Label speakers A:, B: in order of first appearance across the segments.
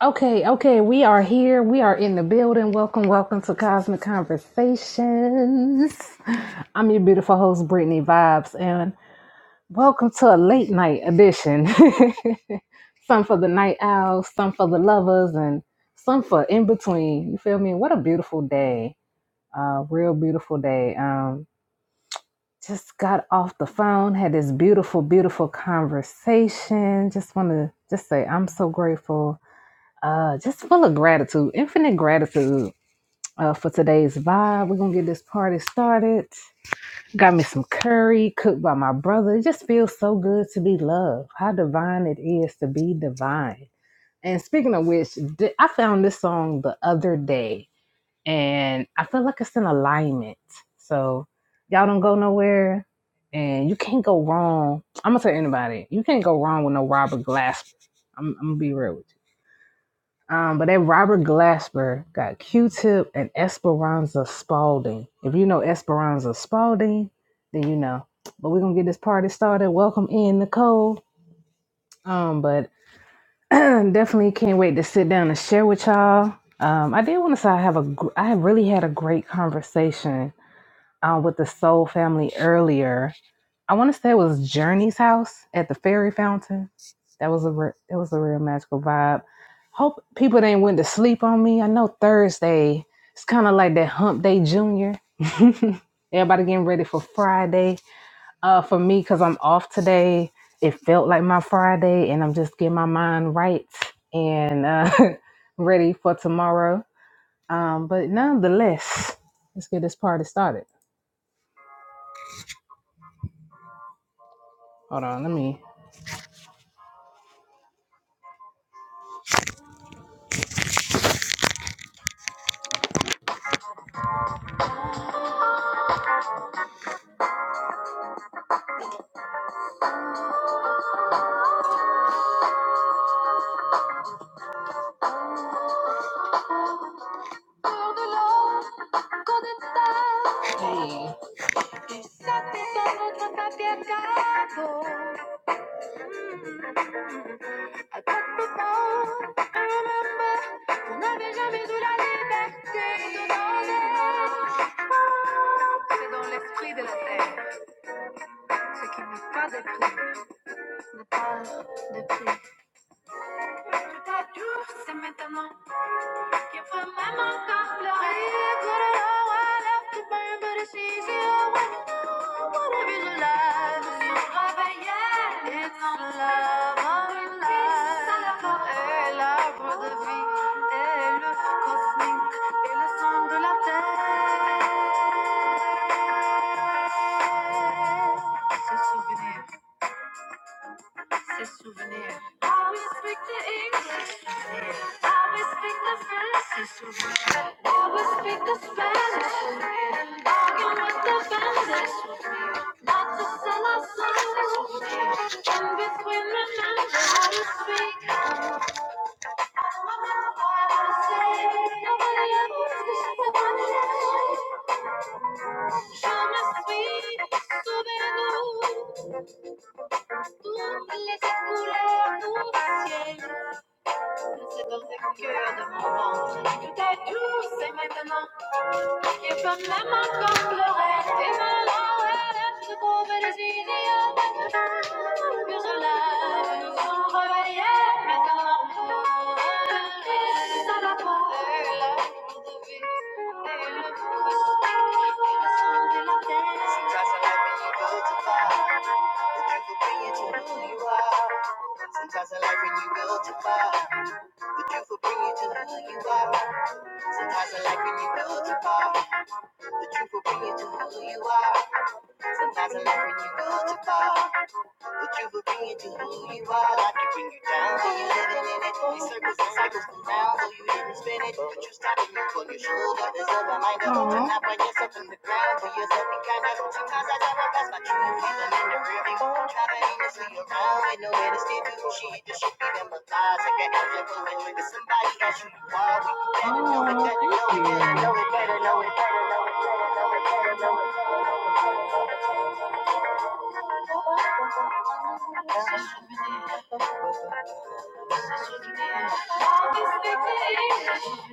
A: Okay, okay, we are here. We are in the building. Welcome, welcome to Cosmic Conversations. I'm your beautiful host, Brittany Vibes, and welcome to a late night edition. some for the night owls, some for the lovers, and some for in between. You feel me? What a beautiful day. Uh, real beautiful day. Um, just got off the phone, had this beautiful, beautiful conversation. Just want to just say I'm so grateful uh, just full of gratitude, infinite gratitude uh, for today's vibe. We're gonna get this party started. Got me some curry cooked by my brother. It just feels so good to be loved. How divine it is to be divine. And speaking of which, th- I found this song the other day, and I feel like it's in alignment. So y'all don't go nowhere, and you can't go wrong. I'm gonna tell anybody, you can't go wrong with no Robert Glasper. I'm, I'm gonna be real with you um, but that Robert Glasper got Q-Tip and Esperanza Spalding. If you know Esperanza Spalding, then you know. But we're gonna get this party started. Welcome in, Nicole. Um, but definitely can't wait to sit down and share with y'all. Um, I did want to say I have a, gr- I have really had a great conversation uh, with the Soul family earlier I want to say it was Journey's house at the Fairy Fountain. That was a re- that was a real magical vibe. Hope people didn't went to sleep on me. I know Thursday it's kind of like that Hump Day Junior. Everybody getting ready for Friday. Uh, for me, cause I'm off today. It felt like my Friday, and I'm just getting my mind right and uh, ready for tomorrow. Um, but nonetheless, let's get this party started. Hold on, let me Sí. Can't find my mouth off pleurer. Cut all I up to burn, but it's easier when you know what it is you love. It's your love, and yeah, it's on love, on love. Et l'arbre de vie et le feu cosmique et le sang de la terre. Ce souvenir. It's souvenir. I will speak the English. Souvenir. I will speak the French. It's souvenir. I will speak the Spanish. Souvenir. Bargain with the vendors. Souvenir. Not to sell our souls. c'est Souvenir. In between, remember how to speak. What I say. Nobody else. Nobody else. Je me suis souvenu de Toutes les couleurs du ciel. C'est dans le cœur de mon ventre. Tout est doux, c'est maintenant. Et peut même encore pleurer. Et dans l'oreille, se trouvent les idiots. Que cela nous ont réveillés maintenant. Crise à la fois. Et l'amour de vie. Et le fruit. Et le sang de la terre. Sometimes I like when you go too far. The devil bring you to who you are. Sometimes I like when you go too far. The truth will bring you to who you are. Sometimes in life when you go too far. The truth will bring you to who you are. Sometimes in life when you go too far. But you were being to who you are, I could bring you down, so you let it in it. These circles and cycles come down, so you didn't spin it. But you stopped me on your shoulder, there's a reminder of to not run yourself in the ground. Be yourself, be kind of. Sometimes I drive past my true feeling in the rear view. Driving aimlessly around with nowhere to steer to. Shit, just should be them thighs. Like an angel flowing with lies. I can't help it, but when somebody as you are. We better know it, Oh, better know it, better know it, better know it, better know it, better know it, better know it. Always pick the English. Always pick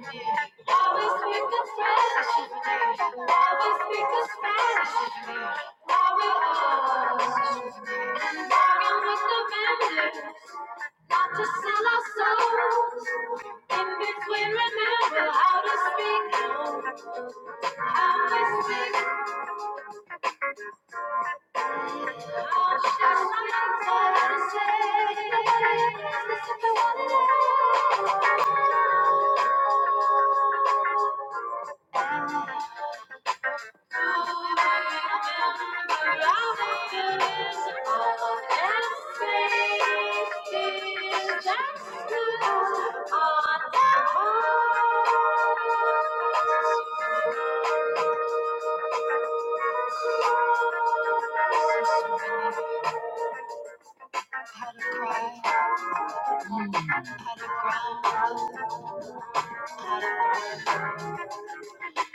A: the French. Always pick Spanish. While we all with the vendors, not to sell our souls. In between, remember how to speak. Always speak. Oh, that's what I'm trying to say. Listen to one another. Had a cry, had a ground, had a burn.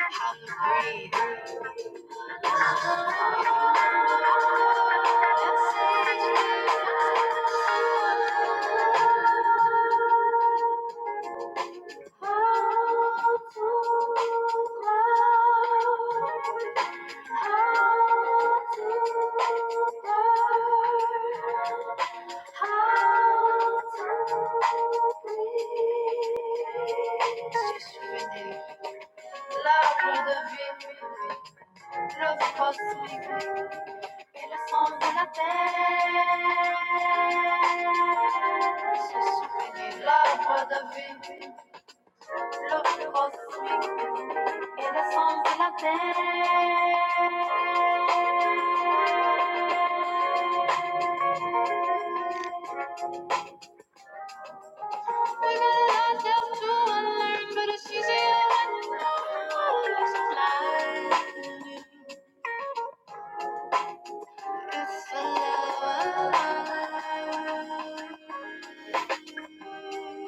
A: Love with a V. Los cosmic, pero son de la terre. Se souvenir l'arbre de vie. Los cosmic, pero son de la terre. We got a lot left to unlearn, but it's easier when you all is planned. It's the love.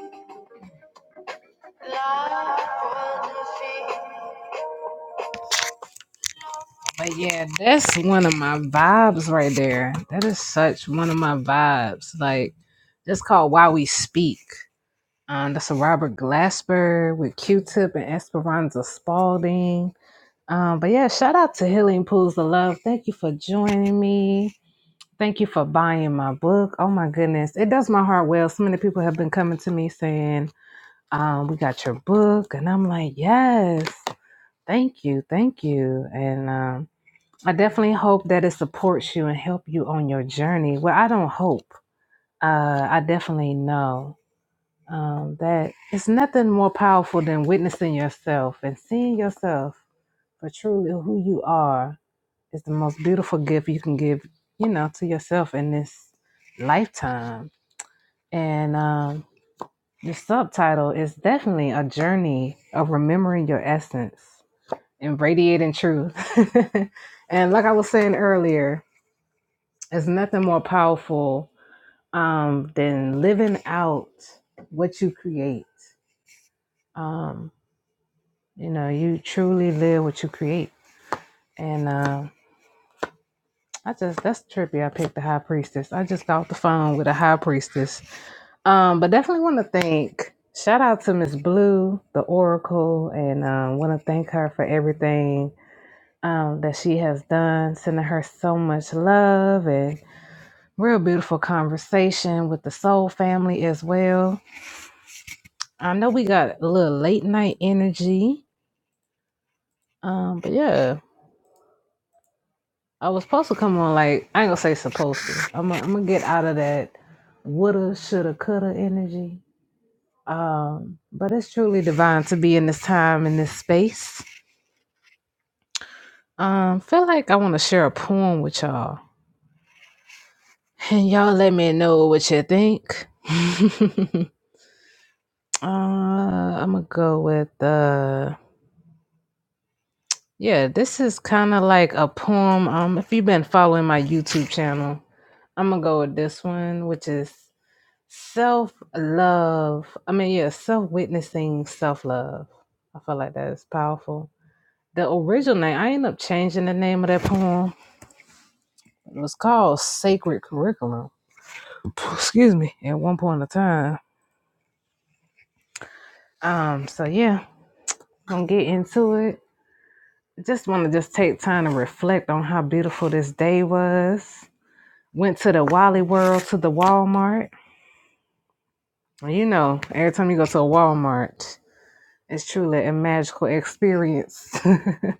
A: But yeah, that's one of my vibes right there. That is such one of my vibes. Like, that's called Why We Speak. Um, that's a Robert Glasper with Q-Tip and Esperanza Spalding. Um, but yeah, shout out to Healing Pools of Love. Thank you for joining me. Thank you for buying my book. Oh my goodness, it does my heart well. So many people have been coming to me saying, um, "We got your book," and I'm like, "Yes." Thank you. Thank you. And um, I definitely hope that it supports you and help you on your journey. Well, I don't hope. Uh, I definitely know um, that it's nothing more powerful than witnessing yourself and seeing yourself for truly who you are is the most beautiful gift you can give, you know, to yourself in this lifetime. And um, the subtitle is definitely a journey of remembering your essence and radiating truth. and like I was saying earlier, there's nothing more powerful um, than living out what you create. Um, you know, you truly live what you create. And uh, I just, that's trippy. I picked the high priestess. I just got off the phone with a high priestess. Um, but definitely want to thank, shout out to Miss Blue, the Oracle, and um, want to thank her for everything um, that she has done, sending her so much love and Real beautiful conversation with the soul family as well. I know we got a little late night energy. Um, but yeah, I was supposed to come on like I ain't gonna say supposed to. I'm gonna, I'm gonna get out of that woulda, shoulda, coulda energy. Um, but it's truly divine to be in this time in this space. Um, feel like I want to share a poem with y'all, and y'all let me know what you think. uh, I'm gonna go with uh, Yeah, this is kind of like a poem. Um, if you've been following my YouTube channel, I'm gonna go with this one, which is self love. I mean, yeah, self witnessing, self love. I feel like that is powerful. The original name, I ended up changing the name of that poem. It was called Sacred Curriculum. Excuse me. At one point in time. Um. So yeah, gonna get into it. Just want to just take time to reflect on how beautiful this day was Went to the Wally World to the Walmart. Well, You know, every time you go to a Walmart, it's truly a magical experience.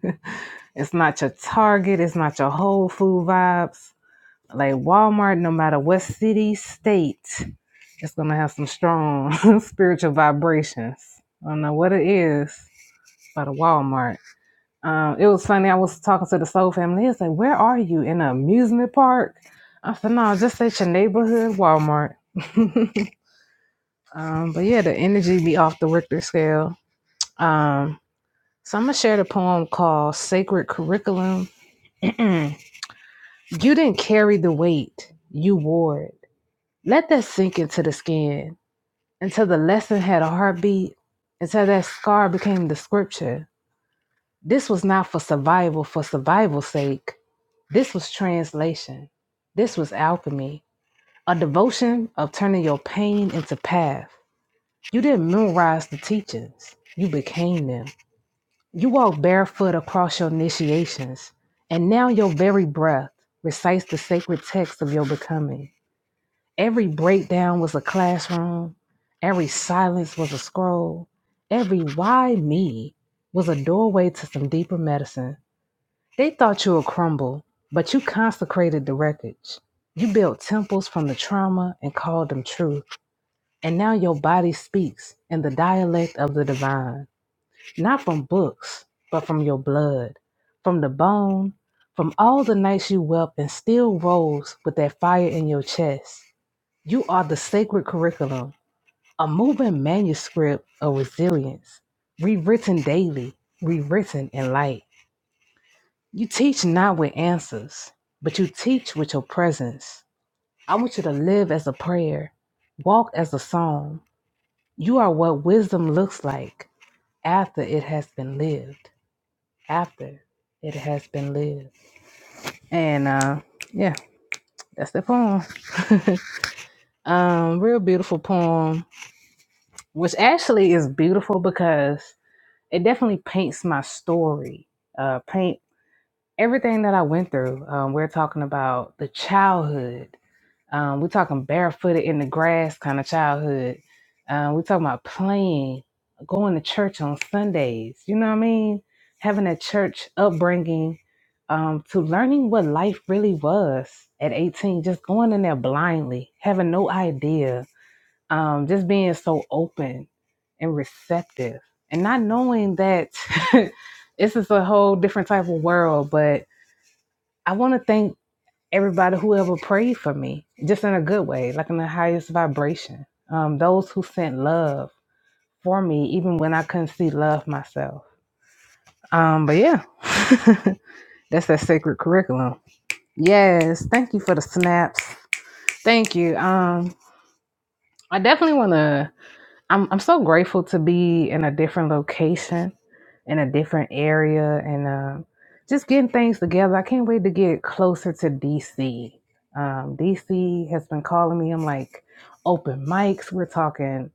A: it's not your Target, it's not your Whole Food vibes. Like Walmart, no matter what city, state, it's gonna have some strong spiritual vibrations. I don't know what it is, but a Walmart. Um, it was funny. I was talking to the Soul family. He was like, "Where are you in an amusement park?" I said, "No, just at your neighborhood Walmart." um, but yeah, the energy be off the Richter scale. Um, so I'm gonna share the poem called "Sacred Curriculum." you didn't carry the weight; you wore it. Let that sink into the skin until the lesson had a heartbeat. Until that scar became the scripture. This was not for survival for survival's sake. This was translation. This was alchemy, a devotion of turning your pain into path. You didn't memorize the teachings, you became them. You walked barefoot across your initiations, and now your very breath recites the sacred text of your becoming. Every breakdown was a classroom, every silence was a scroll, every why me was a doorway to some deeper medicine. They thought you would crumble, but you consecrated the wreckage. You built temples from the trauma and called them truth. And now your body speaks in the dialect of the divine, not from books, but from your blood, from the bone, from all the nights you wept and still rose with that fire in your chest. You are the sacred curriculum, a moving manuscript of resilience, rewritten daily, rewritten in light. You teach not with answers, but you teach with your presence. I want you to live as a prayer, walk as a song. You are what wisdom looks like after it has been lived. After it has been lived. And uh yeah, that's the poem. um, real beautiful poem, which actually is beautiful because it definitely paints my story. Uh paint everything that I went through. Um, we're talking about the childhood Um, we're talking barefooted in the grass kind of childhood. Um, we're talking about playing, going to church on Sundays. You know what I mean? Having a church upbringing um, to learning what life really was at 18, just going in there blindly, having no idea, um, just being so open and receptive and not knowing that this is a whole different type of world. But I want to thank everybody, whoever prayed for me, just in a good way, like in the highest vibration. Um, those who sent love for me, even when I couldn't see love myself. Um, but yeah, that's that sacred curriculum. Yes, thank you for the snaps. Thank you. Um, I definitely want to. I'm I'm so grateful to be in a different location, in a different area, and um just getting things together. I can't wait to get closer to DC. Um, DC has been calling me. I'm like open mics. We're talking.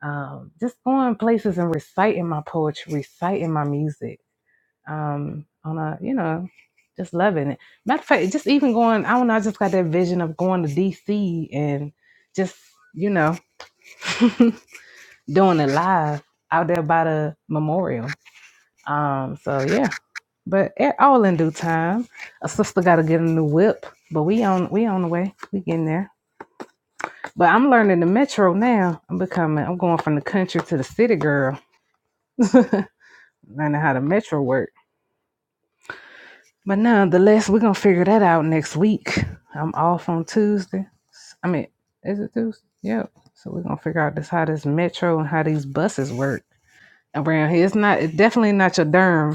A: Um, just going places and reciting my poetry, reciting my music. Um, on a you know, just loving it. Matter of fact, just even going. I don't know. I just got that vision of going to DC and just you know. doing it live out there by the memorial. Um, so yeah, but it, all in due time. A sister got to get a new whip, but we on we on the way. We getting there. But I'm learning the metro now. I'm becoming. I'm going from the country to the city girl, learning how the metro work. But nonetheless, we're gonna figure that out next week. I'm off on Tuesday. I mean, is it Tuesday? Yep. So we're gonna figure out this how this metro and how these buses work around here. It's not. It's definitely not your derm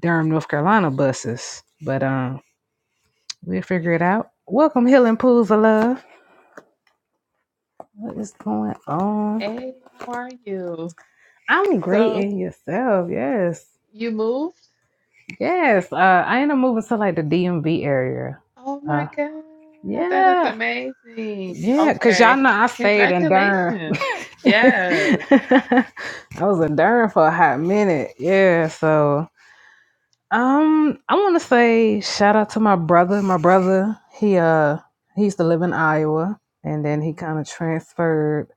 A: Durham, North Carolina buses. But um, we'll figure it out. Welcome, Healing Pools of Love. What is going on?
B: Hey, how are you?
A: I'm great
B: So
A: in yourself. Yes.
B: you moved?
A: Yes. Uh, I end up moving to like the DMV area.
B: Oh my
A: Uh,
B: God, that is
A: yeah.
B: amazing.
A: Yeah. Cause y'all
B: Okay,
A: know I stayed in Durham.
B: congratulations. Yes.
A: I was in Durham for a hot minute. Yeah. So Um, I want to say shout out to my brother. My brother, he uh, he used to live in Iowa, and then he
B: hmm
A: kind of transferred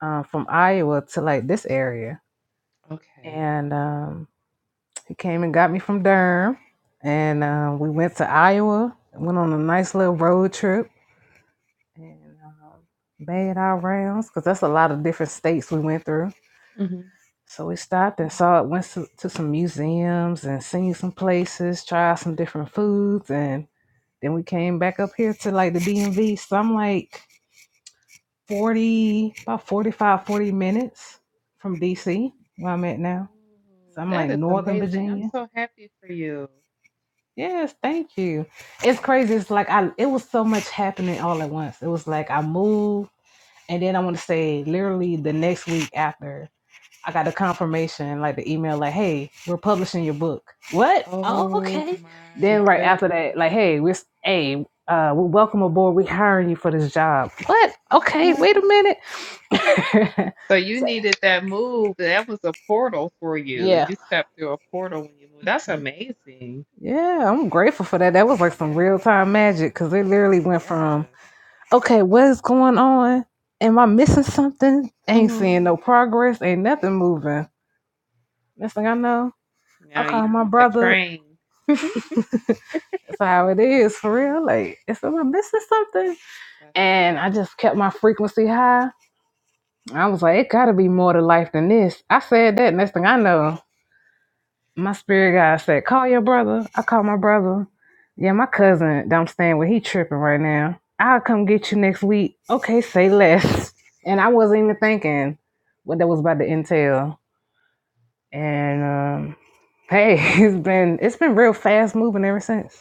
A: uh, from Iowa to like this area,
B: Okay.
A: and um, he came and got me from Durham, and uh, we went to Iowa, went on a nice little road trip, and um, made our rounds because that's a lot of different states we went through.
B: hmm
A: So we stopped and saw it, went to, to some museums and seen some places, tried some different foods, and Then we came back up here to like the DMV. So I'm like 40, about 45, 40 minutes from DC, where I'm at
B: Oh,
A: now. So I'm
B: that
A: like
B: is
A: Northern
B: amazing. I'm
A: Virginia.
B: so happy for you.
A: Yes, thank you. It's crazy. It's like I it was so much happening all at once. It was like I moved and then I want to say literally the next week after I got the confirmation, like the email, like, hey, we're publishing your book. What? Oh,
B: Oh
A: okay.
B: my
A: Then right after that, like,
B: goodness.
A: hey, we're hey, uh, we welcome aboard. We hiring you for this job. What?
B: Oh
A: Okay,
B: my
A: wait a minute.
B: God. So you
A: so
B: needed that move. That was a portal for you.
A: yeah,
B: You stepped through a portal when you moved. That's amazing.
A: yeah, I'm grateful for that. That was like some real
B: Yes.
A: time magic because it literally went from
B: Yes.
A: okay, what is going on? Am I missing something? Ain't
B: hmm
A: seeing no progress. Ain't nothing moving. Next thing I know, I
B: Now
A: call
B: you
A: my
B: on the
A: brother
B: train.
A: That's how it is for real. Like, if I'm missing something,
B: That's
A: and
B: amazing.
A: I just kept my frequency high, I was like, it gotta be more to life than this. I said that. Next thing I know, my spirit guy
B: Oh,
A: said, call your brother. I called my brother. Yeah, my cousin that I'm staying with, he tripping right now. I'll come get you next week. Okay, say less. And I wasn't even
B: sweet,
A: thinking what that was about to entail. And
B: sweet,
A: um, hey, it's been it's been real fast moving ever since.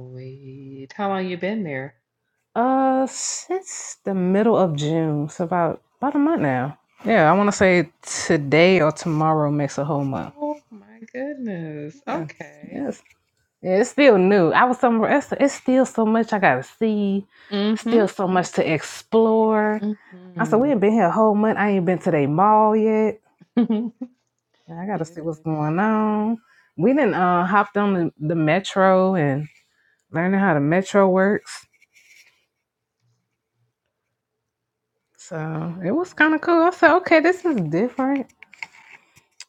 B: sweet. How long you been there?
A: Uh, since the middle of June, so about about a month now. Yeah, I want to say today or tomorrow makes a whole month.
B: Oh my goodness.
A: Yeah,
B: Okay.
A: yes, yeah, it's still new. I was somewhere. It's, it's still so much I gotta see.
B: Mm-hmm.
A: Still so much to explore. I said
B: Mm-hmm.
A: we ain't been here a whole month. I ain't been to the mall yet. I gotta
B: You'll
A: see what's
B: get
A: going
B: there.
A: on. We didn't uh hopped on the, the metro and learning how the metro works. So it was kind of cool.
B: Wow.
A: I said, okay, this is different.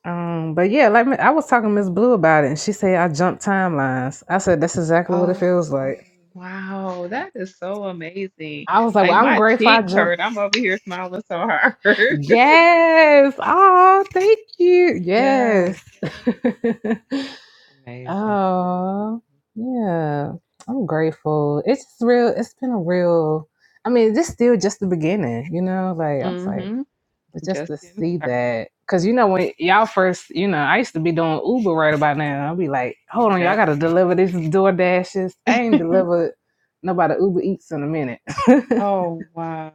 A: Um, but yeah, like I was talking to Miss Blue about it, and she said I jumped timelines. I said that's exactly what it
B: Oh,
A: feels like.
B: wow. That is so amazing.
A: I was like,
B: Like
A: well, I'm
B: my
A: grateful I
B: cheeks hurt.
A: jumped.
B: I'm over here smiling so hard.
A: Yes. Oh, thank you.
B: Yes.
A: Yes.
B: Amazing.
A: oh, yeah. I'm grateful. It's just real. It's been a real. I mean, this still just the beginning, you know. Like I was
B: Amazing.
A: like,
B: hmm
A: But just
B: Just
A: to
B: getting
A: see
B: started.
A: that, cause you know when y'all first, you know, I used to be doing Uber right about now. I'll be like, hold on, y'all
B: Yep.
A: gotta deliver this door dashes. I ain't delivered nobody Uber Eats in a minute.
B: Oh, wow.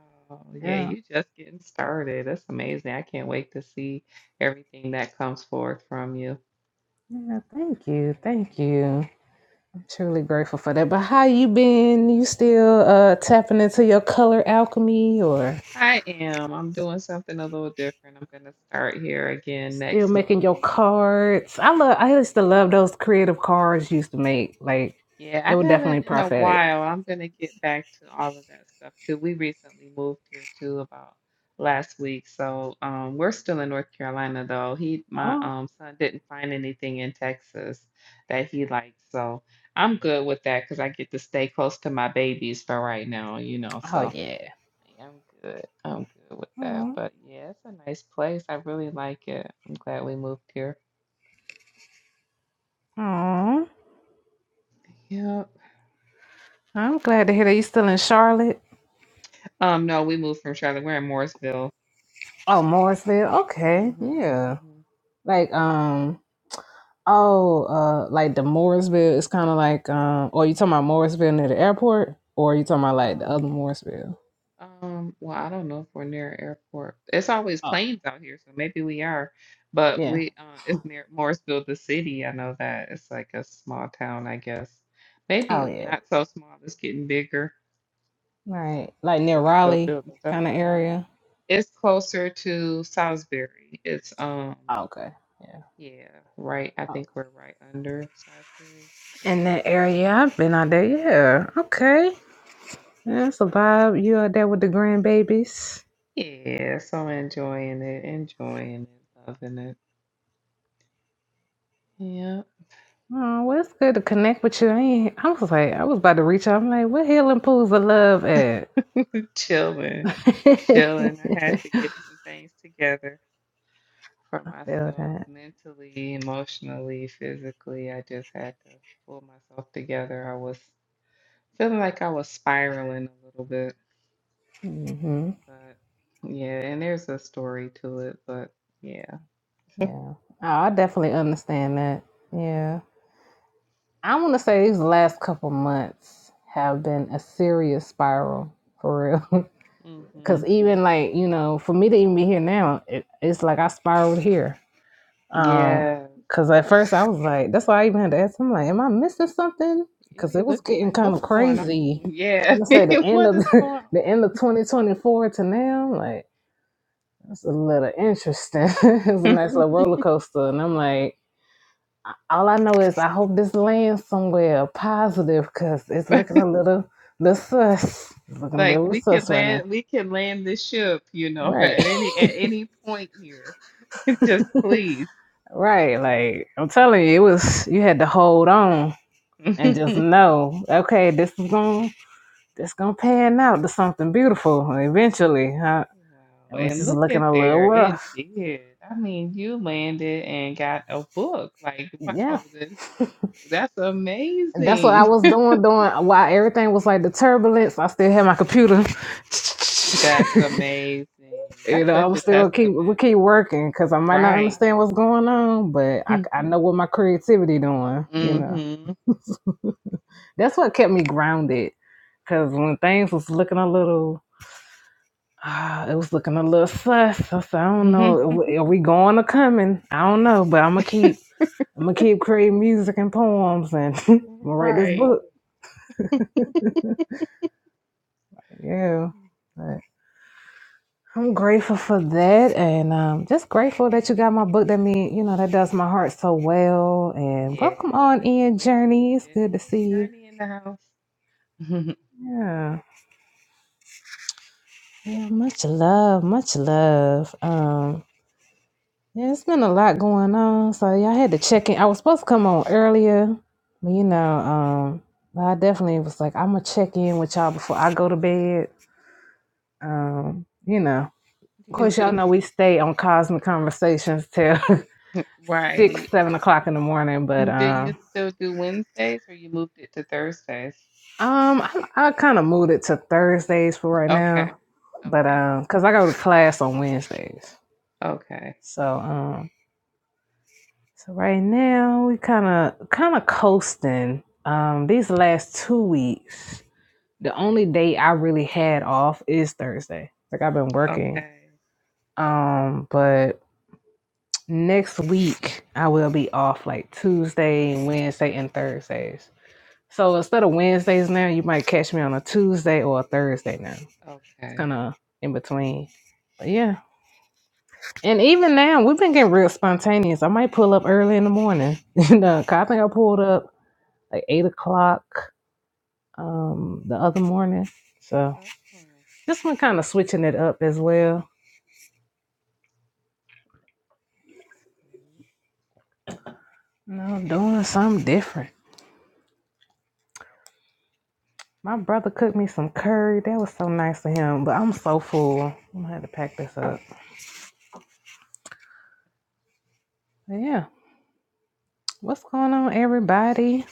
B: Yeah,
A: yeah.
B: you just getting started. That's amazing. I can't wait to see everything that comes forth from you.
A: Yeah, thank you.
B: Yeah.
A: Thank you. I'm truly grateful for that. But how you been? You still uh tapping into your color alchemy or
B: I am. I'm doing something a little different. I'm going to start here again
A: still
B: next
A: making
B: month.
A: your cards? I love I used to love those creative cards you used to make. Like
B: Yeah,
A: they
B: I
A: were definitely
B: haven't in a
A: prophetic.
B: while. I'm gonna get back to all of that stuff too. We recently moved here too about last week. So um we're still in North Carolina though. He my
A: Oh,
B: um son didn't find anything in Texas that he liked. So I'm good with that because I get to stay close to my babies for right now, you know.
A: oh
B: So
A: yeah.
B: I'm good. I'm good with that.
A: Oh.
B: But yeah, it's a nice place. I really like it. I'm glad we moved here.
A: Oh,
B: Yep.
A: I'm glad to hear that you still in Charlotte.
B: Um, no, we moved from Charlotte. We're in Mooresville.
A: Oh, Morrisville. Okay, yeah.
B: Mm-hmm.
A: Like um, oh, uh, like the Morrisville is kind of like um, or you talking about Morrisville near the airport, or you talking about like the other
B: Um,
A: Morrisville?
B: um, well, I don't know if we're near an airport. It's always
A: Oh,
B: planes out here, so maybe we are. But
A: yeah.
B: we, uh, it's near Morrisville, the city. I know that it's like a small town, I guess.
A: Oh,
B: Maybe
A: yeah.
B: not so small. It's getting bigger.
A: Right, like near
B: They're still
A: Raleigh
B: building stuff
A: kind of
B: out here.
A: area.
B: It's closer to Salisbury. It's um,
A: okay. Yeah.
B: yeah, right. I think
A: Okay.
B: we're right under Salisbury, if I'm
A: In
B: not
A: that
B: mistaken.
A: area, I've been out there.
B: Yeah,
A: Yeah. Okay. That's a vibe. You out there with the grandbabies?
B: yeah. So enjoying it, enjoying it, loving it. Yeah.
A: Oh, well, it's good to connect with you. I, ain't, I was like, I was about to reach out. I'm like, what healing pools of love at?
B: chilling,
A: I
B: chilling. I had to get some things together for
A: feel
B: myself
A: that.
B: mentally, emotionally, physically. I just had to pull myself together. I was feeling like I was spiraling a little bit,
A: hmm
B: but yeah, and there's a story to it, but yeah.
A: Yeah. Oh, I definitely understand that. Yeah. I want to say these last couple months have been a serious spiral for real.
B: hmm
A: Because even like, you know, for me to even be here now, it, it's like I spiraled here. Um,
B: Yeah.
A: because at first I was like, that's why I even had to ask. I'm like, am I missing something?
B: You
A: Because
B: be
A: it was
B: looking
A: getting
B: like,
A: kind
B: what's
A: of
B: going on?
A: crazy.
B: Yeah.
A: I'm gonna say the end
B: What
A: of
B: is going
A: the end of 2024 to now. I'm like, that's a little interesting. it was a
B: on?
A: nice little roller coaster, and I'm like, all I know is I hope this lands somewhere positive because it's looking a little, little sus. It's looking a
B: Like
A: little
B: we can
A: sus right now.
B: land, we can land this ship, you know, at
A: Right,
B: any at any point here. Just please.
A: right. Like I'm telling you, it was you had to hold on and just know, okay, this is going to this gonna pan out to something beautiful eventually. Huh?
B: Wow.
A: It was
B: And
A: just
B: look
A: looking
B: at
A: a little
B: there, it
A: rough.
B: did. I mean, you landed and got a book. Like,
A: Yeah.
B: wow, that- that's
A: And that's what I
B: amazing.
A: was doing, doing while everything was like the turbulence. I still had my computer.
B: That's amazing.
A: you
B: That's
A: know, I
B: such
A: was
B: a
A: still gonna keep we
B: testament.
A: keep working because I might not
B: Right.
A: understand what's going on, but I, I know what my creativity doing. You know,
B: Mm-hmm.
A: that's what kept me grounded. Because when things was looking a little Ah, it was looking a little sus. I, said, I don't know. Are we going or coming? I don't know, but I'm gonna keep. I'm gonna keep creating music and poems, and I'm gonna write this
B: Right.
A: book. Yeah, but I'm grateful for that, and um, just grateful that you got my book. That mean, you know, that does my heart so well. And
B: Yeah,
A: welcome on
B: I can't
A: in,
B: wait to
A: Journey.
B: read
A: It's
B: it.
A: good to
B: Hey,
A: see you.
B: Journey in the house.
A: Yeah, yeah. Much love, much love. Um, Yeah, it's been a lot going on. So yeah, I had to check in. I was supposed to come on earlier, but you know, um, but I definitely was like, I'm gonna check in with y'all before I go to bed. Um, you know,
B: Do
A: of
B: you
A: course, y'all
B: do
A: know we stay on Cosmic Conversations till six,
B: right?
A: seven o'clock in the morning. But
B: Mm, Do you
A: um,
B: still do Wednesdays or you moved it to Thursdays?
A: um, I, I kind of moved it to Thursdays for right
B: Okay.
A: now, but
B: Okay.
A: um, cause I go to class on Wednesdays,
B: Okay.
A: so um. So right now we kind of kind of coasting. Um, these last two weeks, the only day I really had off is Thursday. Like I've been working.
B: Okay.
A: Um, but next week I will be off like Tuesday, Wednesday, and Thursdays. So instead of Wednesdays now, you might catch me on a Tuesday or a Thursday now. It's
B: Okay.
A: kind of in between. But yeah. And even now, we've been getting real spontaneous. I might pull up early in the morning. and, uh, 'cause I think I
B: Oh.
A: pulled up like eight o'clock um the other morning. So
B: Oh.
A: this one kind
B: Okay.
A: of switching it up as well. You know, doing something different. My brother cooked me some curry. That was so nice of him, but I'm so full. I'm gonna have to pack this up. But yeah, what's going on, everybody?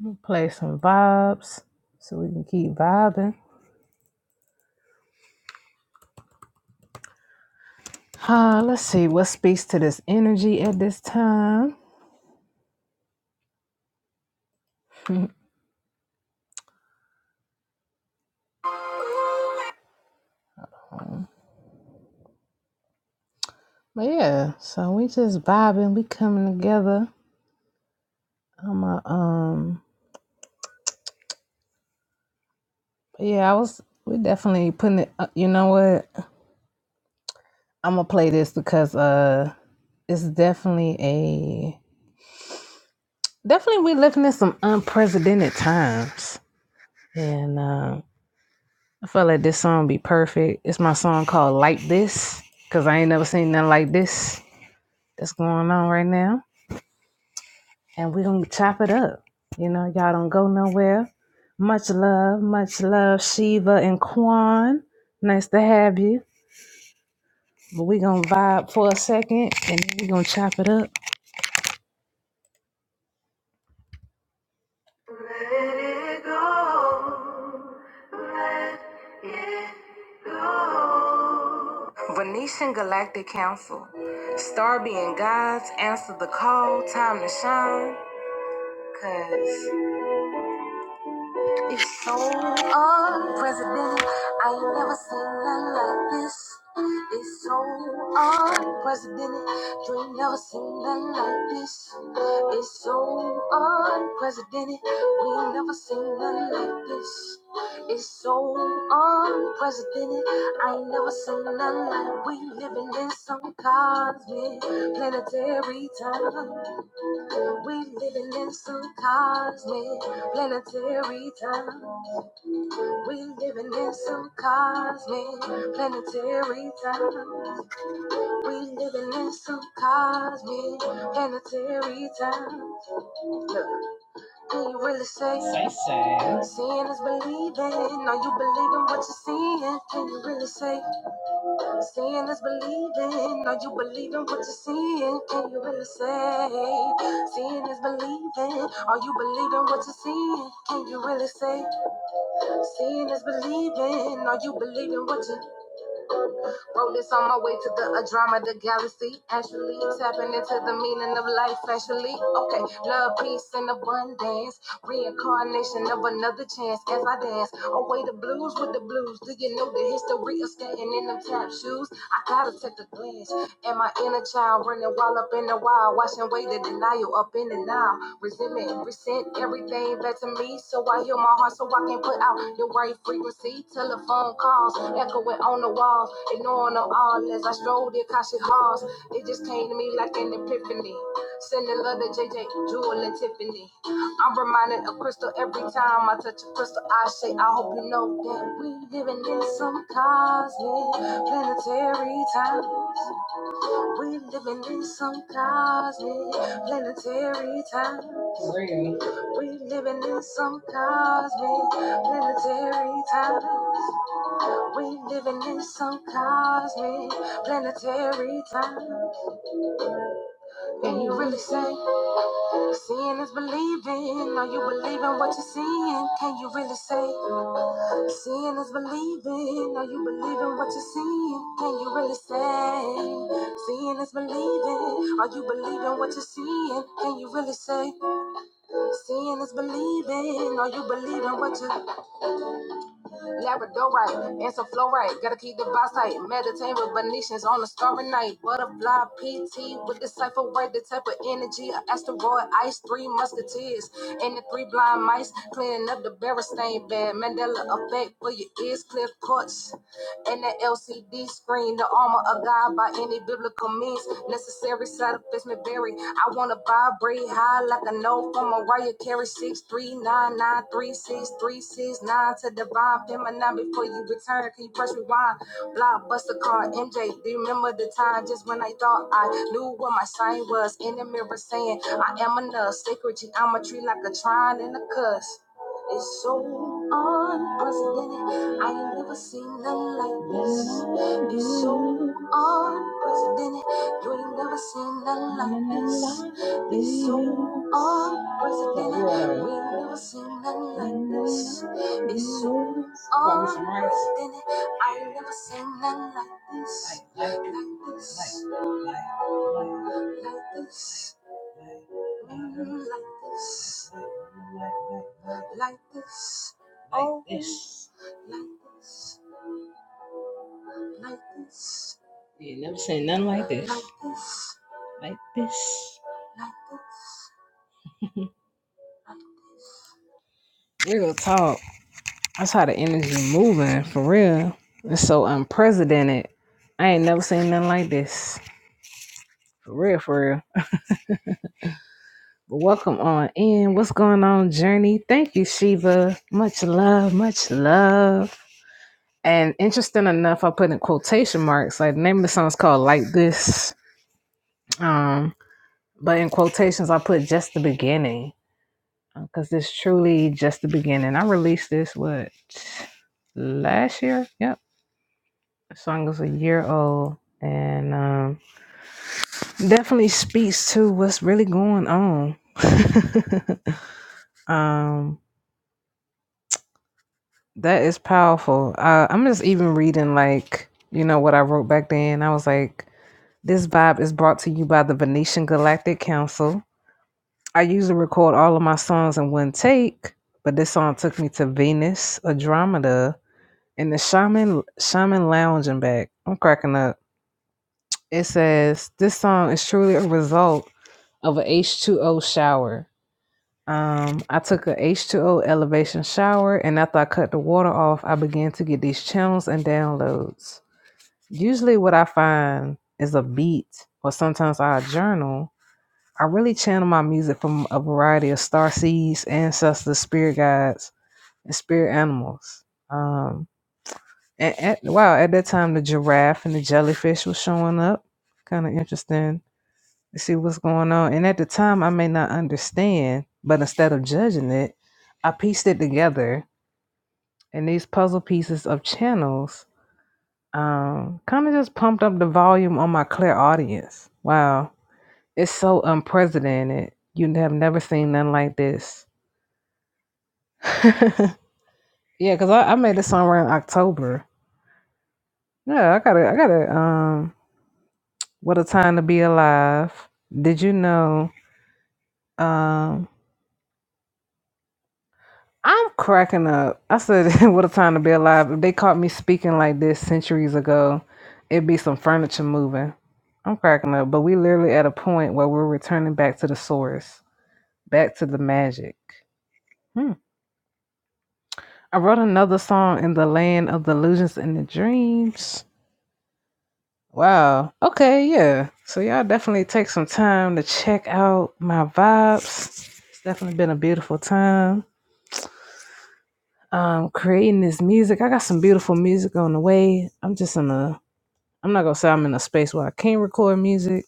A: I'm play some vibes so we can keep vibing. Uh, let's see what speaks to this energy at this time. Um, But yeah, so we just vibing. We coming together. I'm a um But yeah, I was we're definitely putting it. uh, You know what? I'm gonna play this because uh, it's definitely a definitely we living in some unprecedented times, and uh, I felt like this song be perfect. It's my song called "Like This" because I ain't never seen nothing like this that's going on right now, and we gonna chop it up. You know, y'all don't go nowhere. Much love, much love, Shiva and Kwan. Nice to have you. But we gonna vibe for a second and then we gonna chop it up. Venetian Galactic Council. Star being gods, answer the call, time to shine. Cause It's so unprecedented. I ain't never seen nothing like this. It's so unprecedented. You ain't never seen nothing like this. It's so unprecedented. We ain't never seen nothing like this. It's so unprecedented. I ain't never seen nothing like we living in some cosmic planetary time. We living in some cosmic planetary time. We living in some cosmic planetary times. We living in some cosmic planetary times. Can you really say seeing is believing? Are you believing what you're seeing? Can you really say seeing is believing? Are you believing what you're seeing? Can you really say seeing is believing? Are you believing what you're seeing? Can you really say seeing is believing? Are you believing what you Wrote this on my way to the a drama, the galaxy. Actually, tapping into the meaning of life, actually. Okay, love, peace, and abundance. Reincarnation of another chance as I dance. Away the blues with the blues. Do you know the history of standing in them tap shoes? I gotta take a glance. Am I inner child running wild up in the wild, washing away the denial up in the now. Resentment, resent everything back to me, so I heal my heart so I can put out the right frequency. Telephone calls echoing on the walls, ignoring them all as I strolled the Akashi halls. It just came to me like an epiphany. Sending love to JJ, Jewel, and Tiffany. I'm reminded of crystal every time I touch a crystal. I say, I hope you know that we living in some cosmic planetary times. We living in some cosmic planetary times. We living in some cosmic planetary times. We living in some cosmic planetary times. Can you really say seeing is believing? Are you believing what you're seeing? Can you really say? Seeing is believing. Are you believing what you're seeing? Can you really say? Seeing is believing. Are you believing what you're seeing? Can you really say? Seeing is believing. Are you believing what you Labradorite? Answer flow right. Gotta keep the boss tight. Meditate with Venetians on a starry night. Butterfly PT with the cipher word. The type of energy. An asteroid ice. Three musketeers. And the three blind mice. Cleaning up the bear stain bed. Mandela effect for your ears. Cliff cuts and the LCD screen, the armor of God by any biblical means necessary. Satisfaction buried. I wanna vibrate high like a note from Mariah Carey. Six three nine nine three six three six nine to divine feminine before you return. Can you press rewind? Blockbuster car MJ. Do you remember the time just when I thought I knew what my sign was in the mirror saying I am enough. Sacred geometry like a trine and a cuss. It's so unprecedented. I ain't never seen nothing like this. Be so unprecedented. You ain't never seen nothing like this. Be so unprecedented. We ain't never seen nothing like this. Be so unprecedented. I ain't never seen nothing like this. Like this. Like this. Mm, Like this. Like this. Oh, like this. Like this. You never say nothing like this. Like this. Like this. Like this. Like this. Real talk. That's how the energy moving for real. It's so unprecedented. I ain't never seen nothing like this. For real, for real. But welcome on in. What's going on, Journey? Thank you, Shiva. Much love, much love. And interesting enough, I put in quotation marks. Like the name of the song is called Like This. Um. But in quotations, I put just the beginning because it's truly just the beginning. I released this what last year. Yep, the song is a year old and um, definitely speaks to what's really going on. um, that is powerful. Uh, I'm just even reading like you know what I wrote back then. I was like, this vibe is brought to you by the Venetian Galactic Council I usually record all of my songs in one take, but this song took me to Venus, Andromeda, and the Shaman Shaman lounging back. I'm cracking up. It says this song is truly a result of a H2O shower. Um, I took a H2O elevation shower, and after I cut the water off, I began to get these channels and downloads. Usually, what I find is a beat, or sometimes I journal I really channel my music from a variety of star seeds, ancestors, spirit guides, and spirit animals. Um, and at, wow, at that time, the giraffe and the jellyfish was showing up. Kind of interesting to see what's going on. And at the time, I may not understand, but instead of judging it, I pieced it together. And these puzzle pieces of channels um, kind of just pumped up the volume on my clear audience. Wow, it's so unprecedented. You have never seen nothing like this yeah, because I, I made this song around October. Yeah, I gotta, I gotta. Um, what a time to be alive. Did you know? Um, I'm cracking up. I said, what a time to be alive. If they caught me speaking like this centuries ago, it'd be some furniture moving. I'm cracking up. But we literally at a point where we're returning back to the source, back to the magic. Hmm. I wrote another song in the land of the illusions and the dreams. Wow. Okay, yeah. So y'all definitely take some time to check out my vibes. It's definitely been a beautiful time. Um creating this music. I got some beautiful music on the way. I'm just in a I'm not gonna say I'm in a space where I can't record music,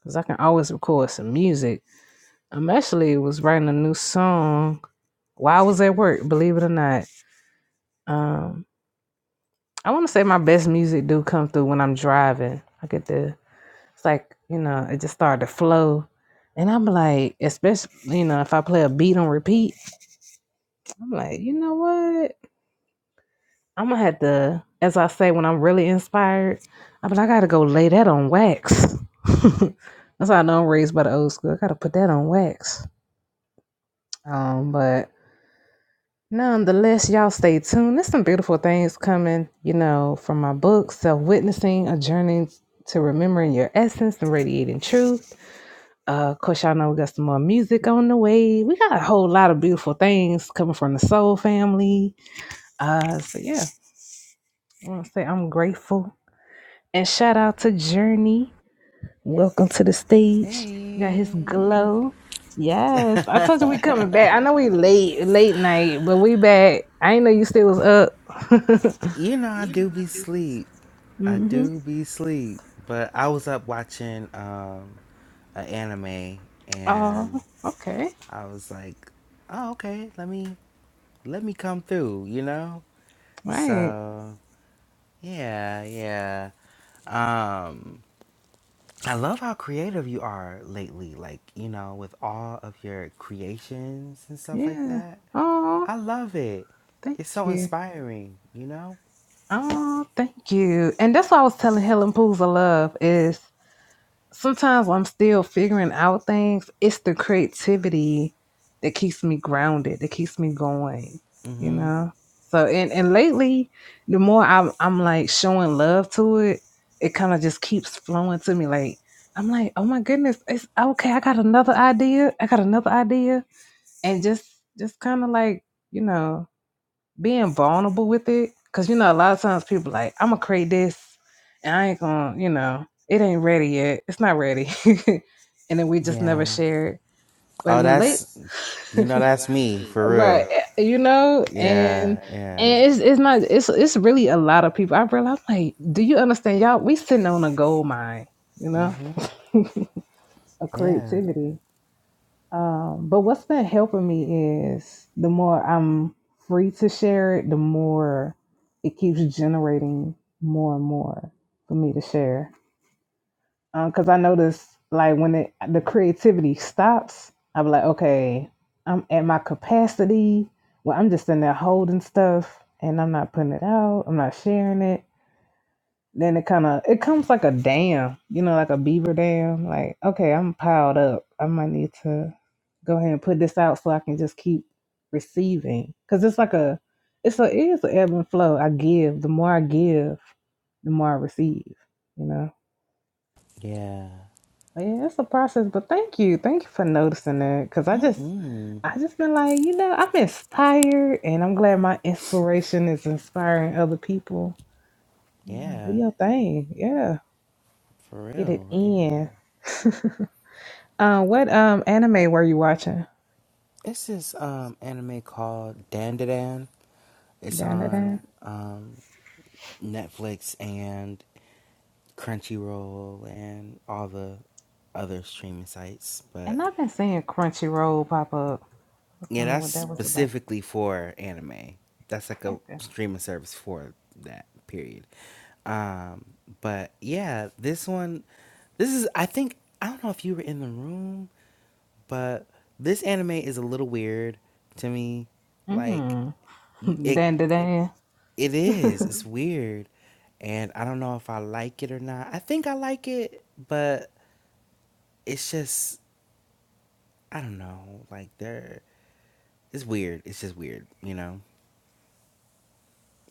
A: because I can always record some music. I'm actually was writing a new song while I was at work, believe it or not. Um I wanna say my best music do come through when I'm driving. I get to It's like, you know, it just started to flow. And I'm like, especially, you know, if I play a beat on repeat, I'm like, you know what? I'm gonna have to, as I say, when I'm really inspired, I'm like, I gotta go lay that on wax. That's how I know I'm raised by the old school. I gotta put that on wax. Um, but nonetheless, y'all stay tuned. There's some beautiful things coming, you know, from my book, Self Witnessing, A Journey to Remembering Your Essence and Radiating Truth. Uh, of course, y'all know we got some more music on the way. We got a whole lot of beautiful things coming from the Soul Family. Uh, so yeah, I want to say I'm grateful and shout out to Journey. Welcome to the stage. You got
C: Hey,
A: his glow. Yes, I told you we coming back. I know we late, late night, but we back. I ain't know you still was up.
C: you know I do be sleep. I
A: mm-hmm.
C: do be sleep, but I was up watching um an anime
A: Oh,
C: and
A: okay,
C: I was like, "Oh, okay, let me let me come through," you know?
A: right.
C: So, yeah, yeah. Um, I love how creative you are lately, like, you know, with all of your creations and stuff like
A: Yeah.
C: that.
A: Oh,
C: I love it.
A: thank
C: It's so
A: you.
C: inspiring, you know?
A: Oh, thank you. And that's why I was telling Helen Pools of Love is sometimes when I'm still figuring out things, it's the creativity that keeps me grounded, that keeps me going, you
C: hmm
A: know? So and, and lately, the more I'm I'm like showing love to it, it kind of just keeps flowing to me. Like I'm like, oh my goodness, it's okay, I got another idea. I got another idea. And just just kind of like, you know, being vulnerable with it because you know a lot of times people like i'm gonna create this and i ain't gonna you know it ain't ready yet it's not ready and then we just never
C: Yeah.
A: share it but
C: Oh,
A: in oh, late
C: that's, you
A: no,
C: know, that's
A: that's
C: me
A: me,
C: for
A: right
C: real.
A: eh, you know and
C: Yeah, yeah.
A: and it's it's not it's it's really a lot of people i realize I'm like do you understand y'all we sitting on a gold mine you know
C: hmm
A: of
C: Yeah,
A: creativity um, but what's been helping me is the more I'm free to share it, the more it keeps generating more and more for me to share. Because I notice, like, when it, the creativity stops, I'm like, okay, I'm at my capacity. Well, I'm just in there holding stuff and I'm not putting it out, I'm not sharing it. Then it kind of it comes like a dam, you know, like a beaver dam. Like, okay, I'm piled up. I might need to go ahead and put this out so I can just keep receiving. Cause it's like a, it's a it is an ebb and flow. I give. The more I give, the more I receive. You know.
C: yeah.
A: But yeah, it's a process. But thank you, thank you for noticing that. Cause I just,
C: hmm
A: I just been like, you know, I'm inspired, and I'm glad my inspiration is inspiring other people. You know, do
C: Yeah,
A: your thing. Yeah.
C: for
A: Get it
C: real. Yeah.
A: in. uh, what um anime were you watching?
C: It's this um anime called Dandadan. It's
A: Da da da.
C: on um Netflix and Crunchyroll and all the other streaming sites. But
A: And I've been seeing Crunchyroll pop up. I was
C: yeah,
A: wondering
C: that's
A: what that was about.
C: specifically for anime. That's like a
A: Okay.
C: streaming service for that period. Um, but yeah, this one, this is, I think, I don't know if you were in the room, but this anime is a little weird to me. Like,
A: Mm.
C: you, it
A: Dan da dan.
C: it is. It's weird, and I don't know if I like it or not. I think I like it, but it's just I don't know. Like they're it's weird. It's just weird, you know?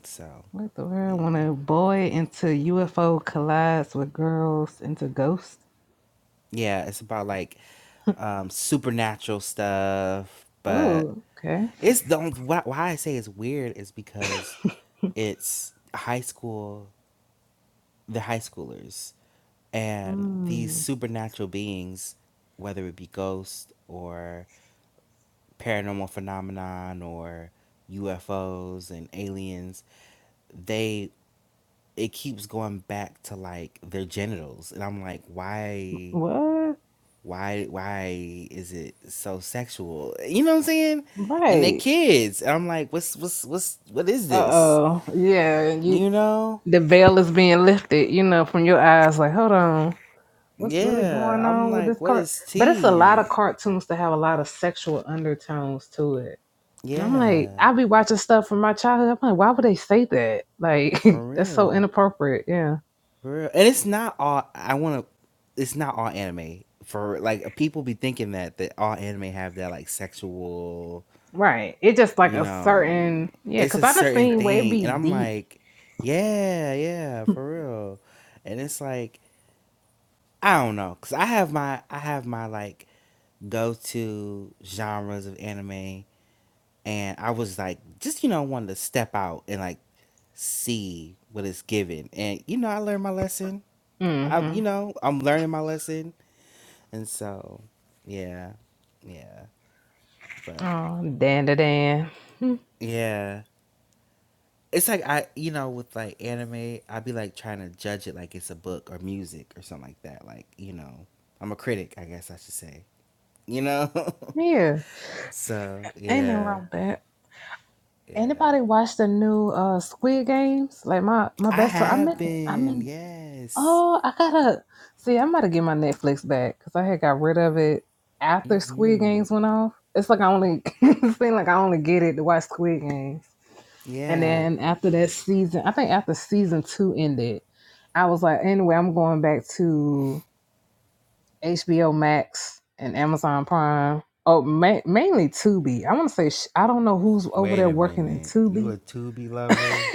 C: So
A: What the world? When
C: yeah.
A: a boy into UFO collides with girls into ghosts.
C: Yeah, it's about like um supernatural stuff, but
A: Oh, okay.
C: it's the only why, why I say it's weird is because it's high school the high schoolers and these
A: Hmm.
C: supernatural beings, whether it be ghosts or paranormal phenomenon or UFOs and aliens, they it keeps going back to like their genitals and i'm like why
A: What?
C: why why is it so sexual you know what i'm saying and they
A: Right.
C: kids and i'm like what's what's what's what is
A: Uh
C: this
A: oh. Yeah. You.
C: you know
A: The veil is being lifted. You know, from your eyes. Like, hold on. what's really going
C: yeah i'm
A: on with
C: like
A: this
C: what
A: cart?
C: is
A: But it's a lot
C: tea
A: of cartoons that have a lot of sexual undertones to it. And I'm like,
C: yeah
A: I'll be watching stuff from my childhood. I'm like, why would they say that? Like,
C: for
A: that's so
C: real
A: inappropriate. Yeah.
C: for real and it's not all i want to it's not all anime for like people be thinking that that all anime have that like sexual
A: Right. It just like
C: you
A: a
C: know,
A: certain, yeah,
C: it's
A: because
C: a
A: I done
C: certain
A: seen where it
C: thing.
A: be
C: And I'm
A: deep.
C: like, yeah, yeah, for real. And it's like, I don't know, cause I have my, I have my like go-to genres of anime, and I was like, just you know, wanted to step out and like see what it's given. And you know, I learned my lesson.
A: Mm
C: I,
A: hmm.
C: you know, I'm learning my lesson, and so, yeah, yeah, but
A: Oh, dan da dan. Hmm.
C: yeah, it's like I, you know, with like anime, I'd be like trying to judge it like it's a book or music or something like that. Like, you know, I'm a critic, I guess I should say, you know?
A: Yeah.
C: so,
A: Ain't nothing
C: yeah,
A: wrong with that.
C: yeah.
A: Anybody watch the new uh Squid Games? Like my my
C: I
A: best friend, I'm
C: have
A: in, I'm
C: been,
A: in.
C: yes.
A: Oh, I gotta see. I'm about to get my Netflix back because I had got rid of it after Squid
C: hmm
A: Games went off. It's like I only it seemed like I only get it to watch Squid Games, and
C: Yeah.
A: then after that season, I think after season two ended, I was like, anyway, I'm going back to HBO Max and Amazon Prime. Oh, ma- mainly Tubi. I want to say sh- I don't know who's over
C: Wait
A: there
C: a
A: working in
C: minute. You
A: Tubi,
C: a Tubi lover?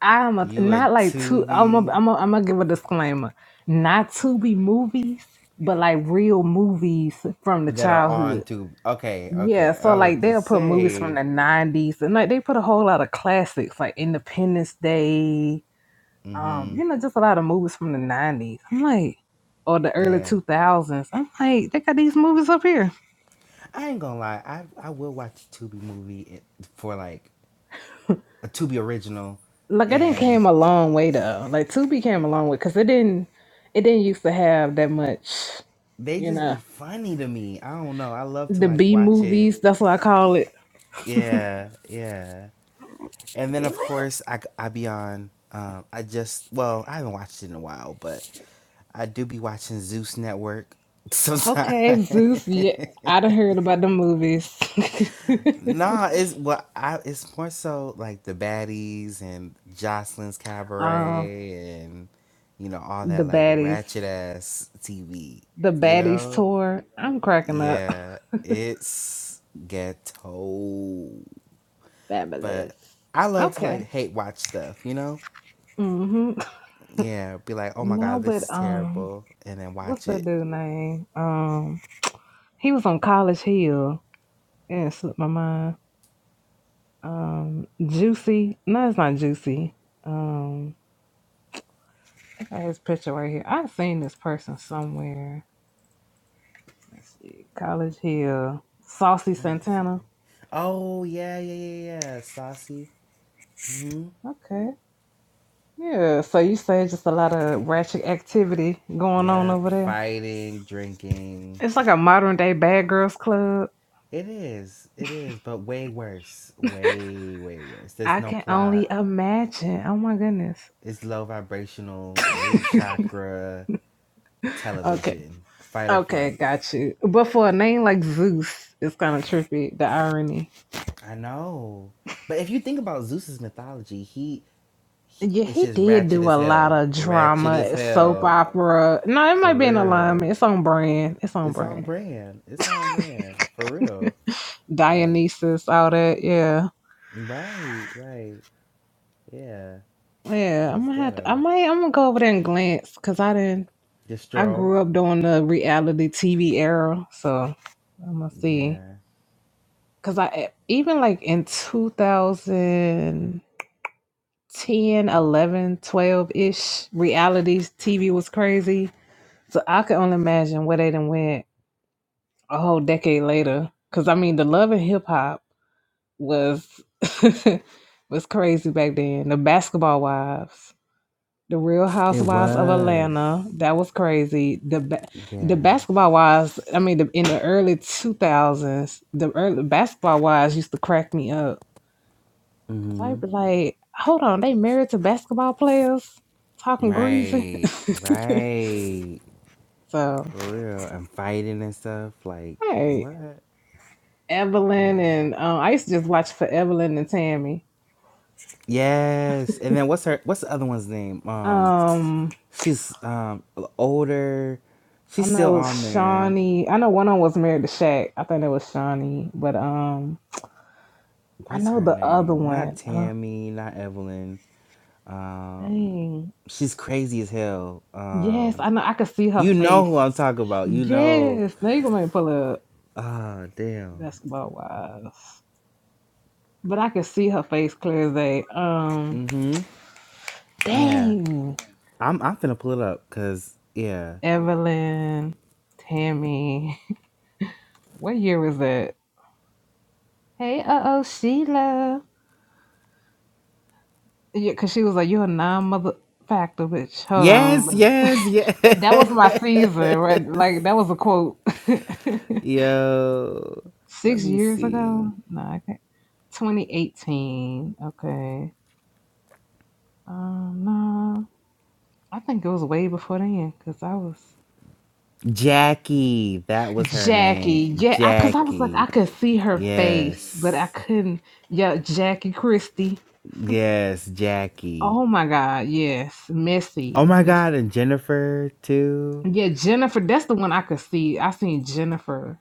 A: I'm a,
C: You a
A: not like two. I'm a,
C: Tubi
A: I'm a, I'm gonna give a disclaimer. Not Tubi movies, but like real movies from the
C: that are on
A: childhood.
C: Tubi? Okay,
A: Yeah,
C: okay.
A: so
C: I was
A: like
C: about to
A: they'll put movies from
C: say,
A: the '90s, and like they put a whole lot of classics, like Independence Day. Um,
C: mm-hmm.
A: you know, just a lot of movies from the '90s. I'm like, or the early
C: Yeah.
A: 2000s. I'm like, they got these movies up here.
C: I ain't gonna lie. I I will watch a Tubi movie for like a Tubi original,
A: Like, it didn't
C: and
A: came a long way though. Like, Tubi came a long way because it didn't, it didn't used to have that much.
C: they
A: You
C: just
A: know.
C: be funny to me. I don't know. I love to
A: the
C: like
A: B
C: watch it.
A: movies. That's what I call it.
C: Yeah, yeah. And then of course I I be on. Um, I just well I haven't watched it in a while, but I do be watching Zeus Network sometimes.
A: Okay, Zeus. Yeah, I done heard about the movies.
C: Nah, it's well, I it's more so like the baddies and Jocelyn's
A: uh,
C: Cabaret and you know all
A: the
C: that like
A: baddies,
C: ratchet ass TV.
A: the
C: You
A: baddies
C: know,
A: tour. I'm cracking up.
C: yeah, it's ghetto,
A: Fabulous.
C: but I love to like
A: Okay.
C: hate watch stuff. You know,
A: Mhm.
C: yeah, be like, oh my
A: Now
C: god, this
A: with
C: is
A: um,
C: terrible, and then
A: what's
C: watch
A: that
C: it.
A: dude name? Um, he was on College Hill. Yeah, it slipped my mind. Um, Juicy. No, it's not Juicy. Um, I got his picture right here. I've seen this person somewhere. Let's see. College Hill. Saucy
C: Let me see.
A: Santana.
C: Oh yeah, yeah, yeah, yeah, saucy. Mm-hmm.
A: Okay. Yeah. So you say just a lot of ratchet activity going on
C: Yeah,
A: over there.
C: fighting, drinking.
A: It's like a modern day bad girls club.
C: It is. It is, but way worse. Way, way worse. There's
A: I
C: no
A: can only
C: plot.
A: imagine. Oh my goodness.
C: It's low vibrational, root chakra,
A: Okay.
C: television, fight or
A: Okay,
C: flight.
A: got you. But for a name like Zeus, it's kind of trippy, the irony.
C: I know. But if you think about Zeus's mythology, he, he
A: Yeah,
C: it's
A: he
C: just
A: did
C: ratchet
A: do
C: as
A: a lot
C: hell.
A: of
C: Ratchet as
A: drama, soap
C: hell.
A: opera. No, it might
C: For
A: be an
C: real.
A: alignment. It's on brand. It's on
C: It's on
A: brand.
C: brand. It's on brand. For real. Like,
A: Dionysus, all that. Yeah.
C: right, right. Yeah.
A: Yeah, I'm
C: Just
A: gonna have to. I
C: ghetto.
A: might. I'm gonna go over there and glance because I didn't. I
C: Distro.
A: grew up during the reality TV era, so I'm gonna see.
C: Yeah.
A: Cause I even like in 2010, 11, 12 ish, reality TV was crazy. So I can only imagine where they done went a whole decade later. Cause I mean, the love and hip hop was was crazy back then. The basketball wives. The Real
C: It
A: Housewives of
C: was.
A: Atlanta. That was crazy. The ba- the
C: Yeah.
A: basketball wives. I mean, the, in the early two thousands, the early basketball wives used to crack me up because
C: hmm
A: I'd be like, "Hold on, they married to basketball players talking greasy."
C: Right. Right.
A: so,
C: For real. And fighting and stuff. Like
A: hey,
C: what?
A: Evelyn
C: Yeah.
A: and um, I used to just watch for Evelyn and Tammy.
C: Yes. And then what's her what's the other one's name? Um
A: Um,
C: she's um older.
A: I
C: She's still
A: know it
C: on
A: was
C: there.
A: Shawnee. I know one of them was married to Shaq. I think it was Shawnee, but um. I
C: What's
A: know
C: her
A: the other
C: name? Not
A: one. Oh,
C: Tammy, not Evelyn. Um
A: dang.
C: she's crazy as hell.
A: Yes,
C: Um
A: I know. I could see her
C: you know
A: face.
C: who I'm talking about. You know.
A: Yes. Now you gonna make me pull up
C: Oh damn.
A: basketball wise. But I could see her face clear as day. Um
C: Yeah.
A: dang.
C: I'm I'm finna pull it up because yeah.
A: Evelyn, Tammy. what year was that? Hey uh oh Sheila. Yeah, cause she was like, You're a non mother factor, bitch. Hold
C: Yes,
A: on.
C: yes, yes.
A: That that was my season, right? Like that was a quote.
C: Yo, let
A: Six
C: me
A: years
C: see.
A: ago? No, I can't. 2018. Okay. Um, no, I think it was way before then because I was
C: Jackie, that was her name.
A: Jackie. Yeah, because I, 'cause I was like, I
C: Jackie.
A: could see her face, but I
C: Yes.
A: couldn't. Yeah, Jackie Christie.
C: Yes, Jackie.
A: Oh my God. Yes,
C: Oh
A: Missy.
C: my
A: Miss-
C: god, and Jennifer too.
A: Yeah, Jennifer. That's the one I could see. I seen Jennifer.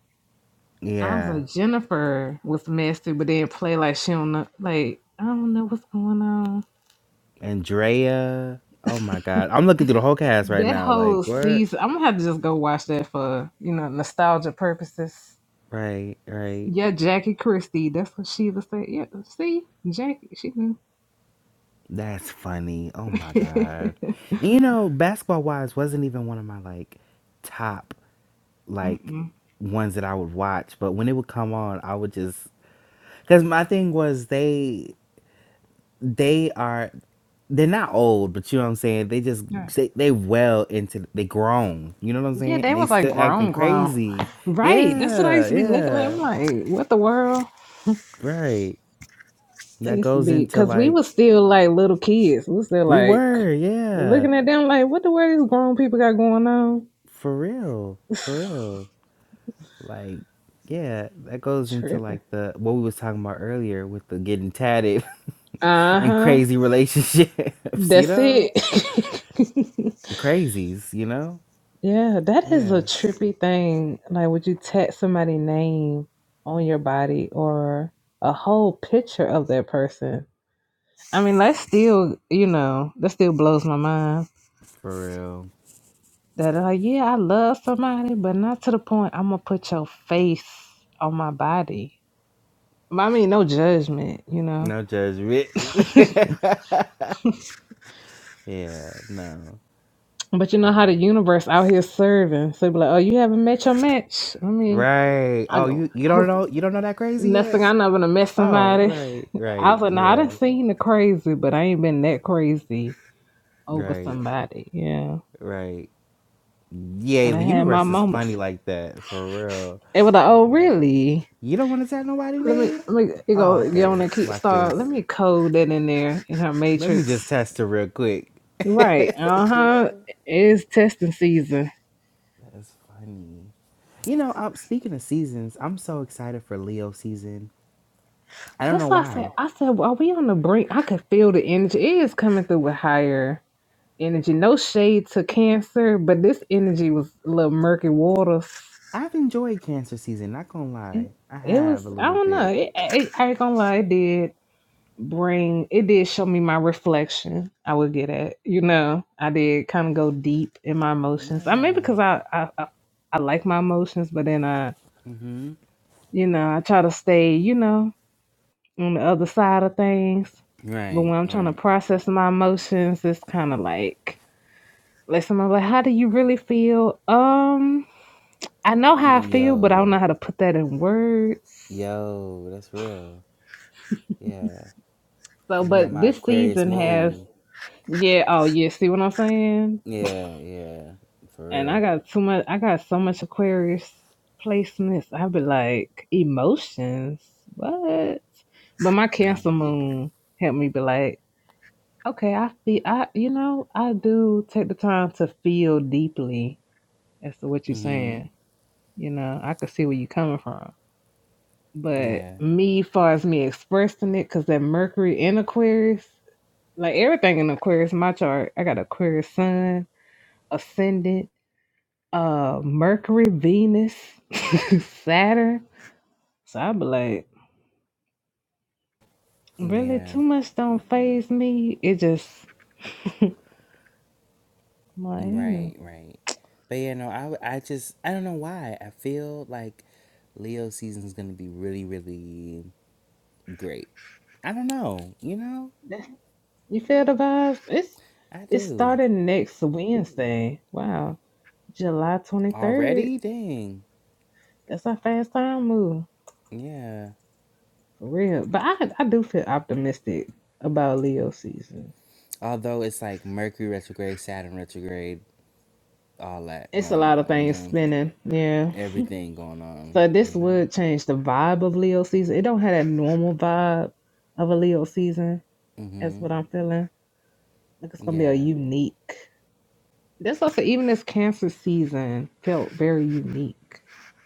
A: I was
C: Yeah.
A: like, Jennifer was messy, but then play like she don't know. Like I don't know what's going on.
C: Andrea. Oh my god. I'm looking through the whole cast right
A: That
C: now. Like,
A: whole
C: what?
A: season, I'm gonna have to just go watch that for you know nostalgia purposes.
C: Right, right.
A: Yeah, Jackie Christie. That's what Sheila said. Yeah, see, Jackie. She. knew.
C: That's funny. Oh my god. And you know, basketball wise wasn't even one of my like top like
A: Mm-mm.
C: ones that I would watch, but when it would come on, I would just cuz my thing was they they are they're not old, but you know what I'm saying? They just
A: Yeah,
C: they, they well into they grown, you know what I'm
A: Yeah,
C: saying? And
A: they
C: they
A: was like
C: still acting
A: grown, grown.
C: crazy.
A: Right. That's what I
C: Yeah,
A: used to be looking at. I'm
C: yeah.
A: like, what the world?
C: Right.
A: It
C: That
A: used to
C: goes
A: be
C: into
A: because we
C: like
A: was still like little kids. We was still
C: we
A: like
C: were, yeah.
A: looking at them like, what the world these grown people got going on?
C: For real. For real. Like, yeah, that goes into
A: Tripping.
C: like the what we was talking about earlier with the getting tatted
A: Uh
C: and
A: huh.
C: crazy relationships, you Mhm.
A: That's
C: know?
A: it.
C: The crazies, you know?
A: Yeah, that is a
C: Yeah,
A: trippy thing. Like, would you tat somebody's name on your body or a whole picture of that person? I mean, that still, you know, that still blows my mind.
C: for real.
A: That uh, yeah, I love somebody, but not to the point I'm gonna put your face on my body. I mean, no judgment, you know.
C: No judgment. yeah, no.
A: But you know how the
C: Yeah.
A: universe out here serving. So they be like, oh, you haven't met your match. I mean,
C: Right.
A: I
C: Oh, you you don't
A: who,
C: know you don't know that crazy
A: next
C: yet?
A: thing I know, I'm gonna met
C: Oh,
A: somebody.
C: right,
A: I was
C: right.
A: like, no, I done
C: Yeah.
A: seen the crazy, but I ain't been that crazy over
C: Right.
A: somebody. Yeah.
C: Right. Yeah,
A: And I done
C: the
A: had my
C: universe is funny
A: moments.
C: like that, for real.
A: It was like,
C: I'll
A: oh
C: be like,
A: really?
C: you don't want to tell nobody
A: Let me
C: name?
A: let me you
C: Oh,
A: go get
C: okay.
A: on and keep
C: Watch
A: start. Let
C: this.
A: me code that in there in her
C: Let me just
A: matrix.
C: test her real quick.
A: Right.
C: you
A: Uh-huh.
C: know?
A: It's testing season.
C: That's funny. You know, um, speaking of seasons, I'm so excited for Leo season. I don't know
A: That's why I said
C: why.
A: I said, well, are we on the brink? I could feel the energy. It is coming through with higher energy. No shade to cancer, but this energy was a little murky waters.
C: I've enjoyed Cancer season, not gonna lie.
A: it,
C: I
A: it
C: have
A: was
C: a
A: I
C: little
A: don't know.
C: bit.
A: It, it, I ain't gonna lie, it did bring it did show me my reflection. I would get at you know I did kind of go deep in my emotions. I mean
C: Yeah.
A: because I I, I I like my emotions, but then I
C: Mm-hmm.
A: you know I try to stay you know on the other side of things. But
C: Right,
A: when I'm trying to
C: right.
A: process my emotions, it's kind of like like someone's like, "How do you really feel?" Um, I know how I
C: Mm,
A: feel, but I don't
C: Yo,
A: know how to put that in words.
C: yo, that's real. Yeah.
A: So,
C: You know,
A: but
C: my
A: this
C: Aquarius
A: season has
C: moon.
A: Yeah. Oh, yeah. See what I'm saying?
C: Yeah, yeah. For
A: And I
C: real.
A: got too much. I got so much Aquarius placements. i be like emotions. What? But my Cancer
C: Yeah.
A: Moon helped me be like, okay, I feel. I you know I do take the time to feel deeply as to what you're
C: Mm-hmm.
A: saying. You know, I could see where you're coming from. But
C: Yeah.
A: me, far as me expressing it, because that Mercury in Aquarius, like everything in Aquarius, my chart, I got Aquarius Sun ascendant. uh Mercury, Venus, Saturn. So I be like, really
C: Yeah.
A: too much don't phase me. It just I'm like, you
C: Right,
A: know.
C: right. But yeah, no, I, w- I just, I don't know why. I feel like Leo season is going to be really, really great. I don't know, you know?
A: You feel the vibes? It's
C: I
A: it's
C: do.
A: starting next Wednesday. Wow. July twenty third.
C: Already? Dang.
A: That's our fast time move.
C: Yeah.
A: For real. But I I do feel optimistic about Leo season.
C: Although it's like Mercury retrograde, Saturn retrograde, all that
A: It's a
C: going
A: lot of
C: on, you
A: things
C: know?
A: spinning. Yeah.
C: Everything going on,
A: So
C: you
A: this
C: know?
A: would change the vibe of Leo season. It don't have that normal vibe of a Leo season. That's
C: Mm-hmm.
A: what I'm feeling. Like it's gonna be a
C: Yeah.
A: unique. That's also even this Cancer season felt very unique.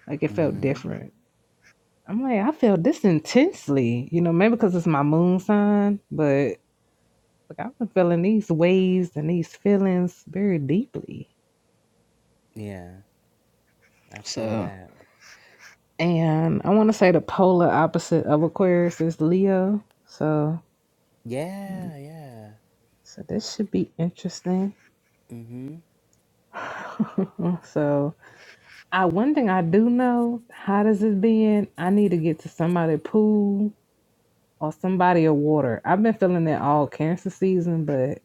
A: Like it felt
C: Mm-hmm.
A: different. I'm like I felt this intensely. You know, maybe because it's my moon sign, but like I've been feeling these waves and these feelings very deeply.
C: Yeah. I feel
A: So
C: that.
A: and I want to say the polar opposite of Aquarius is Leo. So
C: Yeah, yeah.
A: So this should be interesting.
C: Mm-hmm.
A: so I one thing I do know, hot as it's been, I need to get to somebody pool or somebody a water. I've been feeling that all cancer season, but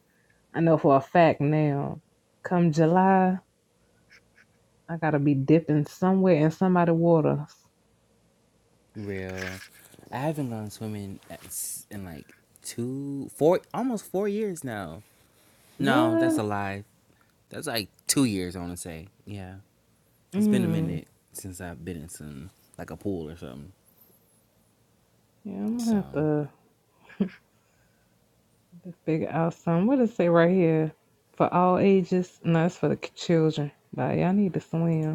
A: I know for a fact now, come July, I gotta be dipping somewhere in somebody water.
C: Real. I haven't gone swimming at s- in like two, four, almost four years now. No, that's a
A: What?
C: lie. That's like two years, I want to say. Yeah. It's been a
A: Mm.
C: minute since I've been in some, like a pool or something.
A: Yeah, I'm gonna
C: So,
A: have to, to figure out some. What does it say right here? For all ages? No, it's for the k- children. But y'all need to swim.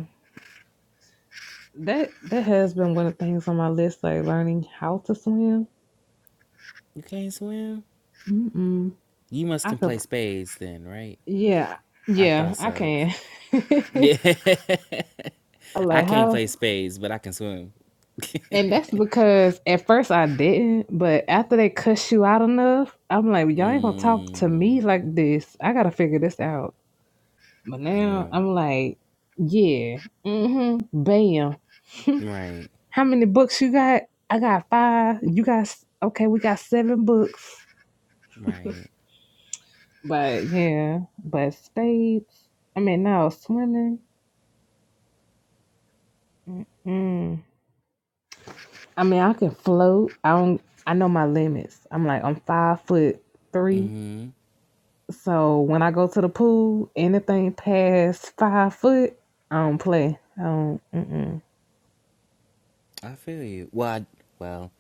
A: That that has been one of the things on my list, like learning how to swim.
C: you can't swim?
A: Mm-mm.
C: You must
A: I
C: can play
A: could,
C: spades then, right?
A: yeah,
C: I
A: yeah,
C: thought
A: I
C: so.
A: can.
C: Yeah.
A: I
C: I
A: like
C: can't play
A: how,
C: spades, but I can swim.
A: and that's because at first I didn't, but after they cuss you out enough, I'm like, y'all ain't gonna talk to
C: Mm.
A: me like this. I gotta figure this out. But now
C: Real.
A: I'm like, yeah, mm-hmm, bam.
C: Right.
A: How many books you got? I got five. You got s- okay. We got seven books.
C: Right.
A: But yeah, but spades. I mean, no swimming. mm I mean, I can float. I don't. I know my limits. I'm like I'm five foot three.
C: Mhm.
A: So when I go to the pool, anything past five foot, I don't play. I don't. Mm-mm.
C: I feel you. Well, I, well,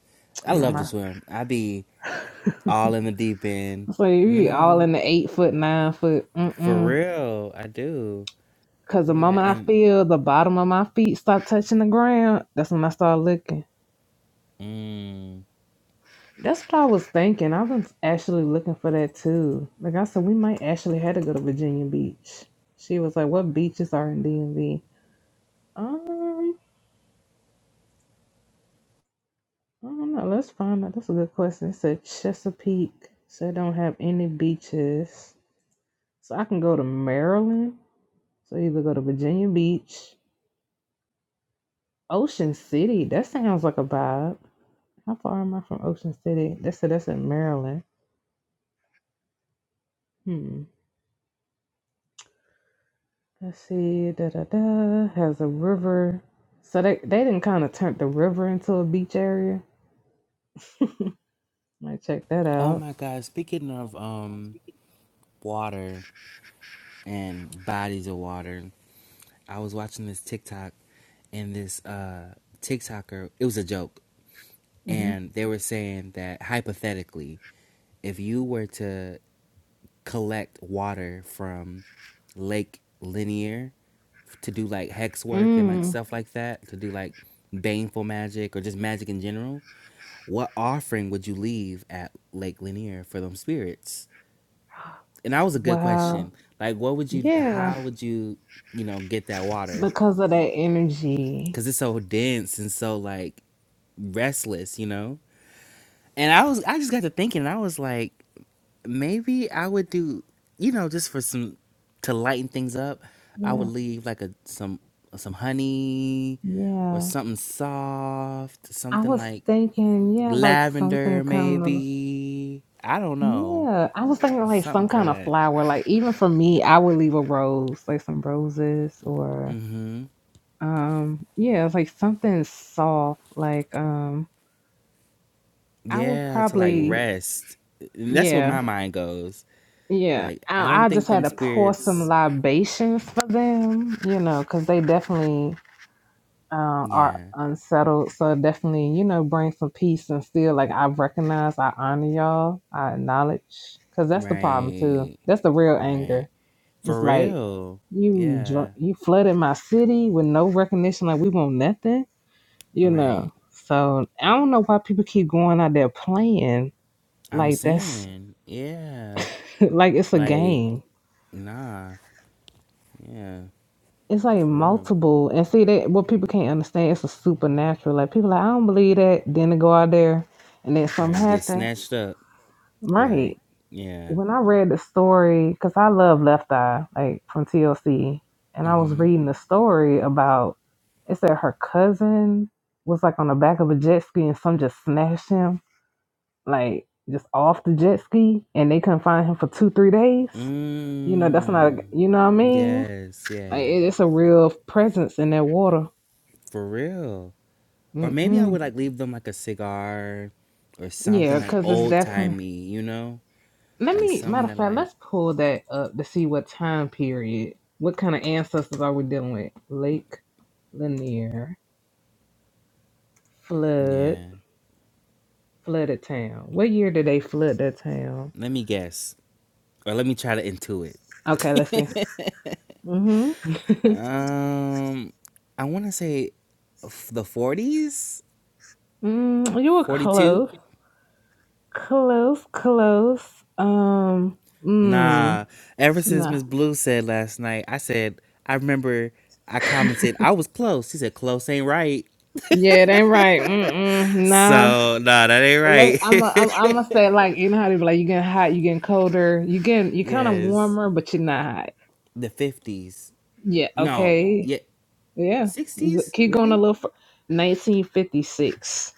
A: I
C: I
A: know
C: love to
A: my.
C: swim. I be all in the deep end,
A: So you
C: you
A: be all
C: know?
A: in the eight foot, nine foot.
C: For
A: Mm-mm.
C: real, I do.
A: Cause the
C: Yeah,
A: moment I
C: and
A: feel the bottom of my feet start touching the ground, that's when I start looking.
C: mm.
A: That's what I was thinking. I was actually looking for that too. Like I said, we might actually had to go to Virginia Beach. She was like, "What beaches are in DMV?" Um, I don't know. Let's find out. That's a good question. It said Chesapeake, so it don't have any beaches. So I can go to Maryland. So either go to Virginia Beach, Ocean City. That sounds like a vibe. How far am I from Ocean City? That's that's in Maryland. Hmm. Let's see, da da da has a river. So they they didn't kind of turn the river into a beach area. Might check that
C: Oh
A: out.
C: my god, speaking of um water and bodies of water, I was watching this TikTok and this uh TikToker, it was a joke,
A: hmm
C: and they were saying that hypothetically, if you were to collect water from Lake Linear to do like hex work and like
A: Mm,
C: stuff like that, to do like baneful magic or just magic in general, what offering would you leave at Lake Linear for them spirits? And that was a good
A: wow.
C: question. Like, what would you,
A: Yeah,
C: how would you, you know, get that water?
A: because of that energy.
C: Cause it's so dense and so like restless, you know? And I was, I just got to thinking and I was like, maybe I would do, you know, just for some to lighten things up. I would
A: Yeah,
C: leave like a some some honey or
A: yeah.
C: something soft,
A: I
C: something
A: was
C: like
A: thinking, yeah, like something
C: lavender
A: kind of.
C: maybe. I don't know.
A: Yeah, I was thinking like
C: Something
A: some
C: for
A: kind of
C: that.
A: flower. Like even for me, I would leave a rose, like some roses, or um, yeah, it's like something soft. Like um, I would
C: Yeah, to like
A: probably
C: rest. And that's where
A: Yeah,
C: my mind goes.
A: yeah.
C: Like I don't
A: I, I
C: think
A: just had
C: them
A: to pour some
C: spirits
A: libations for them, you know, because they definitely uh, are
C: yeah.
A: unsettled. So it definitely, you know, bring some peace and still, like, I recognize, I honor y'all, I acknowledge, because that's the problem too.
C: Right.
A: That's the real
C: Right.
A: anger. It's
C: For
A: like
C: real.
A: you drunk,
C: Yeah.
A: you flooded my city with no recognition, like we want nothing, you
C: Right.
A: know. So I don't know why people keep going out there playing
C: I'm
A: like that's
C: saying, yeah,
A: like it's a
C: like
A: game
C: nah, yeah,
A: It's like
C: for real.
A: multiple, and see that what people can't understand. It's a supernatural. Like people, like I don't believe that. Then they go out there, and then something
C: Right, get
A: happen.
C: snatched up, like
A: Right.
C: yeah.
A: When I read the story, because I love Left Eye, like from TLC, and I was
C: Mm-hmm.
A: reading the story about it said her cousin was like on the back of a jet ski, and some just snatched him, like just off the jet ski, and they couldn't find him for two, three days. You know, that's not.
C: Mm.
A: You know what I mean?
C: Yes, yeah,
A: Like it- it's a real presence in that water.
C: for real. Or maybe I would
A: Mm-mm.
C: like leave them like a cigar or
A: Yeah,
C: something like
A: because it's
C: old
A: definitely.
C: timey, you know,
A: Let
C: like
A: me,
C: something
A: matter of
C: that
A: fact,
C: like
A: let's pull that up to see what time period, what kind of ancestors are we dealing with? Lake Lanier, flood,
C: yeah.
A: flooded town. What year did they flood that town?
C: Let me guess, or let me try to intuit.
A: Okay, let's see. Mm-hmm.
C: Um, I want to say f- the 40s,
A: Mm, you were
C: 42.
A: close, close, close. Um, mm,
C: Nah, ever since
A: nah.
C: Miss Blue said last night, I said, I remember I commented, I was close. She said, close ain't right.
A: Yeah, it ain't right. Mm-mm, nah.
C: So, nah, that ain't
A: Unless- I'm a,
C: right.
A: I'm I'm gonna say like you know how they be like you getting hot, you getting colder, you getting you kind of
C: yes,
A: warmer, but you're not hot.
C: the 50s.
A: Yeah,
C: No,
A: okay,
C: yeah,
A: yeah. G-
C: 60s?
A: Keep going a
C: Really?
A: little. Fur- 1956.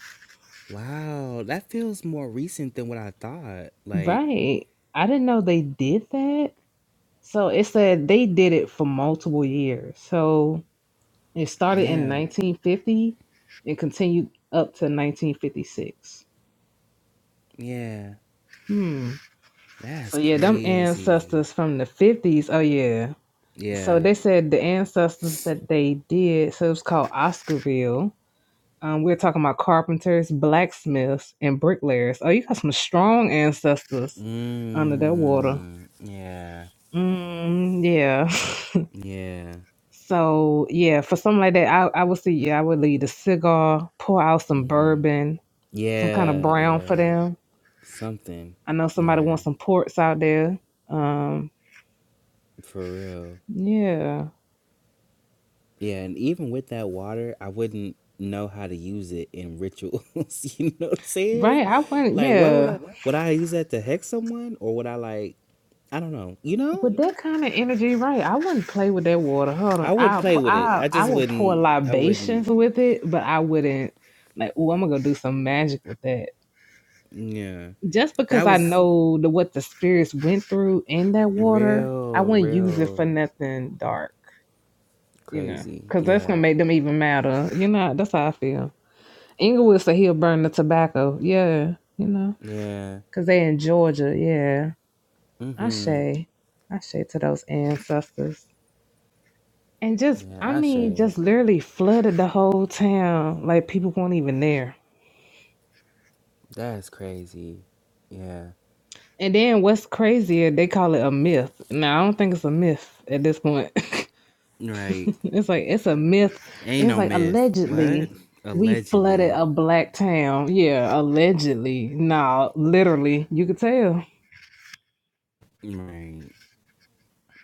C: Wow, that feels more recent than what I thought. Like,
A: Right. I didn't know they did that. So it said they did it for multiple years. So it started in
C: yeah,
A: 1950 and continued up to 1956.
C: yeah,
A: Hmm. So
C: that's
A: yeah, them
C: crazy.
A: ancestors from the 50s. Oh yeah, so
C: Yeah.
A: they said the ancestors that they did so it was called oscarville um, we are talking about carpenters blacksmiths and bricklayers oh you got some strong ancestors under that water
C: Mm, yeah,
A: mm, yeah
C: yeah.
A: so yeah for something like that i, I would see yeah i would leave a cigar pour out some
C: hmm
A: bourbon some kind of
C: Yeah,
A: brown for
C: yeah.
A: them
C: Something.
A: i know somebody
C: Yeah,
A: wants some ports out there um,
C: for real.
A: yeah
C: Yeah, and even with that water, I wouldn't know how to use it in rituals. you know what I'm saying?
A: right i went
C: Like, what would
A: yeah
C: I? Would I use that to hex someone, or would I like? I don't know. You know,
A: With that kind of energy, right? I wouldn't play with that water. Hold
C: I
A: on,
C: wouldn't
A: I
C: play with it.
A: I
C: I
A: I
C: just
A: would pour
C: wouldn't. I
A: libations
C: wouldn't.
A: with it, but I wouldn't like. Oh, I'm gonna go do some magic with that.
C: Yeah,
A: Just because
C: that
A: I
C: was
A: know the, what the spirits went through in that water, I
C: real,
A: wouldn't use it for
C: real
A: nothing dark. You know,
C: crazy.
A: because that's gonna
C: Yeah,
A: make them even madder. You know, that's how I feel. Inglewood said he'll burn the tobacco. Yeah, you know,
C: yeah.
A: because they in Georgia. Yeah, I
C: Mm-hmm.
A: say, I say to those ancestors. And just, I
C: Yeah,
A: mean,
C: Ashe.
A: just literally flooded the whole town. Like people weren't even there.
C: That's crazy. Yeah.
A: And then what's crazier, they call it a myth. Now, I don't think it's a myth at this point.
C: Right.
A: it's like, it's a myth.
C: Ain't
A: It's
C: no
A: like,
C: myth. What?
A: allegedly, we flooded
C: Allegedly.
A: a black town. Yeah, allegedly. Nah, literally, you could tell.
C: Right.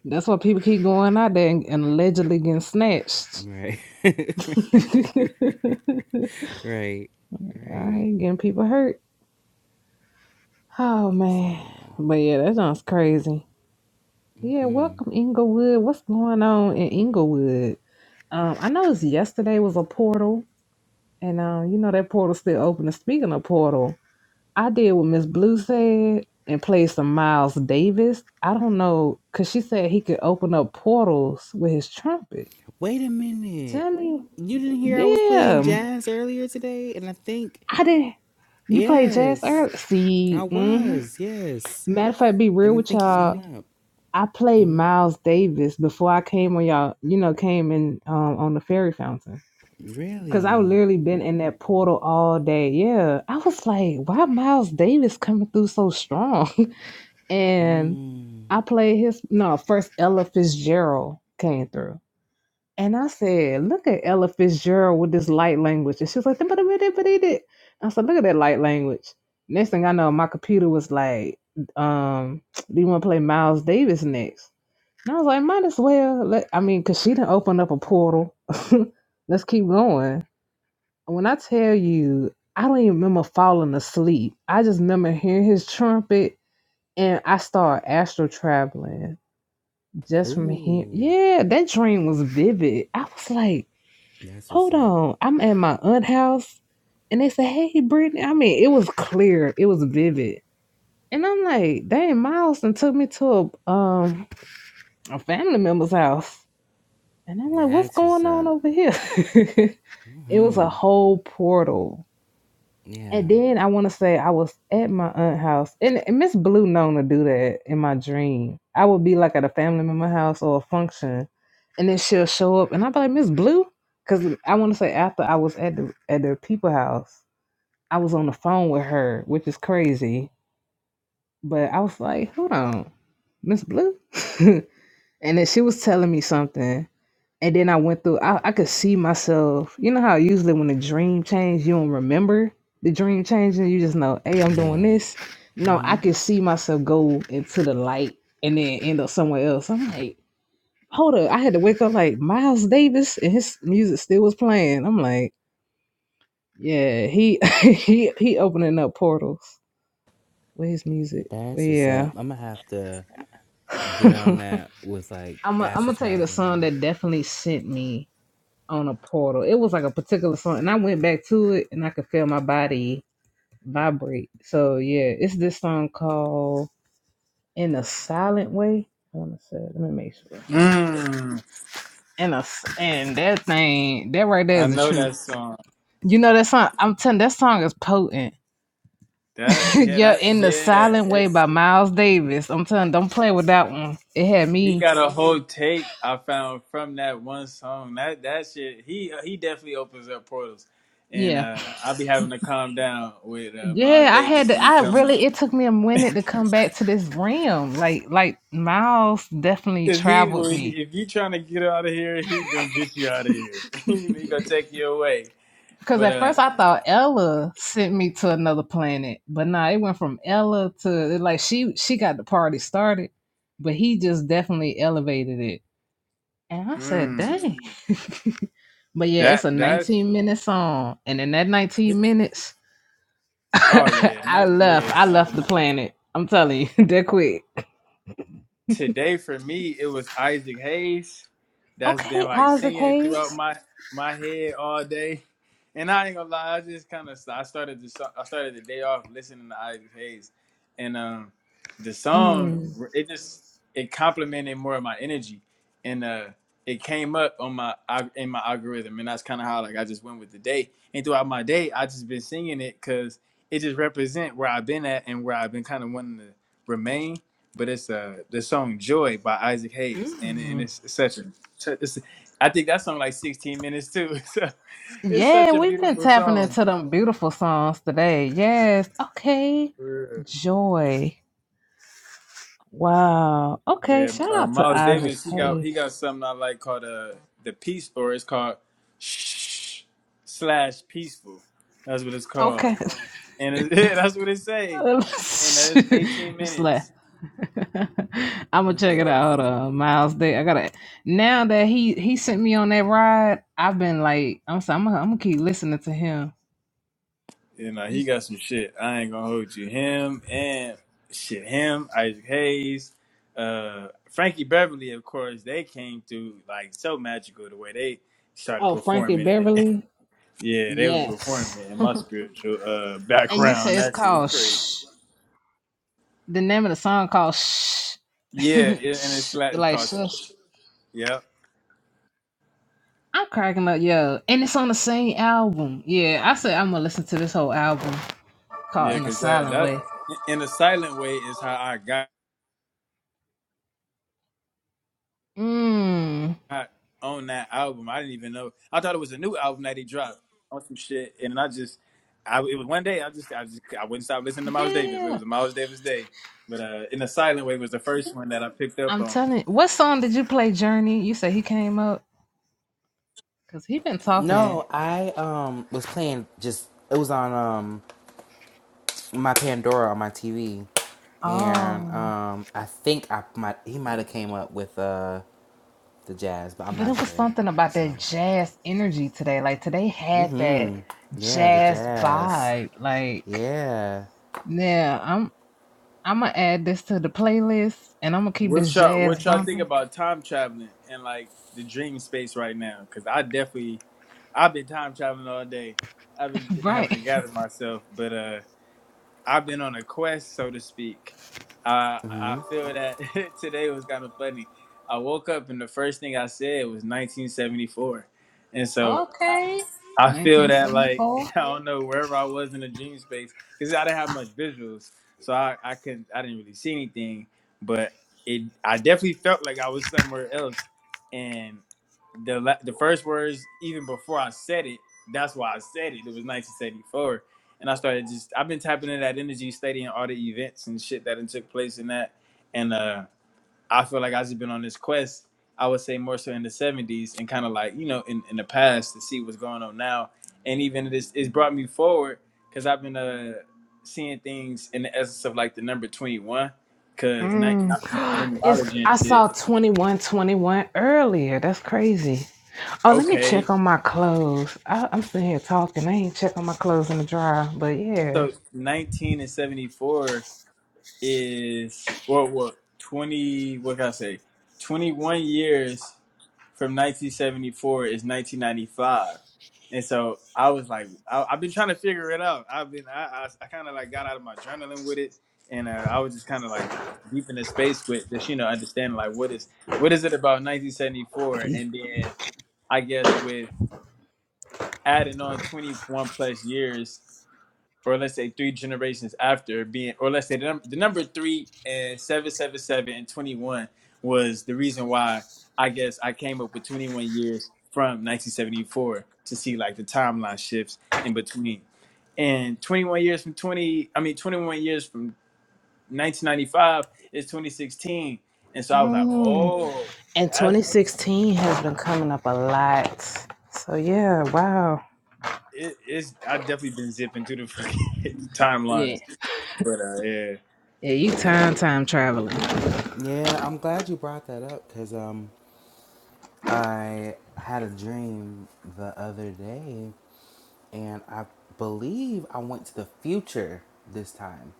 A: That's why people keep going out there and, and allegedly getting snatched.
C: Right.
A: All
C: right. Right.
A: right, getting people hurt. Oh, man.
C: Surreal.
A: But yeah, that sounds crazy. Yeah, welcome Inglewood. What's going on in Inglewood? Um, I know it's yesterday was a portal, and um, you know that portal still open. And speaking of portal, I did what Miss Blue said and played some Miles Davis. I don't know, cause she said he could open up portals with his trumpet.
C: Wait a minute.
A: Tell me,
C: You didn't hear I was playing
A: yeah,
C: jazz earlier today? And I think,
A: I did. You played jazz
C: yes,
A: earlier.
C: I
A: See, hmm
C: was. Yes.
A: matter of fact, be real
C: And I
A: with
C: think he
A: y'all.
C: came up.
A: I played
C: hmm
A: Miles Davis before I came on y'all, you know, came in um, on the fairy fountain. Cause I
C: Really?
A: literally been in that portal all day. Yeah. I was like, why Miles Davis coming through so strong? and
C: Mm.
A: I played his no, first Ella Fitzgerald came through. And I said, look at Ella Fitzgerald with this light language. And she was like, "Dum, dum, dum, dum, dum, dum." I said, look at that light language. Next thing I know, my computer was like, um, do you want to play Miles Davis next? And I was like, might as well. Let, I mean, because she didn't open up a portal. Let's keep going. When I tell you, I don't even remember falling asleep. I just remember hearing his trumpet and I started astral traveling just from here.
C: Ooh.
A: Yeah, that dream was vivid. I was like,
C: That's what's
A: hold
C: up.
A: on. I'm at my aunt house and they said, hey, Brittany. I mean, it was clear, it was vivid. And I'm like, dang, Miles and took me to a, um, a family member's house. And I'm like, what's
C: That's what's
A: going on
C: up.
A: over here? it was a
C: hmm
A: whole portal.
C: Yeah.
A: And then I want to say I was at my aunt's house, and and Miss Blue known to do that in my dream. I would be like at a family member house or a function, and then she'll show up, and I'd be like, Miss Blue, because I want to say after I was at the at their people house, I was on the phone with her, which is crazy. But I was like, hold on, Miss Blue, and then she was telling me something, And then I went through, I, I could see myself. You know how usually when the dream changed, you don't remember the dream changing. You just know, hey, I'm doing
C: Yeah.
A: this. No, I
C: hmm
A: could see myself go into the light and then end up somewhere else. I'm like, hold up. I had to wake up like Miles Davis and his music still was playing. I'm like, yeah, he he he opening up portals with his music. But
C: That's what's up.
A: yeah.
C: I'm gonna have to get on that with like
A: I'm gonna
C: astral
A: I'm tell you the song
C: traveling.
A: that definitely sent me on a portal. It was like a particular song, and I went back to it, and I could feel my body vibrate. So yeah, it's this song called "In a Silent Way." I want to say, let me make sure.
D: Mm,
A: And a and that thing, that right there
D: I
A: is the
D: know
A: truth.
D: that song.
A: You know that song? I'm telling that song is potent.
D: That yeah,
A: yeah,
D: that
A: "In the
D: yeah.
A: Silent Way"
D: It,
A: by Miles Davis. I'm telling, don't play with that one. It had
D: he
A: me.
D: got a whole tape I found from that one song. That that shit. He he definitely opens up portals, and
A: Yeah.
D: uh, I'll be having to calm down with uh, Miles
A: Yeah, I had
D: Davis
A: to,
D: when he
A: I
D: come up.
A: really it took me a minute to come back to this realm. Like like Miles definitely
D: Cause he will.
A: traveled me.
D: he- If you trying to get out of here, he gonna get you out of here. he gonna take you away.
A: Cause
D: But
A: at
D: uh,
A: first I thought Ella sent me to another planet, but nah, it went from Ella to like she she got the party started, but he just definitely elevated it. And I said,
D: mm,
A: dang. But yeah, it's
D: that
A: a
D: that's
A: 19 minute song. And in that 19 minutes,
D: oh yeah,
A: I
D: not
A: left. I
D: yeah.
A: left the planet. I'm telling you, that quick.
D: today for me it was Isaac Hayes that's been
A: Okay,
D: like
A: Isaac
D: singing throughout
A: Hayes.
D: my my head all day. And I ain't gonna lie, I just kind of I started the so- I started the day off listening to Isaac Hayes, and um, the song
A: Mm.
D: it just it complemented more of my energy, and uh, it came up on my al- in my algorithm, and that's kind of how like I just went with the day. And throughout my day, I just been singing it because it just represent where I've been at and where I've been kind of wanting to remain but it's uh the song Joy by Isaac Hayes and and it's it's such a it's, I think that song like 16 minutes too. So it's
A: Yeah,
D: such a
A: we've been
D: beautiful
A: tapping
D: song.
A: into them beautiful songs today. Yes. Okay.
D: For
A: Joy. Wow. Okay.
D: Yeah,
A: Shout
D: uh,
A: out to
D: Miles
A: Isaac
D: Davis he got he
A: Hayes.
D: got something I like called uh the peace or it's called Shh slash peaceful. That's what it's called.
A: Okay.
D: And it, that's what it say. And it's 18
A: Just laugh.
D: minutes.
A: I'm gonna
D: It's
A: check it
D: uh
A: out. Uh, Miles Day. I gotta. Now that he he sent me on that ride, I've been like, I'm sorry, I'm gonna, I'm gonna keep listening to him.
D: You know,
A: You
D: he
A: s-
D: got some shit. I ain't gonna hold you. Him and shit, him, Isaac Hayes, uh, Frankie Beverly, of course, they came through like so magical the way they started
A: Oh, Frankie
D: performing.
A: Beverly.
D: yeah, they was
A: Yes.
D: performing in my spiritual uh
A: And you
D: background.
A: say it's
D: That's it was
A: called.
D: crazy.
A: Shh. the name of the song called Shh.
D: Yeah, it, and it's
A: Shh,
D: like it's
A: like
D: called.
A: Shush.
D: Yep.
A: I'm cracking up, yeah. And it's on the same album. Yeah, I said I'm gonna listen to this whole album
D: Yeah,
A: called In a
D: because that
A: Silent
D: that
A: Way.
D: in a silent way is how I got.
A: Mmm.
D: hot on that album. I didn't even know. I thought it was a new album that he dropped on some shit, and I just, I it was one day I just I just I wouldn't stop listening to Miles Davis. It
A: Yeah.
D: was a Miles Davis day, but uh, in a silent way was the first one that I picked up
A: I'm
D: on.
A: telling you. what song did you play, Journey? You said he came up? Cause he been talking.
C: No, I um was playing just it was on um my Pandora on my TV, and
A: Oh.
C: um I think I might he might have came up with uh the jazz, but I'm
A: But
C: not
A: it was
C: sure.
A: something about that
C: So,
A: jazz energy today. Like today had
C: mm-hmm.
A: that
C: Yeah, the
A: jazz
C: jazz.
A: vibe. Like,
C: Yeah.
A: yeah, I'm. I'm gonna add this to the playlist, and I'm gonna keep
D: What
A: this
D: y'all
A: jazz
D: what y'all think
A: bumping.
D: about time traveling and like the dream space right now? Because I definitely I've been time traveling all day. I've been
A: Right.
D: having to gather myself, but uh. I've been on a quest, so to speak. Uh,
C: Mm-hmm.
D: I feel that today was kind of funny. I woke up and the first thing I said was 1974, and so.
A: Okay.
D: I feel that like
A: 1974.
D: I don't know wherever I was in the dream space because I didn't have much visuals, so I I couldn't I didn't really see anything, but it I definitely felt like I was somewhere else, and the la- the first words even before I said it, that's why I said it. It was 1974, and I started just I've been tapping into that energy, studying all the events and shit that had took place in that, and uh I feel like I've just been on this quest. I would say more so in the '70s and kind of like you know in, in the past to see what's going on now, and even it's it's brought me forward because I've been uh seeing things in the essence of like the number 21 because I'm
A: Mm.
D: doing
A: It's
D: numerology and
A: I
D: shit.
A: saw 2121 earlier. That's crazy. Oh, let me
D: Okay,
A: check on my clothes. I, I'm sitting here talking. I ain't check on my clothes in the dryer, but yeah.
D: so 19 and 74 is what what 20? What can I say? 21 years from 1974 is 1995 and so i was like I, i've been trying to figure it out i've been i i, I kind of like got out of my journaling with it and uh, i was just kind of like deep in the space with just you know understanding like what is what is it about 1974 and then i guess with adding on 21 plus years or let's say three generations after being, or let's say the, num- the number three and 777 and 21 was the reason why I guess I came up with 21 years from 1974 to see like the timeline shifts in between. And 21 years from 20, I mean, 21 years from 1995 is 2016. And so I was like,
A: Mm.
D: oh,
A: And
D: that's,
A: 2016 has been coming up a lot. So yeah, wow.
D: it, it's, I've definitely been zipping through the fucking
A: Yeah.
D: timelines. But uh, yeah.
A: Yeah, you time time traveling.
C: Yeah, I'm glad you brought that up because um I had a dream the other day and I believe I went to the future this time.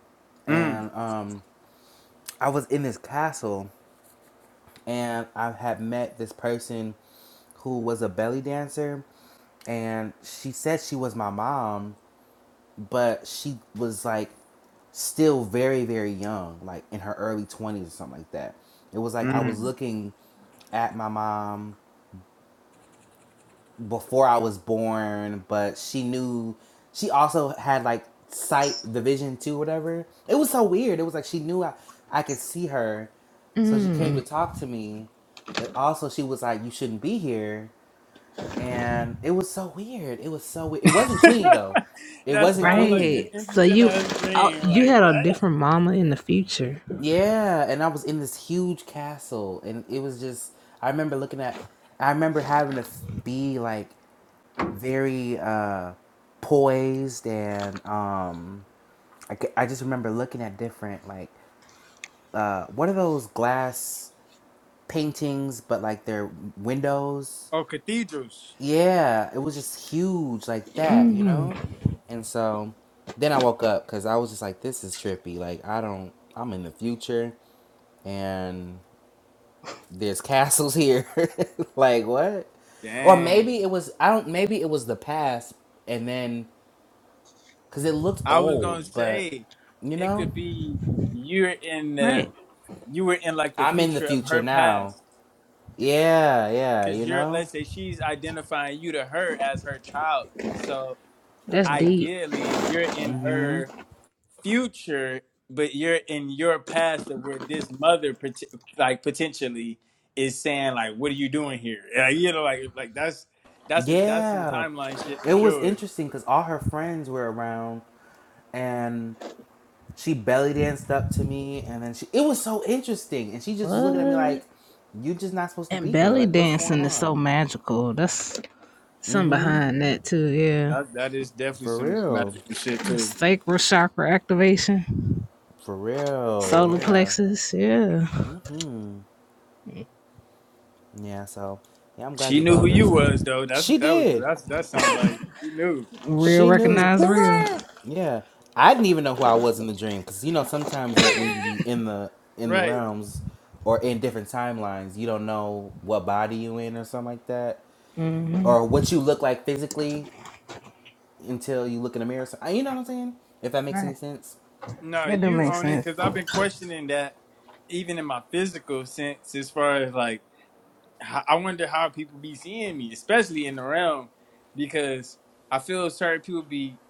D: Mm,
C: And um, I was in this castle, and I had met this person who was a belly dancer, and she said she was my mom, but she was like still very very young like in her early 20s or something like that it was like i was
D: mm.
C: looking at my mom before I was born, but she knew she also had like sight the vision too, whatever. It was so weird. It was like she knew I, I could see her. So she came
A: Mm.
C: to talk to me, but also she was like, You shouldn't be here and it was so weird. It was so weird. It wasn't Queenie though. It
D: that
C: wasn't
D: sounds like an
C: Queenie.
A: Right. So
D: interesting
A: you
D: ass
A: oh,
D: dream.
A: you
D: Like
A: had a
D: what?
A: different mama in the future.
C: Yeah, and I was in this huge castle, and it was just. I remember looking at. I remember having to f- be like very uh, poised and um, I, I just remember looking at different like uh, what are those glass paintings but like they're windows
D: Oh, cathedrals.
C: yeah it was just huge like that you
A: hmm
C: know and so then i woke up because i was just like this is trippy like i don't i'm in the future and there's castles here like what or
D: Dang.
C: maybe it was i don't maybe it was the past and then Cause it looked
D: I was gonna
C: old, but
D: say
C: you
D: it
C: know,
D: could be you're in the
A: Right.
D: you were in like the
C: I'm in the
D: future of
C: future
D: her
C: now.
D: past.
C: Yeah, yeah,
D: Cause
C: you
D: you're
C: know?
D: let's say she's identifying you to her as her child. So.
A: That's deep.
D: ideally you're in
C: hmm
D: her future, but you're in your past of where this mother, like potentially, is saying like, "What are you doing here?" Like, you know, like like that's that's a that's some
C: Yeah.
D: timeline shit
C: It
D: for
C: was
D: sure.
C: interesting because all her friends were around and she belly danced up to me and then she it was so interesting and she just was looking at me like,
A: What?
C: You just not supposed to
A: And
C: be here.
A: belly
C: Like what's going
A: dancing is so
C: on?
A: magical. That's something behind that too. Yeah.
D: That that is definitely
C: For
D: some
C: real.
D: magical shit too.
A: Sacral chakra activation,
C: For real,
A: solar
C: yeah.
A: plexus. Yeah.
C: Mm-hmm. Yeah, so yeah, I'm glad
D: She
C: you
D: knew
C: brought
D: who
C: up that
D: you
C: time.
D: was though. That's
C: She
D: what that was.
C: did.
D: That's that sound like she knew.
A: Real
C: She knew.
A: recognize real.
C: Yeah, I didn't even know who I was in the dream because you know sometimes in, when you be in the in the
D: right.
C: realms or in different timelines, you don't know what body you in or something like that, or what you look like physically until you look in the mirror. So, uh, you know what I'm saying? If that makes
A: Right.
C: any sense.
D: No,
A: That do
D: you
A: make
D: own it
A: sense.
D: because I've been questioning that even in my physical sense as far as like I wonder how people be seeing me, especially in the realm, because I feel certain people be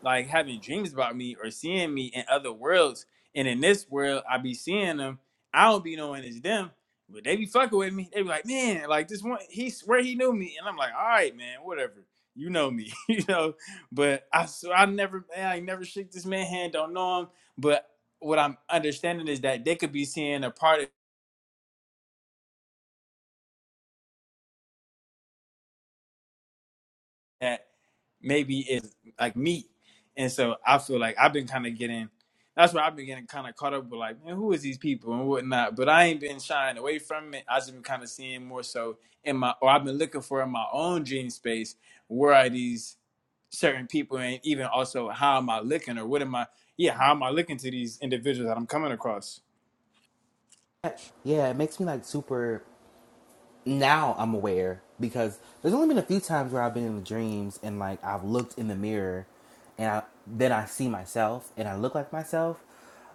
D: like having dreams about me or seeing me in other worlds. And in this world, I be seeing them. I don't be knowing it's them, but they be fucking with me. They be like, man, like this one, he swear he knew me, and I'm like, all right, man, whatever. You know me, you know. But I so I never, man, I never shook this man hand. Don't know him, but what I'm understanding is that they could be seeing a part of that maybe is like meat. And so I feel like I've been kind of getting that's where I've been getting kind of caught up with like, man, who is these people and whatnot. But I ain't been shying away from it. I've just been kind of seeing more so in my or I've been looking for in my own dream space where are these certain people and even also how am I looking or what am I yeah, how am I looking to these individuals that I'm coming across?
C: Yeah, it makes me like super. now I'm aware because there's only been a few times where I've been in the dreams and like I've looked in the mirror and I, then I see myself and I look like myself.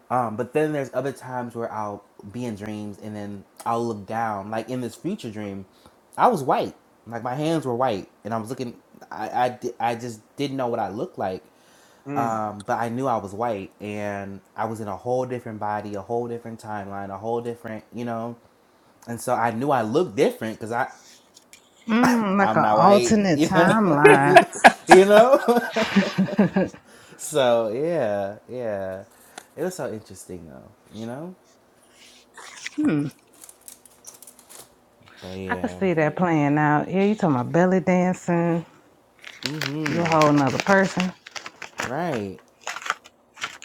C: Um, but then there's other times where I'll be in dreams and then I'll look down. Like in this future dream, I was white. Like my hands were white and I was looking, I, I, di- I just didn't know what I looked like.
D: Mm.
C: Um, but I knew I was white and I was in a whole different body, a whole different timeline, a whole different, you know. And so I knew I looked different because I,
A: Mm, like
C: I'm
A: an
C: not white,
A: alternate
C: you know.
A: timeline.
C: you know? so yeah, yeah. It was so interesting though, you know?
A: Hmm.
C: But
A: I could
C: yeah.
A: see that playing out. Yeah, you talking about belly dancing. You a
C: Mm-hmm.
A: whole nother person.
C: Right.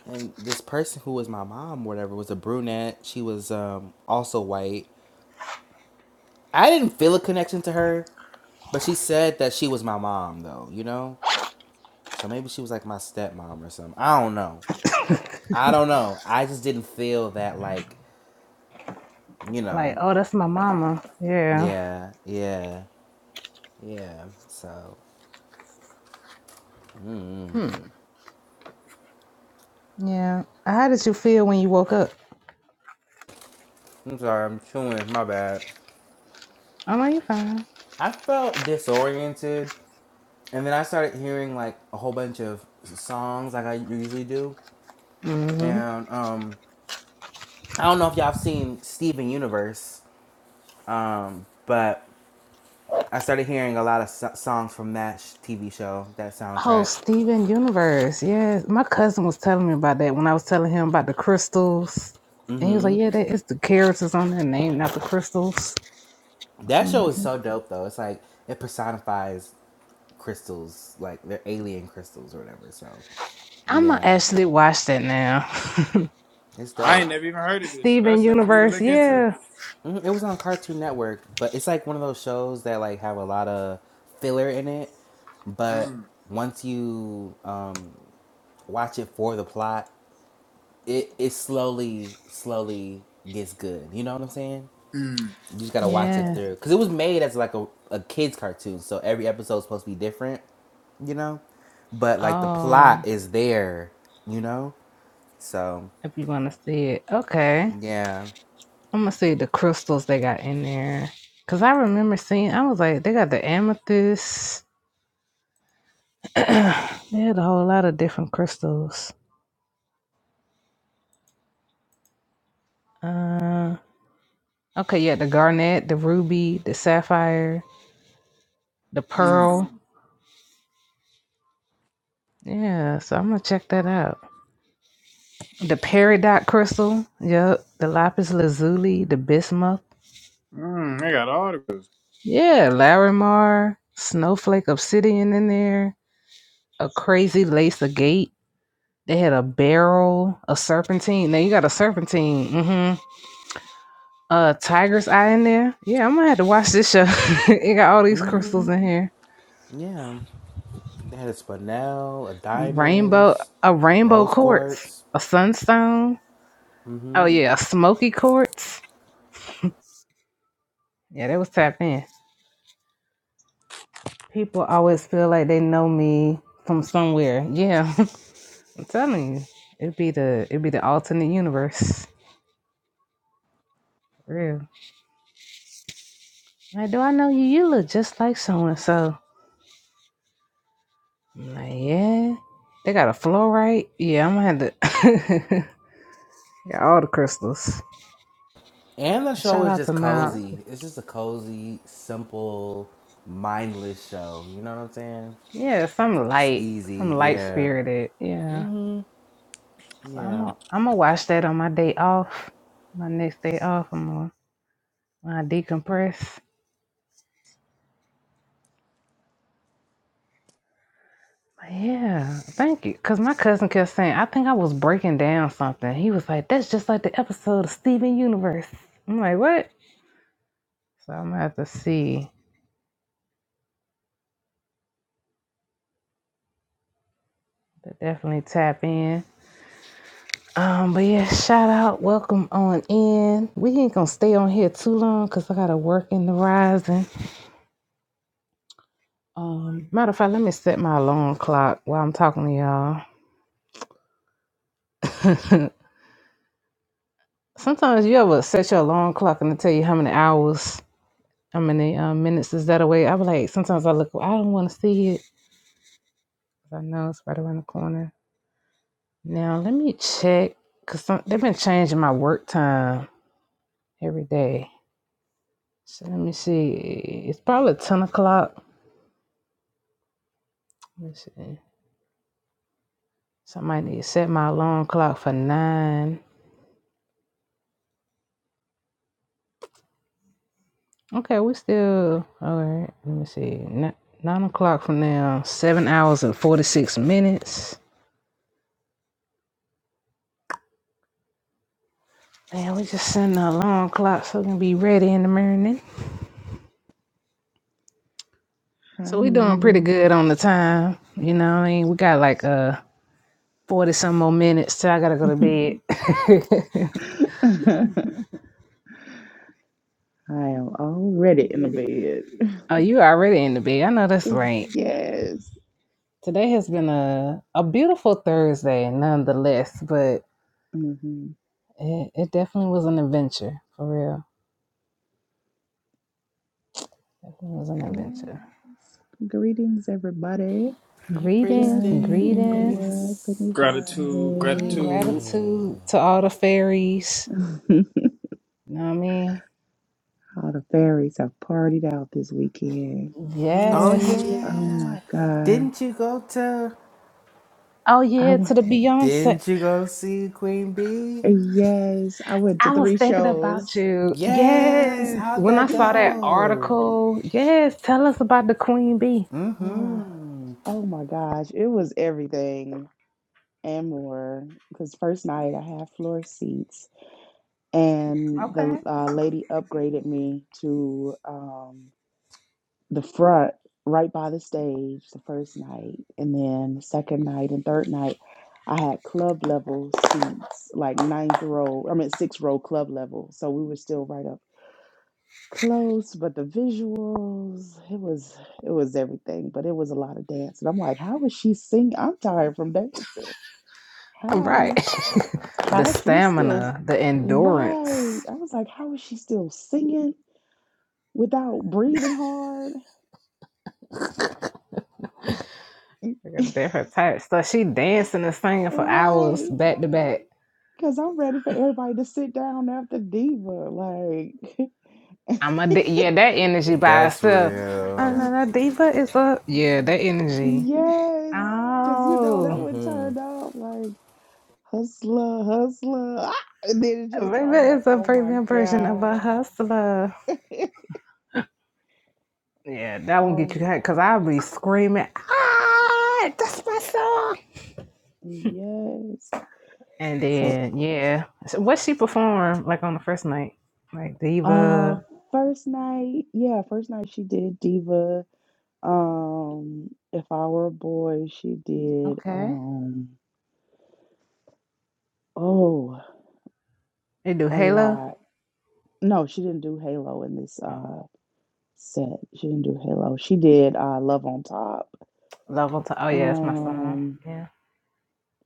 C: And this person who was my mom, whatever, was a brunette. She was um also white. I didn't feel a connection to her, but she said that she was my mom though, you know? So maybe she was like my stepmom or something. I don't know. I don't know. I just didn't feel that like, you
A: Like,
C: know.
A: oh, that's my mama. Yeah.
C: Yeah, yeah. Yeah, so mm,
A: Yeah. How did you feel when you woke up?
C: I'm sorry, I'm chewing. My bad.
A: I'm like, you fine.
C: I felt disoriented, and then I started hearing like a whole bunch of s- songs, like I usually do.
A: hmm
C: And um, I don't know if y'all have seen Steven Universe, um, but I started hearing a lot of so- songs from that sh- TV show, that
A: Oh,
C: soundtrack.
A: Steven Universe. Yes. My cousin was telling me about that when I was telling him about the crystals. And he was like,
C: hmm
A: yeah, that is the characters on their name, not the crystals or
C: That
A: something
C: show
A: like
C: is
A: that.
C: so dope, though. It's like it personifies crystals, like they're alien crystals or whatever. So,
A: I'm going to
C: yeah,
A: actually watch that now.
C: it's
D: I
C: dope.
D: ain't never even heard of it, so that's
A: Steven
D: something for me to
A: Universe.
D: look into.
A: Yeah.
C: Mhm, It was on Cartoon Network, but it's like one of those shows that like have a lot of filler in it, but
D: Mm,
C: once you um, watch it for the plot, it it slowly slowly gets good. You know what I'm saying?
D: mm,
C: You just gotta watch it
A: Yeah.
C: through because it was made as like a, a kids cartoon, so every episode's supposed to be different. You know, but like the
A: Oh,
C: plot is there. You know, so
A: if you want to see it. Okay.
C: yeah,
A: I'm gonna see the crystals they got in there. Cause I remember seeing, I was like, they got the amethyst. they had a whole lot of different crystals. Uh, okay, yeah, the garnet, the ruby, the sapphire, the
D: mm,
A: pearl. Yeah, so I'm gonna check that out. The peridot crystal. Yep. The lapis lazuli, the bismuth.
D: mm. I got all of it.
A: Yeah, Larimar, snowflake obsidian in there. A crazy lace agate. They had a barrel, a serpentine. Now you got a serpentine. Mm-hmm. A tiger's eye in there. Yeah, I'm gonna have to watch this show. it got all these
C: hmm.
A: crystals in here.
C: yeah. They had a spinel, a
A: Rainbow,
C: diamonds,
A: a rainbow
C: rose
A: quartz,
C: quartz.
A: a sunstone. Oh
C: hmm
A: yeah, a smoky quartz. Yeah, that was tapped in. People always feel like they know me from somewhere. Yeah, I'm telling you, it'd be the it'd be the alternate universe. For Real. Like, do I know you? You look just like so and so. I'm like, yeah. They got a fluorite. Yeah, I'm gonna have to got all the crystals.
C: And the show
A: Shout
C: is
A: out
C: just
A: to Miles.
C: cozy. It's just a cozy, simple, mindless show. You know what I'm saying?
A: Yeah, some
C: It's
A: light, some
C: easy.
A: light
C: Yeah.
A: spirited. Yeah.
C: hmm
A: So I'm
C: Yeah.
A: gonna I'm gonna watch that on my day off. My next day off, I'm gonna when I decompress. But yeah, thank you. Cause my cousin kept saying, I think I was breaking down something. He was like, That's just like the episode of Steven Universe. I'm like, what? So I'm gonna have to see. To definitely tap in. Um, but yeah, shout out, welcome on in. We ain't gonna stay on here too long because I gotta work in the rising. Um, matter of fact, let me set my alarm clock while I'm talking to y'all. Sometimes you ever set your alarm clock and it tell you how many hours, how many um, minutes is that away. I be like, sometimes I look, I don't want to see it. 'cause I know it's right around the corner. Now let me check because they've been changing my work time every day. So let me see. It's probably ten o'clock. Let me see. Somebody need to set my alarm clock for nine. Okay, we still all right. Let me see. Nine, nine o'clock from now. Seven hours and forty six minutes. Man, we just setting the alarm clock so we can be ready in the morning.
E: Hi.
A: So we doing pretty good on the time. You know what I mean? We got like uh forty some more minutes till I gotta go to bed.
E: I am already in the bed.
A: oh, you already in the bed. I know that's right.
E: Yes.
A: Today has been a a beautiful Thursday nonetheless, but
E: hmm
A: It, it definitely was an adventure, for real. Definitely was an
E: Yes.
A: adventure.
E: Greetings, everybody.
C: Hey,
A: Greetings,
E: Journey,
A: greetings,
E: Inglewood,
C: priestess.
E: Penny
D: Gratitude,
C: Hey.
E: Vibes.
D: gratitude.
A: gratitude to all the fairies. You know what I mean?
E: All the fairies have partied out this weekend.
C: Oh
A: Yes.
D: Mm.
E: Oh my
C: yeah.
E: God.
C: Didn't you go to?
A: Oh
E: I
A: yeah,
E: went,
A: to the Beyonce.
C: Didn't you go see Queen Bee?
E: yes, I went to
A: I was
E: three
A: thinking about
E: shows.
A: you.
C: Yes.
A: Yes.
C: How'd
A: When I
C: that
A: saw that
C: go?
A: article, yes, tell us about the Queen Bee.
E: Ah,
C: Mm-hmm.
E: Oh, my gosh. It was everything and more. Because first night I had floor seats. and the
A: Okay.
E: uh, lady upgraded me to um, the front right by the stage the first night and then the second night and third night i had club level seats like ninth row i mean sixth row club level so we were still right up close but the visuals it was it was everything but it was a lot of dance and i'm like how is she singing i'm tired from dancing
A: Right.
E: how
A: the
E: how she still
A: stamina, the endurance.
E: Right. I was like, how is she still singing? without breathing hard.
A: Like a different type. So she dancing and singing for hours
E: right.
A: back to back.
E: Because I'm ready for everybody to sit down after Diva. Like,
A: I'm a di- yeah. That energy by
C: That's
A: itself. Uh,
C: real.
A: no, no, diva is a yeah. That energy.
E: yes. Because, you know, that
A: Oh,
E: would
C: hmm
E: turn up like hustler, hustler. Ah! And then it just,
A: Diva
E: I'm like,
A: is a
E: oh my
A: premium version of
E: God.
A: a hustler. Yeah, that won't get you
E: Um,
A: hot because I'll be screaming. Ah, that's my song.
E: yes.
A: And
E: So,
A: then yeah, so what she performed like on the first night, like
E: uh,
A: diva.
E: first night, yeah, first night she did Diva. Um, if I were a boy, she did,
A: Okay,
E: um, oh.
A: they do
E: A
A: Halo.
E: lot. No, she didn't do Halo in this
A: Oh,
E: uh set. She didn't do Halo. She did uh Love on Top.
A: love on to. Oh yeah, it's
E: Oh
A: my song.
E: yeah. Um
A: Yeah.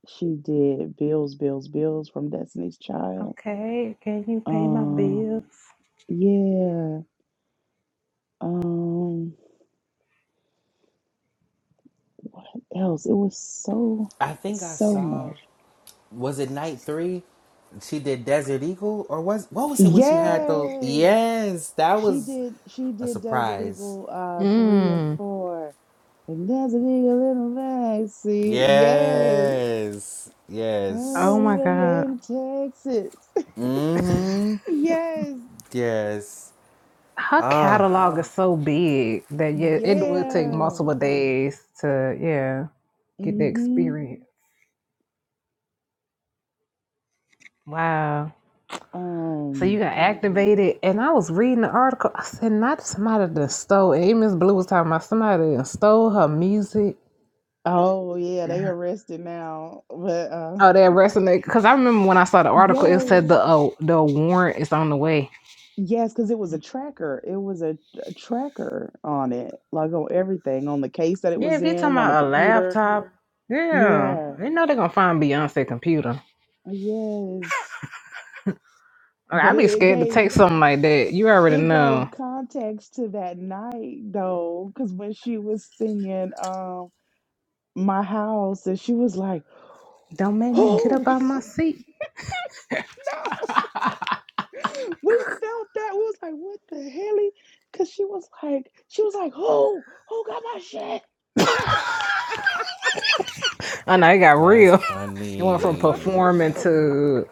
E: she did Bills, Bills, Bills from Destiny's Child.
A: Okay, can you pay my
E: Uh,
A: bills?
E: yeah. Um what else? It was so
C: I think I
E: so
C: saw.
E: much.
C: Was it night three? She did Desert Eagle, or was what was it when she had those?
E: Yes.
C: Yes, that
E: She
C: was
E: did she
C: a
E: did Desert
C: surprise.
E: Eagle uh three and
A: Mm.
E: four. And Desert Eagle in the backseat. Yes.
C: Yes,
A: Oh
C: yes.
E: Everything
A: my
E: bigger
A: God.
E: in Texas.
C: Mm-hmm.
E: yes.
C: Yes.
A: Her catalog is so big that yeah, it would take
E: Yeah.
A: multiple days to yeah get the
E: Mm-hmm.
A: experience. Wow. So you
E: Um.
A: got activated, and I was reading the article. I said, "Not somebody that stole." And Miss Blue was talking about somebody that stole her music.
E: Oh yeah, they
A: Yeah.
E: arrested now. But uh
A: Oh, that resonate because I remember when I saw the article, it said
E: yes.
A: the uh, the warrant is on the way.
E: Yes, because it was a tracker. It was a, a tracker on it, like on everything, on the case that it
A: Yeah,
E: was
A: if you talking
E: in, on the
A: about a
E: computer.
A: laptop, yeah,
E: Yeah.
A: you know they're gonna find Beyonce computer.
E: Yes.
A: Or
E: But
A: I'd
E: it,
A: be
E: it
A: scared to
E: gave
A: take something like that. You already
E: it
A: know.
E: gave context to that night though, because when she was singing, um. my house and she was like,
A: Don't make me get
E: Oh
A: up out my seat.
E: no, we felt that. We was like, what the hell? Cause she was like, she was like, who? Who got my shit?
A: I know it got
C: That's
A: real. it went from
C: funny.
A: performing to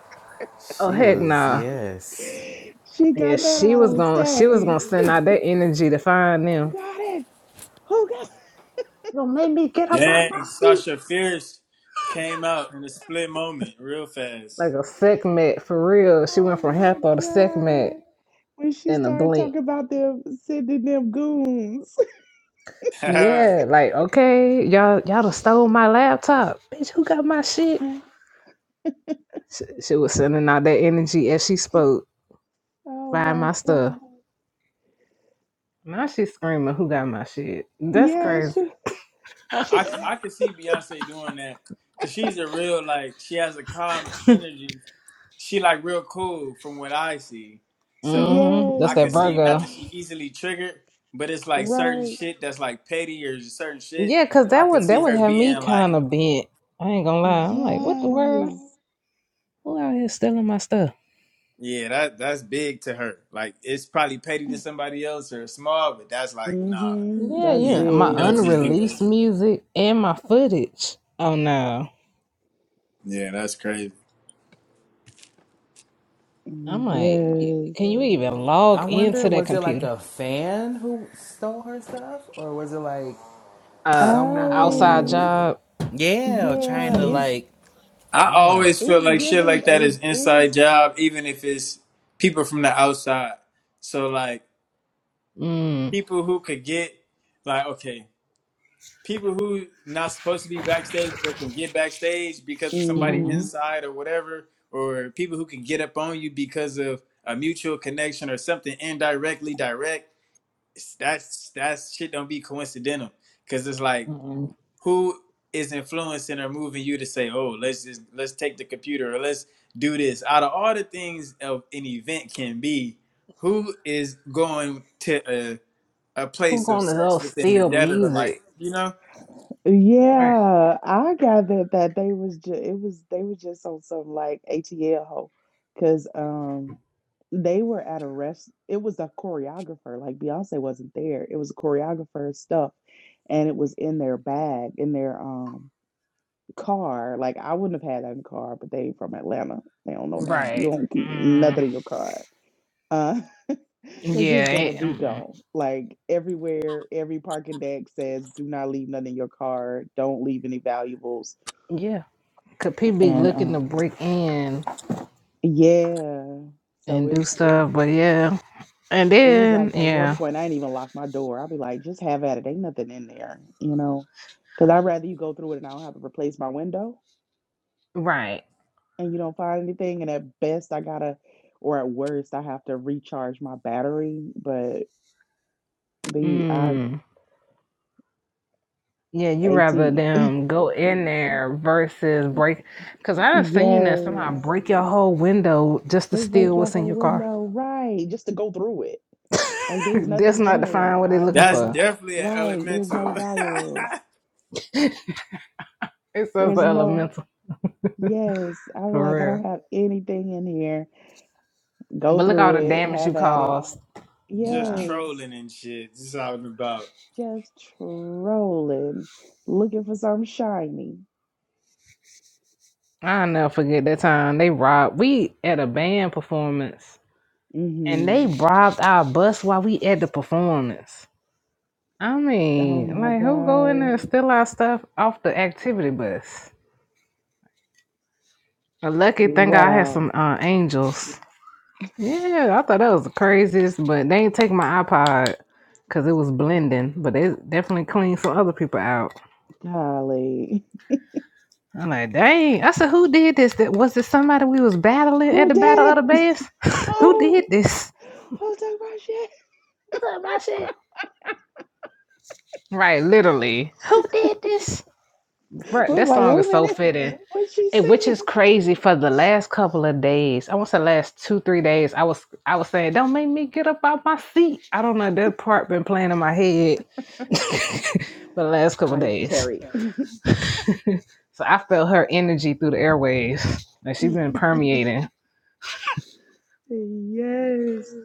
A: oh
C: She
A: heck
C: was
A: nah.
C: yes.
E: She
A: Yeah,
E: got that
A: she
E: out
A: was
E: on
A: gonna she was
E: stage.
A: gonna
E: Who
A: send out that energy to find them.
E: got it? Who got
A: Don't make me get up out my
D: Dang,
A: seat.
D: Sasha Fierce came out in a split moment real fast.
A: Like a segment for real. She went
E: Oh
A: from
E: my
A: Heppo to segment
E: god. When she
A: in a
E: started
A: blink.
E: talking about them sending them goons.
A: Yeah, like okay, y'all y'all done stole my laptop. Bitch, who got my shit? She was sending out that energy as she spoke.
E: Oh
A: Find
E: my
A: my stuff.
E: god.
A: Now she's screaming, "Who got my shit?" That's crazy.
E: Yes.
D: I, c- I could see Beyonce doing that because she's a real, like, she has a calm energy. She, like, real cool from what I see. So
A: hmm That's
D: I
E: yes.
A: that
D: could see, not
A: Virgo.
D: that she easily triggered, but it's like certain
E: Right.
D: shit that's like petty or certain shit.
A: Yeah, cause that
D: I could
A: would that
D: see
A: would
D: her
A: have me
D: being like
A: kind of bent. I ain't gonna lie. I'm like, what the world?
E: Yes.
A: Who out here stealing my stuff?
D: Yeah, that that's big to her. Like it's probably petty to somebody else or small, but that's like, nah,
E: Mm-hmm.
A: Yeah,
E: That's
A: yeah.
D: you
A: My
D: you don't
E: big.
D: just do that.
A: unreleased music and my footage. Oh no.
D: Yeah, that's crazy.
A: I'm like,
E: Yes.
A: can you even
C: I
A: log
C: wonder,
A: into that
C: was it like
A: computer?
C: a fan who stole her stuff, or was it like
A: Uh,
C: someone
A: outside
C: who
E: I
A: job.
C: Yeah, trying
E: yeah,
C: to
A: Hmm.
E: it's
C: like
D: I
C: Yeah.
D: always feel
E: it's
D: like shit
E: giving
D: like that
E: a
D: is inside
E: is
D: job, even if it's people from the outside. So like
A: Mm.
D: people who could get like okay, people who not supposed to be backstage but can get backstage because of somebody
E: mm-hmm.
A: Mm-hmm.
D: inside or whatever, or people who can get up on you because of a mutual connection or something indirectly direct it's- that's that shit don't be coincidental because it's like
A: Mm-hmm.
D: who is influencing or moving you to say oh let's just let's take the computer or let's do this out of all the things of an event can be who is going to a, a
A: Who
D: place of
A: gonna go
D: sex within the
A: steal
D: dead of the light
A: music?
D: you know
A: Right.
E: Yeah. I gathered that they was just it was they were just on some like ATL hoe. Cause um they were at a rest it was a choreographer, like Beyonce wasn't there. It was a choreographer stuff and it was in their bag, in their um car. Like I wouldn't have had that in the car, but they from Atlanta. They don't know that.
D: Mm.
E: You
A: Right.
E: don't keep
A: Mm.
E: nothing in your car. Uh, cause it's
A: Yeah,
E: gonna
A: it,
E: be
A: mm-mm.
E: gone. Like everywhere, every parking deck says, "Do not leave nothing in your car. Don't leave any valuables."
A: yeah. Could people be
E: And
A: looking
E: uh,
A: to break in
E: yeah, so
A: and
E: it's
A: do
E: it's
A: stuff? But yeah, and
E: it was
A: then
E: like at one
A: yeah,
E: point I didn't even lock my door. I'd be like, "Just have at it. Ain't nothing in there," you know, because I'd rather you go through it and I don't have to replace my window
A: right.
E: and you don't find anything, and at best I gotta or at worst I have to recharge my battery, but the I
A: Mm. Yeah, you
E: AT
A: rather them go in there versus break, because I've seen that somehow
E: yes,
A: break your whole window just to
E: they break
A: steal
E: your
A: what's in
E: whole
A: your car.
E: window, right, just to go through it. Like there's
A: That's
E: nothing in
A: not to find
E: there.
A: what they're
E: I,
A: looking
E: there's
D: that's
A: for.
E: no
D: definitely an
E: right, there's no
D: elemental
E: valuables.
A: It's just
E: There's no
A: elemental
E: yes. I feel like I
A: for real.
E: don't have anything in here. Go
A: But look
E: through
A: all the
E: it,
A: damage you
E: have at it.
A: caused.
D: just
A: Yeah,
E: Yes,
D: trolling and shit this is all I'm about
E: just trolling, looking for something shiny.
A: I'll never forget that time they robbed. We at a band performance and
E: hmm
A: they robbed our bus while we at the performance. I
E: Oh
A: mean,
E: my
A: like who go in
E: gosh.
A: there and steal our stuff off the activity bus? A lucky thing I had some
E: Wow.
A: uh, angels. Yeah, I thought that was the craziest, but they ain't take my iPod because it was blending, but they definitely cleaned some other people out.
E: Golly.
A: I'm like, dang. I said, who did this? That Was it somebody we was battling at
E: Who
A: the Battle of
E: did
A: the
E: it?
A: Bands? who did
E: Who?
A: this?
E: Who took my shit?
A: Look at my shit. Right, literally. Who did this? Bruh,
E: We was
A: that
E: like,
A: song
E: wait
A: is
E: a
A: so
E: minute.
A: fitting.
E: What's she
A: Eh, which
E: singing?
A: is crazy for the last couple of days i want to say last two three days i was i was saying don't make me get up out my seat i don't know that part been playing in my head for the last couple of
E: I
A: days
E: carry.
A: so i felt her energy through the airwaves and she's been permeating
E: Yes.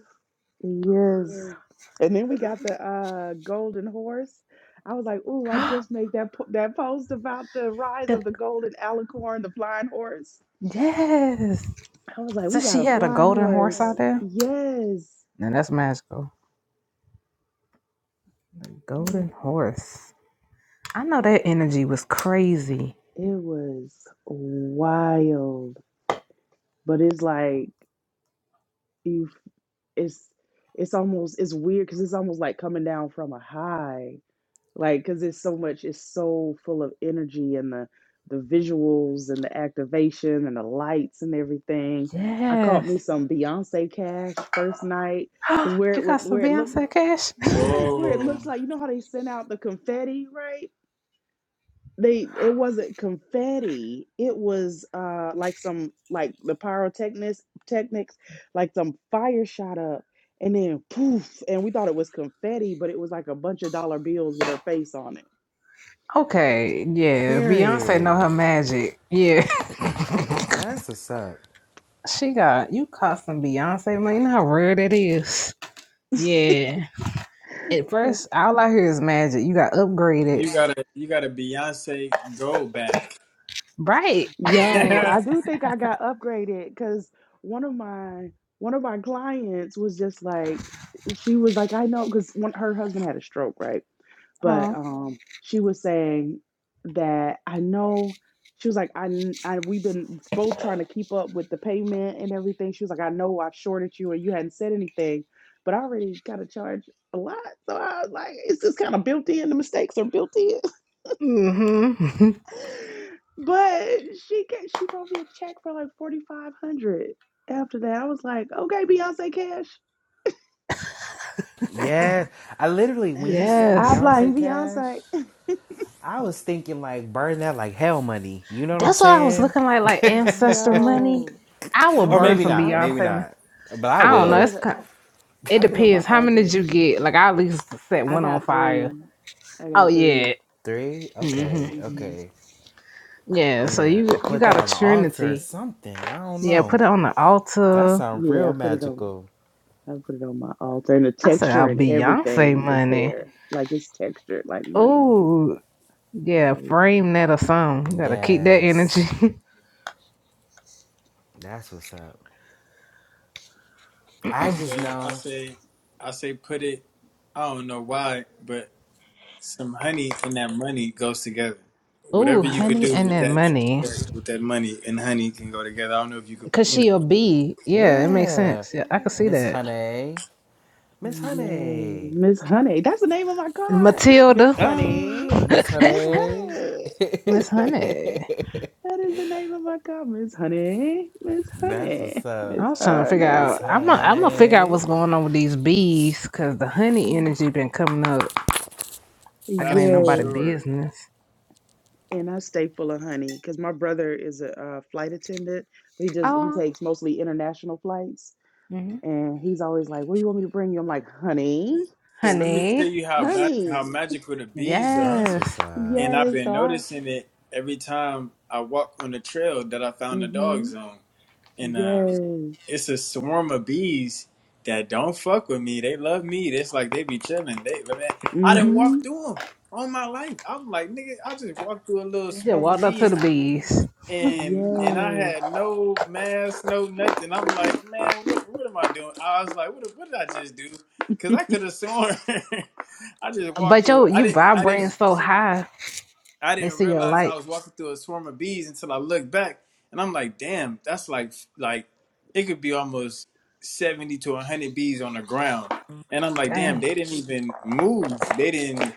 E: Yes. And then we got the uh golden horse. I was like, ooh, I just made that po- that post about the rise of the golden alicorn, the flying horse.
A: yes
E: I was like,
A: so
E: we got
A: she
E: a
A: had a
E: flying
A: golden horse
E: horse.
A: out there
E: Yes.
A: and that's magical a
E: Oh
A: golden horse i know that energy was crazy
E: It was wild, but it's like you it's it's almost it's weird because it's almost like coming down from a high. Like because it's so much, it's so full of energy and the the visuals and the activation and the lights and everything. I caught me
A: yes
E: some Beyonce Cash first night because where
A: you
E: it
A: got
E: would
A: some
E: where it looked
A: beyonce
E: like
A: cash.
E: yes, where it
D: whoa
E: looks like you know how they send out the confetti, right? they it wasn't confetti it was uh like some like the pyrotechnics technics like some fire shot up and then poof and we thought it was confetti but it was like a bunch of dollar bills with her face on it
A: Okay, yeah, Beyonce know
C: Period.
A: her magic. Yeah,
C: That's what's up.
A: she got you caught some Beyonce money. You know how rare that is. Yeah. At first, all I hear is magic. You got upgraded,
D: you gotta you gotta beyonce go back
A: right?
E: yo i do think i got upgraded because one of my one of my clients was just like she was like i know because when her husband had a stroke right but
A: Huh.
E: um she was saying that I know she was like I, kn- I we've been both trying to keep up with the payment and everything. She was like I know I've shorted you and you hadn't said anything, but I already got to charge a lot. So I was like it's just kind of built in the mistakes are built in.
A: Mm-hmm.
E: but she ca- she wrote me a check for like 4500 after that. I was like, "Okay, Beyonce Cash."
C: Yeah. I literally, when you said
E: I
A: yes.
E: blame
C: Beyonce Cash,
E: Beyonce.
C: I was thinking like burn that like hell money. You know what I'm
A: That's what I was
C: saying?
A: looking like, like ancestor money.
E: Yo,
A: I will
E: I
C: Or
A: burn
C: maybe
E: just
A: some
E: I
C: not.
E: p-
C: Maybe
A: Beyonce. mon-
C: not. But I
E: I
A: I don't know.
E: put
C: will.
A: It's
E: it.
A: kind it
E: I put on my
A: depends. How many did you
E: altar.
A: get? Like I at least set
E: I
A: one on
E: got three.
A: fire.
E: I
A: Oh
E: got 3
A: yeah.
C: Three?
A: hmm
C: Okay.
E: hmm
C: Okay.
A: Yeah. So
C: Yeah.
A: you
C: Or
A: you
C: put that
A: got
C: on
A: a
C: the altar or
A: trinity.
C: something. I don't
A: Yeah,
C: know.
A: put it on the
C: That
A: altar.
C: sounds
E: Yeah, I
C: real
E: put it on.
C: magical.
E: I put it on my altar, and the
A: I said,
E: texture
A: "Our
E: and
A: Beyonce
E: everything is
A: money."
E: there. Like it's textured, like money.
A: Oh, yeah,
E: Everything.
A: frame that or something. You gotta keep that energy.
C: Yes. That's what's up.
D: I
C: I just
D: say, I
C: know.
D: say, I say, put it. I don't know why, but some honey and that money goes together.
A: oh,
D: Whatever you could
A: honey,
D: do
A: and
D: with
A: that
D: that,
A: money,
D: with that money and honey can go together. I don't know if you could,
A: cause
D: you know,
A: she a bee. Yeah, it makes
C: Yeah.
A: sense. Yeah, I can see
C: Miss
A: that.
C: Honey. Miss
E: Yes,
C: Honey.
E: Miss Honey. That's the name of my car, Miss
A: Matilda,
C: Ah,
E: Honey.
C: Miss
E: Miss
C: Honey.
E: Honey.
A: Miss Honey.
E: That is the name of my car, Miss Honey. Miss
C: That's what's
E: Honey.
C: up.
E: Miss
A: I was trying to figure
E: Honey.
C: Miss
A: out. I'm gonna I'm gonna figure out
C: Honey.
A: what's going on with these bees, cause the honey energy been coming up like it
D: that's
A: ain't
D: for
A: nobody
E: Yes.
D: sure.
A: business.
E: And I stay full of honey because my brother is a, uh, flight attendant, but he just he
A: Oh,
E: takes mostly international flights,
A: mhm.
E: and he's always like, "What do you want me to bring you?" I'm like, "Honey,
D: So let me tell
A: honey,
D: you how bad, how
E: honey."
D: magical the bees are,
C: That's
A: yes.
C: what's up.
D: and I've
E: Yes,
D: been
E: so I
D: noticing it every time I walk on the trail that I found the dogs
E: mhm.
D: on. and uh,
E: Yes.
D: it's a swarm of bees that don't fuck with me. They love me. It's like they be chilling. They man, I didn't walk
E: Mhm.
D: through them all my life. I'm like nigga, I just walked through a little
A: You just
D: swarm of
A: walked up to the
D: bees.
A: bees.
D: And and I
E: Yes.
D: had no mask, no nothing. I'm like, man, what what am I doing? I was like, what what did I just do? Because I could have sworn I just walked
A: But
D: through
A: yo,
D: it. I
A: you
D: didn't. I
A: vibrating
D: didn't.
A: so high,
D: I
A: they
D: didn't
A: see your
D: realize I
A: light.
D: was walking through a swarm of bees until I looked back, and I'm like, damn, that's like like it could be almost seventy to one hundred bees on the ground, and I'm like, damn,
A: Dang.
D: they didn't even move. They didn't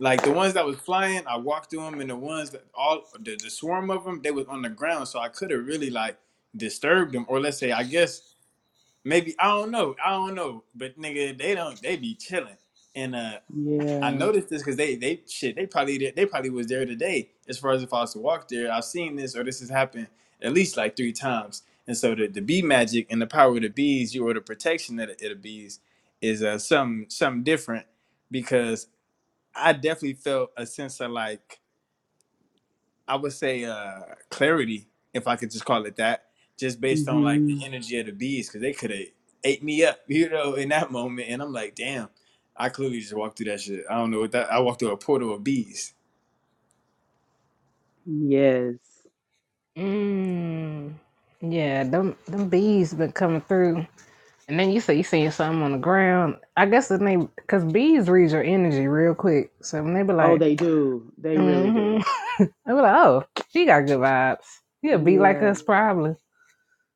D: like the ones that was flying. I walked through them, and the ones that all the, the swarm of them they was on the ground, so I could have really like disturbed them, or let's say, I guess maybe I don't know, I don't know, but nigga, they don't they be chilling, and uh I
E: Yeah.
D: noticed this because they they shit they probably did- they probably was there today as far as if I was to walk there. I've seen this or this has happened at least like three times. And so the, the bee magic and the power of the bees, you or the protection of the, of the bees, is uh some something different because I definitely felt a sense of like I would say uh clarity, if I could just call it that, just
E: mm
D: based on like the
E: Mhm.
D: energy of the bees, because they could have ate me up, you know, in that moment. And I'm like, damn, I clearly just walked through that shit. I don't know what that. I walked through a portal of bees.
E: Yes.
A: Mm. Yeah, them them bees been coming through. And then you say you seen something on the ground. I guess the name, because bees read your energy real quick. So when they be
E: Oh,
A: like,
E: they do. They really do.
A: mm-hmm. They be like, oh, she got good vibes. She'll be like
E: Yeah.
A: us probably.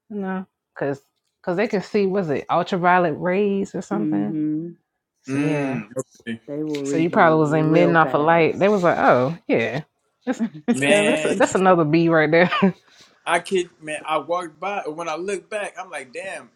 A: You know, because cause 'cause they can see, was it ultraviolet rays or
E: mm
A: something?
E: Mhm.
A: So yeah.
D: Mm, okay.
E: They will
A: So you
E: read
A: probably was
E: you
A: in mid
E: real
A: off a light. They
E: fast.
A: was like, oh yeah, that's yeah, that's
D: man,
A: that's another B right there.
D: I kid, man, I walked by, and when I look back, I'm like, damn,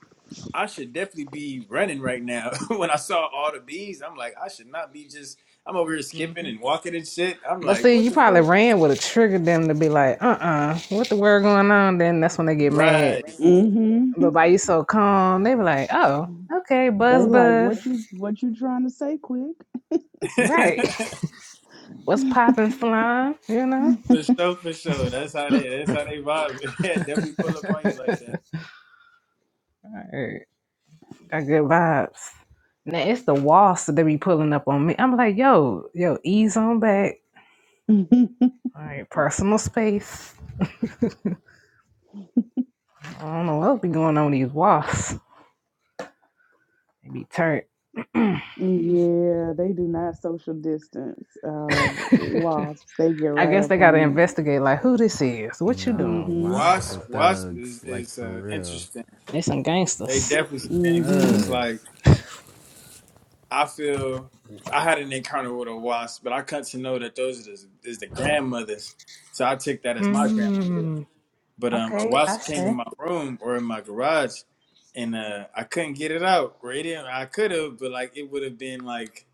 D: I should definitely be running right now. when I saw all the bees, I'm like, I should not be just, I'm over here skipping
A: hmm
D: and walking and shit. I'm
A: But
D: like,
A: see,
D: what
A: you
D: the
A: probably
D: fuck?
A: ran would have triggered them to be like, uh uh what the word going on? Then that's when they get mad.
D: Right.
E: mm
A: But by you so calm, they be like, oh,
E: Mhm.
A: okay,
E: They
A: buzz
E: like
A: buzz.
E: what you what you trying to say quick.
A: Right. What's poppin', slime? You know?
D: for sure, for sure. That's how they, that's how they vibe. yeah, definitely pull up on you like that.
A: Alright. Got good vibes. Now it's the wasp that they be pulling up on me. I'm like, yo, yo, ease on back.
E: yeah,
A: All right, personal space. I don't know what be going on with these wasps. They be turned.
E: they do not social distance. Uh wasps. They get
A: I
E: right
A: guess
E: up
A: they gotta
E: on
A: investigate like who this is. What you
E: you.
C: Nah,
A: doing?
E: Mhm.
C: wasps for
D: Wasp, Wasp is,
C: thugs. Like,
D: is
C: for
D: uh,
C: real.
D: interesting.
A: They some
D: They
A: gangsters.
D: definitely some gangsters. It's
E: Mhm.
D: like,
C: Thugs.
D: I feel I had an encounter with a wasp, but I come to know that those is, is the grandmothers. So I take that as my grandmother.
A: Hmm.
D: But um, a
A: Okay, I
D: wasp came in
A: say.
D: my room or in my garage, and uh, I couldn't get it out. Or it didn't, I could have, but like it would have been like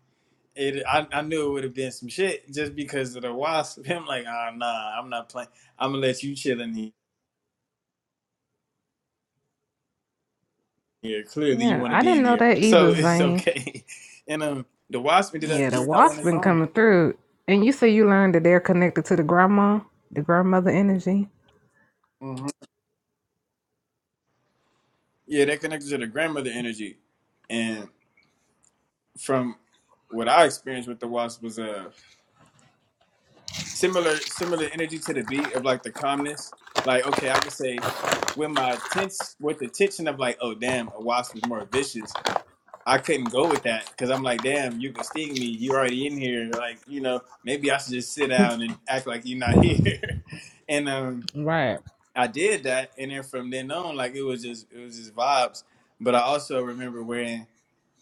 D: it. I, I knew it would have been some shit just because of the wasp. I'm like, ah, nah, I'm not playing. I'm gonna let you chill in he- here. Clearly, you
A: Yeah,
D: want to
A: I
D: be
A: didn't
D: in
A: know
D: here,
A: that
D: so
A: either,
D: it's
A: Zane.
D: okay. And um, the wasp ended up
A: Yeah, the
D: getting out on
A: wasp
D: its
A: been
D: own.
A: coming through. And you say you learned that they're connected to the grandma, the grandmother energy.
D: Mm-hmm. Yeah, that connected to the grandmother energy. And from what I experienced with the wasp was a similar similar energy to the beat of like the calmness. Like, okay, I could say with my tense with the tension of like, oh damn, a wasp is more vicious. I couldn't go with that because I'm like, damn, you can sting me. You're already in here. Like, you know, maybe I should just sit down and act like you're not here. and um
A: Right.
D: I did that, and then from then on, like it was just it was just vibes. But I also remember when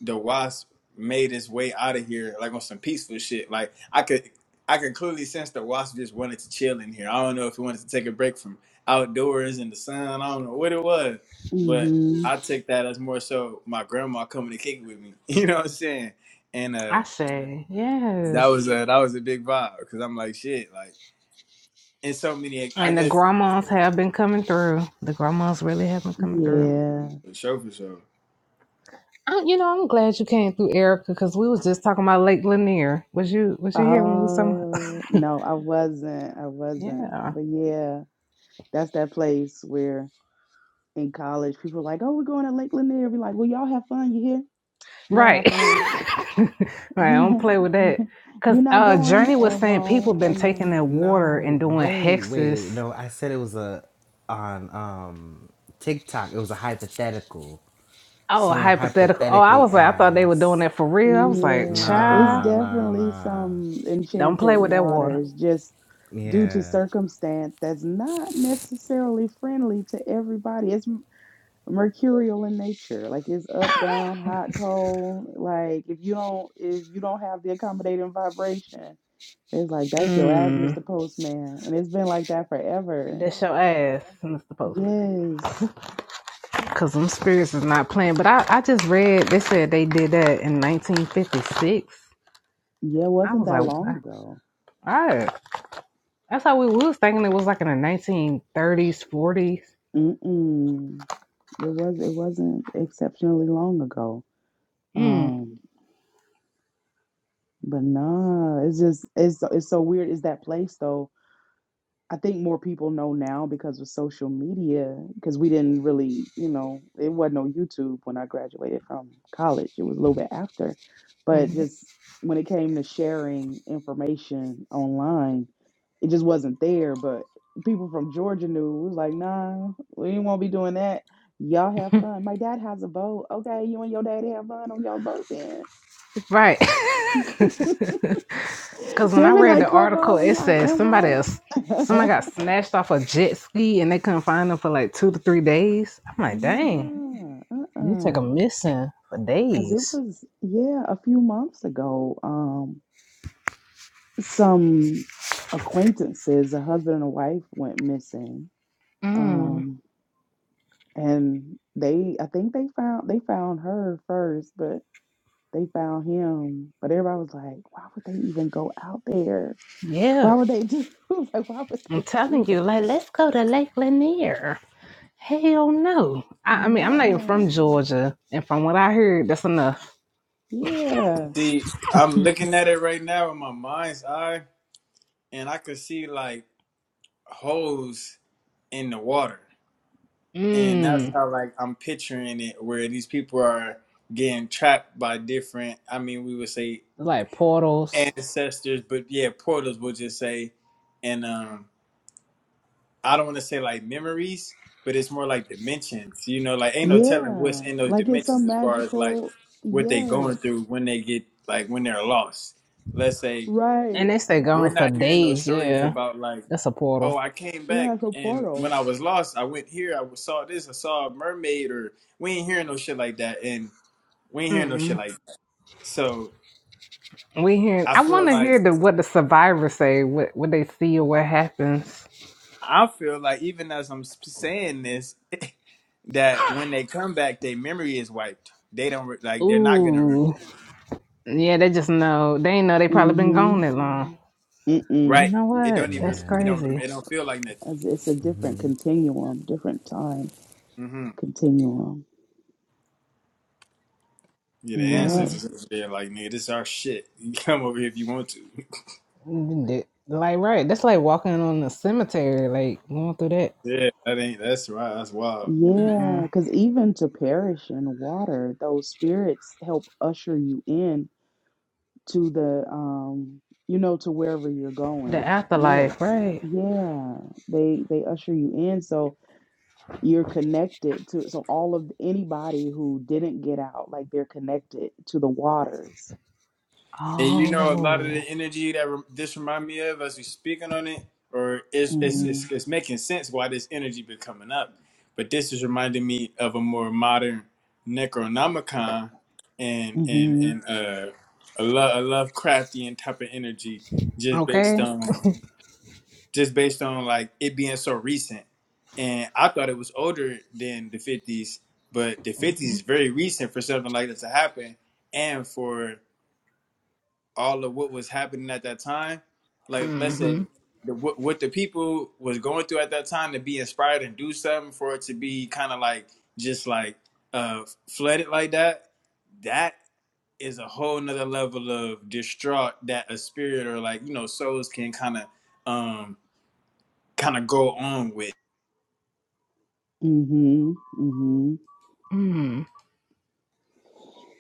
D: the wasp made its way out of here, like on some peaceful shit. Like I could I could clearly sense the wasp just wanted to chill in here. I don't know if he wanted to take a break from outdoors and the sun. I don't know what it was, but
E: Mhm.
D: I took that as more so my grandma coming to kick it with me. You know what I'm saying? And uh,
A: I say, yes.
D: that was a that was a big vibe because I'm like shit, like in so many. I
A: And the
D: guess
A: grandmas have been coming through. The grandmas really have been coming through.
E: Yeah.
D: for sure, for sure.
A: I, you know, I'm glad you came through, Erica, because we was just talking about Lake Lanier. Was you was you here when we was talking?
E: Uh no, I wasn't. I wasn't.
A: Yeah,
E: But yeah, that's that place where in college people are like, "Oh, we're going to Lake Lanier." Be like, "Well, y'all have fun. You hear? Y'all
A: right.
E: have fun.
A: right. I don't play with that. Cause
E: You're not
A: uh,
E: going
A: Journey was
E: and
A: saying people
E: won't."
A: been
E: And uh,
A: taking that water and
C: No,
A: doing
C: wait, wait,
A: hexes.
C: wait. No, I said it was a, on, um, TikTok, it was a hypothetical.
A: Oh,
C: Someone
A: hypothetical. Oh, I
C: hypothetically
A: was like, I thought they were doing that
C: asked.
A: for real. I was like,
E: Yeah, it's
A: child,
C: Nah, nah,
E: definitely
C: nah.
E: some
A: don't
E: enchanted
A: play with that water.
E: waters just due to
C: Yeah,
E: circumstance that's not necessarily friendly to everybody. It's m- mercurial in nature. Like it's up, down, hot, cold. Like if you don't if you don't have the accommodating vibration, it's like that's your ass,
A: Mm,
E: Mr. Postman. And it's been like that forever.
A: that's your ass, Mr. Postman.
E: Yes.
A: Cause them spirits is not playing. But I, I just read they said they did that in 1956
E: Yeah, it
A: I
E: wasn't
A: was
E: that
A: like,
E: long
A: wow.
E: ago.
A: Right. That's how we was thinking it was like in the 1930s, 40s.
E: Mm-mm. It was it wasn't exceptionally long ago.
A: Mm.
E: Um, but nah, it's just it's so- it's so weird. Is that place though? I think more people know now because of social media. Because we didn't really, you know, it wasn't on YouTube when I graduated from college. It was a little bit after, but
A: hmm
E: just when it came to sharing information online, it just wasn't there. But people from Georgia knew. It was like, nah, we ain't won't be doing that. Y'all have fun. My dad has a boat. Okay, you and your daddy have fun on y'all boat then.
A: Right.
E: They
A: Because when I
E: be
A: read
E: like,
A: the
E: come
A: article,
E: on, we
A: it
E: like
A: says
E: and
A: somebody
E: won't.
A: else, somebody got snatched off a jet ski and they couldn't find them for like two to three days. I'm like, dang,
E: no,
A: you take
E: uh-uh.
A: a missing for
E: Cause it
A: days.
E: was, yeah, a few months ago. Um, some acquaintances, a husband and a wife went missing.
A: Mm.
E: Um, and they I think they found they found her first, but they found him. But everybody was like, why would they even go out there?
A: Yeah.
E: Why would they do like why would
A: I'm
E: they do
A: telling
E: that?
A: you, like, let's go to Lake Lanier. Hell no. I, I mean, I'm not even from
E: Nah.
A: Georgia. And from what I heard, that's enough.
E: Yeah.
D: See, I'm looking at it right now in my mind's eye, and I could see like holes in the water. And that's
A: Mm,
D: how like I'm picturing it where these people are getting trapped by different I mean we would say
A: like portals.
D: ancestors, but yeah, portals would just say and um I don't want to say like memories, but it's more like dimensions. You know, like ain't no telling what's
E: Yeah,
D: in those
E: like it's
D: dimensions
E: some
D: as far as like
E: magical,
D: what they going
E: yes,
D: through when they get like when they're lost. Let's say
E: right.
A: And they stay
D: We're
A: gone for
D: not hearing those
A: days,
D: stories
A: yeah.
D: about like,
A: That's a portal.
D: oh, I came
E: Yeah,
D: back
E: it's a
D: and when
E: portal.
D: I was lost, I went here, I saw this, I saw a mermaid, or we ain't hearing no shit like that, and we ain't hearing no shit
A: Mm-mm.
D: like that. So
A: We hearing.
D: I
A: I want
D: feel
A: to
D: like
A: hear the what the survivors say, what what they see or what happens.
D: I feel like even as I'm s- saying this, that when they come back, their memory is wiped. They don't re- like they're not gonna
A: Ooh,
D: remember.
A: yeah, they just know. They ain't know they probably been
E: Mm-hmm.
A: gone that long.
E: Mm-mm.
A: You
D: Right?
A: know
D: It
A: what?
D: don't even
A: That's
D: it
C: yeah.
D: don't rem-
A: crazy.
D: it don't feel like nothing.
E: It's, it's a different continuum, different time
D: hmm
E: continuum.
D: Yeah, the
E: Yep.
A: Mm.
D: ancestors over there, like nigga, this is our shit. You come over here if you want to.
A: Like right, that's like walking on the cemetery, like going through that.
D: Yeah, that ain't that's right. That's wild.
E: Yeah,
A: Mm-mm.
E: because even to perish in water, those spirits help usher you in to the, um, you know, to wherever you're
A: The
E: going
A: afterlife,
E: next.
A: right?
E: Yeah, they they usher you in. So. You're connected to so all of anybody who didn't get out, like they're connected to the waters.
D: And you know, a lot of
A: Oh,
D: the energy that rem this remind me of as we speaking on it, or it's it's
E: mm
D: it's, it's making sense why this energy been coming up. But this is reminding me of a more modern Necronomicon and and and
E: Mhm.
D: uh, a, lo- a Lovecraftian type of energy, just based
A: okay.
D: on just based on like it being so recent. And I thought it was older than the 50s, but the 50s is very recent for something like that to happen. And for all of what was happening at that time, like let's say
A: Mm-hmm.
D: the, what, what the people was going through at that time to be inspired and do something for it to be kind of like just like uh, flooded like that, that is a whole nother level of distraught that a spirit or like, you know, souls can kind of um kind of go on with.
E: mm Mhm. mm Mhm. mm Mhm.
A: Mm.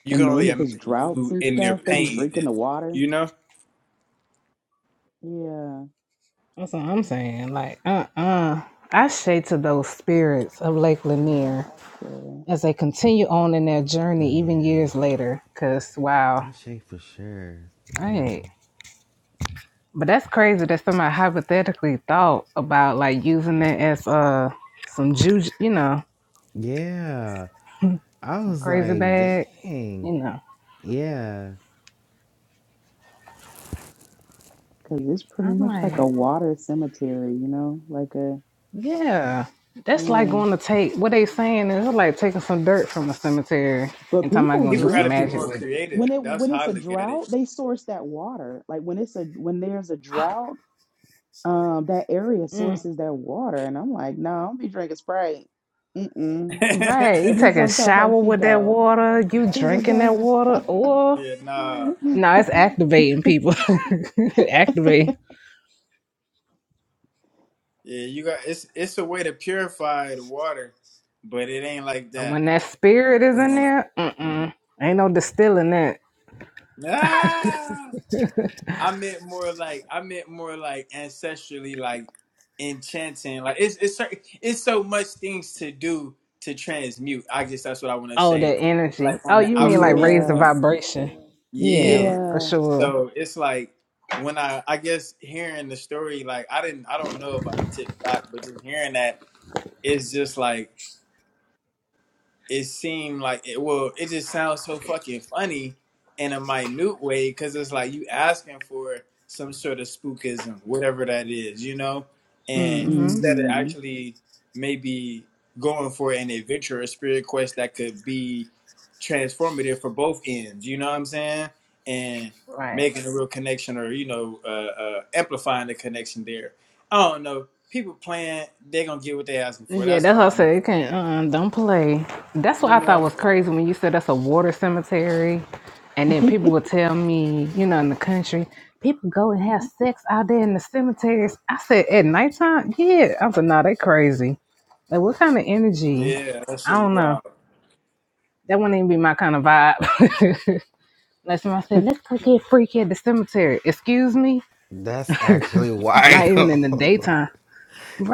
D: You can
E: And then
D: only
E: if it's
D: imagine
E: droughts
D: who
E: and
D: in their
E: stuff, they be
D: pain.
E: drinking
D: is,
E: the water.
D: You know,
E: Yeah.
A: That's what I'm saying. Like, uh uh I say to those spirits of Lake
E: Yeah,
A: Lanier
E: I should.
A: as they continue on in their journey,
C: Yeah,
A: even years later, because wow,
C: I shake for sure. Yeah,
A: hey. But that's crazy that somebody hypothetically thought about like using it as uh some juju, you know,
C: yeah. I
A: some
C: was
A: crazy
C: like,
A: bag,
C: dang.
A: you know.
C: Yeah,
E: Cause it's pretty
A: I'm
E: much like a
A: like,
E: water cemetery, you know, like a
A: yeah, that's like
E: yeah.
A: going to take what they saying is like taking some dirt from a cemetery
E: But
A: and talking about
E: people
A: going to
D: people
A: do
D: got
A: some
D: to
E: drink
D: be
A: magic
D: more
E: it
A: with it.
D: creative.
E: when it
D: That's
E: when
D: how
E: it's
D: I
E: a
D: look at it.
E: drought. They source that water. Like when it's a when there's a drought um, that area
A: Mm.
E: sources their water. And I'm like, no, I don't be drinking Sprite. Mm-mm.
A: Right. You
E: Give me
A: take a
E: some Topo
A: shower with that
E: Chico.
A: water, you
E: Give me some
A: drinking that
E: Topo.
A: water, or
D: yeah, nah.
A: no, it's activating people. Activate.
D: Yeah, you got it's it's a way to purify the water, but it ain't like
A: But
D: that.
A: when that spirit is in
D: Mm.
A: there, mm-mm. Ain't no distilling that.
D: Nah, I meant more like I meant more like ancestrally, like enchanting. Like it's it's cer- it's so much things to do to transmute. I guess that's what I want to
A: Oh,
D: say.
A: that
D: Like
A: energy. Oh,
D: on the
A: you mean like
D: alchemy
A: raise the
E: yeah.
D: of
A: vibration. Yeah,
D: yeah.
A: for
E: Yeah.
A: sure.
D: So it's like when I I guess hearing the story, like I didn't I don't know about the TikTok, but just hearing that it's just like it seemed like it well it just sounds so fucking funny in a minute way because it's like you asking for some sort of spookism whatever that is you know and
A: Mm-hmm.
D: instead of
E: Mm-hmm.
D: actually maybe going for an adventure or spirit quest that could be transformative for both ends you know what i'm saying and
A: Right.
D: making a real connection or you know uh, uh, amplifying the connection there i don't know people playing they gonna get what they asking for
A: Yeah,
D: that's
A: that's
D: all
A: what I
D: i know
A: said. You can't, uh, don't play. That's what
D: you
A: I thought
D: know
A: was crazy when you said that's a water cemetery. And then people would tell me, you know, in the country, people go and have sex out there in the cemeteries. I said, at nighttime? Yeah. I said, nah, they crazy. Like, what kind of energy?
D: Yeah, that
A: I
D: shit is
A: don't know.
D: wild.
A: That wouldn't even be my kind of vibe. Like somebody said, let's go get freaky at the cemetery. Excuse me?
C: that's actually wild.
A: Not even in the daytime.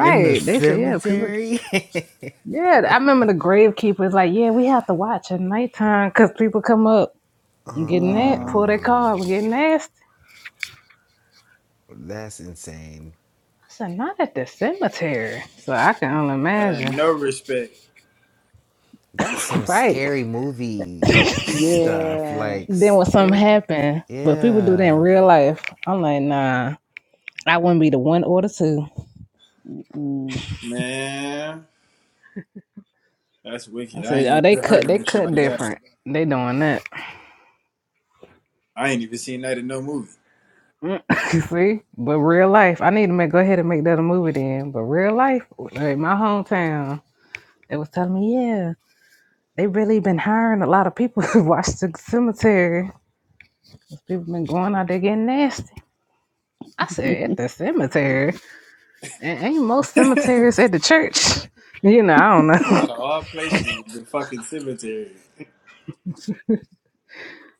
C: In the
A: They said, yeah, people.
C: cemetery.
A: Yeah, I remember the gravekeeper's like, yeah, we have to watch at nighttime because people come up
C: uh
A: and get that, pull
E: Wow.
A: their
C: uh
A: car, up and get nasty.
C: That's insane.
A: I said, not at the cemetery. So I can only
D: I
A: imagine.
D: no respect,
C: That's some
A: Right.
C: scary movie stuff.
E: Yeah.
C: Like,
A: Then
C: s-
A: when something
E: That's,
A: happened, but people do that in
C: yeah.
A: real life, I'm like, nah, I wouldn't be the one or the two.
E: mm-mm. I'm
D: man. That's wicked.
A: I
D: I
A: said,
D: ain't
A: oh, they
D: never heard
A: cut,
D: of
A: they
D: no shit like
A: cut
D: that.
A: different. They doing that.
D: I ain't even seen that in no movie.
A: Mm, See? But real life, I need to make, go ahead and make that a movie then. But real life, like my hometown, they was telling me, yeah. They really been hiring a lot of people to watch the cemetery. People been going out there getting nasty. I said at the cemetery. A- Ain't most cemeteries at the church. You know, I don't know.
D: Out of all places, the fucking cemetery.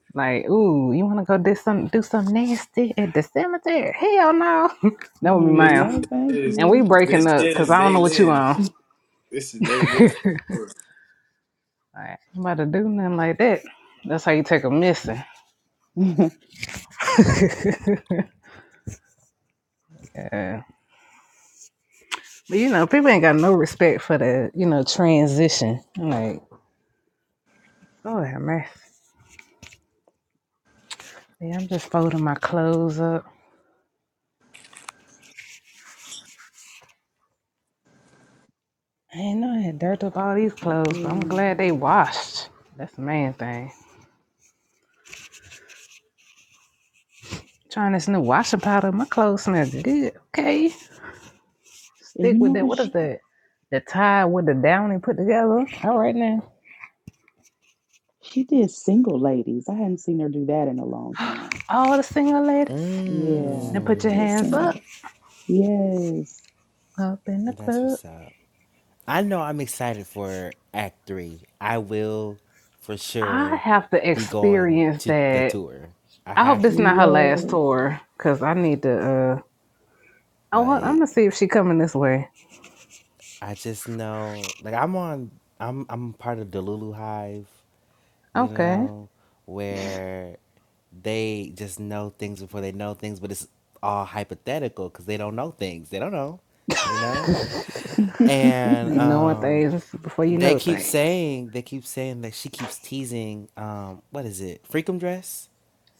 A: Like, ooh, you wanna go do some do some nasty at the cemetery? Hell no.
E: like,
A: that would be
D: This
A: mine.
E: no, thank
D: is
A: And we
E: you.
D: this
A: breaking up because
D: is
A: I don't
D: they
A: know what you
D: live.
A: on.
D: This is they live
A: Like,
D: for sure.
A: you about to do nothing like that. That's how you take a missing.
E: yeah.
A: yeah. But you know, people ain't got no respect for the, you know, transition. Like Lord have mercy. Yeah, I'm just folding my clothes up. I ain't know I had dirt up all these clothes, but I'm
E: And
A: glad they washed. That's the main thing. Trying this new washing powder, my clothes smell good. Okay,
E: you
A: stick with
E: know
A: that.
E: what?
A: What
E: She
A: is that? The tie with the downy put together. All right now.
E: she did single ladies. I hadn't seen her do that in a long time.
A: All the single ladies, now
E: Yeah.
A: put your
E: She
C: Mmm.
E: did
A: hands up,
E: single. Yes.
A: up in the
C: That's
A: club.
C: what's up. I know I'm excited for Act Three. I will, for
A: I
C: sure,
A: have to
C: be going
A: experience
C: to the
A: that.
C: tour. I
A: I hope
C: have
A: this not
C: to.
A: her last
E: Yes.
A: tour, cause I need to. uh Oh, I'm
C: Like,
A: gonna see if she coming this way.
C: I just know. Like, I'm on. I'm I'm part of the Lulu Hive. You
A: Okay.
C: know, where they just know things before they know things, but it's all hypothetical because they don't know things. They don't know. You know. And
A: Knowing
C: um
A: things before you
C: They
A: know
C: keep
A: things.
C: saying they keep saying that she keeps teasing um what is it? Freakum dress?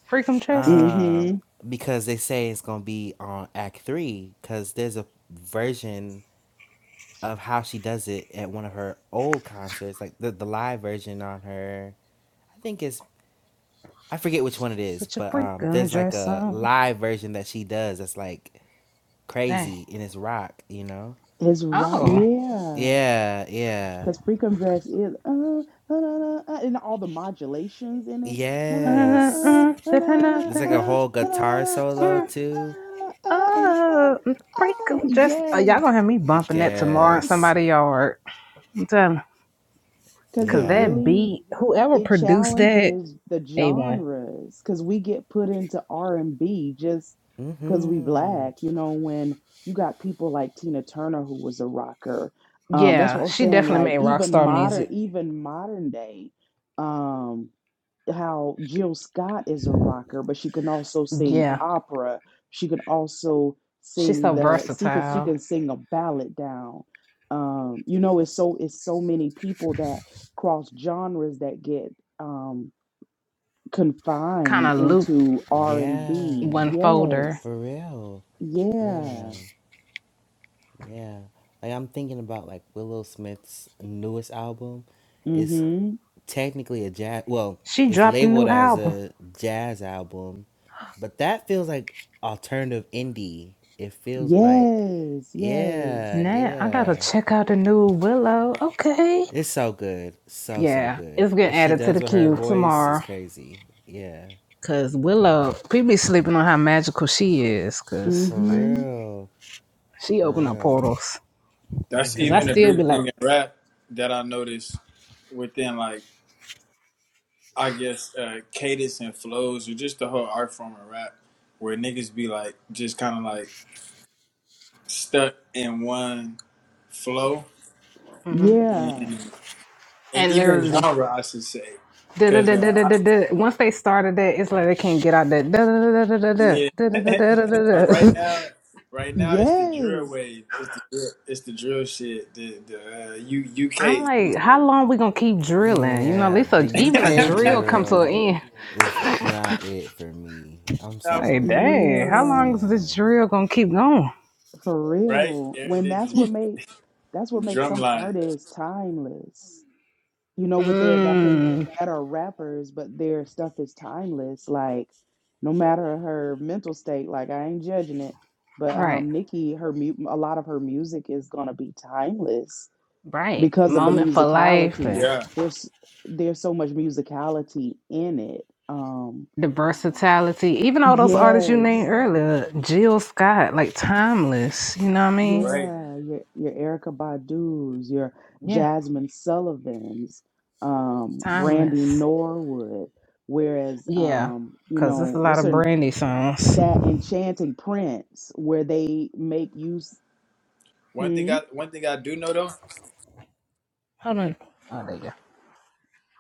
A: Freakum dress.
E: hmm
C: Um because they say it's going to be on act 3 cuz there's a version of how she does it at one of her old concerts like the the live version on her I think it's I forget which one it is,
A: Put your
C: but um
A: freakum
C: there's like
A: dress
C: a
A: on.
C: live version that she does that's like
A: Dang.
C: crazy and it's rock, you know?
E: It's rock,
A: Oh.
E: yeah.
C: Yeah, yeah.
E: Because Freakum Dress is uh, uh, uh, uh, and all the modulations in it. Uh, uh,
A: Uh,
C: Yes.
E: uh,
A: uh,
E: uh,
A: da-da-da,
C: There's like a
A: da-da.
E: uh, uh,
C: whole
E: uh, uh, uh, uh,
C: guitar
E: uh, uh,
C: solo
A: Mm,
C: too.
E: uh, uh, uh,
A: Oh,
E: uh,
A: freakum dress. Uh, y'all
E: Yes,
A: gonna have me bumping that tomorrow in
C: Yes.
A: somebody's yard. I'm telling. you.
E: because it
A: Cause
C: Yeah.
A: that
E: really,
A: beat, whoever
E: it
A: produced that,
E: challenges the
A: A1.
E: genres because we get put into r&b just because
C: Mhm.
E: we black you know when you got people like tina turner who was a rocker um, that's
A: Yeah,
E: what i'm
A: she
E: saying
A: definitely
E: like
A: made rock
E: even
A: star
E: modern
A: music.
E: even modern day um how Jill Scott is a rocker, but she can also sing
A: Yeah.
E: opera. She can also
A: She's
E: sing
A: so
E: the she can she
A: versatile.
E: can sing a ballad down. Um, you know, it's so it's so many people that cross genres that get um
A: Kind
E: confined
A: of looped
E: into R and
C: Yeah.
E: B.
A: one folder.
E: Yes.
C: For real. Yeah.
E: Yeah.
C: Yeah. Like I'm thinking about like Willow Smith's newest album. It's
E: Mm-hmm.
C: technically a jazz. Well,
A: She
C: it's
A: dropped a
C: labeled
A: new
C: as
A: album.
C: a jazz album, but that feels like alternative indie. It feels like,
E: Yes, yes.
C: yeah,
A: Nah, I gotta
C: yeah.
A: check out the new Willow. Okay.
C: It's so good. So, so
A: Yeah,
C: good.
A: it's
C: What
A: getting
C: she
A: added to
C: does
A: the
C: with her
A: queue
C: voice is
A: tomorrow.
C: crazy. Yeah.
A: Cause Willow, people be sleeping on how magical she is. Cause
C: For
E: Mm-hmm.
C: real.
A: she
C: For
A: opened up portals.
C: real.
D: That's
A: Cause I
D: even a
A: still
C: Mm-hmm.
A: be
D: big thing
A: like,
D: in rap that I noticed within like I guess uh, cadence and flows or just the whole art form of rap, where niggas be like just kind of like stuck in one flow
E: Yeah.
D: and, and
A: and
D: even
A: literally,
D: genre, I should say,
A: da da
D: because
A: da da
D: uh,
A: da
D: I-
A: da. da. Once they started that, it's like they can't get out that. Da da da da da
D: yeah,
A: da da da da da da. da,
D: like right
A: da.
D: now, right now it's the drill
E: Yes.
D: wave, it's the drill, it's the drill shit, the the uh, U,
A: I'm
D: UK.
A: like, how long we gonna keep drilling? You know, at
C: Yeah.
A: least a,
C: The
A: even a
C: UK
A: drill come to an
C: drill
A: end.
C: is not it for me. I'm
D: no, for real,
A: Like,
C: sorry.
A: dang,
D: for
A: how
D: real,
E: Yeah.
A: long is
C: Yeah.
A: this drill gonna keep going?
E: For
D: right?
E: real.
D: Yeah,
E: When
D: they
E: that's what
D: just
E: make that's what makes some
D: drumline.
E: artists timeless. You know, with their that can
A: Mmm.
E: that are rappers, but their stuff is timeless. Like no matter her mental state, like I ain't judging it. But
A: Right.
E: um Nikki, her mu- a lot of her music is gonna be timeless
A: Right.
E: because of the
D: Huh.
A: Moment for life
E: musicality.
A: and
D: Yeah,
E: There's there's so much musicality in it. Um
A: the versatility. Even all those artists you named
E: yes.
A: earlier, Jill Scott, like timeless. You know what I mean?
D: right.
E: Yeah, your your Erica Badu's, your
A: Yeah.
E: Jasmine Sullivan's, um, Brandy
A: Timeless.
E: Norwood. Whereas,
A: Yeah.
E: um, you
A: Cause there's
E: know,
A: a lot
E: what's
A: of
E: her
A: brandy songs.
E: that Enchanting Prince, where they make use.
D: One thing
E: Hmm?
D: I one thing I do know though,
A: Hold on. Oh there you go.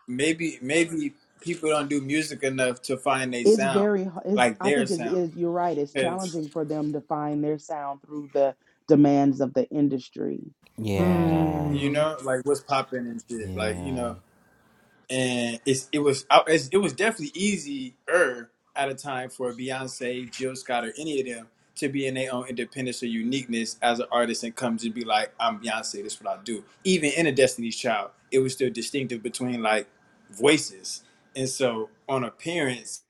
D: maybe maybe people don't do music enough to find their
E: It's
D: sound,
E: very. h- It's
D: like
E: I
D: their
E: think is
D: sound,
E: is you're right. It's
D: 'Cause,
E: challenging for them to find their sound through the demands of the industry.
C: Yeah.
D: you
A: Mm.
D: know, like what's popping and shit, like you
C: Yeah.
D: know. and it's it was I- it's, it was definitely easier at a time for Beyonce, Jill Scott, or any of them to be in their own independence or uniqueness as an artist and come to be like, I'm Beyonce, this is what I do. Even in a Destiny's Child, it was still distinctive between like voices, and so on appearance,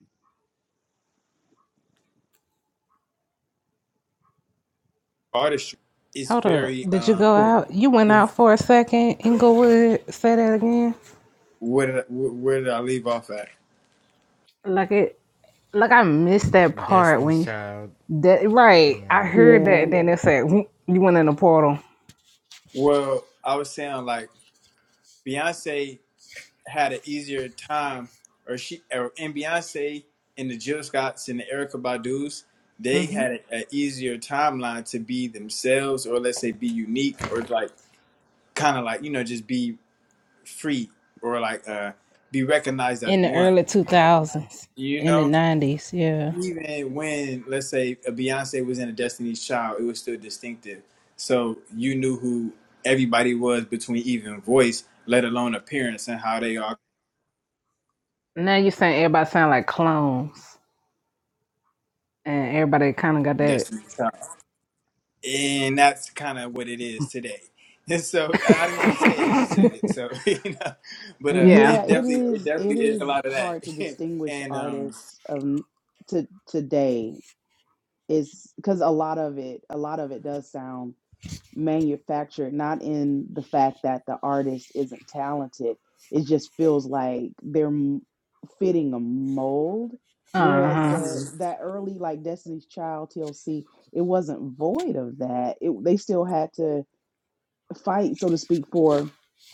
D: artistry is
A: Hold up.
D: very
A: Did you go
D: um.
E: There.
A: out? You went out for a second, Inglewood. Say that again.
D: Where did I, where did I leave off at?
A: Like it like I missed that part when
C: Destiny's
A: you
C: Child.
A: that right. I
C: Yeah.
A: heard
E: Yeah,
A: that then it said "Whoop," you went in the portal.
D: Well, I was saying like Beyonce. had an easier time, or she or and Beyonce and the Jill Scotts and the Erica Badu's, they
A: Mm-hmm.
D: had an easier timeline to be themselves, or let's say be unique, or like kind of like you know just be free, or like uh, be recognized as
A: in the
D: one.
A: early two thousands,
D: You
A: in the
D: know,
A: nineties. Yeah.
D: even when let's say a Beyonce was in a Destiny's Child, it was still distinctive. So you knew who everybody was between even voice, let alone appearance, and how they are
A: Now you saying everybody sound like clones, and everybody kind of got that.
D: Destiny's Child. and that's kind of what it is today. And so I I didn't want to say it; you said it. So you know, but uh,
A: yeah.
E: yeah.
D: it
E: It
D: definitely, it
E: is. It
D: definitely is a
E: is
D: lot of that.
E: hard to distinguish
D: and um,
E: artists of to today is because a lot of it a lot of it does sound manufactured not in the fact that the artist isn't talented it just feels like they're m- fitting a mold
A: Uh
E: whereas
A: huh.
E: the
D: mhm.
E: that early like destiny's child tlc it wasn't void of that it, they still had to fight so to speak for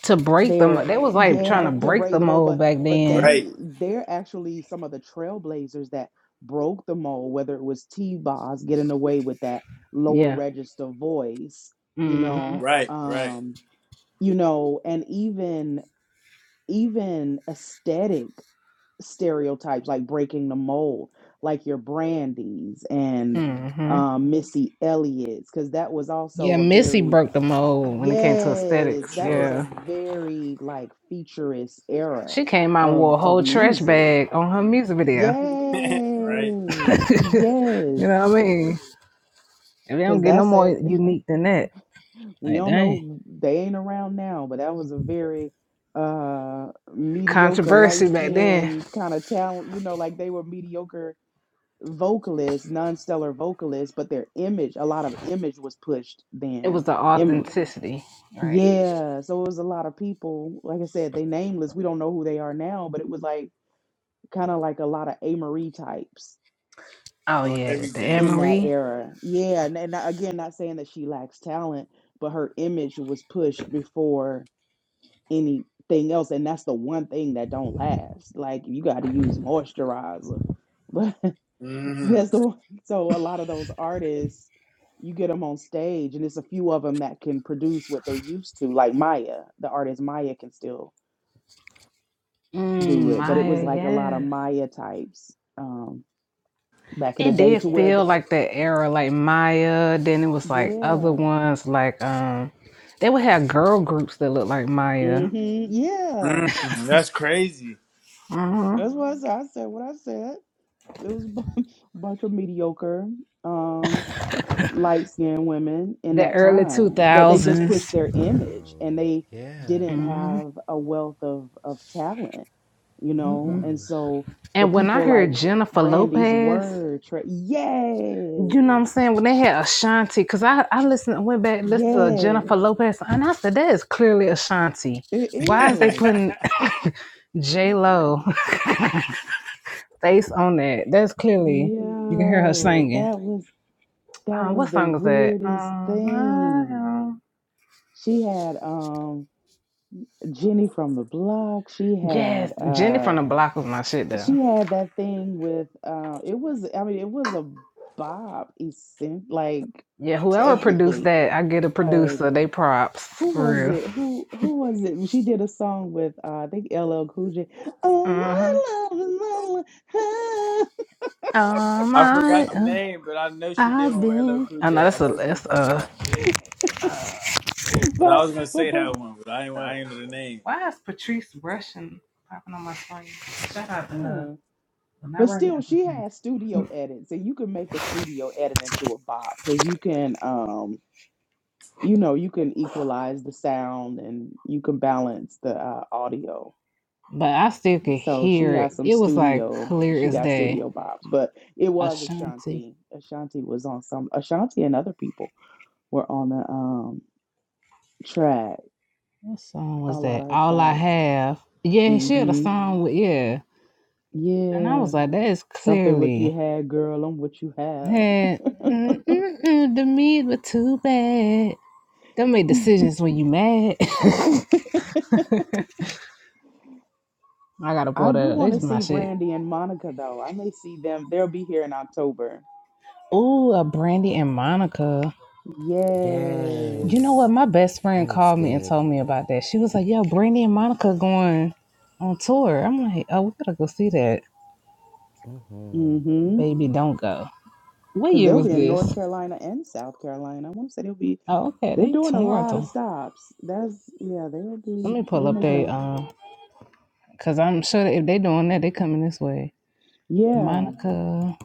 A: To break the, mo-
E: they're
A: they was like trying
E: yeah,
A: to
E: to
A: break
E: break
A: the
E: the mold,
A: mold
E: but
A: back
E: but
A: then.
D: right,
E: they they're actually some of the trailblazers that broke the mold, whether it was T Boz getting away with that lower
A: Yeah.
E: register voice, you
A: Mm hmm.
E: know,
D: right, right,
E: um, you know, and even even aesthetic stereotypes like breaking the mold, like your Brandies and
A: Mm hmm.
E: um Missy Elliott's, because that was
A: Yeah,
E: also a
A: Missy
E: very
A: broke the mold when it came to
D: for
E: Yes,
A: aesthetics.
E: that
D: sure,
E: was a
A: Yeah.
E: very like futurist era
A: She came out and wore
E: of
A: a
E: of
A: whole trash
E: music.
A: bag on her music video.
D: right
E: Yes,
A: you
E: yes,
A: know what I mean? If they don't
E: because
A: get no
E: that's
A: more
E: a
A: unique than that.
E: we
A: Like
E: don't
A: dang.
E: know they ain't around now, but that was a very uh mediocre light
A: Controversy back then.
E: skin kind of talent. You know, like they were mediocre vocalists, non-stellar vocalists, but their image, a lot of image was pushed
A: It was
E: then.
A: the
E: Im-
A: authenticity, right?
E: Yeah, so it was a lot of people. Like I said, they nameless. We don't know who they are now, but it was like kind of like a lot of A. Marie types
A: Oh
D: on
A: yeah, the Anne
D: everything.
E: in that
A: Marie,
E: era. Yeah, and, and I- again, not saying that she lacks talent, but her image was pushed before anything else, and that's the one thing that don't last. Like you got to use moisturizer, but
D: hmm
E: that's the one. So a lot of those artists, you get them on stage, and it's a few of them that can produce what they used to. Like Maya, the artist Maya can still. do
A: mm,
E: it, but it was
A: Maya.
E: like a lot of
A: Yes,
E: Maya types um, back in the
A: it
E: day
A: did
E: to where
A: feel
E: the
A: like that era, like Maya. Then it was like other
E: yeah,
A: ones, like um, they would have girl groups that looked like Maya.
E: hmm yeah.
D: hmm That's crazy.
A: hmm
E: That's what I said. I said what I said. It was a bu- bunch of mediocre, um, light skinned women in
A: The
E: that
A: early two
E: time that they just pushed their
C: Yo.
E: image and they
C: Yeah.
E: didn't
A: Mm-hmm.
E: have a wealth of of talent, you know. And
C: Mm-hmm.
E: so the
A: And when I
E: people like
A: heard Jennifer
E: Brandy's
A: Lopez,
E: were tra-
A: You know what I'm
E: yes,
A: saying? When they had Ashanti, because I, I listened, I went back and listened to
E: yes
A: Jennifer Lopez, and I said, that is clearly Ashanti.
E: It
A: Why is they
E: is.
A: putting
D: I
A: J Lo face on that? That's clearly, you can hear her
E: Yo,
A: singing.
E: that was that
A: Uh,
E: was
A: what
E: the
A: song is that?
E: weirdest thing.
A: Um,
E: She had um Jenny from the block. She
A: yes,
E: had
A: Jenny from
E: uh
A: the Block was my shit, though.
E: she had that thing with uh it was I mean it was a Bob essen like
A: Yeah, whoever produced
E: technically,
A: that, I get a
E: but
A: producer. They props,
E: who
A: for
E: was
A: real.
E: it? Who who was it? She did a song with uh, I think LL Cool J. Oh
A: Uh-huh.
E: my love, is
A: Oh, my,
D: forgot the
A: uh,
D: name, but I know she did
A: I've
D: one with LL
A: been.
D: Cool
A: I know
D: J. I
A: that's a,
D: know what you're talking
A: that's
D: about.
E: mama,
D: 'Cause I
E: but
D: was gonna
E: but
D: say
E: for.
D: that one, but I ain't,
A: a
D: I ain't know the name.
A: Why is Patrice rushing popping on my screen? Shout out to her.
E: huh.
A: I'm not
E: But
A: right
E: still,
A: now,
E: she
A: Patrice.
E: has studio edits, and you can make a studio edit into a bop because you can, um, you know, you can equalize the sound and you can balance the uh, audio.
A: But I still could
E: So she
A: hear it.
E: has some
A: It was like
E: studio.
A: clear
E: She
A: as
E: got
A: day.
E: studio bops, but it was
A: Ashanti.
E: Ashanti. Ashanti was on some. Ashanti and other people were on the um track.
A: What song
E: A
A: was
E: lot
A: that?
E: of her
A: All I
E: tracks.
A: Have. Yeah, she had a
E: Mm-hmm.
A: song with yeah. And I
E: Yeah.
A: was like, that is
E: Something what you
A: clearly
E: had, girl, and what you have.
A: had mm, mm, mm, the meat was too bad. Don't make decisions when you mad. I gotta
E: I
A: pull
E: do
A: that up.
E: want to
A: That's my
E: see
A: shit.
E: Brandy and Monica though. I may see them. They'll be here in October.
A: Ooh, a Brandy and Monica. You
E: Yes.
A: know
C: Yes.
A: what? My best
C: That
A: friend
C: looks
A: called me and
C: good.
A: told me about that. She was like, "Yo, Brandy and Monica going on tour." I'm like, "Oh, we gotta go see that,
E: Mm-hmm.
A: baby. Don't go." What
E: Because
A: year
E: they'll
A: was
E: be in
A: this?
E: North Carolina and South Carolina. I want to say they'll be.
A: Oh, okay,
E: They're
A: they
E: doing a lot of
A: Toronto.
E: stops. That's yeah. They'll
A: Let
E: be.
A: me pull
E: They're
A: up
E: making
A: they
E: a.
A: um, cause I'm sure that if they doing that, they coming this way.
E: Yeah.
A: Monica,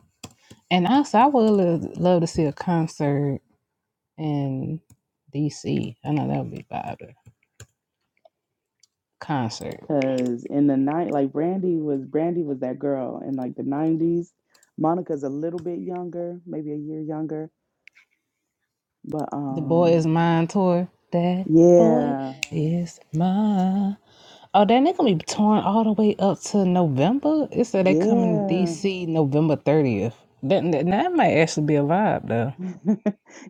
A: and also I would lo- love to see a concert in D.C. I know that would be vibe. To Concert,
E: Because in the night, like Brandy was. Brandy was that girl in like the nineties. Monica's a little bit younger, maybe a year younger, but
A: the boy
E: um,
A: is mine tour. That boy
E: yeah,
A: is mine. Oh, then they're gonna be torn all the way up to November. It said they coming to
E: yeah.
A: DC November thirtieth. That, that that might actually be a vibe though.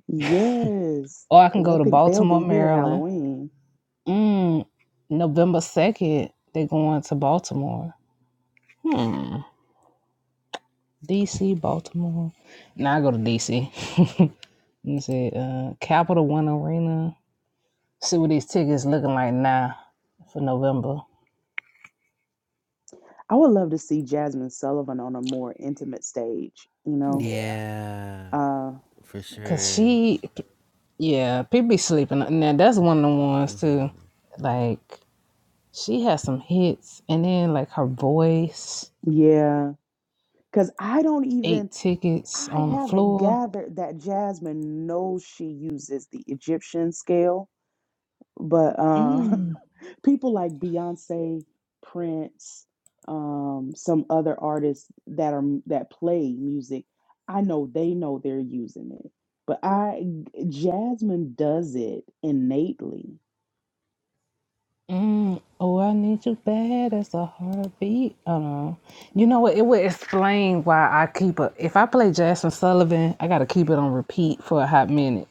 E: Yes,
A: Or I can
E: because I
A: go to
E: think they'll
A: Baltimore,
E: be here
A: Maryland.
E: Halloween.
A: Mm, November second, they going to Baltimore. Hmm. DC, Baltimore. Now I go to DC. and say uh Capital One Arena. See what these tickets looking like now for November.
E: I would love to see Jasmine Sullivan on a more intimate stage, you know?
A: Yeah,
C: Yeah.
E: Uh,
C: For
A: cause
C: sure.
A: she Yeah, people be sleeping. on- Now that's one of the ones too. Like she has some hits, and then like her voice,
E: yeah, because I don't even,
A: eight tickets
E: I
A: on the
E: haven't
A: floor.
E: gathered that Jasmine knows she uses the Egyptian scale, but uh.
A: Mm,
E: people like Beyonce, Prince, um, some other artists that are that play music, I know they know they're using it. But I Jasmine does it innately.
A: mm. Oh, I need you bad as a heartbeat. I don't know. You know what? It would explain why I keep a. If I play Jasmine Sullivan, I gotta keep it on repeat for a hot minute.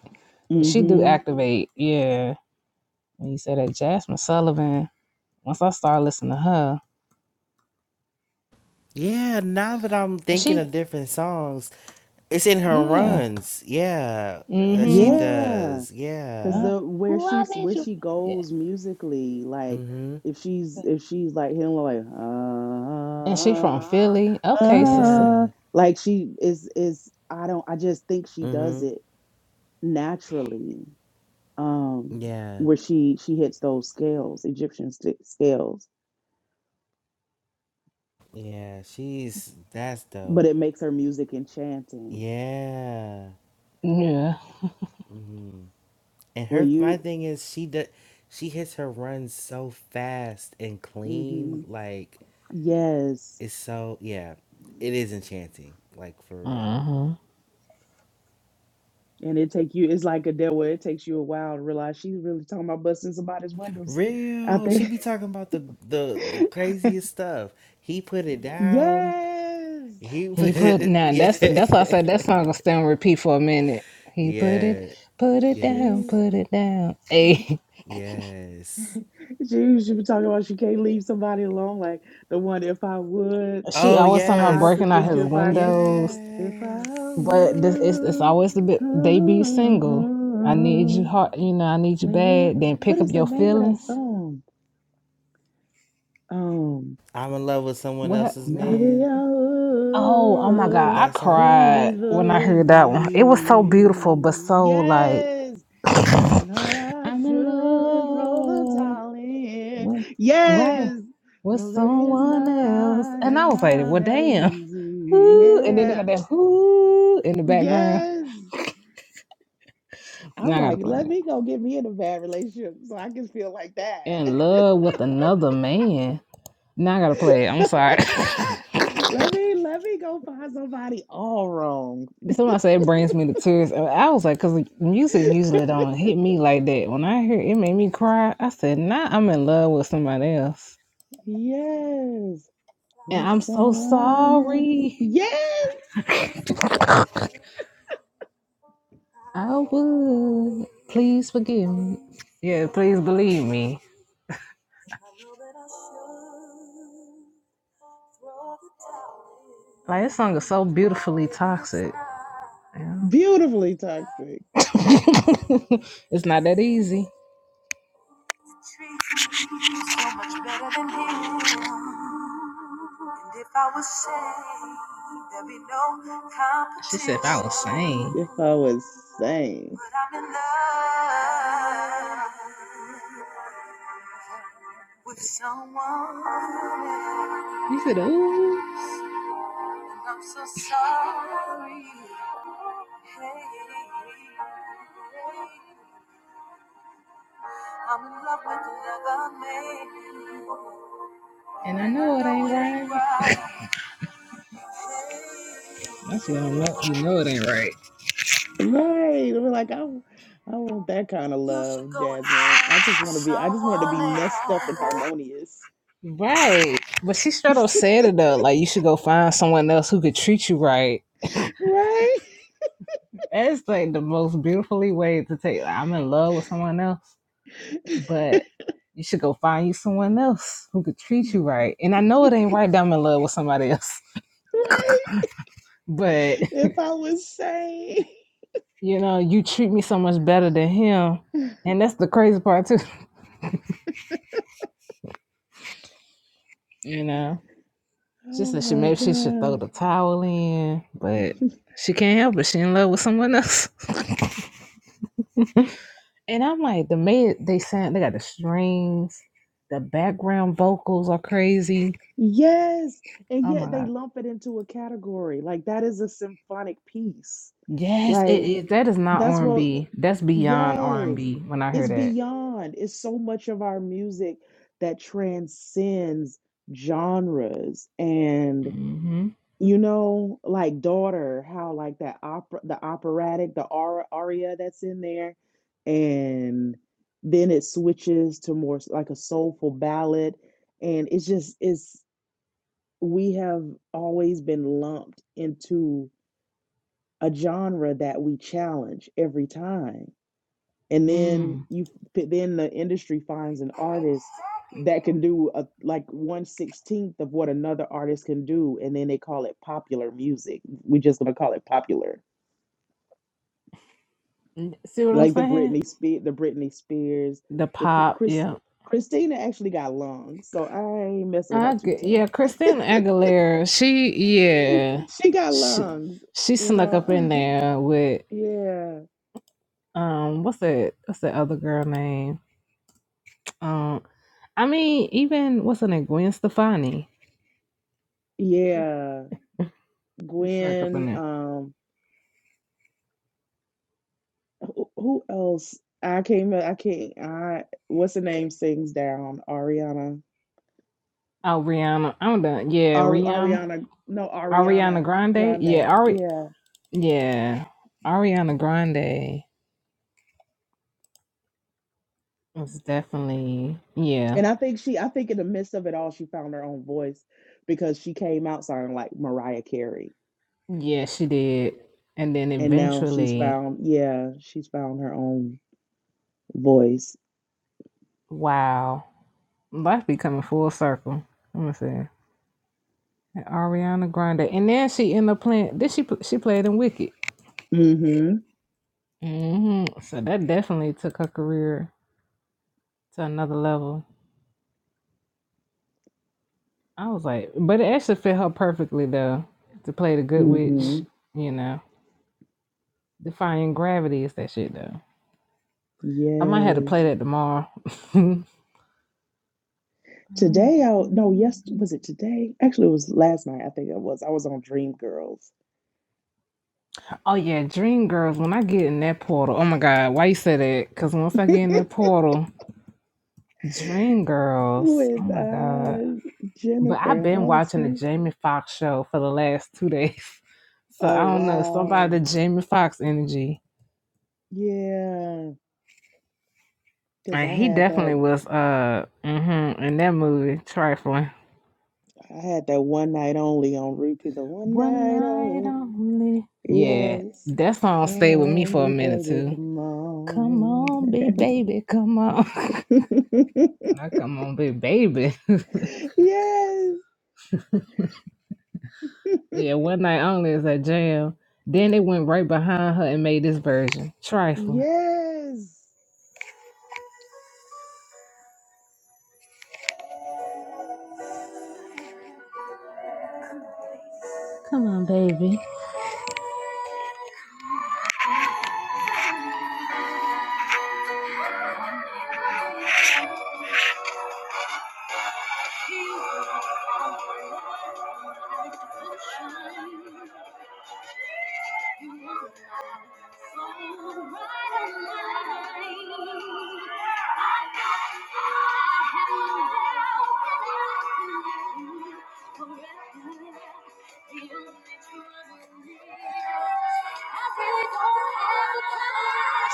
A: She do
E: hmm
A: activate. Yeah. When you say that Jasmine Sullivan, once I start listening to her,
C: Yeah, now that I'm thinking
A: she
C: of different songs, it's in her
A: yeah.
C: runs. Yeah, that she
A: Mm-hmm.
E: Yeah,
C: does.
E: because
C: Yeah.
A: Uh,
E: the where
A: oh, I
E: she's
A: need
E: where
A: you?
E: she
A: Yeah.
E: goes musically, like
C: Mhm.
E: if she's if she's like hitting like
A: And she from
E: ah, ah,
A: Philly. Okay, sister.
E: ah,"
C: Yeah.
E: like she is is I don't I just think she does
C: Mhm.
E: it naturally um,
C: Yeah.
E: where she she hits those scales, Egyptian st- scales,
C: Yeah. She's that's
E: but
C: dope.
E: it makes her music enchanting.
C: Yeah.
A: Yeah.
C: Mhm. And
E: Where
C: her my
E: you,
C: thing is she does she hits her runs so fast and
E: hmm
C: clean like
E: yes,
C: it's so yeah. It is enchanting. Like for real.
A: uh huh.
E: and it take you. It's like a deal where it takes you a while to realize she's really talking about busting somebody's windows out
C: Real. She
E: there.
C: be talking about the the the craziest stuff. He put it down.
E: yes.
C: He
A: He
C: put
A: put
C: it.
A: now that's that's why I said that song gonna stay on repeat for a minute. He put it,
C: Yeah. yeah.
A: put it down,
E: She,
C: Yes.
A: put it down. Hey,
C: Yes.
E: she she was talking about she can't leave somebody alone like the one if I would
A: she
C: Oh
A: always talking about
E: I
C: yes.
A: breaking out
E: forget
A: his
E: you if I could
A: windows,
E: if I
C: Yes.
A: but this it's it's always the bit debut single. I
E: would
A: need you hard, you know. I need you
E: Maybe
A: bad. Then
E: what
A: pick up
E: is the
A: your
E: name of that
A: feelings.
E: song? Um,
C: I'm in love with someone
A: What?
C: else's
A: Uh,
E: maybe
C: man.
E: I
A: Oh, oh my God.
E: would.
A: I
C: That's all.
E: Please
A: cried when I
E: believe
A: heard that one. It was so beautiful, but
E: me.
A: so like,
E: Yes. And I know that I
A: I'm in
E: should throw the
A: love
E: towel in.
A: with, right,
E: Yes.
A: with
E: Well, baby, it's
A: someone else.
E: not.
A: And
E: It's
A: I was like,
E: not
A: well,
E: that
A: damn.
E: easy.
A: Who? And then they got
E: Yeah.
A: that who in the background.
E: Yes. I'm
A: Now I got
E: like,
A: to play
E: let
A: it.
E: me go get me in a bad relationship so I can feel like that.
A: In love with another man. Now I got to play it. I'm sorry.
E: Let me let me go find somebody all wrong.
A: Somebody said it brings me to tears. And I was like, because music usually don't hit me like that. When I hear it, it made me cry. I said, nah, I'm in love with somebody else.
E: Yes.
A: And
E: There's
A: I'm so
E: someone else.
A: sorry.
E: Yes.
A: I would. Please forgive me. Yeah, please believe me. Like, this song is so beautifully toxic. Yeah.
E: Beautifully toxic.
A: it's not that easy. If I was saved, no competition. She said, if I was sane.
E: If I was sane.
A: But I'm in love. Good old. And I know it ain't right. That's what I love you.
E: Right. We're like, I I want that kind of
A: You should
E: love,
A: go and
E: Jasmine. I just
A: find
E: want to be I just want to be
A: someone
E: messed
A: else.
E: up and harmonious.
A: Right. But she straight up said it though. Like you should go find someone else who could treat you right.
E: Right?
A: That's like the most beautifully way to take like, I'm in love with someone else, but you should go find you someone else who could treat you right. And I know it ain't right that I'm in love with somebody else.
E: Right.
A: But
E: If I was sane.
A: you know, you treat me so much better than him. And that's the crazy part too. You know. She
E: Oh
A: said she maybe she should
E: my
A: throw the towel in, but she can't help it. She in love with someone else. And I'm like, the mid they sound they got the strings, the background vocals are crazy.
E: Yes, and
A: Oh my
E: yet they
A: god.
E: lump it into a category. Like that is a symphonic piece.
A: Yes, it
E: Like
A: is. That is not
E: that's
A: R and
E: what
A: B. That's beyond R and
E: yes.
A: B. When I hear
E: It's
A: that.
E: beyond. It's so much of our music that transcends genres and
A: Mm-hmm.
E: you know like daughter how like that opera the operatic the aura, aria that's in there and then it switches to more s- like a soulful ballad and it's just it's we have always been lumped into a genre that we challenge every time and then
A: Mm.
E: you then the industry finds an artist that can do a, like 116th of what another artist can do and then they call it popular music we just gonna call it popular
A: See what I'm
E: like the
A: saying?
E: britney Spears, the britney spears
A: The
E: the Chr-
A: pop.
E: chris
A: Yeah.
E: christina actually got lungs so i ain't messing with her
A: I
E: too
A: get, yeah. Christina Aguilera. She
E: tough
A: yeah.
E: she got
A: She
E: lungs
A: she
E: you
A: snuck up
E: know
A: in there with
E: yeah
A: um what's that what's that other girl name um I mean even what's her name Gwen Stefani
E: Yeah,
A: It's like up in
E: Gwen.
A: there.
E: Um, who, who else? I came. I can't. I what's the name? Sings down. Ariana.
A: Oh, Rihanna. I'm done. Yeah,
E: Ari,
A: Rihanna.
E: Ariana. No,
A: Ariana
E: Ariana
A: Grande.
E: Grande.
A: Yeah, Ari.
E: Yeah,
A: Yeah, Ariana Grande was definitely. Yeah,
E: and I think she. I think in the midst of it all, she found her own voice because she came out sounding like Mariah Carey,
A: yeah, she did. And then
E: and now she's
A: eventually,
E: found. Yeah, she's found her own voice.
A: wow, life be coming full circle. Let me see. Ariana Grande, and then she ended up playing. Did she? pl- She played in Wicked.
E: Mm-hmm. hmm
A: hmm So that definitely took her career to another level. I was like, but it actually fit her perfectly though to play the good witch.
E: Mm-hmm.
A: You know, defying gravity is that shit though. I might have to
E: Yes.
A: play that tomorrow.
E: Today, I no, yes, was it today? Actually, it was last night. I think it was. I was on Dreamgirls
A: oh yeah, Dream Girls. When I get in that portal, oh my god, why you say that? Because once I get in that portal, Dream Girls. Oh
E: with
A: my god.
E: uh
A: But I've
E: Jennifer
A: been watching the
E: Hudson.
A: Jamie Foxx show for the last two days, so
E: Oh
A: I don't know. Somebody
E: wow,
A: the Jamie Foxx energy.
E: yeah, because
A: And
E: I
A: he
E: had
A: definitely
E: that.
A: was uh hmm in that movie, trifling.
E: I had that one night only on repeat. The one
A: One
E: night
A: night
E: only.
A: only. Yeah.
E: Yes.
A: That song
E: Come
A: stayed with me
E: on,
A: for a
E: big
A: minute
E: baby,
A: too.
E: come
A: Come
E: on.
A: on, big baby, come on. Not come on, big baby.
E: yes,
A: yeah, one night only is a jam. Then they went right behind her and made this version. Trifling.
E: yes.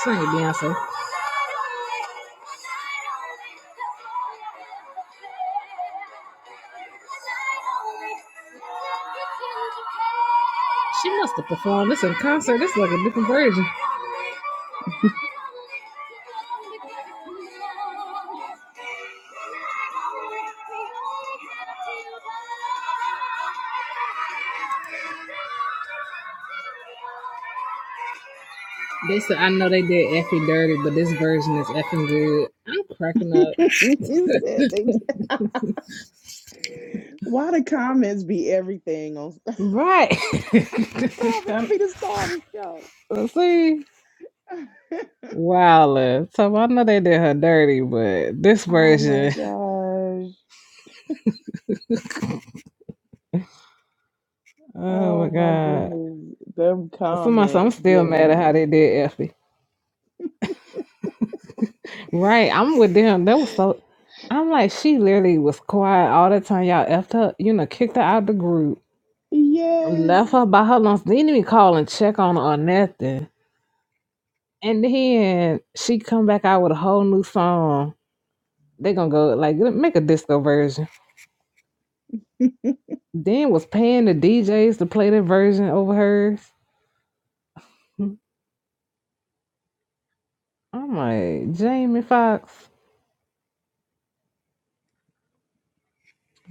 A: Sing it, Beyonce. She must have performed this in concert. This is like a different version. They said, I know they did effing dirty, but this version is effing good. I'm cracking up.
E: You said they Why the comments be everything on the
A: Right.
E: comments be the star of the show?
A: Let's see. Wilder. So I know they did her dirty, but this
E: oh my
A: version,
E: gosh.
A: oh my
E: Oh my
A: god.
E: goodness. Them
A: Somebody said I'm
E: comments
A: still
E: get
A: mad at
E: me.
A: how they did Effie. Right, I'm with them. That was so. I'm like, she literally was quiet all the time. Y'all effed her, you know, kicked her out the group, left
E: Yes.
A: her by her lunch. Didn't even call and check on her or nothing. And then she come back out with a whole new song. They gonna go like make a disco version. Then was paying the DJs to play their version over hers. I'm like Jamie Foxx,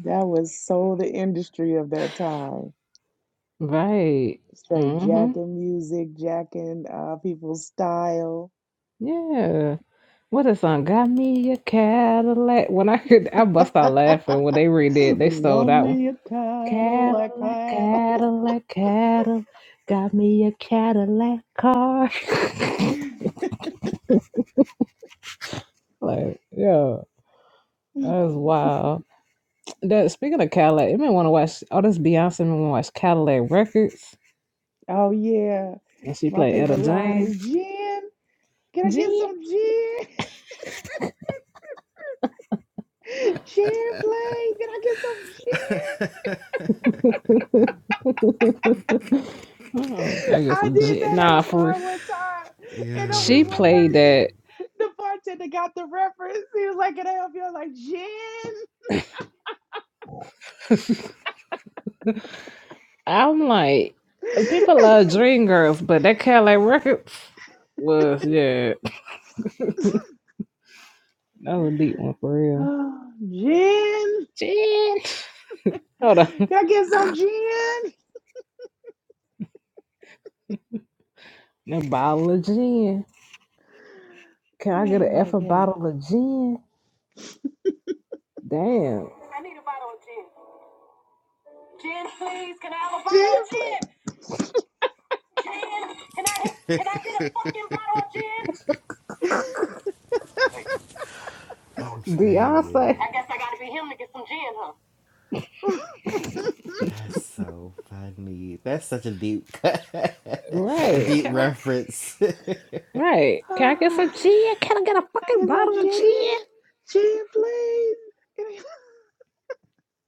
E: That was so the industry of that time.
A: right?
E: Straight
A: Mm-hmm.
E: jacking music, jacking uh, people's style.
A: Yeah. What a song! Got me a Cadillac. When I heard, I bust out laughing when they redid. They stole
E: Love
A: that one.
E: me a Cadillac.
A: Cadillac,
E: Cadillac.
A: Cadillac, Cadillac. Got me a Cadillac car. like, yeah, that's wild. That speaking of Cadillac, you may want to watch. Oh, this Beyonce made want to watch Cadillac Records,
E: Oh yeah.
A: and she
E: My
A: played Etta
E: favorite line is
A: James.
E: gin. Can I get
A: Gee.
E: some gin? Sharon plays. Can I get some Sharon?
A: Oh, I get
E: I
A: some
E: did
A: G-
E: that at a
A: nah for
E: bar
A: real.
E: one time, and only
A: she
E: one
C: Yo,
A: played
E: person,
A: that.
E: the bartender, got the reference. He was like, "Can I help you?" I was like,
A: I'm like,
E: "Gin,
A: people love Dream Girls, but that Cadillac Records was yeah, that was a deep one for real.
E: oh, gin.
A: Gin, hold on,
E: Can I get some gin?
A: a bottle of gin. Can I get
E: Oh
A: an
E: my
A: F a
E: god,
A: bottle of gin? Damn,
E: gin, please.
C: I'm
A: Beyonce,
C: screaming. That's so funny. That's such a deep cut. a
A: right?
C: deep
A: Can I
C: reference.
A: right? Can I get some
E: Oh,
A: gin? Can I get a
E: can I
A: fucking
E: get some
A: bottle of gin?
E: gin? Gin, please."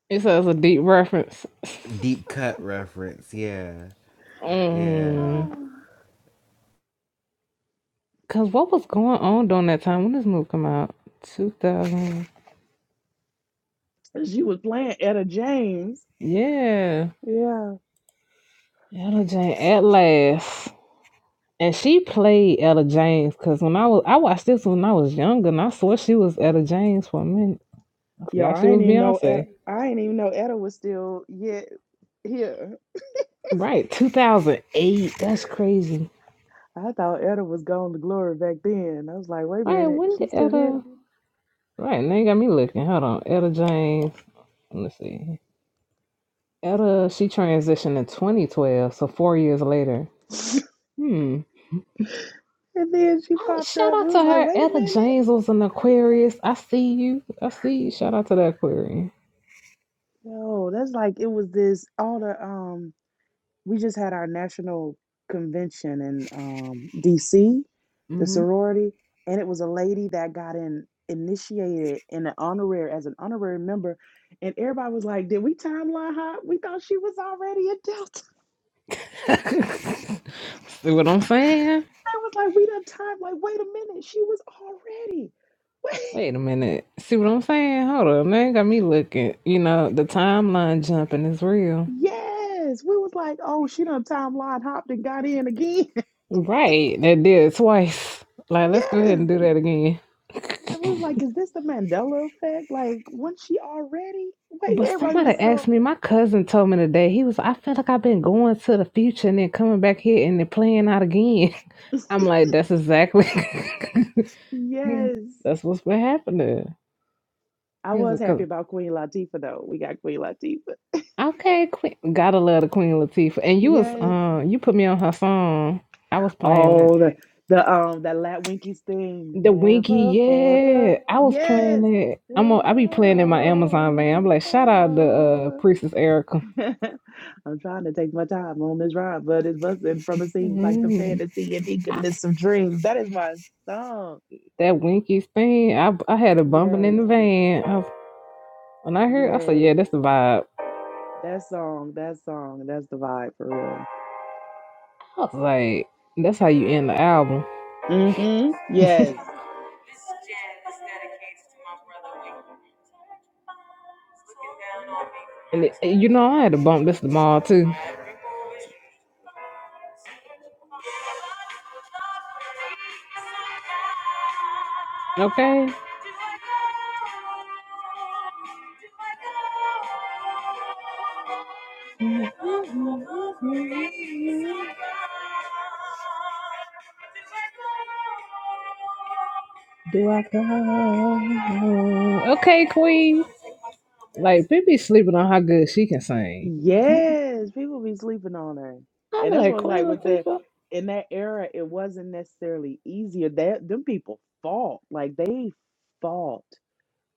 A: It says a deep reference.
C: deep cut reference, yeah.
A: Mm.
C: Yeah.
E: Oh,
A: Cause what was going on during that time when this movie come out? Two thousand.
E: And she was playing Etta James.
A: Yeah.
E: Yeah.
A: Ella Jane at last. And she played Ella James because when I was I watched this when I was younger and I swear she was Ella James for a minute. I
E: Yo,
A: forgot she
E: I ain't
A: was
E: even know Ed,
A: Beyonce.
E: I ain't even know Etta was still yet here.
A: Right, two thousand eight. That's crazy.
E: I thought Etta was gone to glory back then. I was like, wait a
A: Right,
E: minute,
A: when did
E: she's still here.
A: Ella Right, now you got me looking. Hold on. Ella James. Let me see. Ella she transitioned in twenty twelve, so four years later. Hmm.
E: And then she
A: Oh,
E: popped
A: shout
E: up. We
A: out
E: was
A: to
E: like,
A: her.
E: wait a
A: Etta
E: minute.
A: James was an Aquarius. I see you. I see you. Shout out to that Aquarian.
E: Yo, that's like it was this all the um we just had our national convention in um DC, the
A: hmm
E: sorority, and it was a lady that got in initiated in an honorary as an honorary member, and everybody was like, Did we timeline her? We thought she was already a Delta.
A: see what I'm saying?
E: I was like, we done time. Like, wait a minute. She was already. Wait.
A: Wait a minute. See what I'm saying? Hold on, man. Got me looking. You know, the timeline jumping is real.
E: Yes. We was like, oh, she done timeline hopped and got in again.
A: Right. That did it twice. Like, let's go
E: yes.
A: ahead and do that again.
E: I was like, is this the Mandela effect? Like, wasn't she already? Wait,
A: But
E: everybody
A: somebody
E: was so
A: asked me, my cousin told me today, he was, I feel like I've been going to the future and then coming back here and then playing out again. I'm like, that's exactly, He's-
E: yes.
A: that's what's been happening.
E: I
A: Here's a
E: was happy
A: cousin.
E: about Queen Latifah though. We got Queen Latifah.
A: Okay, Queen, gotta love the Queen Latifah. And you was,
E: Yes.
A: uh, you put me on her song. I was playing it.
E: Oh, the the um that Latwinkies thing.
A: The Winky,
E: Ever for the
A: yeah, I was
E: yes.
A: playing it.
E: Do
A: I'm, a,
E: I
A: i am I be playing in my
E: go?
A: Amazon van. I'm
E: Do
A: like,
E: I
A: shout out to uh,
E: go?
A: Priestess Erica.
E: I'm trying to take my time on this ride, but it's busting from it seems like the
A: Mhm.
E: fantasy and eagerness of dreams. That is my song.
A: That Winkies thing, I I had a bumping in
E: Yes,
A: the van. I, when I heard, I said, "Yeah,
E: yes.
A: that's the vibe."
E: That song, that song, that's the vibe for
A: I was like, "That's how you end the album."
E: real. hmm Yes.
A: And it, you know, I had to bump this tomorrow too. Okay. Do I go? Okay, Queen. Like, people be sleeping on how good she can sing. i I'm
E: Yes. People be sleeping on her. And that's
A: like,
E: what's
A: Queen
E: like with that
A: Latifah.
E: in that era, it wasn't necessarily easier. That them people fought. Like they fought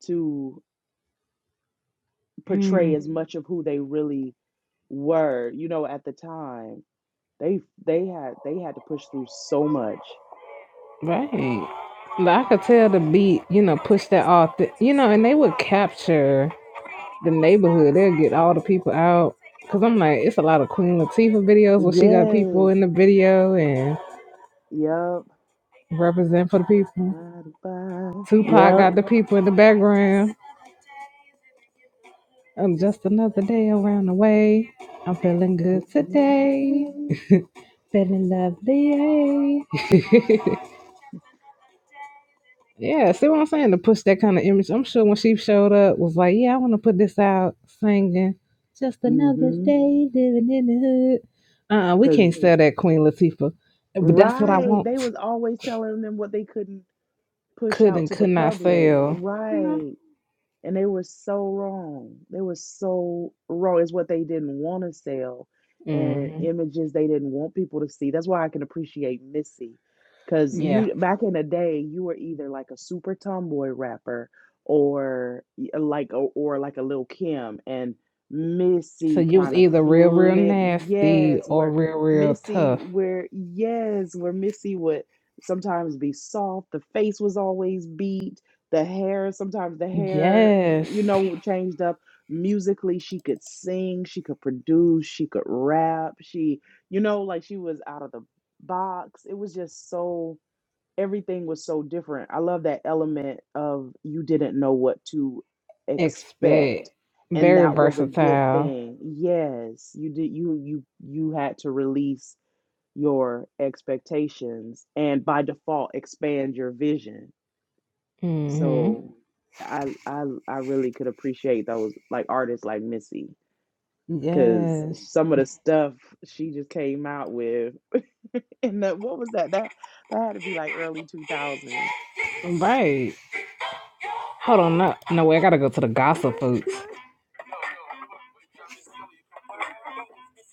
E: to. portray
A: Mm.
E: as much of who they really were. You know, at the time, they they had they had to push through so much.
A: Right. Like I could tell the beat, you know, push that off. The, you know, and they would capture the neighborhood. They'll get all the people out. Cause I'm like, it's a lot of Queen Latifah videos where she got people
E: Yes.
A: in the video and
E: Yep.
A: represent for the people.
E: Ba-da-ba.
A: Tupac
E: Yep.
A: got the people in the background. I'm just another day around the way. I'm feeling good today. Feeling lovely. hey. Yeah, see what I'm saying? To push that kind of image. I'm sure when she showed up, was like, yeah, I want to put this out singing. Just another
E: Mm-hmm.
A: day living in the hood. Uh-uh, we
E: Because
A: can't sell that Queen Latifah. But that's what I
E: right, they
A: want.
E: was always telling them what they couldn't push
A: Could
E: out
A: and
E: to the
A: could not
E: public.
A: sell. You
E: Right. And they were so wrong. They were so wrong. It's what they didn't want to sell
A: know?
E: and
A: hmm
E: images they didn't want people to see. That's why I can appreciate Missy. Cause
A: Yeah.
E: you back in the day, you were either like a super tomboy rapper or y- uh, like or, or like a Lil Kim and
A: So
E: Missy
A: you was
E: kind of
A: either real, real
E: flip.
A: nasty
E: Yes,
A: or
E: where
A: real, real
E: Missy,
A: tough.
E: where yes, where Missy would sometimes be soft. The face was always beat the hair sometimes the hair
A: Yes.
E: you know changed up musically she could sing she could produce she could rap she you know like she was out of the box it was just so everything was so different i love that element of you didn't know what to expect
A: Expect.
E: and
A: Very
E: that was a good
A: versatile.
E: thing yes you did you you you had to release your expectations and by default expand your vision
A: hmm
E: so I I I really could appreciate those like artists like Missy because
A: Yes.
E: some of the stuff she just came out with and that what was that that that had to be like early 2000s.
A: Right. Hold on, no, no way. I gotta go to the gossip
E: Request
A: folks.
E: lunch?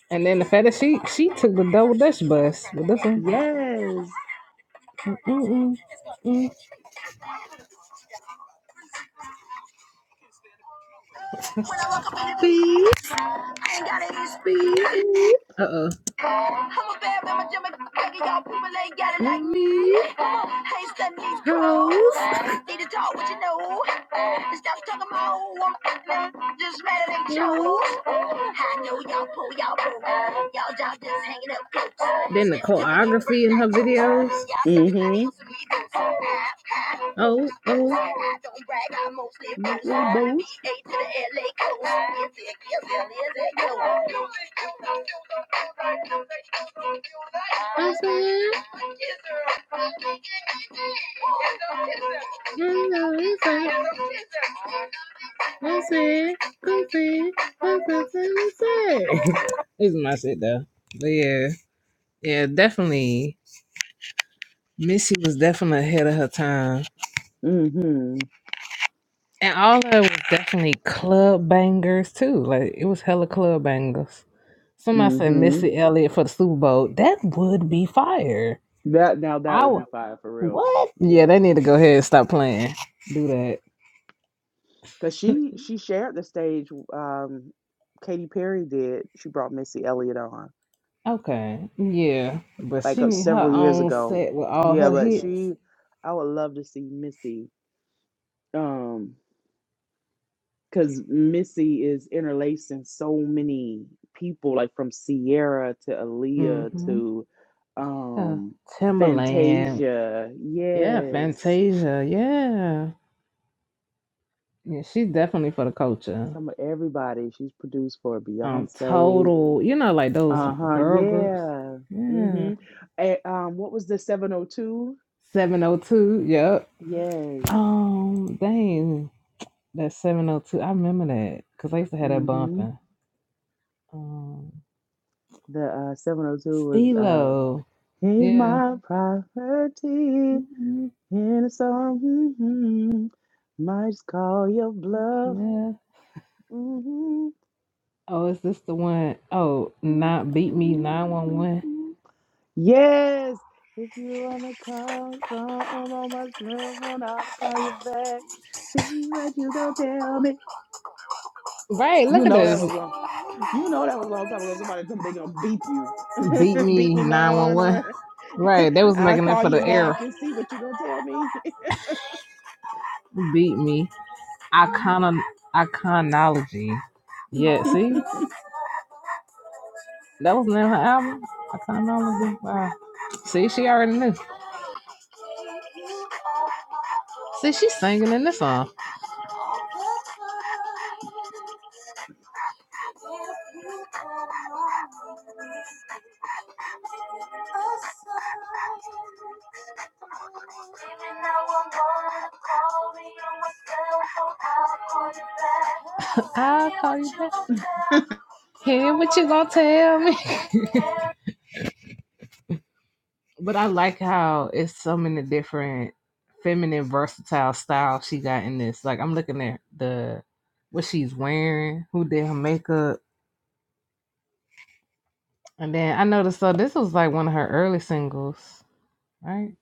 A: And then the fact that she she took the double dutch bus, but this one,
E: Yes.
A: Mm-mm-mm. mm Uh-oh. mm uh uh. Then the choreography in her videos.
E: Mm-hmm.
A: Oh oh.
E: Mostly boost.
A: This is my shit though. But yeah. Yeah, definitely. Missy was definitely ahead of her time.
E: Mm-hmm.
A: And all of it was definitely club bangers too. Like it was hella club bangers. Somebody said
E: Mm-hmm.
A: Missy Elliott for the Super Bowl. That would be fire.
E: That now
A: I
E: that would
A: w-
E: be fire for real.
A: what? Yeah,
E: Yeah.
A: they need to go ahead and stop playing. Do that.
E: Cause she she shared the stage um Katy Perry did. She brought Missy Elliott on.
A: Okay. Yeah. But
E: like
A: she
E: uh,
A: need her
E: several years
A: own
E: ago.
A: set with all
E: Yeah,
A: her
E: but
A: hits.
E: she, I would love to see Missy, um, because Missy is interlacing so many people, like from Sierra to Aaliyah
A: Mm-hmm.
E: to,
A: Yeah.
E: um,
A: Timberland.
E: Fantasia.
A: Yeah,
E: Yes,
A: Fantasia. Yeah. Yeah, she's definitely for the culture.
E: some of everybody. She's produced for
A: um
E: Beyonce.
A: total you know like those
E: Uh huh.
A: girl groups
E: Yeah.
A: yeah
E: Mhm. And, um, what was the seven hundred two?
A: 702 yep
E: Yes.
A: um dang that 702 i remember that because i used to have that
E: Mhm.
A: bumping um
E: The uh, seven hundred two was uh,
A: stilo
E: He's
A: yeah
E: my property,
A: Mhm.
E: and so mm-hmm, might just call your bluff.
A: yeah
E: Mhm,
A: oh is this the one? Oh,
E: mhm,
A: not beat me
E: mhm,
A: 911
E: mhm. Yes, if you wanna call, so I'm on my cell phone. I'll call you back. See what you gonna tell me.
A: right
E: You
A: look at
E: know that
A: this
E: was long. You know that was a long time ago. Somebody told me they gonna beep you.
A: beat
E: beep
A: me
E: me now on.
A: 911 right they was
E: I'll
A: making that
E: call
A: for
E: you
A: the air
E: back and see what you gonna tell me.
A: beat me icon iconology yeah see That was the name of her album. I kind of know. Wow. See, she already knew. See, she's singing in this song. I'll call you back. Hear what you gonna tell me. But I like how it's so many different feminine versatile styles she got in this. Like I'm looking at the what she's wearing, who did her makeup, and then I noticed so this was like one of her early singles, right?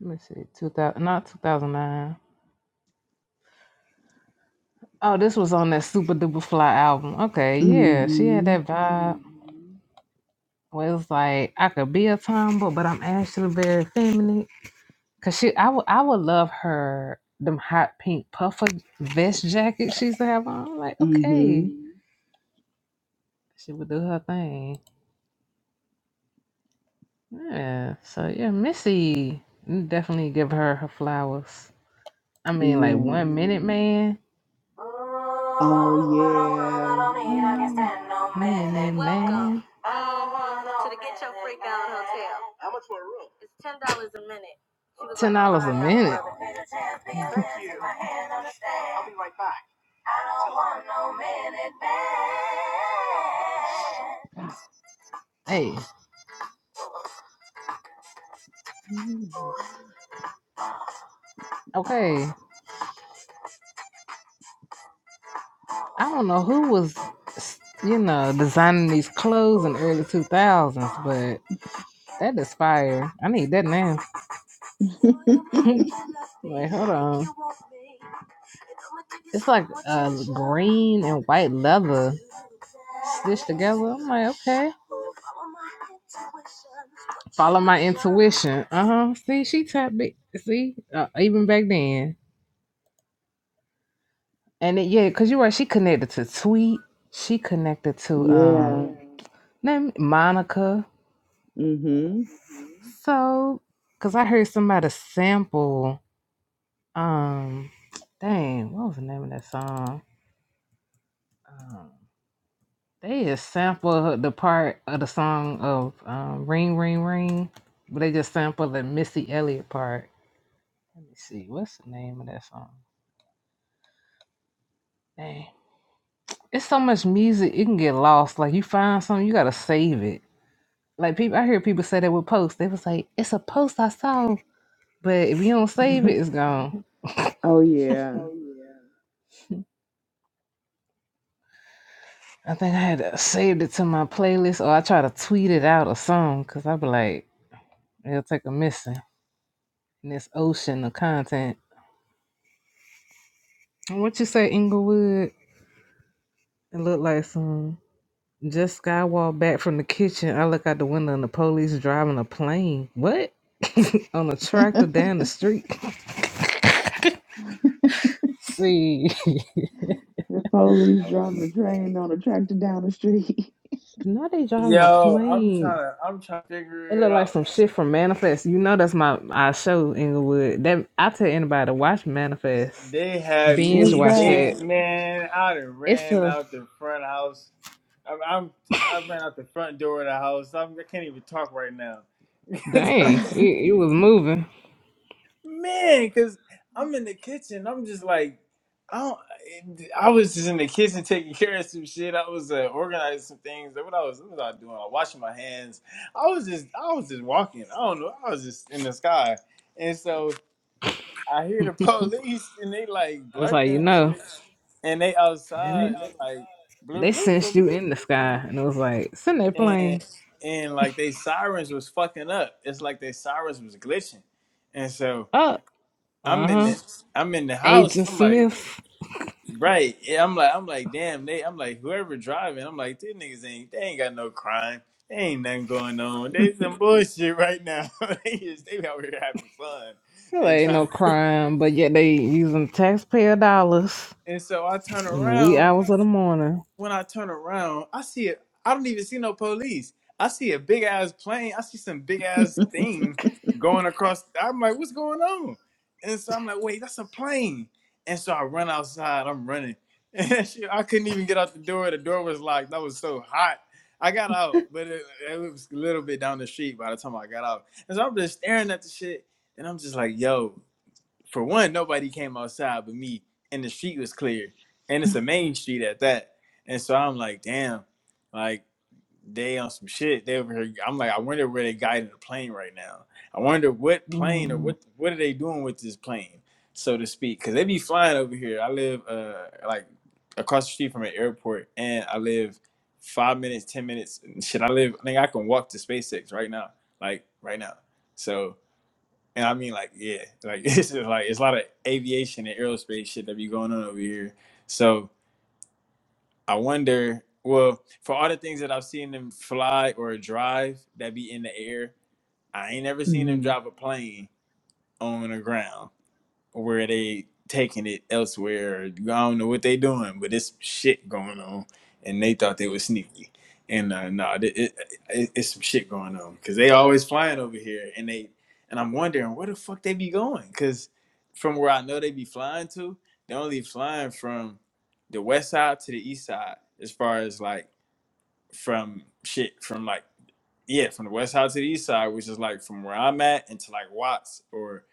A: Let me see, two thousand not two thousand nine. Oh, this was on that Super Duper Fly album. Okay, yeah, she had
E: Mm-hmm.
A: that vibe. Where it was like I could be a tomboy, but I'm actually very feminine. Cause she, I would, I would love her them hot pink puffer vest jacket she used to have on. I'm like,
E: Mm-hmm.
A: okay, she would do her thing. Yeah. So yeah, Missy, you definitely give her her flowers. I mean, like
E: Yeah.
A: one minute man,
E: Oh yeah.
A: man, man, man, ten dollars a minute. Hey,
E: Mm.
A: okay. I don't know who was, you know, designing these clothes in the early two thousands, but that is fire. I need that now. Like, hold on. It's like uh, green and white leather stitched together. I'm like, okay. Follow my intuition. Uh huh. See, she tapped it. See, uh, even back then. And it, yeah, cause you're right. She connected to Tweet. She connected to
E: Yeah.
A: um name Monica.
E: Mm-hmm.
A: So, cause I heard somebody sample um, dang, what was the name of that song? Um, They just sampled the part of the song of um, Ring Ring Ring, but they just sampled the Missy Elliott part. Let me see, what's the name of that song? Dang. It's so much music, it can get lost. Like you find something, you gotta save it. Like people I hear people say that with posts. They was like, It's a post I saw, but if you don't save it, it's gone.
E: oh yeah.
A: I think I had to saved it to my playlist or I try to tweet it out or something, cause I be like, it'll take a missing in this ocean of content. And What you say, Inglewood? It looked like some just skywalk back from the kitchen. I look out the window and the police driving a plane. What? On a tractor down the street. See.
E: The police driving a train on a tractor down the street.
A: Now they driving a
D: Yo, I'm trying
A: plane.
D: to, I'm trying to
A: It
D: figure it
A: look like
D: out.
A: some shit from Manifest. You know that's my I show Inglewood. That I tell anybody to watch Manifest.
D: They had
A: Binge
E: What's
D: me.
A: watch
D: They
E: that?
A: that.
D: man, I done
A: It's
D: ran
A: a
D: out the front house. I'm, I'm I ran out the front door of the house. I'm, I can't even talk right now,
A: dang. You you was moving.
D: man. Cause I'm in the kitchen. I'm just like, I don't. I was just in the kitchen taking care of some shit. I was uh, organizing some things. What I was, what was I doing? I was washing my hands. I was just, I was just walking. I don't know. I was just in the sky, and so. I hear the police and they like
A: I was like
D: blurting
A: you
D: and
A: know
D: shit, and they outside and they like blue
A: they
D: blue blue
A: sent you
D: blue,
A: in the sky, and it was like send that
D: and
A: plane
D: and like they sirens was fucking up. It's like they sirens was glitching, and so
A: up. Uh
D: I'm in
A: huh.
D: the I'm in the house.
A: Agent
D: I'm like
A: Smith.
D: right. yeah, I'm like I'm like damn. They I'm like whoever driving. I'm like these niggas ain't they ain't got no crime. They ain't nothing going on. They some bullshit right now. they just they out here having fun
A: Hell,
D: and
A: ain't
D: trying.
A: no crime, but yet they using taxpayer dollars
D: And so I turn
A: in the wee
D: around
A: hours of the morning.
D: when I turn around, I see it. I don't even see no police. I see a big ass plane. I see some big ass thing going across. I'm like, what's going on? And so I'm like, wait, that's a plane. And so I run outside. I'm running. And shit, I couldn't even get out the door. The door was locked. That was so hot. I got out, but it, it was a little bit down the street by the time I got out. And so I'm just staring at the shit. And I'm just like, yo for one, nobody came outside but me, and the street was clear, and it's a main street at that. And so I'm like, damn, like they on some shit. They over here. I'm like, I wonder where they guiding the plane right now. I wonder what plane or
A: Mm,
D: what what are they doing with this plane, so to speak, because they be flying over here. I live uh like across the street from an airport, and I live five minutes, ten minutes. Shit, I live. I think I can walk to SpaceX right now, like right now. So. And I mean, like, yeah, like it's just like it's a lot of aviation and aerospace shit that be going on over here. So I wonder, well, for all the things that I've seen them fly or drive that be in the air, I ain't ever seen them
E: mm-hmm.
D: drive a plane on the ground where they taking it elsewhere. I don't know what they doing, but it's shit going on, and they thought they was sneaky. And uh, no, it, it, it, it's some shit going on because they always flying over here, and they and I'm wondering where the fuck they be going because from where I know they be flying to, they only flying from the west side to the east side as far as like from shit from like yeah from the west side to the east side, which is like from where I'm at into like Watts or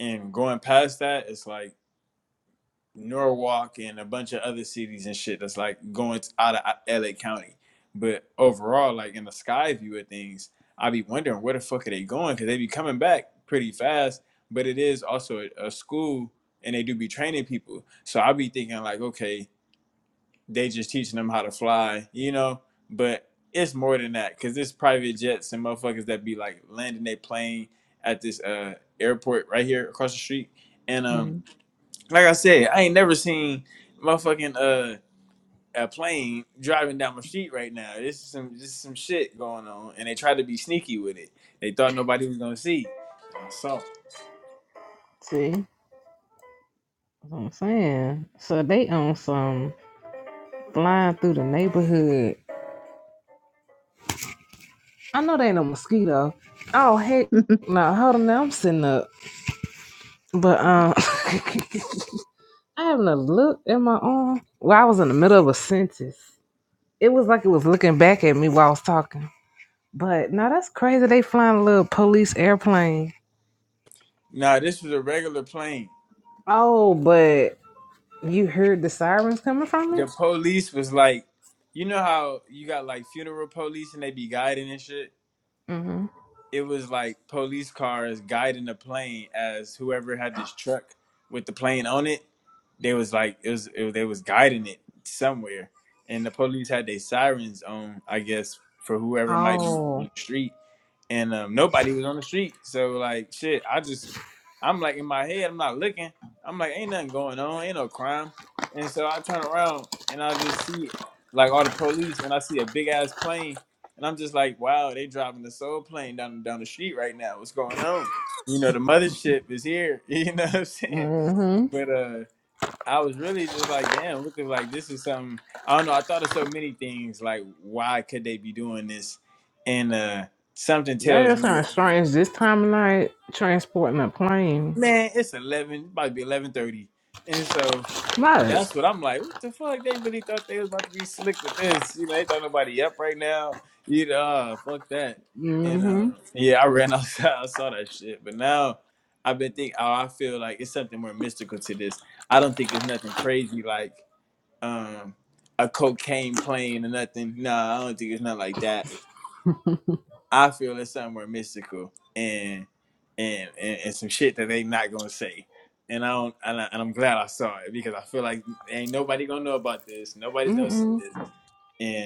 D: and going past that, it's like Norwalk and a bunch of other cities and shit that's like going out of LA County. But overall, like in the sky view of things, I be wondering where the fuck are they going because they be coming back pretty fast. But it is also a, a school and they do be training people. So I be thinking like, okay, they just teaching them how to fly, you know. But it's more than that because it's private jets and motherfuckers that be like landing their plane at this uh airport right here across the street, and um like I said, I ain't never seen motherfucking uh a plane driving down my street right now. This is some this is some shit going on, and they tried to be sneaky with it. They thought nobody was gonna see, and I saw.
A: see, that's what I'm saying. So they on some flying through the neighborhood. I know they ain't no mosquito. Oh heck, no, hold on, now I'm sitting up. But um, I having a look at my arm. Well, I was in the middle of a sentence. It was like it was looking back at me while I was talking. But now that's crazy. They flying a little police airplane.
D: Nah, this was a regular plane.
A: Oh, but You heard the sirens coming from
D: The
A: it?
D: police was like, you know how you got like funeral police and they be guiding and shit.
A: hmm
D: it was like police cars guiding the plane as whoever had this truck with the plane on it they was like it was it, they was guiding it somewhere and the police had their sirens on i guess for whoever might be
A: Oh.
D: on the street and um, nobody was on the street so like shit i just i'm like in my head i'm not looking i'm like ain't nothing going on ain't no crime and so i turn around and i just see like all the police and i see a big ass plane and I'm just like, wow, they driving the soul plane down down the street right now. What's going on? You know, the mothership is here. You know what I'm saying?
A: Mm-hmm.
D: But uh I was really just like, damn, what the like this is something I don't know, I thought of so many things like why could they be doing this? And uh something
A: That
D: tells
A: is kind
D: me
A: of strange. This time of night, transporting a plane.
D: man, it's eleven, about to be eleven thirty, and so
A: Right.
D: that's what I'm like. What the fuck? They really thought they was about to be slick with this, you know? They thought nobody up right now, you know? uh, fuck that. And
A: Mm-hmm.
D: um, yeah, I ran outside. I saw that shit, but now I've been thinking. Oh, I feel like it's something more mystical to this. I don't think it's nothing crazy like um a cocaine plane or nothing. Nah, I don't think it's nothing like that. I feel it's something more mystical and and and, and some shit that they not gonna say. And I don't, and, I, and I'm glad I saw it because I feel like ain't nobody gonna know about this. Nobody's gonna see
A: Mm-mm.
D: this,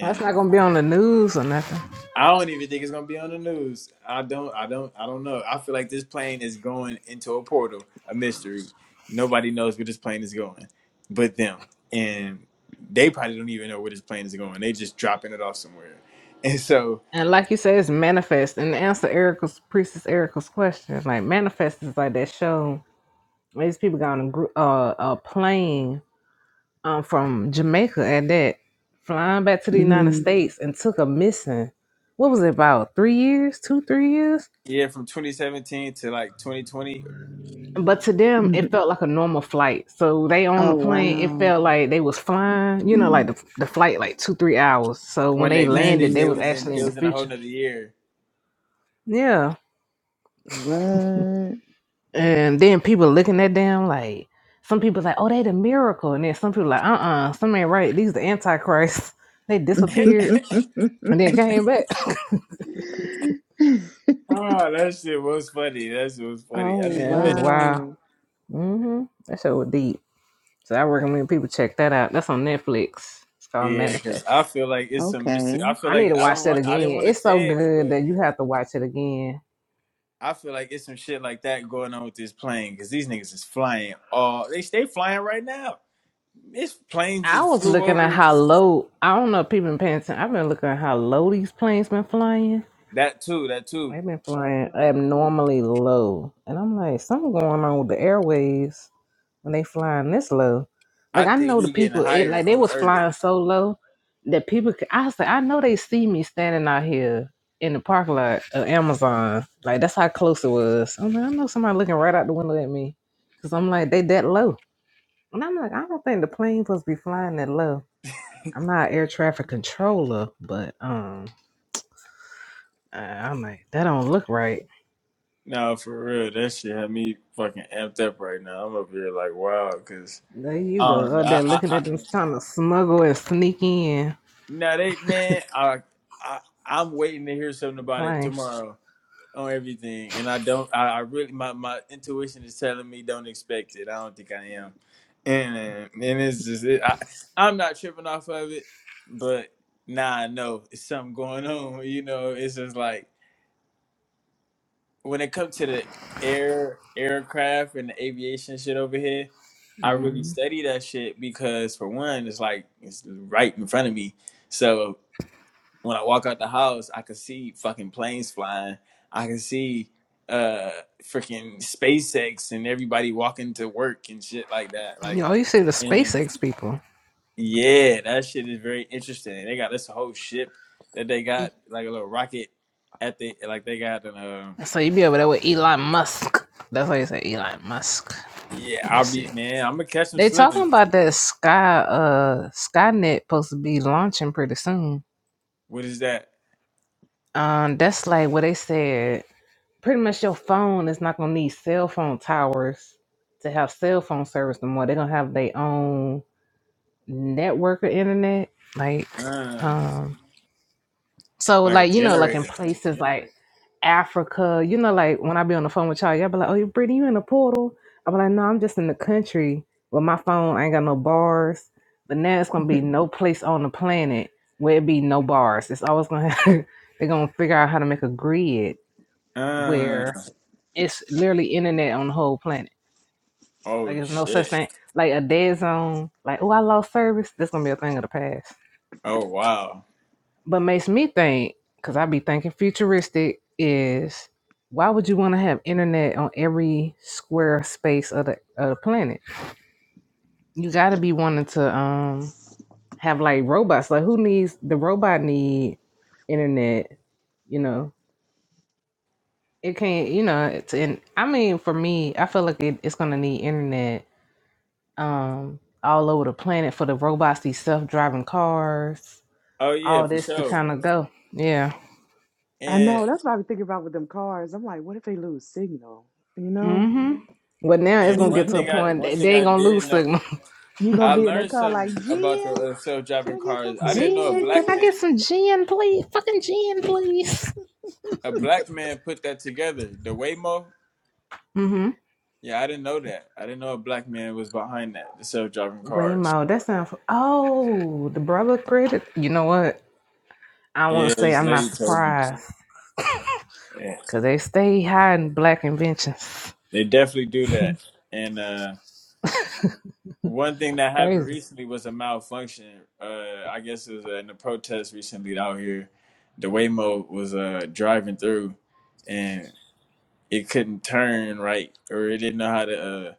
A: That's not gonna be on the news or nothing.
D: I don't even think it's gonna be on the news. I don't, I don't, I don't know. I feel like this plane is going into a portal, a mystery. Nobody knows where this plane is going, but them, and they probably don't even know where this plane is going. They just dropping it off somewhere, and so
A: And like you say, it's manifest. And to answer Erica's priestess Erica's question, like manifest is like that show. These people got on a group, uh, a plane um, from Jamaica at that, flying back to the United
E: Mm-hmm.
A: States and took a missing, what was it about, three years, two, three years?
D: yeah, from 2017 to like 2020
A: But to them,
E: hmm
A: it felt like a normal flight. So they on the
E: Oh
A: plane, it
E: wow.
A: felt like they was flying, you know, like the, the flight, like two, three hours. So when
D: When
A: they
D: they
A: landed,
D: landed,
A: they
D: they
E: mm-hmm.
A: was
D: was in
A: actually
D: they
A: in the
D: was in a whole
A: future.
D: nother year.
A: Yeah.
E: What?
A: And then people looking at them like, some people like, oh, they the miracle. And then some people like, uh-uh, something ain't right. These the Antichrist. They
D: oh,
A: disappeared and then came back.
D: that shit was funny. That shit was
E: oh
D: funny. I
A: yeah,
D: didn't,
A: it
D: man.
A: was wild.
E: wow.
A: Mm-hmm. That show was deep. So I recommend people check that out. That's on Netflix. It's called
D: Yeah, because I
A: Manifest.
D: feel like it's some mystic. I
E: Okay.
D: feel
A: I need
D: like
A: to
D: I don't
A: watch that
D: want. I didn't
A: again.
D: want to
A: It's so
D: say it,
A: good
D: but
A: that you have to watch it again.
D: I feel like it's some shit like that going on with this plane because these niggas is flying. All they stay flying right now. It's planes that
A: I was
D: flew
A: looking
D: over
A: at
D: here.
A: how low. I don't know if people been paying attention. I've been looking at how low these planes been flying.
D: That too. That too.
A: They've been flying abnormally low, and I'm like, something going on with the airways. when they flying this low.
D: I
A: Like I
D: think
A: know the
D: we getting
A: people, it
D: higher
A: like they
D: on the
A: was
D: earth.
A: flying so low that people. Could, I said, I know they see me standing out here in the parking lot of Amazon. Like that's how close it was. I'm like, I know somebody looking right out the window at me because I'm like, they that low, and I'm like, I don't think the plane supposed to be flying that low. I'm not an air traffic controller, but um, I, I'm like, that don't look right.
D: No, for real, that shit had me fucking amped up right now. I'm up here like wow, cause
A: There you
D: um, I don't
A: go,
D: know.
A: out
D: I,
A: there looking
D: I,
A: at them trying to smuggle and sneak in
D: Now they man, I, I I'm waiting to hear something
A: the
D: about it
A: plane.
D: tomorrow on everything, and I don't. I, I really my my intuition is telling me don't expect it. I don't think I am, and uh, and it's just it, I I'm not tripping off of it, but nah, I know it's something going on. You know, it's just like when it comes to the air aircraft and the aviation shit over here. I really study that shit because for one, it's like it's right in front of me. So when I walk out the house, I could see fucking planes flying. I could see uh freaking SpaceX and everybody walking to work and shit like that.
A: You
D: Like
A: know, you see the
D: and
A: SpaceX people.
D: yeah, that shit is very interesting. They got this whole ship that they
A: E-
D: got like a little rocket at the like they got an uh
A: So you be over there with Elon Musk. That's why you say Elon Musk.
D: yeah,
A: Let me
D: I'll be
A: see.
D: man, I'm gonna catch them
A: They talking
D: slipping.
A: about that Sky uh Skynet supposed to be launching pretty soon.
D: What is that?
A: Um, that's like what they said. Pretty much your phone is not gonna need cell phone towers to have cell phone service no more. They're gonna have their own network of internet. Like
D: Uh
A: um So
D: like a
A: like you know, like in
D: generator.
A: places like Africa, you know, like when I be on the phone with y'all, y'all be like, "Oh, you Brittany, you in the portal?" I be like, "No, I'm just in the country with my phone. I ain't got no bars." But now it's gonna be no place on the planet where it be no bars. It's always gonna have, they're gonna figure out how to make a grid
D: Uh
A: where it's literally internet on the whole planet. Like
D: oh
A: it's no such
D: shit.
A: thing like a dead zone. Like oh, I lost service. That's gonna be a thing of the past.
D: Oh wow.
A: But makes me think, because I be thinking futuristic, is why would you want to have internet on every square space of the, of the planet? You got to be wanting to um have like robots. Like who needs the robot need internet? You know, it can't. You know, it's and I mean for me, I feel like it, it's gonna need internet um all over the planet for the robots, these self driving cars,
D: Oh yeah,
A: all
D: for
A: this to
D: sure.
A: kind of go. Yeah.
E: I
D: And.
E: know. That's what I was thinking about with them cars. I'm like, what if they lose signal? You know?
A: hmm But now it's
D: And
A: gonna
E: You.
D: one
A: get to a
D: thing I
A: point
D: one
A: that
D: thing
A: they
D: I
A: ain't gonna
D: did
A: lose
D: know
A: signal.
E: You gonna
D: I
E: be in that
D: learned
E: car like
D: something about the
E: Jim?
D: uh, self
E: Can
D: driving
E: I get some
D: cars. I didn't
E: fucking
D: know a
A: Gin, can
D: black
A: I
D: man
A: get
E: Jim?
A: some gin, please? Fucking gin, please.
D: a black man put that together. The Waymo,
A: Mm-hmm.
D: yeah, I didn't know that. I didn't know a black man was behind that. The self driving cars.
A: Waymo, that sounds. Oh, the brother created. You know what? I want
D: Yeah,
A: to say
D: this
A: I'm not
D: lady told me.
A: surprised
D: Yeah,
A: because they stay hiding black inventions.
D: they definitely do that. And uh, one thing that happened
A: Crazy.
D: recently was a malfunction. Uh, I guess it was uh, in a protest recently out here. The Waymo was uh, driving through. and. it couldn't turn right or it didn't know how to uh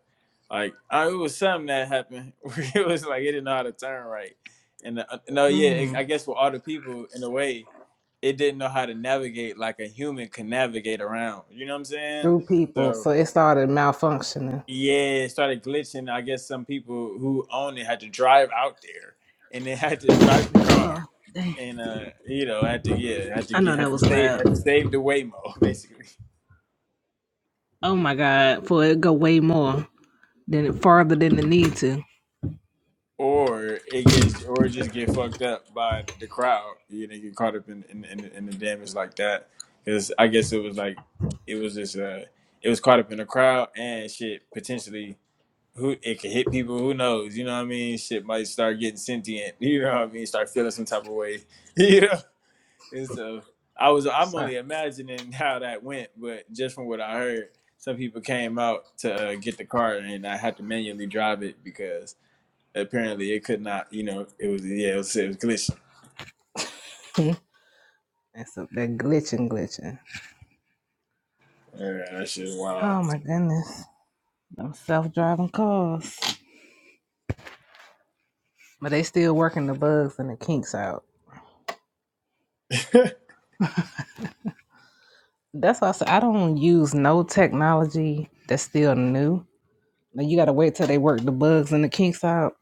D: like uh, it was something that happened where it was like it didn't know how to turn right and uh, no yeah it,
A: Mm.
D: i guess for other people in a way it didn't know how to navigate like a human can navigate around you know what i'm saying
A: Through people,
D: so
A: so it started malfunctioning.
D: yeah it started glitching i guess some people who own it had to drive out there and they had to drive the car and uh you know had to yeah had to
A: I
D: get
A: know
D: had
A: that
D: to
A: was
D: save had to
A: loud.
D: save the waymo basically
A: Oh my god! For it go way more than farther than it need to.
D: or it gets or it just get fucked up by the crowd. You know, get caught up in in, in, in the damage like that. Because I guess it was like it was just uh it was caught up in the crowd and shit potentially who it could hit people who knows you know what I mean shit might start getting sentient you know what I mean start feeling some type of way you know and so I was I'm
A: Sorry.
D: only imagining how that went but just from what I heard some people came out to uh, get the car and I had to manually drive it because Apparently, it could not. You know, it was yeah, it was, it was glitching.
A: That's up there glitching, glitching.
D: Uh, that shit wild.
A: Oh my goodness. Them self driving cars. But they still working the bugs and the kinks out. That's why I said I don't use no technology that's still new. Like you gotta wait till they work the bugs and the kinks out.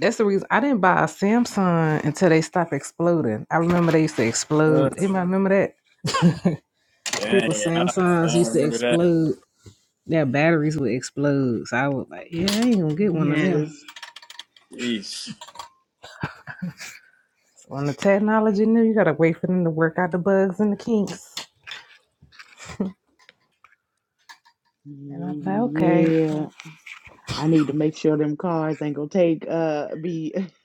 A: That's the reason I didn't buy a Samsung until they stopped exploding. I remember they used to
D: Uh,
A: explode. Anybody remember that? People
D: dang, I, I
A: Samsungs
D: don't
A: used to
D: remember that.
A: explode. Their batteries would explode. So I was like, yeah, I ain't gonna get one of them.
E: Yes.
D: Jeez.
A: When the technology knew, you gotta wait for them to work out the bugs and the kinks. And I'm like, okay,
E: Yeah. I need to make sure them cars ain't gonna take uh be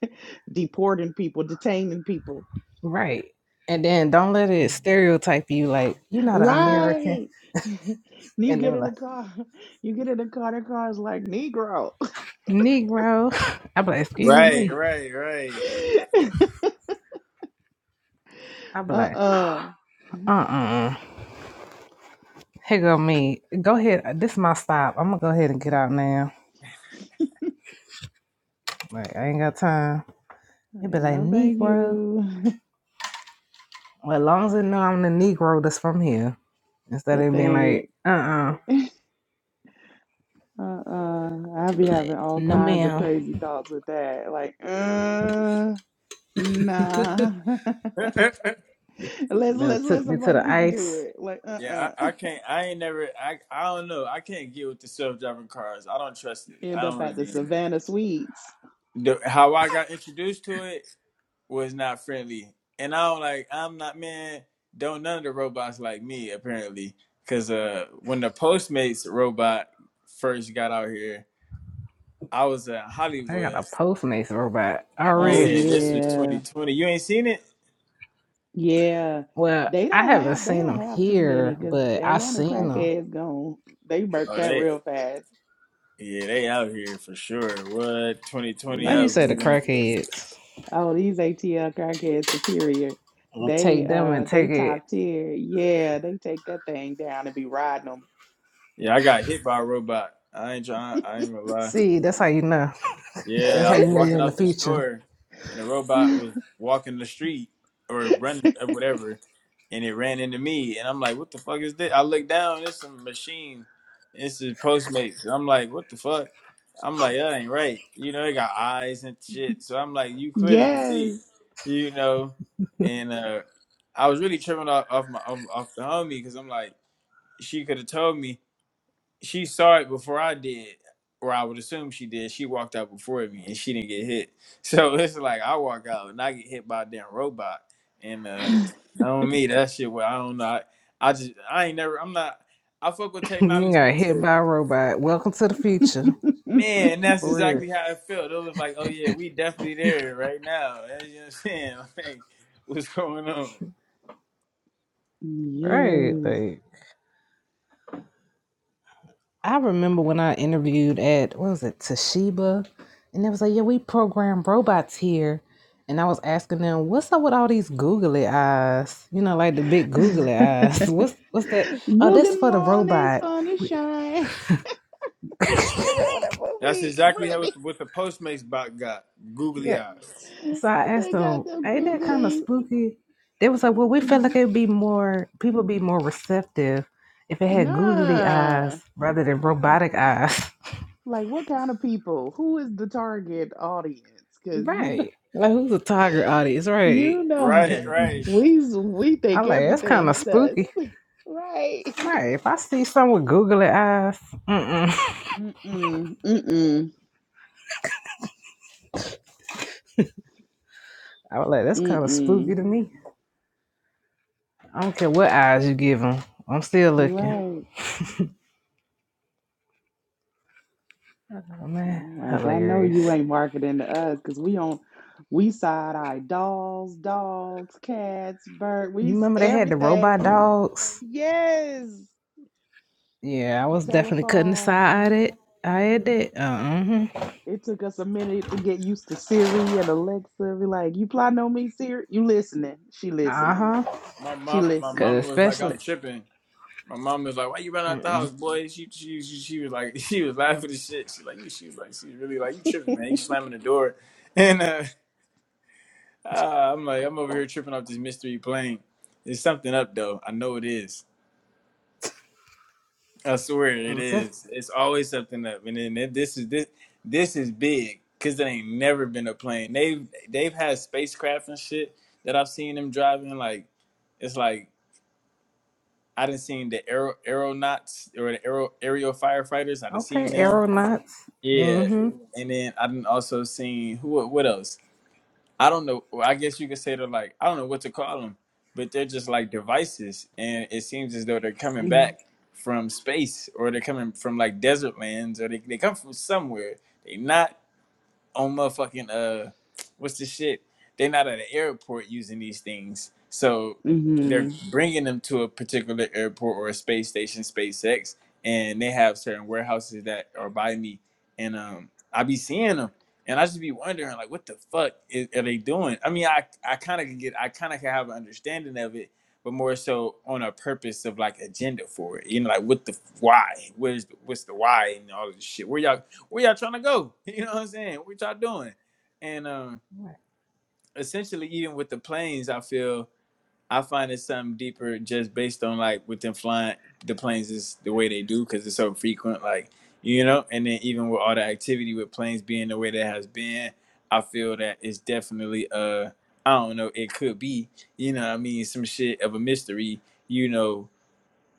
E: deporting people, detaining people.
A: right. And then don't let it stereotype you like you're not an American.
E: Right. You
A: And they
E: get
A: were
E: in the
A: like,
E: car. You get in the car, the car's like Negro.
A: Negro. I be like, excuse
D: Right,
A: me.
D: right, right.
A: I be like,
E: Uh-uh.
A: uh uh Here go me. Go ahead. This is my stop. I'm gonna go ahead and get out now. Like I ain't got time. They be
E: Like,
A: like,
E: no, thank
A: Negro.
E: you.
A: Well, as long as they know I'm the Negro that's from here, instead
E: That
A: of being
E: thing.
A: like, uh uh
E: Uh-uh. I
A: They
E: be
A: Be like,
E: having all
A: no
E: kinds of
A: ma'am.
E: crazy thoughts with that. Like, uh. Nah. Let's
A: Then
E: let's
A: it
E: let
A: took me
E: some
A: to
E: other
A: the
E: people do
A: ice.
E: it. Like,
D: yeah,
E: uh-uh.
D: I, I can't. I ain't never. I I don't know. I can't get with the self driving cars. I don't trust it.
E: End
D: I don't
E: up
D: want
E: at
D: to
E: the
D: be in it.
E: Savannah Suites.
D: The, how I got introduced to it was not friendly, and I don't like. I'm not man. Don't none of the robots like me apparently, because uh, when the Postmates robot first got out here I was at
A: I got
D: Hollywood.
A: a Postmates robot
E: Oh
D: Yeah,
A: already.
D: this was
E: yeah.
D: 2020. You ain't seen it?
E: Yeah.
A: Well,
E: They
A: I
E: don't
A: haven't
E: have they
A: seen
E: don't
A: them
E: have too many
A: here,
E: because
A: but I
E: Atlanta
A: seen them.
E: crackheads gone. They burnt
D: Oh,
E: that
D: they
E: real fast.
D: yeah, they out here for sure. What 2020?
A: Like
D: I
E: You
A: you
D: was
A: said, the
D: leaving. The,
A: crackheads.
E: oh, these ATL crackheads superior.
A: I'll
E: They
A: take them and
E: uh they
A: take it.
E: top tier. Yeah, they take that thing down and be riding them.
D: yeah, I got hit by a robot. I ain't trying. I ain't gonna lie.
A: See, that's how you know. That's
D: Yeah, I
A: how
D: was
A: you know you're
D: walking
A: in the
D: out the
A: future.
D: store, and a robot was walking the street or running or whatever, and it ran into me, and I'm like, "What the fuck is this?" I look down, it's some machine. It's is Postmates. I'm like, "What the fuck?" I'm like, "That ain't right." You know, they got eyes and shit. So I'm like, "You clearly can
E: Yes.
D: see," you know. And uh, I was really tripping off off my off, off the homie because I'm like, she could have told me she saw it before I did, or I would assume she did. She walked out before me and she didn't get hit. So it's like I walk out and I get hit by a damn robot. And uh I do that shit well, I don't know. I, I just I ain't never I'm not I fuck with
A: you
D: technology
A: got hit
D: to
A: by a robot. Welcome to the future.
D: man, that's
A: For
D: exactly how it felt. It was like, oh yeah, we definitely there right now. you know what I'm saying? Like, what's going on?
A: real. Right.
E: Yes.
A: Like, I remember when I interviewed at what was it Toshiba, and they was like, yeah, we program robots here, and I was asking them, what's up with all these googly eyes? You know, like the big googly eyes. What's what's that? Oh, that's
E: Good
A: for the
E: morning,
A: robot.
E: sunshine. You remember that
D: That's
E: movie,
D: exactly how
E: Really,
D: it, what the Postmates bot got. Googly
A: Yeah.
D: eyes.
A: So I asked
E: They got
A: them,
E: them
A: ain't that kind of
E: googlies.
A: spooky? They was like, well, we felt
E: Mhm.
A: like it'd be more people be more receptive if it had googly
E: nah.
A: eyes rather than robotic eyes.
E: Like what kind of people? Who is the target audience? Cause you know
A: Right. Like who's a target audience? Right.
E: you
D: Right,
E: know
A: Got
D: right.
E: we we think
A: I'm like, that's kind
E: everything
A: of spooky.
E: sus. Right.
A: Right. If I see someone with googly eyes, mm-mm.
E: Mm-mm. Mm-mm.
A: I was like, that's kind of spooky
E: Mm-mm.
A: to me. I don't care what eyes you give them. I'm still looking.
E: Right.
A: Oh, man,
E: I'm like, I know you
A: hilarious.
E: ain't marketing to us because we on we side eye dolls, dogs, cats, bird, we
A: You
E: s-
A: remember they had the
E: everything.
A: robot dogs?
E: Yes,
A: Yeah, I was definitely cutting the side at
E: telephones.
A: it. I had that. Uh-huh.
E: It took us a minute to get used to Siri and Alexa. We like, you plotting on me, Siri? You listening? She listening.
A: Uh-huh.
D: My
E: She
D: mom, my
E: listening.
D: mom
A: Because
D: was like, "I'm
A: especially...
D: tripping." My mom was like, "Why you running out the
A: Mm-mm.
D: house, boy?" She, she, she, she was like, she was laughing and shit. She like, she was like, she was really like, "You tripping, man? You slamming the door?" And uh, uh, I'm like, I'm over here tripping off this mystery plane. There's something up though. I know it is. I swear it
A: Okay, just-
D: is. It's always something up. And then this is this this is big because it ain't never been a plane. They've they've had spacecraft and shit that I've seen them driving like it's like I done seen the aero aeronauts or the aero aerial firefighters. I done seen
A: Okay,
D: them.
A: aeronauts.
D: Yeah,
A: Mm-hmm.
D: and then I done also seen who el- what else? I don't know. Well, I guess you could say they're like I don't know what to call them, but they're just like devices, and it seems as though they're coming
E: Mm-hmm.
D: back from space or they're coming from like desert lands or they they come from somewhere. They not on motherfucking uh what's the shit? They're not at an airport using these things, so they're
E: mm hmm.
D: bringing them to a particular airport or a space station, SpaceX, and they have certain warehouses that are by me, and um I be seeing them, and I just be wondering like, what the fuck is, are they doing? I mean, I I kind of can get, I kind of can have an understanding of it. But more so on a purpose of like agenda for it, you know, like what the why, where's what's the why and all of this shit. Where y'all where y'all trying to go? You know what I'm saying? What y'all doing? And um, essentially, even with the planes, I feel I find it's something deeper just based on like with them flying the planes is the way they do because it's so frequent, like you know. And then even with all the activity with planes being the way that has been, I feel that it's definitely uh I don't know it could be you know what I mean some shit of a mystery you know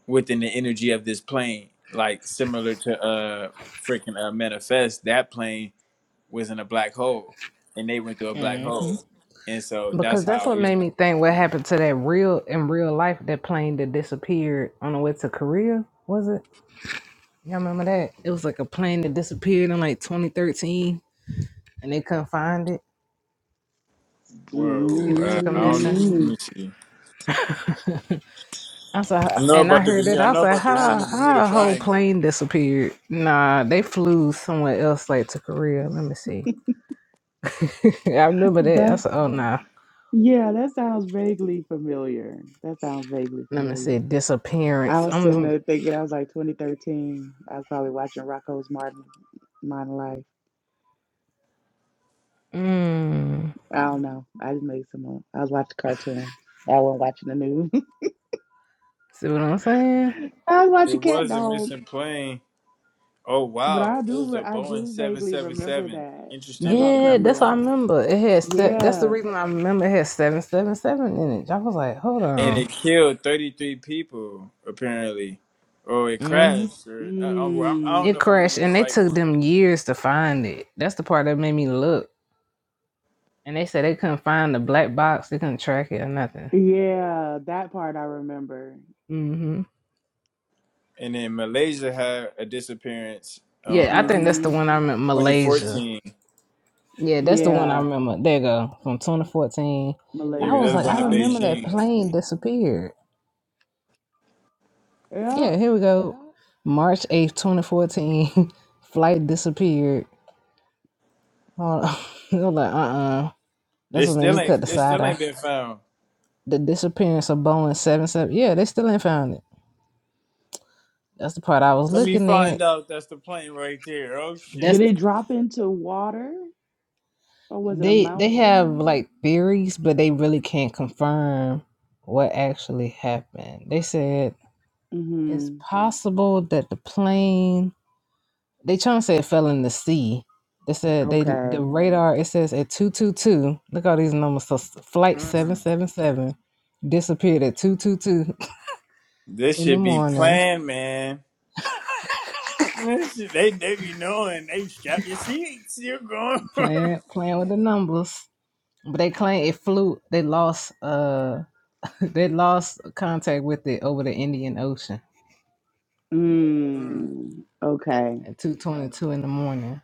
D: within the energy of this plane like similar to uh freaking uh, manifest that plane was in a black hole, and they went through a black
A: Mm-hmm.
D: hole, and so that's
A: Because that's
D: how
A: what
D: you
A: made
D: know.
A: me think what happened to that real in real life that plane that disappeared on the way to Korea, was it? Y'all remember that? It was like a plane that disappeared in like 2013 and they couldn't find it.
D: Whoa,
A: And people
D: uh,
A: took them
D: I don't. know.
A: missing.
D: Let me see.
A: I was like,
D: I know
A: and I
D: about the
A: heard that.
D: Bermuda.
A: I
D: I
A: was
D: know
A: like,
D: about the one in the
A: how,
D: Bermuda
A: how a whole
D: Triangle.
A: plane disappeared? Nah, they flew somewhere else, like to Korea. Let me see. I remember that. I
E: That
A: said, oh, nah.
E: yeah, that sounds vaguely familiar. That sounds vaguely
A: Let me
E: familiar.
A: see.
E: I
A: Disappearance.
E: was
A: I'm just,
E: sitting
A: like,
E: there thinking I was like 2013. I was probably watching Rocco's Martin Modern Life.
A: mm,
E: I don't know. I just made some up. I was watching cartoon. I wasn't watching the news.
A: see what I'm saying?
E: I was watching
D: It
E: Cat
D: was a
E: Dog,
D: missing plane. Oh
E: but
D: wow,
E: I
D: it
E: do
D: was
E: re-
D: a
E: I
D: Boeing
E: do
D: seven
E: vaguely
D: seven
E: remember
D: seven.
E: that
D: Interesting
E: something
D: with
E: about
D: the
A: Yeah,
D: numbers,
A: that's what I
E: Korea.
A: remember. It had se- that's the
E: Yeah.
A: reason I remember it had seven seven seven in it. I was like, hold
D: and
A: on.
D: it killed thirty three people apparently, or it
A: hmm
D: crashed, or I, I'm, I
E: Mm.
D: don't know
A: It
D: if I'm
A: crashed,
D: reading the
A: and they
D: right
A: took
D: one.
A: them years to find it. That's the part that made me look. And they said they couldn't find the black box. They couldn't track it or nothing.
E: Yeah, that part I remember.
A: hmm
D: And then Malaysia had a disappearance, uh,
A: Yeah, I think
D: um,
A: that's the
E: Mhm.
A: one I remember. Malaysia.
D: 2014.
A: Yeah, that's the one I
E: Yeah.
A: remember. There you go from 2014.
D: Yeah,
A: I
D: 'cause
E: Malaysia.
A: was
D: that's
A: like,
D: going
A: I
D: to
E: Uh-huh.
A: remember that
D: Beijing.
A: plane disappeared.
E: Yeah.
A: Yeah, here we go. March 8th, 2014. Flight disappeared. Hold on. They're like, uh uh
D: It
A: That's what made me
D: still ain't.
A: cut the
D: It
A: side
D: still
A: eye.
D: ain't been found.
A: The disappearance of Boeing seven seven. Yeah, they still ain't found it. That's the part I was
D: Let me
A: looking
D: find
A: at.
D: out. That's the plane right there. Oh
E: Did
A: That's
D: shit.
E: it drop into water or was it a
A: they they have
E: mountain?
A: like theories, but they really can't confirm what actually happened. They said it's
E: Mhm.
A: possible that the plane they trying to say it fell in the sea. They said they
E: Okay.
A: the radar it says at two two two. Look at all these numbers. So flight seven
D: Mm.
A: seven seven disappeared at two two two
D: This
A: in the
D: should be
A: morning
D: planned, man. This shit, they they be knowing. They strap your seats. You're going.
A: playing playing with the numbers. But they claim it flew. They lost uh they lost contact with it over the Indian Ocean
D: mm.
E: Mm, okay.
A: at two twenty two in the morning.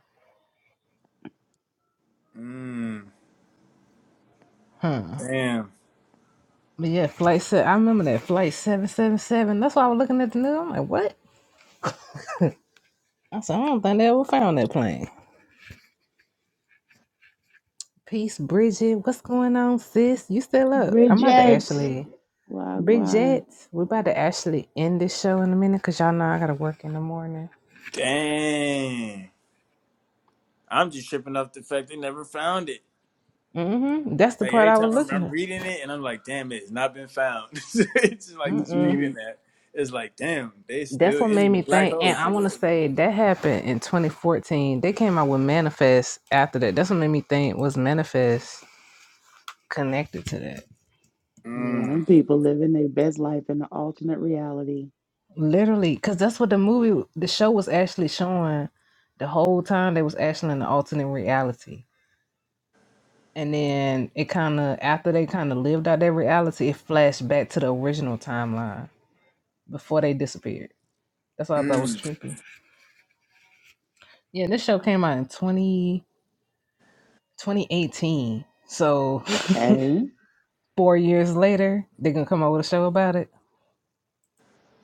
D: Mm.
A: Huh.
D: Damn.
A: But yeah, flight se- I remember that flight seven seven seven. That's why I was looking at the news. I'm like, what? I said, I don't think they ever found that plane. Peace, Bridget. What's going on, sis? You still up? I'm about to
E: Bridget.
A: actually
E: Wagwan.
A: Bridget. We are about to actually end this show in a minute because y'all know I gotta work in the morning.
D: Dang. I'm just tripping off the fact they never found it.
A: Mm-hmm. That's the
D: Like
A: part
D: every
A: I
D: time
A: was
D: I'm,
A: looking
D: I'm
A: at.
D: reading it and I'm like, damn, it's not been found. it's just like just
A: Mm-mm.
D: reading
E: Mm-mm.
D: that. It's like, damn, they
A: that's
D: still
A: what made
D: in the
A: me
D: black
A: think and
D: holes.
A: i want to say that happened in 2014 they came out with manifest after that that's what made me think was manifest connected to that
E: Yeah,
D: Mm,
E: them people living their best life in the alternate reality.
A: literally because that's what the movie the show was actually showing the whole time they was actually in an alternate reality and then it kind of after they kind of lived out their reality it flashed back to the original timeline before they disappeared that's what i thought was
D: mm.
A: trippy yeah this show came out in 20 2018, so
E: Okay.
A: Four years later, they're gonna come out with a show about it.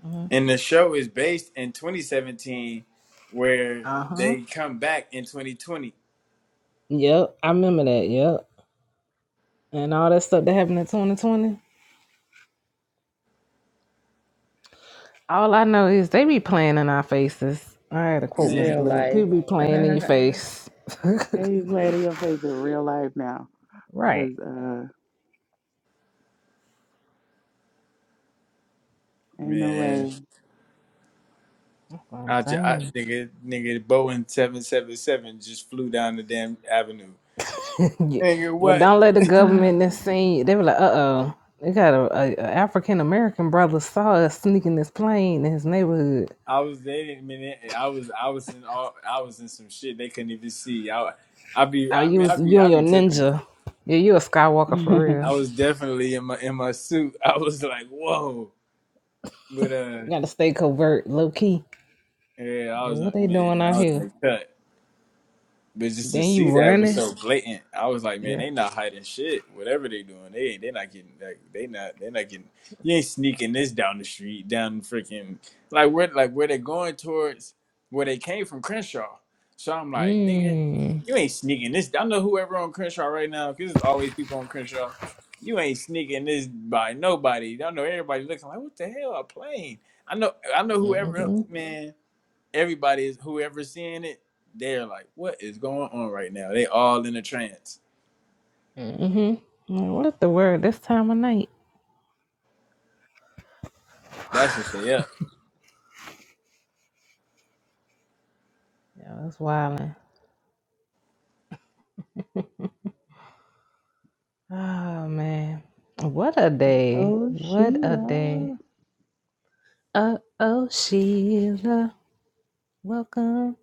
A: hmm
D: And the show is based in 2017, where
A: Uh huh.
D: they come back in 2020.
A: Yep, I remember that. Yep, and all that stuff that happened in 2020. All I know is they be playing in our faces. I had to
E: in
A: quote Miss
D: Man,
E: real
A: Blue.
E: life.
A: People be playing in your face.
E: Maybe play to your face in real life now.
A: right.
E: Because uh ain't no
D: man,
E: way.
A: That's what I'm
D: I, ju- I
A: saying.
D: nigga, nigga, Boeing 777 just flew down the damn avenue.
A: Yeah.
D: Nigga,
A: Well,
D: what?
A: don't let the government this scene. They were like, uh oh. They got a, a, a African American brother saw us sneaking this plane in his neighborhood.
D: I was there, man. I was, I was in all, I was in some shit they couldn't even see. I, I be,
A: Oh,
D: I
A: you
D: mean, I
A: was
D: be,
A: you and
D: I
A: your
D: be tripping.
A: ninja. Yeah, you a Skywalker for
D: I
A: real.
D: was definitely in my in my suit. I was like, whoa, but uh,
A: You gotta stay covert, low key.
D: yeah, I
A: Like,
D: was
A: What
D: like,
A: they doing
D: man,
A: out
D: I was in
A: here?
D: the cut. But just to
A: Then you
D: see that was so
A: running?
D: blatant. I was like, man,
A: Yeah.
D: they not hiding shit. Whatever they doing, they they not getting like they not they not getting. You ain't sneaking this down the street, down freaking like where like where they going towards where they came from Crenshaw. So I'm like, nigga,
A: Mm.
D: you ain't sneaking this. I know whoever on Crenshaw right now because there's always people on Crenshaw. You ain't sneaking this by nobody. I know everybody looking like, what the hell? A plane? I know I know whoever
A: Mhm.
D: man everybody is whoever's seeing it, they're like, "What is going on right now?" They all in a trance.
A: Mhm. Like, What is the word this time of night?
D: That's just stay up.
A: Yeah, that's wildin'. Oh man, what a day!
E: oh
A: What a
E: Sheila.
A: day! Uh oh, Sheila, welcome.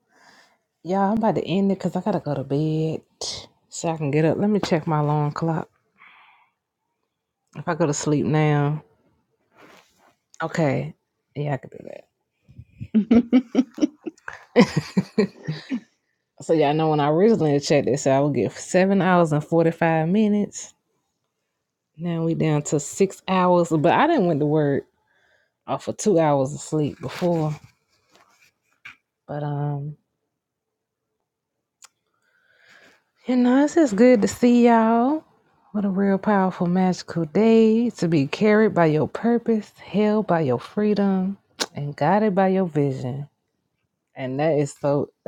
A: Y'all, I'm about to end it because I gotta go to bed so I can get up. Let me check my alarm clock. If I go to sleep now, okay, yeah, I can do that. So y'all know when I originally checked this, I would get seven hours and forty five minutes. Now we down to six hours, but I didn't went to work off of two hours of sleep before. But um, you know, it's just good to see y'all. What a real powerful, magical day to be carried by your purpose, held by your freedom, and guided by your vision. And that is so.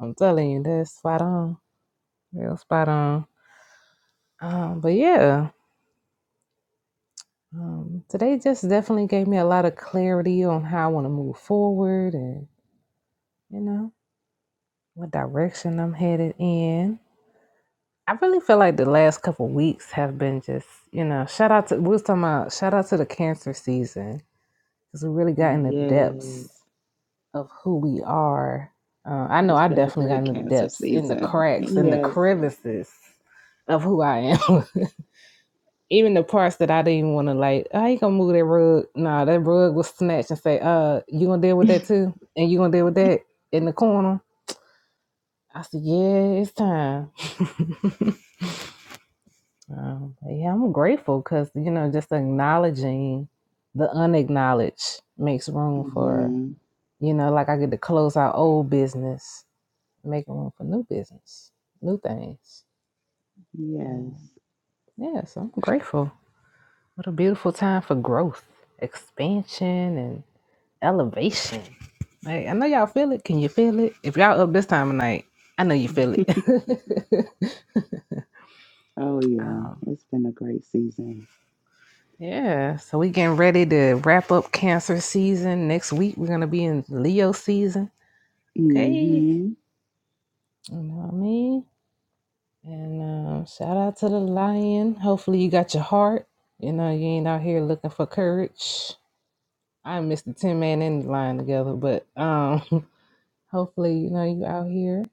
A: I'm telling you, that's spot on, real spot on. Um, but yeah. Um, today just definitely gave me a lot of clarity on how I want to move forward and, you know, what direction I'm headed in. I really feel like the last couple weeks have been just, you know, shout out to, we was talking about, shout out to the cancer season because we really got in the
E: Yes.
A: depths of who we are. Uh, I know
E: It's
A: I
E: been a
A: definitely got
E: great
A: in the
E: cancer
A: depths, in the
E: season.
A: cracks, in the
E: Yes.
A: crevices of who I am. even the parts that I didn't want to like, I ain't gonna move that rug. Nah, that rug was snatched and say, uh, you gonna deal with that too? And you gonna deal with that in the corner? I said, yeah, it's time. um, yeah, I'm grateful because, you know, just acknowledging the unacknowledged makes room for,
E: hmm
A: you know, like I get to close out old business, making room for new business, new things.
E: Yes.
A: Um, yeah, so I'm grateful. What a beautiful time for growth, expansion, and Elevation. Like, I know y'all feel it. Can you feel it? If y'all up this time of night, I know you feel it.
E: Oh, yeah.
A: um,
E: It's been a great season.
A: yeah. So we getting ready to wrap up Cancer season next week. We're gonna be in Leo season. Okay.
E: Mm-hmm.
A: You know what I mean? And um, shout out to the lion. Hopefully you got your heart. You know you ain't out here looking for courage. I miss the ten man and the lion together, but um, hopefully you know you out here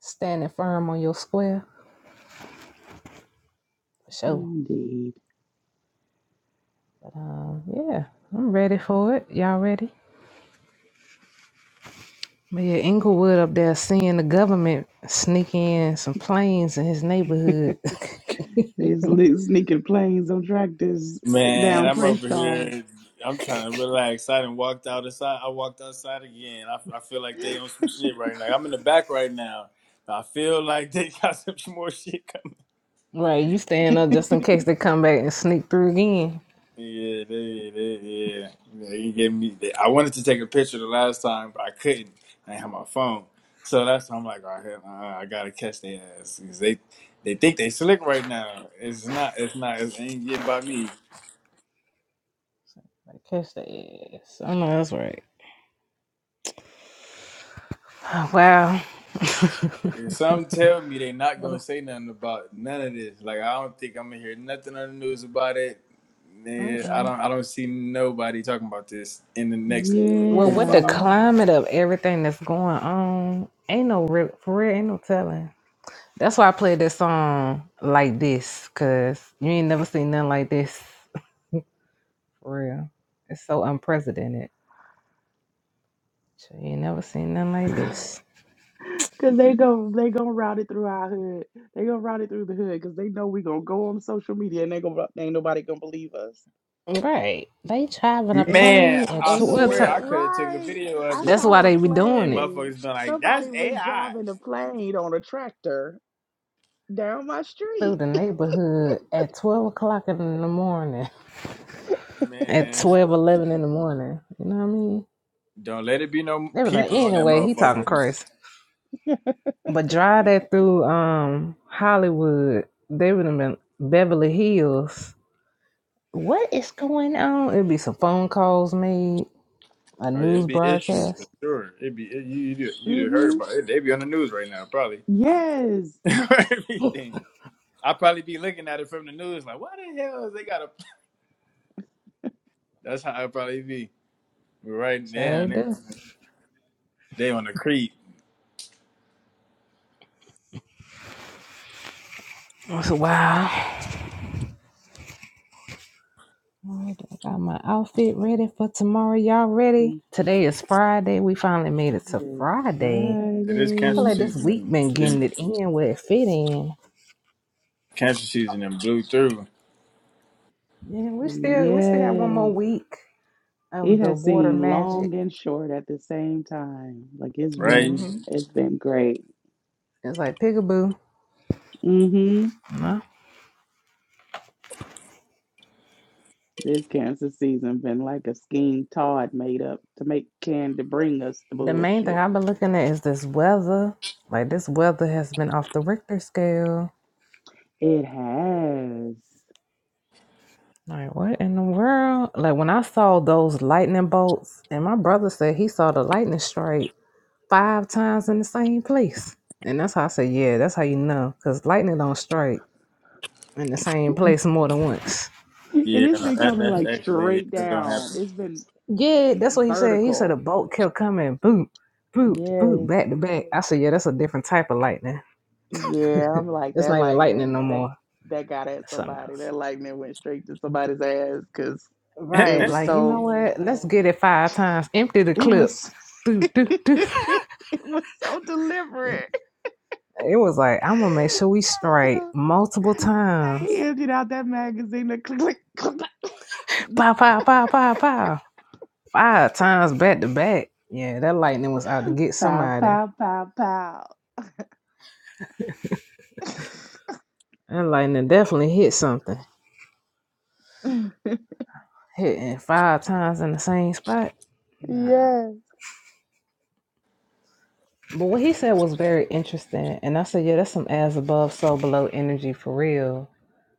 A: standing firm on your square. For sure.
E: Indeed.
A: But um, yeah, I'm ready for it. Y'all ready? But yeah, Inglewood up there seeing the government sneak in some planes in his neighborhood.
E: There's li- sneaking planes on tractors
D: Man,
E: down
D: I'm over
E: Crenshaw.
D: here. I'm trying to relax. I done walked outside. I walked outside again. I, I feel like they on some shit right now. I'm in the back right now. I feel like they got some more shit.
A: right, you staying up just in case they come back and sneak through again.
D: Yeah, they, they, yeah. yeah. He gave me. They, I wanted to take a picture the last time, but I couldn't. I didn't have my phone, so that's why I'm like, all right, uh, I gotta catch their ass 'Cause they, they think they slick right now. It's not. It's not. It ain't getting by me.
A: Like, catch their ass. I know that's right. Wow.
D: If Some tell me they not
A: What
D: gonna
A: a-
D: say nothing about none of this. Like I don't think I'm gonna hear nothing on the news about it. Man, I
A: Mm-mm.
D: don't. I don't see nobody talking about this in the next
A: Well, with the
D: 25.
E: Yeah.
A: climate of everything that's going on, ain't no real, for real, ain't no telling. That's why I played this song like this, cause you ain't never seen nothing like this. For real. It's so unprecedented. You ain't never seen nothing like this.
E: Cause they go they gonna route it through our hood. They gonna route it through the hood because they know we gonna go on social media and they gonna ain't nobody gonna believe us.
A: Right. They driving a
E: And
D: Man,
A: plane at
D: I
A: twelve
D: swear
E: Englewood,
D: I
A: o'clock.
D: could have took a
E: right.
D: video of
E: I
D: it.
A: That's why
E: saw a
A: they be doing
D: And
A: it.
E: plane.
D: motherfuckers been like, that's
E: Somebody was
D: AI.
E: driving a plane on a tractor down my
A: Through
E: street.
A: the neighborhood at 12 o'clock in the morning. At
D: Man,
A: 12 11 in the morning. You know what I mean?
D: don't let it be no
A: They was like,
D: people on that
A: anyway, he talking
D: motherfucker.
A: crazy. But drive that through um Hollywood. They would have been Beverly Hills. What is going on? It'd be some phone calls made. a
D: Oh yeah, it'd
A: news
D: be issues for
A: broadcast.
D: sure. It'd be it, you you you heard
E: Mm-hmm.
D: about it. They'd be on the news right now, probably.
E: Yes.
D: Everything. I probably be looking at it from the news, like, what the hell is they got a? That's how I probably be. But right
A: That's how
D: now,
A: they
D: they,
A: do.
D: they on the creek.
A: That's wow. All right, I got my outfit ready for tomorrow. Y'all
E: It
A: ready? Today is Friday. We finally made it to
E: is
A: Friday.
D: It is
A: I feel
D: cancer
E: Friday.
A: like this
D: season.
A: week
D: And,
A: been getting
D: then
A: it in where it fit in.
D: cancer season and blew through.
A: Yeah, we still we still got one
E: Yes.
A: more week
E: It
A: of the
E: has
A: water
E: seemed long
A: magic.
E: and short at the same time. Like it's
D: Right?
E: been
A: hmm
E: it's been great.
A: It's like peekaboo.
E: Mm-hmm.
A: Huh?
E: This cancer season been like a scheme Todd made up to make can to bring us the
A: The main thing
E: bullshit.
A: I've been looking at is this weather. Like this weather has been off the Richter scale.
E: It has.
A: Like what in the world? Like when I saw those lightning bolts, and my brother said he saw the lightning strike five times in the same place, and that's how I said, yeah, that's how you know, cause lightning don't strike in the same place more than once.
E: And
D: Yeah,
E: it's
D: no,
E: been
D: that,
E: coming
D: that's
E: like
D: actually
E: straight
D: that don't
E: down. It's
D: happen.
E: been
A: Yeah, that's what he said. He said the
E: vertical.
A: bolt kept coming, boop, boop, boop,
E: Yes.
A: back to back. I said, yeah, that's a different type of lightning.
E: Yeah, I'm like
A: It's
E: that
A: not even lightning
E: lightning
A: no
E: that
A: more.
E: that got at
A: It's something
E: somebody.
A: else.
E: That lightning went straight to somebody's ass because it
A: Right?
E: was
A: Like you know
E: so
A: what? Let's get it five times. Empty the
E: it
A: clip.
E: was
A: Do do do.
E: it was so deliberate.
A: It was like, I'm gonna make sure we strike multiple
E: He They
A: times.
E: emptied out that magazine. and Click, click, click, click.
A: Pow, pow, pow, pow, pow. Five times back to back. Yeah, that lightning was out to get
E: Pow,
A: somebody.
E: pow, pow, pow.
A: That lightning definitely hit something. Hitting five times in the same spot. Nah.
E: Yeah.
A: But what he said was very interesting. And I said, yeah, that's some as above, so below energy for real.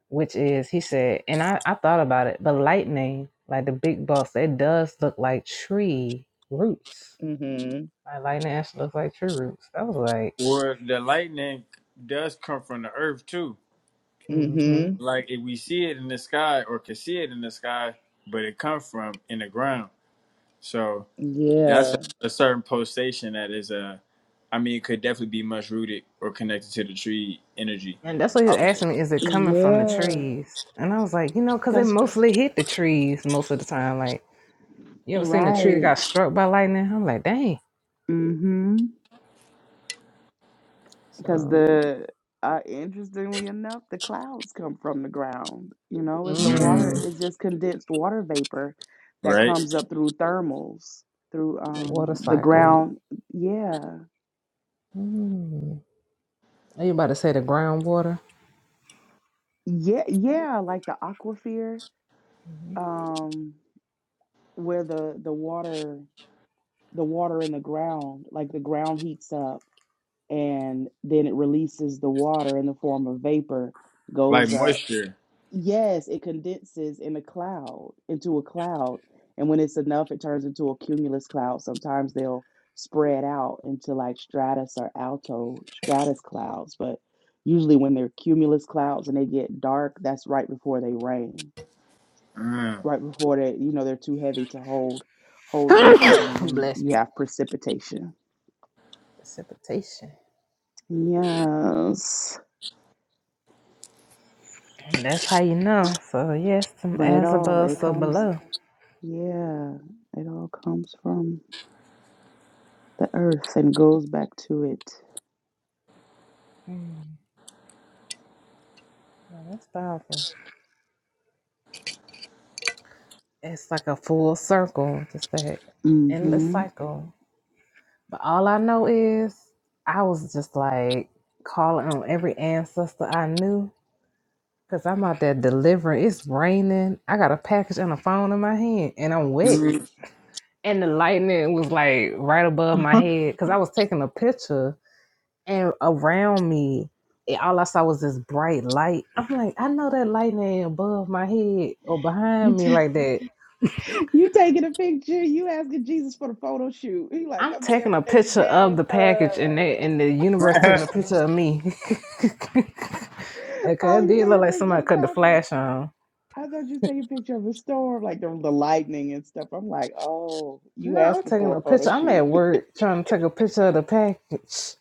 A: Which is, he said, and I, I thought about it, but lightning, like the big bucks, it does look like tree roots
E: Mhm.
A: My lightning ash looks like tree roots. I was like,
D: Well, the lightning does come from the earth too.
A: mm-hmm.
E: Mhm.
D: Like if we see it in the sky or can see it in the sky, but it comes from in the ground. So that's
E: Yeah.
D: a, a certain pulsation that is uh, I mean, it could definitely be much rooted or connected to the tree energy.
A: And that's what he
D: I
A: was
D: would say.
A: asking me, is it coming from the
E: Yeah.
A: trees? And I was like, you know, because it
E: Cause
A: mostly hit the trees most of the time. Like, you ever seen a tree that
E: right.
A: got struck by lightning? I'm like, dang.
E: Mhm. because
A: So,
E: the uh, interestingly enough, the clouds come from the ground. You know, it's the water.
D: Mm,
A: mm,
E: It's just condensed water vapor that
D: right?
E: comes up through thermals, through
A: the water
E: um the
A: cycle.
E: ground. Yeah,
A: Mm. Are you about to say the groundwater?
E: yeah, yeah. Like the aquifer,
A: Mhm.
E: um, where the the water, the water in the ground, like the ground heats up, and then it releases the water in the form of vapor,
D: Like
E: goes up
D: moisture.
E: Yes, it condenses in a cloud, into a cloud. And when it's enough, it turns into a cumulus cloud. Sometimes they'll spread out into like stratus or alto stratus clouds. But usually when they're cumulus clouds and they get dark, that's right before they rain.
D: Mm.
E: Right before they, you know, they're too heavy to hold hold it. And then
A: Bless
E: you
A: me.
E: have precipitation.
A: Precipitation.
E: Yes.
A: And that's how you know. So, yes, some
E: But it
A: as
E: all
A: above,
E: it
A: so
E: comes,
A: below.
E: yeah, it all comes from the earth and goes back to it.
A: Mm. Yeah, that's powerful. It's like a full circle, just that endless
E: Mm-hmm.
A: cycle. But all I know is I was just like calling on every ancestor I knew because I'm out there delivering. It's raining. I got a package and a phone in my hand and I'm wet.
D: Mm.
A: And the lightning was like right above my head because I was taking a picture and around me, it- all I saw was this bright light. I'm like, I know that lightning ain't above my head or
E: You
A: behind me
E: ta-
A: like that
E: you taking a picture? You asking Jesus for the photo shoot? He like,
A: I'm
E: come get
A: taking a
E: everything you
A: picture of
E: can
A: the
E: for.
A: package and they and the universe taking a picture of me. Okay,
E: Oh,
A: it
E: you
A: did
E: taking
A: look
E: a
A: like
E: picture of
A: somebody
E: the
A: cut the
E: package?
A: flash on.
E: I thought you take a picture of a storm, like the, the lightning and stuff. I'm like, oh, you
A: No, I'm
E: asking
A: taking
E: for a
A: a
E: photo
A: picture. I'm at
E: shoot?
A: work trying to take a picture of the package.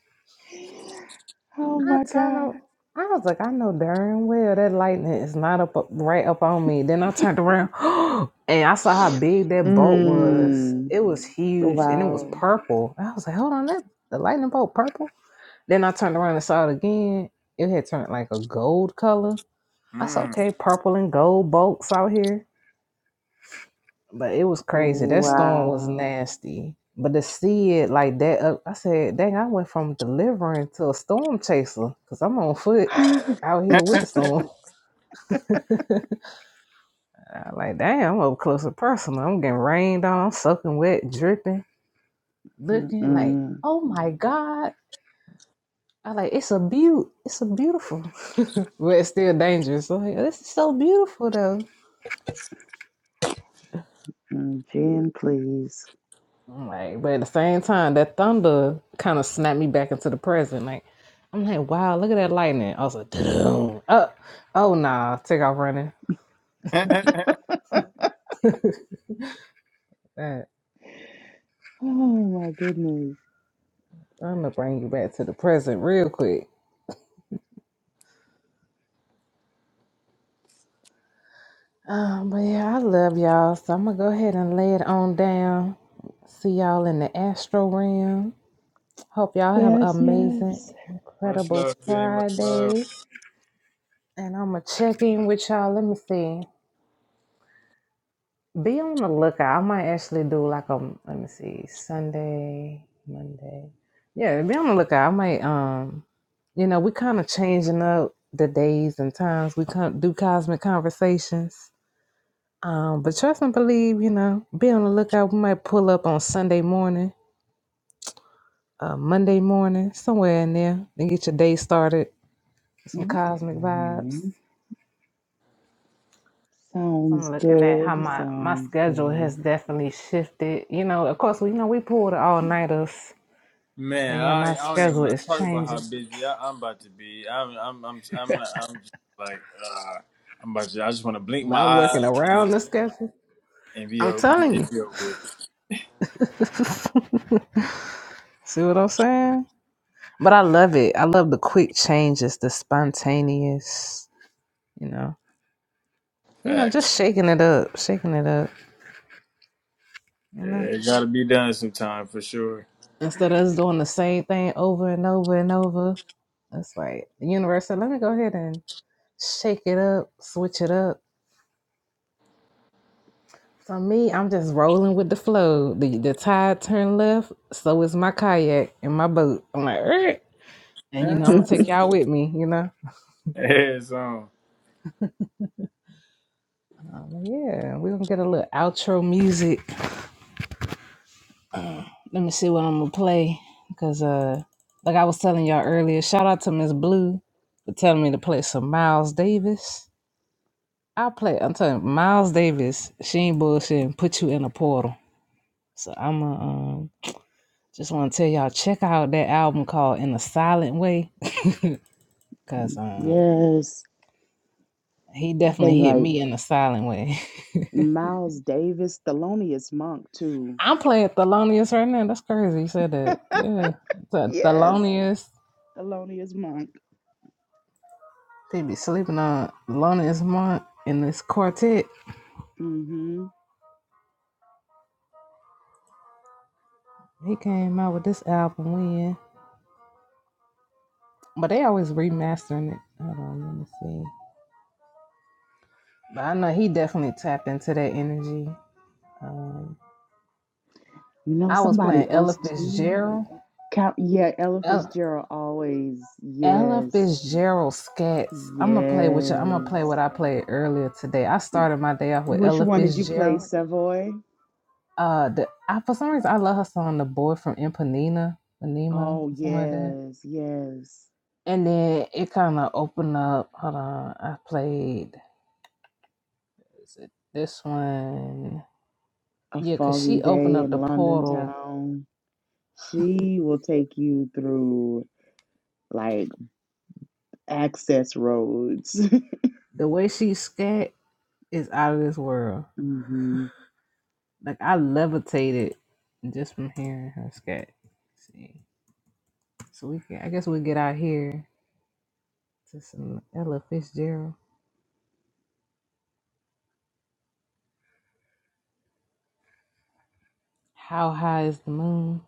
E: Oh
A: I
E: my
A: turn
E: God.
A: on. I was like, I know darn well that lightning is not up, up right up on me. Then I turned around and I saw how big that bolt was.
E: Mm,
A: It was huge and it was
E: wow.
A: purple. I was like, hold on, that the lightning bolt purple. Then I turned around and saw it again. It had turned like a gold color. That's
D: Mm.
A: okay. Purple and gold bolts out here, but it was crazy. That storm was
E: Wow.
A: nasty. But to see it like that, uh, I said, "Dang, I went from delivering to a storm chaser because I'm on foot out here with the storm." I like, "Damn, I'm up close and personal. I'm getting rained on. I'm soaking wet, dripping, looking like,
E: Mm-mm.
A: oh my god." I like it's a beaut. It's a beautiful, but it's still dangerous. I'm like, this is so beautiful though.
E: mm, Jen, please.
A: I'm like, but at the same time, that thunder kind of snapped me back into the present. Like, I'm like, wow, look at that lightning. I was like, "Dun-dun." oh, oh nah, take off running. that
E: Oh my goodness.
A: thunder bring you back to the present real quick. Um, but yeah, I love y'all. So I'm gonna go ahead and lay it on down. See y'all in the astro realm. Hope y'all have an
E: Yes, yes.
A: amazing,
D: much
A: incredible
D: love, Dean. Much love.
A: Friday. And I'm gonna check in with y'all. Let me see. Be on the lookout. I might actually do like a let me see Sunday, Monday. Yeah, be on the lookout. I might um, you know, we kind of changing up the days and times. We can do cosmic conversations. Um, but trust and believe, you know, be on the lookout. We might pull up on Sunday morning, uh, Monday morning, somewhere in there, and get your day started. Some cosmic vibes.
E: Okay.
A: 'Cause
E: Sounds
A: I'm looking at how
E: good.
A: my my
E: Sounds
A: schedule has definitely shifted. You know, of course, we you know we pulled all nighters But
D: Man,
A: yeah,
D: I
A: my
D: ain't- I don't even
A: schedule
D: want to
A: is
D: talk about how
A: changing.
D: busy I, I'm about to be. I'm I'm I'm I'm not, I'm just like uh, I'm about to. I just want to blink my
A: I'm working
D: eyes and
A: around the schedule.
D: and be
A: I'm
D: over and,
A: telling
D: and
A: you.
D: be over with.
A: See what I'm saying? But I love it. I love the quick changes, the spontaneous, you know. You know,
D: Fact,
A: just shaking it up, shaking it up, you
D: Yeah,
A: know.
D: It gotta be done sometime for sure.
A: Instead of us doing the same thing over and over and over. It's like the universe said, let me go ahead and shake it up, switch it up So me, I'm just rolling with the flow. The the tide turned left, so is my kayak and my boat. I'm like, "Er," and you know, I'm gonna
E: good.
A: take y'all with me. You know,
D: Yeah, it's on.
A: I'm like, yeah, we're gonna get a little outro music. Let me see what I'm gonna play because, uh, like I was telling y'all earlier, shout out to Miss Blue for telling me to play some Miles Davis. I play. I'm telling you, Miles Davis. She ain't bullshitting. Put you in a portal. So I'm going um, just want to tell y'all check out that album called In a Silent Way Cause um,
E: Yes.
A: he
E: I think
A: definitely hit
E: like
A: me in a silent way.
E: Miles Davis, Thelonious Monk too.
A: I'm playing Thelonious right now. That's crazy. You said that. Yeah. The
E: Yes,
A: Thelonious.
E: Thelonious Monk.
A: They be sleeping on Thelonious Monk in this quartet.
E: Mm-hmm.
A: He came out with this album when. But they always remastering it. Hold on, let me see. But I know he definitely tapped into that energy. Um,
E: You know
A: I was
E: somebody
A: playing Ella
E: else too?
A: Fitzgerald.
E: Count yeah, Ella
A: Ella.
E: Fitzgerald always.
A: Ella
E: Yes.
A: Fitzgerald scats. I'm gonna play with you. I'm
E: Yes.
A: gonna play what I played earlier today. I started my day off with
E: Which
A: Ella
E: one did you play,
A: Fitzgerald.
E: Savoy?
A: Uh, the, I, for some reason I love her song "The Boy from Impanina," Panema,
E: Oh
A: or something like that.
E: yes, yes.
A: And then it kind of opened up. Hold on, I played. Is it this one?
E: A
A: Yeah, cause
E: Foggy
A: she opened
E: Day
A: up
E: in
A: the
E: London
A: portal.
E: Town. She will take you through like access roads.
A: The way she scat is out of this world.
E: hmm
A: Like I levitated just from hearing her scat. Let's see. So we can, I guess we get out here to some Ella Fitzgerald. How high is the moon?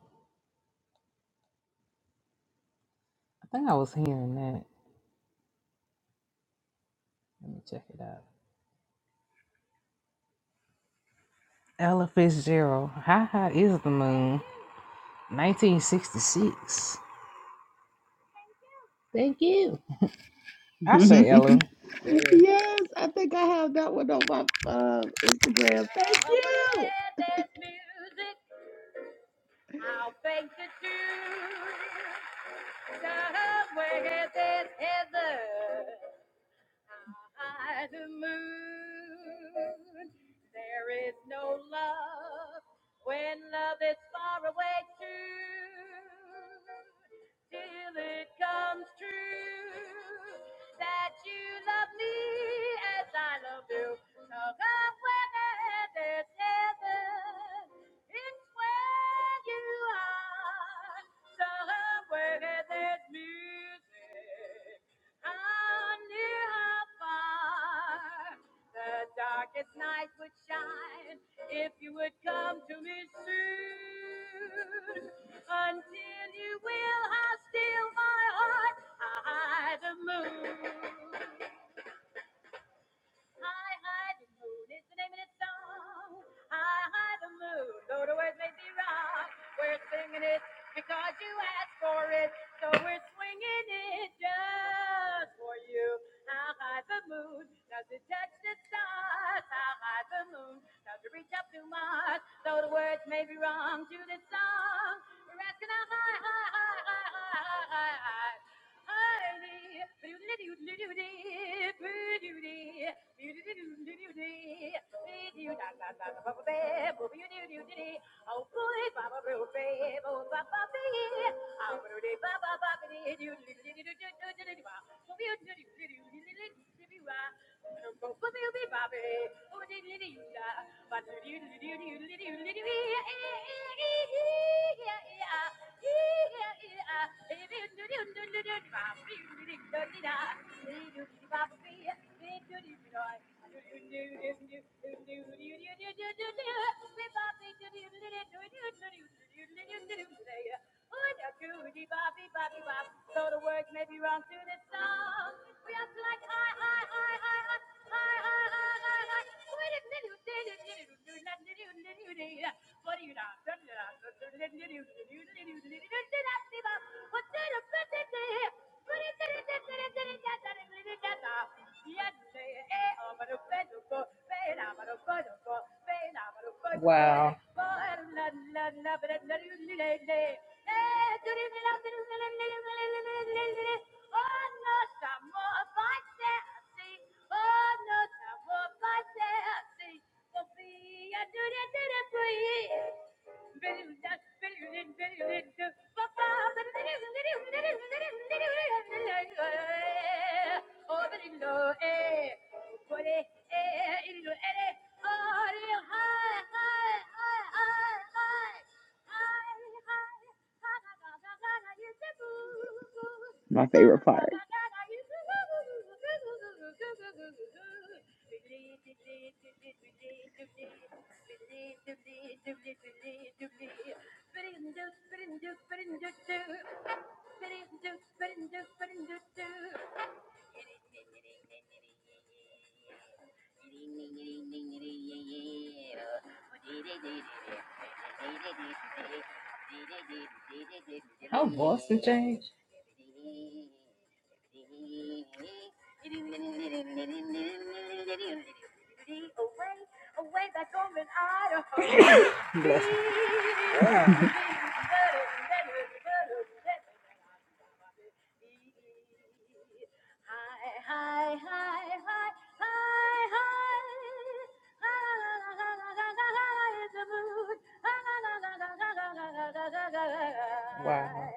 A: I think I was hearing that. Let me check it out. Ella Fitzgerald. How high is the moon? 1966. Thank you. I say Ella.
E: yes, I think I have that one on my uh, Instagram. Thank you.
A: high the moon. There is no love when love is far away too. Till it comes true that you love me as I love you. Talk of whether there's heaven. It's where you are. Somewhere there's music. I knew how far the darkest night would shine if you would come to me soon. Until you will, I will steal my heart. I the moon. High, high, the moon is the name of this song. High, high, the moon, though the words may be wrong. We're singing it because you asked for it. So we're swinging it just for you. High, high, the moon, does it touch the stars? High, high, the moon, does it reach up to Mars? Though the words may be wrong to this song. So the words may be wrong to the song. We have to like I, I, I, I, I, I, I, I, I, I. Wow.
E: My favorite part.
A: How Boston change? Bless her. Wow.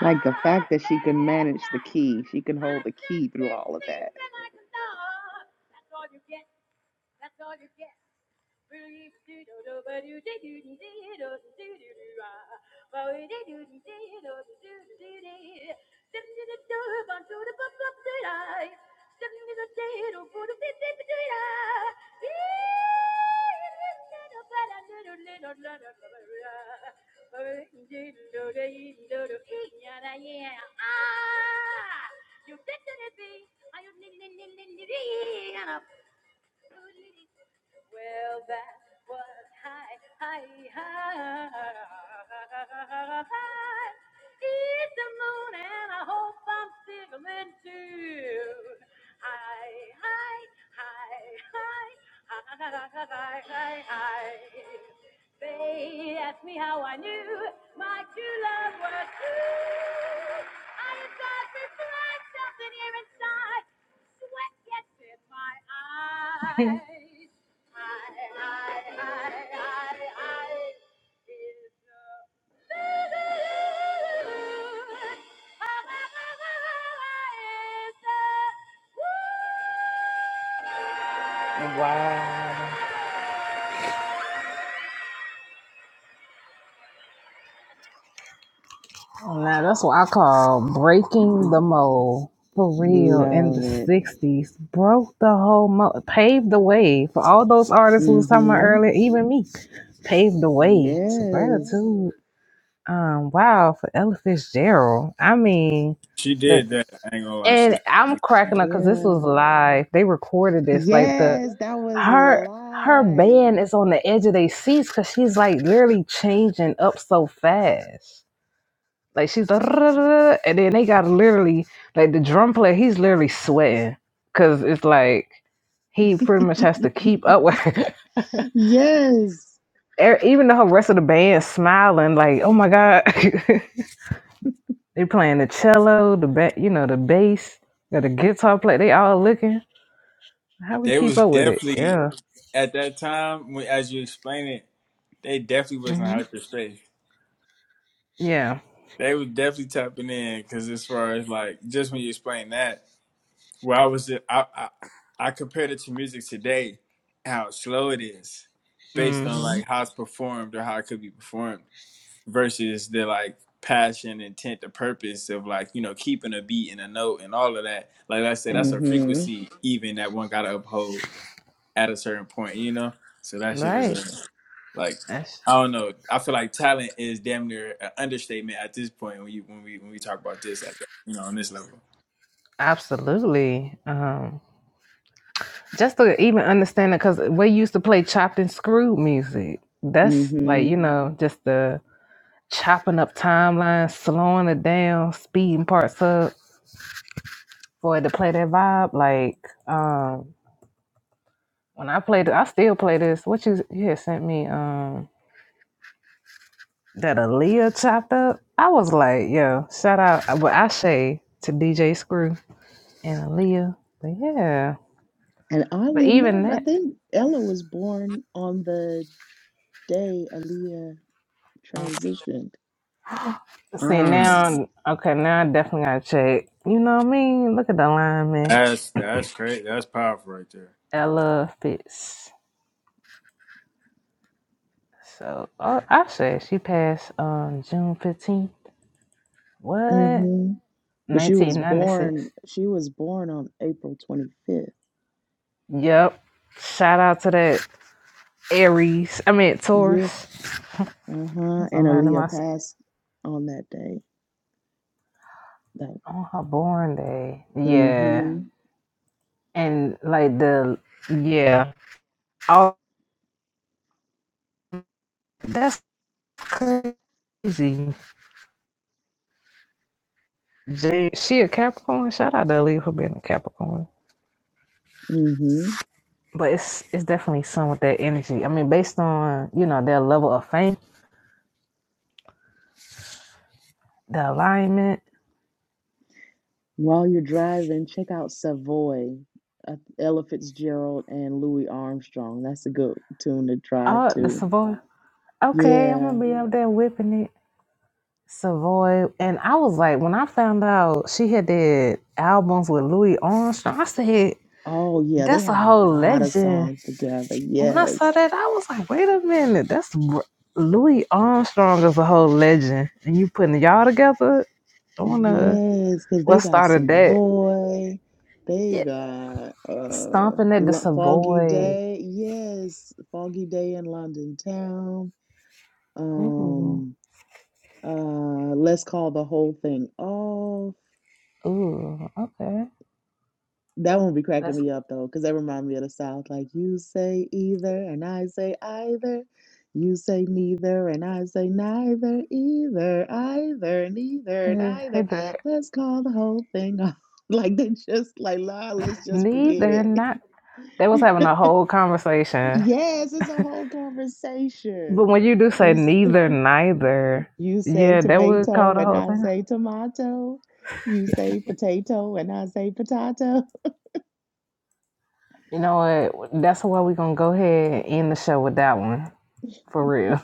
E: like the fact that she can manage the key, she can hold the key through all of that.
A: Wow. Now that's what I call breaking
E: L-
A: the mold. For real, in the
E: Love it.
A: '60s, broke the whole mold, paved the way for all those artists who was talking about
E: Mm-hmm.
A: earlier, even me. paved the way. So
E: Yes.
A: gratitude. Um, wow, for Ella Fitzgerald. I mean,
D: She
A: the
D: did that. I ain't gonna lie. She.
A: and I'm cracking up because this
E: Yeah.
A: was live. They recorded this. Like the
E: Yes, that was
A: her her
E: live.
A: band is on the edge of their seats because she's like literally changing up so fast. Like she's like, "Rrrr," and then they got literally like the drum player. He's literally sweating because it's like he pretty much has to keep up with her.
E: Yes.
A: E- even though the rest of the band smiling like oh my god They playing the cello, the ba- you know, the bass, got the guitar play. They all looking. How we
D: They
A: keep
D: was
A: up with it?
D: definitely
A: Yeah.
D: at that time when as you explain it, they definitely was in
A: hmm
D: hyperspace.
A: Yeah.
D: They was definitely tapping in because as far as like just when you explain that. Well, I was just, I, I I compared it to music today, how slow it is, based on
A: hmm
D: like how it's performed or how it could be performed, versus the like passion, intent, the purpose of like you know keeping a beat and a note and all of that. Like I said,
A: Yeah.
D: that's a
E: Mm-hmm.
D: frequency even that one gotta uphold at a certain point, you know. So that shit is
A: Right.
D: a, like I don't know. I feel like talent is damn near an understatement at this point when you when we when we talk about this at the, you know on this level.
A: Absolutely. Um, just to even understand it, because we used to play chopped and screwed music. That's like
E: Mm-hmm.
A: you know, just the chopping up timelines, slowing it down, speeding parts up for it to play that vibe. Like um, when I played, I still play this. What you, you had sent me? Um, that Aaliyah chopped up. I was like, yo, shout out, But I say to DJ Screw and Aaliyah. But yeah,
E: And
A: but
E: oddly
A: even
E: enough, I
A: that,
E: think Ella was born on the day Aaliyah transitioned.
A: see
D: Mm.
A: now, okay, now I definitely gotta check. You know what I mean? Look at the alignment.
D: That's that's great. That's powerful right there.
A: Ella Fitz. So oh, I said she passed on June 15th. What?
E: Mm-hmm. But she was
A: 1996.
E: born, she was born on April 25th.
A: Yep. Shout out to that Aries. I mean
E: Yeah.
A: Taurus.
E: Uh-huh. And
A: I'm learning my
E: Aaliyah passed on that day. That
A: on her born day. Yeah.
E: mm-hmm.
A: and like the yeah. Oh, that's crazy. Jay, she a Capricorn. Shout out to Lee for being a Capricorn.
E: Mm-hmm.
A: But it's it's definitely some with that energy. I mean, based on you know their level of fame, the alignment.
E: While you're driving, check out Savoy. Uh, Ella Fitzgerald and Louis Armstrong. That's a good tune to drive
A: Oh, the
E: to.
A: Savoy. Okay, I'm
E: Yeah.
A: gonna be up there whipping it. Savoy. And I was like, when I found out she had did albums with Louis Armstrong, I said,
E: Oh, yeah, they
A: that's a
E: have a
A: whole
E: lot of
A: legend.
E: songs together.
A: when I saw
E: Yes.
A: that, I was like, wait a minute, that's r- Louis Armstrong is a whole legend, and you putting y'all together on a
E: yes, because
A: what
E: they got
A: started that?
E: Savoy. They
A: Yeah,
E: got uh
A: stomping at the
E: Lo- Foggy
A: Savoy.
E: Day. Yes, Foggy Day in London Town.
A: Ooh,
E: Um uh Let's Call the Whole Thing Off.
A: ooh, okay.
E: That one be cracking
A: That's
E: me up though, cause that remind me of the South. Like, you say either, and I say either. You say neither, and I say neither, either, either, neither,
A: uh, hey
E: neither.
A: there.
E: Let's call the whole thing off. Like, they just like, nah, let's just forget
A: Neither,
E: it.
A: not. They was having a whole conversation,
E: Yes, it's a whole
A: but
E: conversation.
A: when you do
E: You
A: say
E: s-
A: neither, neither,
E: you say
A: yeah, that would call
E: tomato,
A: the
E: and
A: whole
E: I
A: thing.
E: say tomato. You say potato, and I say potato.
A: You know what? That's why we're gonna go ahead and end the show with that one for real.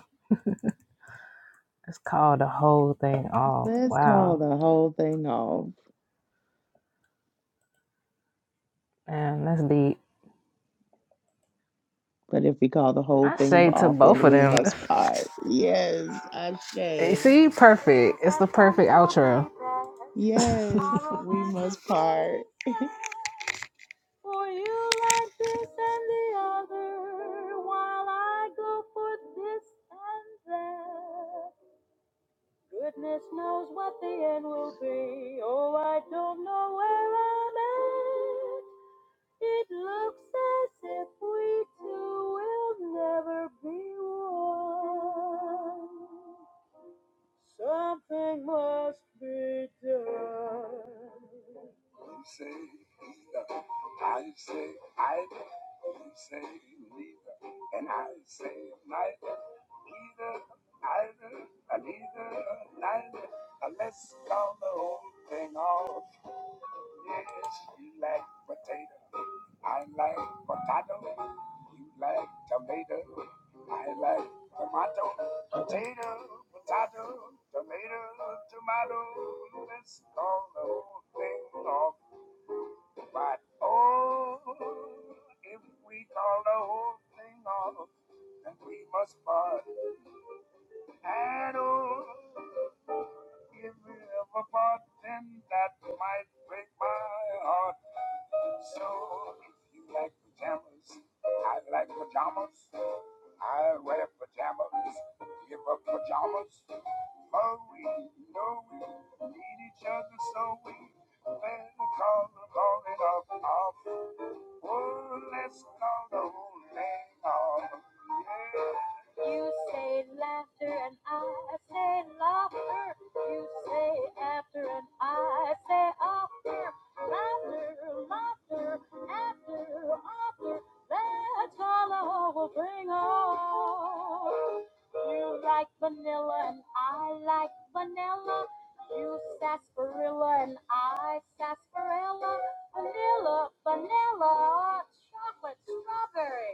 A: It's called the whole thing off.
E: Let's call
A: Wow.
E: the whole thing off.
A: Man, that's deep.
E: But if we call the whole
A: I
E: thing
A: say to
E: off,
A: both
E: then
A: of
E: we
A: them.
E: must part. Yes, Ashe.
A: See, perfect. It's the perfect outro. Goodness
E: Yes, we must part.
A: knows what the end will be. Oh, I don't know where I'm at. It looks as if we two will never be one. You say laughter and I say laughter. You say after and I say after. Laughter, laughter, after, after. That's all I will bring on. You like vanilla and I like vanilla. You sarsaparilla and I sarsaparilla. Vanilla, vanilla, chocolate, strawberry.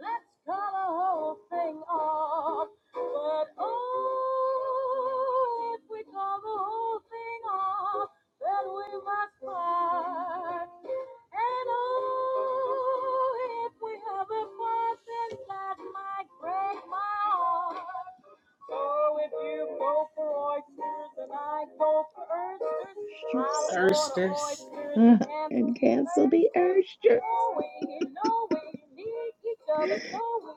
A: Let's call the whole thing off. But oh, if we call the whole thing off, then we must fight. And oh, if we have a conscience, that might break my heart. So if you go for oysters and I go for oysters,
E: Yes.
A: I'll there's
E: Uh,
A: an
E: and
A: empty
E: cancel
A: urge
E: the
A: that
E: urges.
A: no we, no we need each other, so we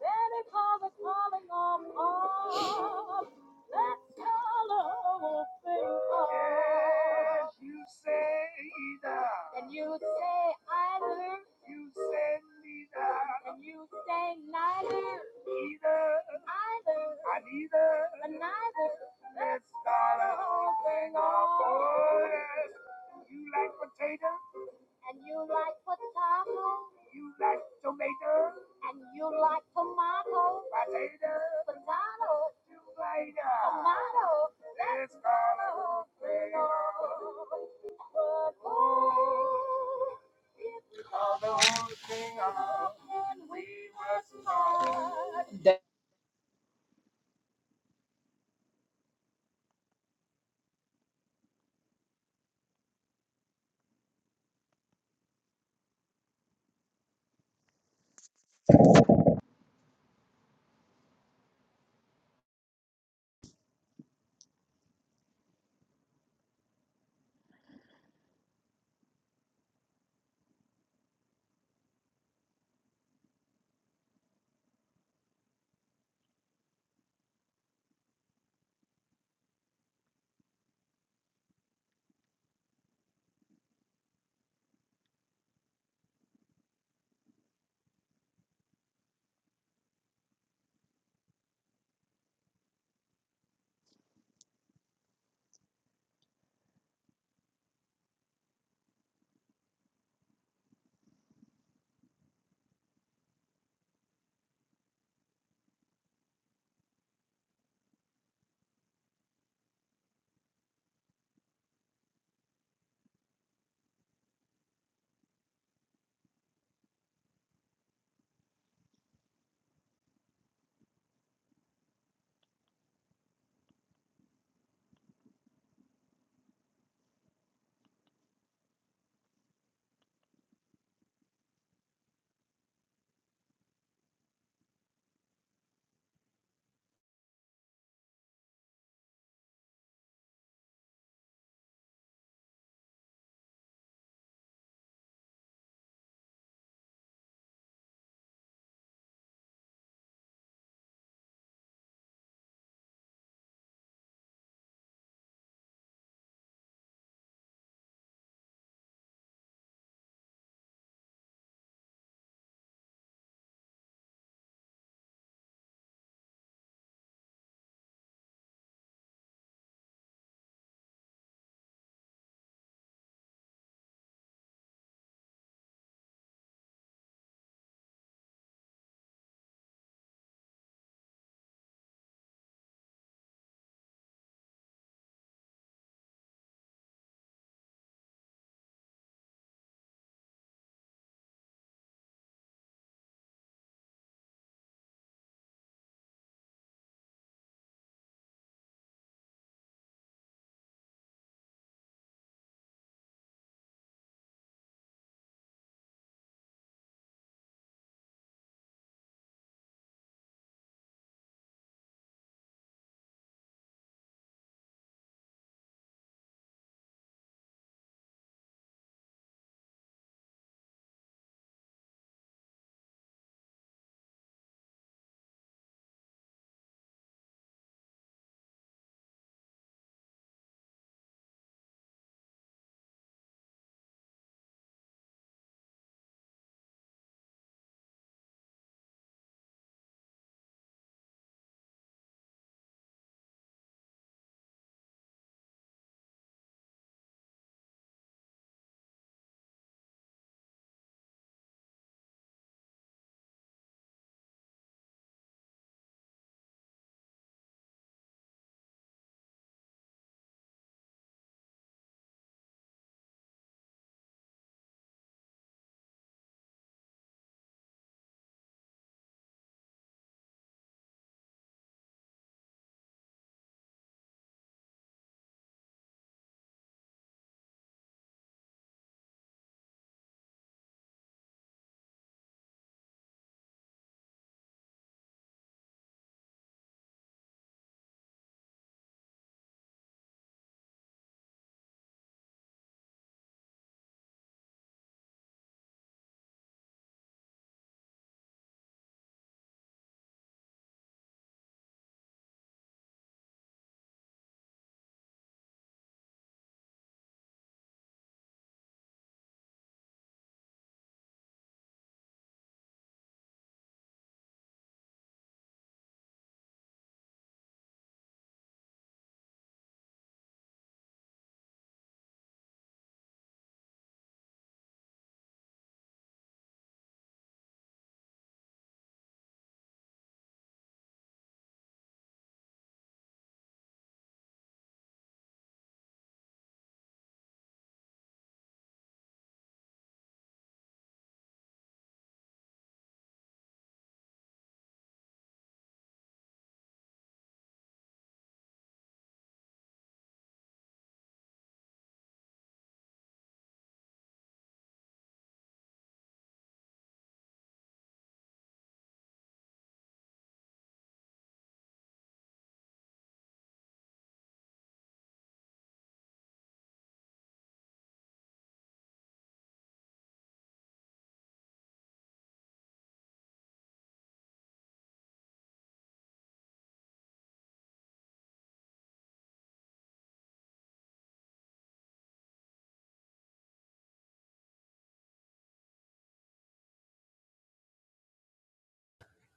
A: better call the calling on off. Let's call a whole thing off. And you say either, and you say neither, either, and neither, and you like potato, and you like.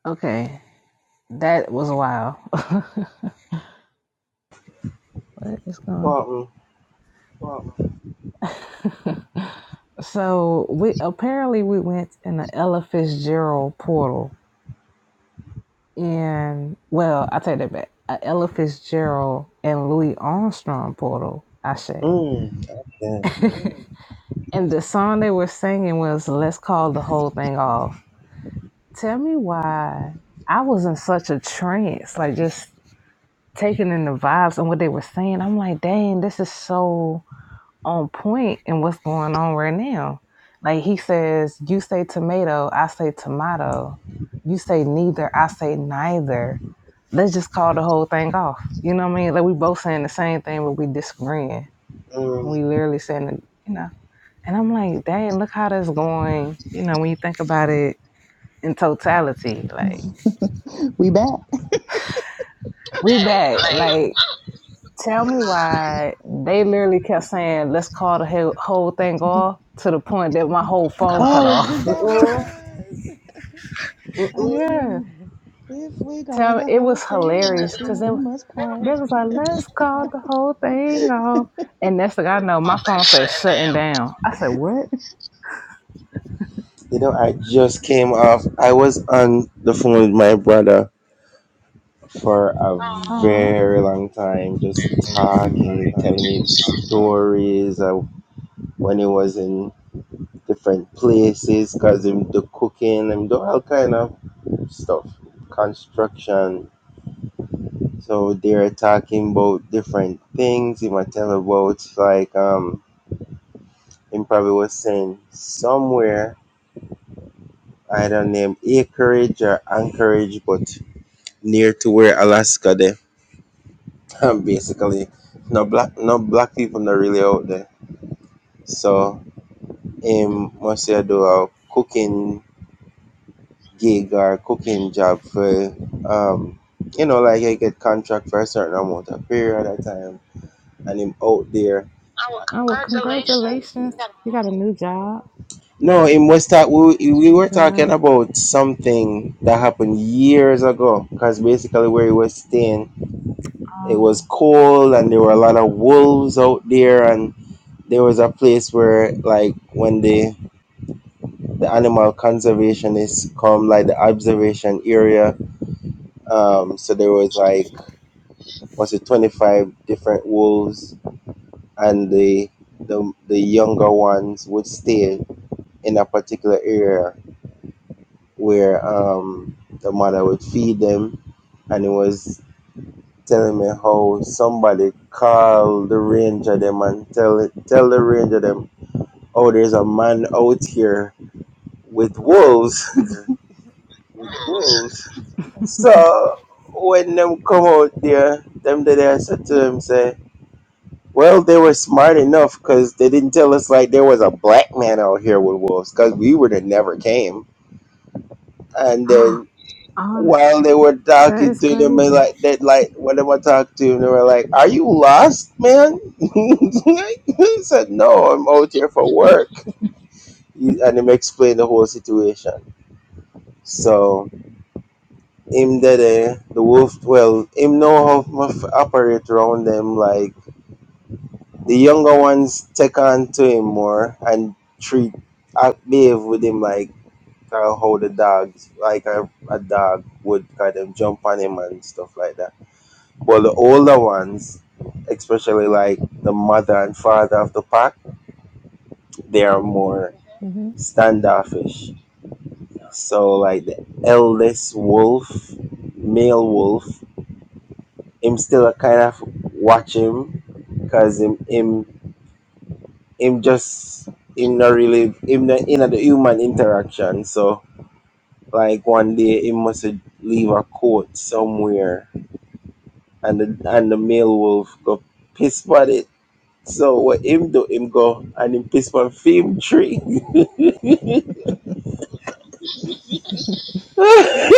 A: Okay, that was wild. what is going? on?
F: Mm-mm.
A: so we apparently we went in the Ella Fitzgerald portal, and well, I take that back. A Ella Fitzgerald and Louis Armstrong portal, I say.
F: Mm. Okay.
A: and the song they were singing was "Let's Call the Whole Thing Off." Tell me why I was in such a trance, like just taking in the vibes and what they were saying. I'm like, dang, this is so on point in what's going on right now. Like he says, you say tomato, I say tomato. You say neither, I say neither. Let's just call the whole thing off. You know what I mean? Like we both saying the same thing, but we disagreeing. We
F: Mm.
A: literally saying, it, you know. And I'm like, dang, look how that's going. You know, when you think about it in totality, like
E: We back.
A: we back.
F: Like,
A: Like, tell me why they literally kept saying, let's call the whole whole thing off to the point that my whole phone cut
E: Oh, is
A: off.
E: that what it
F: Mm-mm.
E: was? I'm
F: Mm-mm.
A: Yeah.
E: sitting there. If we call
A: Tell
E: the
A: it
E: whole
A: was
E: thing off,
F: because
A: hilarious
F: it was
A: because
E: then
A: they,
E: we must part.
A: they was like, let's call the whole thing off. And next thing I know, my
F: almost like
A: phone said
F: shutting
A: shutting
F: down.
A: down. I said, what?
F: You know, I just came off. I was on the phone with my brother for a Oh.
A: Oh,
F: very long time, just talking, telling me stories of when he was in different places, cause him do cooking, him do all kind of stuff, construction. So they're talking about different things. You might tell about like um him probably was saying somewhere I don't name acreage or anchorage but near to where Alaska there. And basically no black no black people not really out there. So him must say do a cooking gig or cooking job for um you know like I get contract for a certain amount of period of time and him out there. Oh, well,
A: oh well,
F: congratulations.
A: congratulations. You got a new job.
F: No, in West Ta- we we
A: New
F: were talking
A: job.
F: about something that happened years ago. Cause basically where he was staying, it was cold and there were a lot of wolves out there, and there was a place where like when the the animal conservationists come, like the observation area. Um, so there was like was it twenty five different wolves, and the the the younger ones would stay in a particular area where um, the mother would feed them, and it was telling me how somebody called the ranger them and tell it, tell the ranger them, oh, there's a man out here with wolves. So when them come out there, them that I said to them say, well, they were smart enough because they didn't tell us like there was a black man out here with wolves because we would have never came. And
A: Oh,
F: then
A: oh
F: while they were
A: that
F: talking
A: is
F: to them and
A: crazy.
F: like that like whenever I talking to them they were like, Are you lost, man? I said, No, I'm out here for work. He- And him explained the whole situation. So him did a, the wolf well, him know how to f- operate around them like the younger ones take on to him more and treat uh, behave with him like uh, how the dogs like a, a dog would kind of jump on him and stuff like that But the older ones, especially like the mother and father of the pack, they are more
A: Mm-hmm.
F: standoffish. So like the eldest wolf, male wolf, him still a kind of watch him because him him him just him not really him not in the human interaction. So like one day he must leave a coat somewhere and the and the male wolf go piss about it So what him do, him go and him piss one film tree. him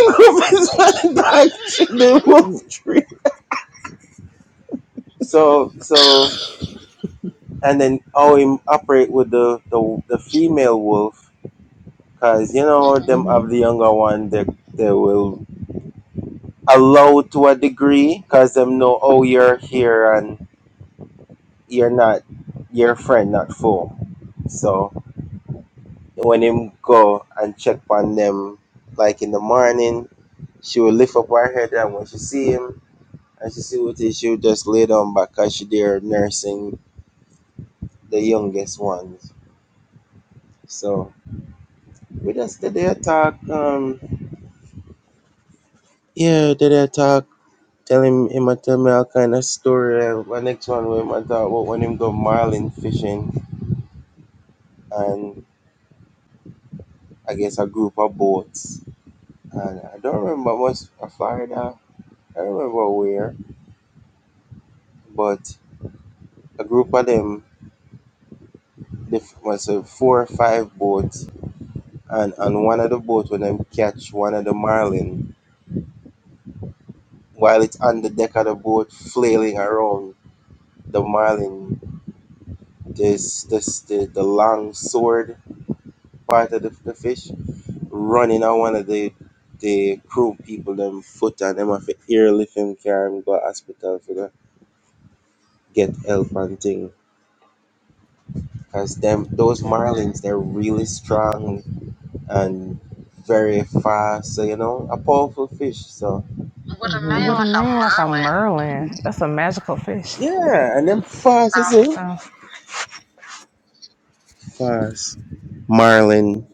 F: go piss one back tree, the wolf tree. So so and then how him operate with the the, the female wolf, cause you know them
A: Mm-hmm.
F: have the younger one they they will allow to a degree, cause them know oh you're here and you're not your friend not foe. So when him go and check on them like in the morning She will lift up her head, and when she see him and she see what it is, she will just lay down back because she there nursing the youngest ones. So we just did their talk. Um, yeah, did their talk. Tell him, him a tell me all kind of story. Uh, My next one, we might talk about when him go marlin fishing and I guess a group of boats. And I don't remember much of Florida. I remember where, but a group of them, they f- was uh, four or five boats and on one of the boat when them catch one of the marlin while it's on the deck of the boat flailing around the marlin this this the, the long sword part of the, the fish running on one of the the crew people them foot and them have to airlift him carry him go hospital for the get help and thing because them those
A: Okay.
F: marlins they're really strong and very fast so you know a powerful fish so a a name
E: hmm
A: With a
F: like a
A: name like a
F: merlin,
E: Yeah.
A: Merlin, that's a magical fish.
F: Yeah, and them fast, you see?
A: So,
F: Fast. Marlin.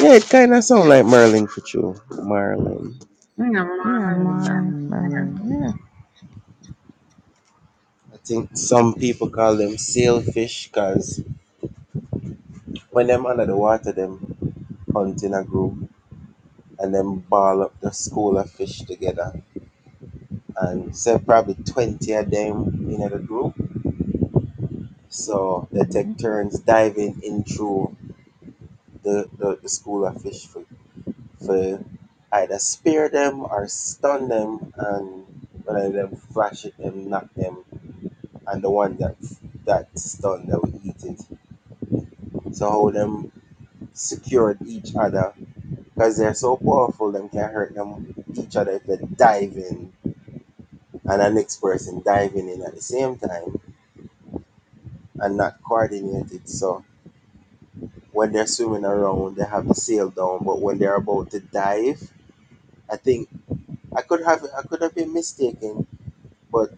F: Yeah, it kind of sound like Merlin for you. Marlin. Yeah,
A: yeah,
F: Marlin. I
A: Merlin, Merlin. Yeah.
F: think some people call them sailfish because when them under the water, them hunt in a group and them ball up the school of fish together. And say probably 20 of them in the group. So they take turns diving in through the, the, the school of fish. for. for either spear them or stun them, and one of them flash at them, knock them, and the one that that stunned they will eat it. So how them secured each other because they're so powerful, them can hurt them each other if they dive in, and the next person diving in at the same time and not coordinated. So when they're swimming around, they have the sail down, but when they're about to dive, I think I could have I could have been mistaken but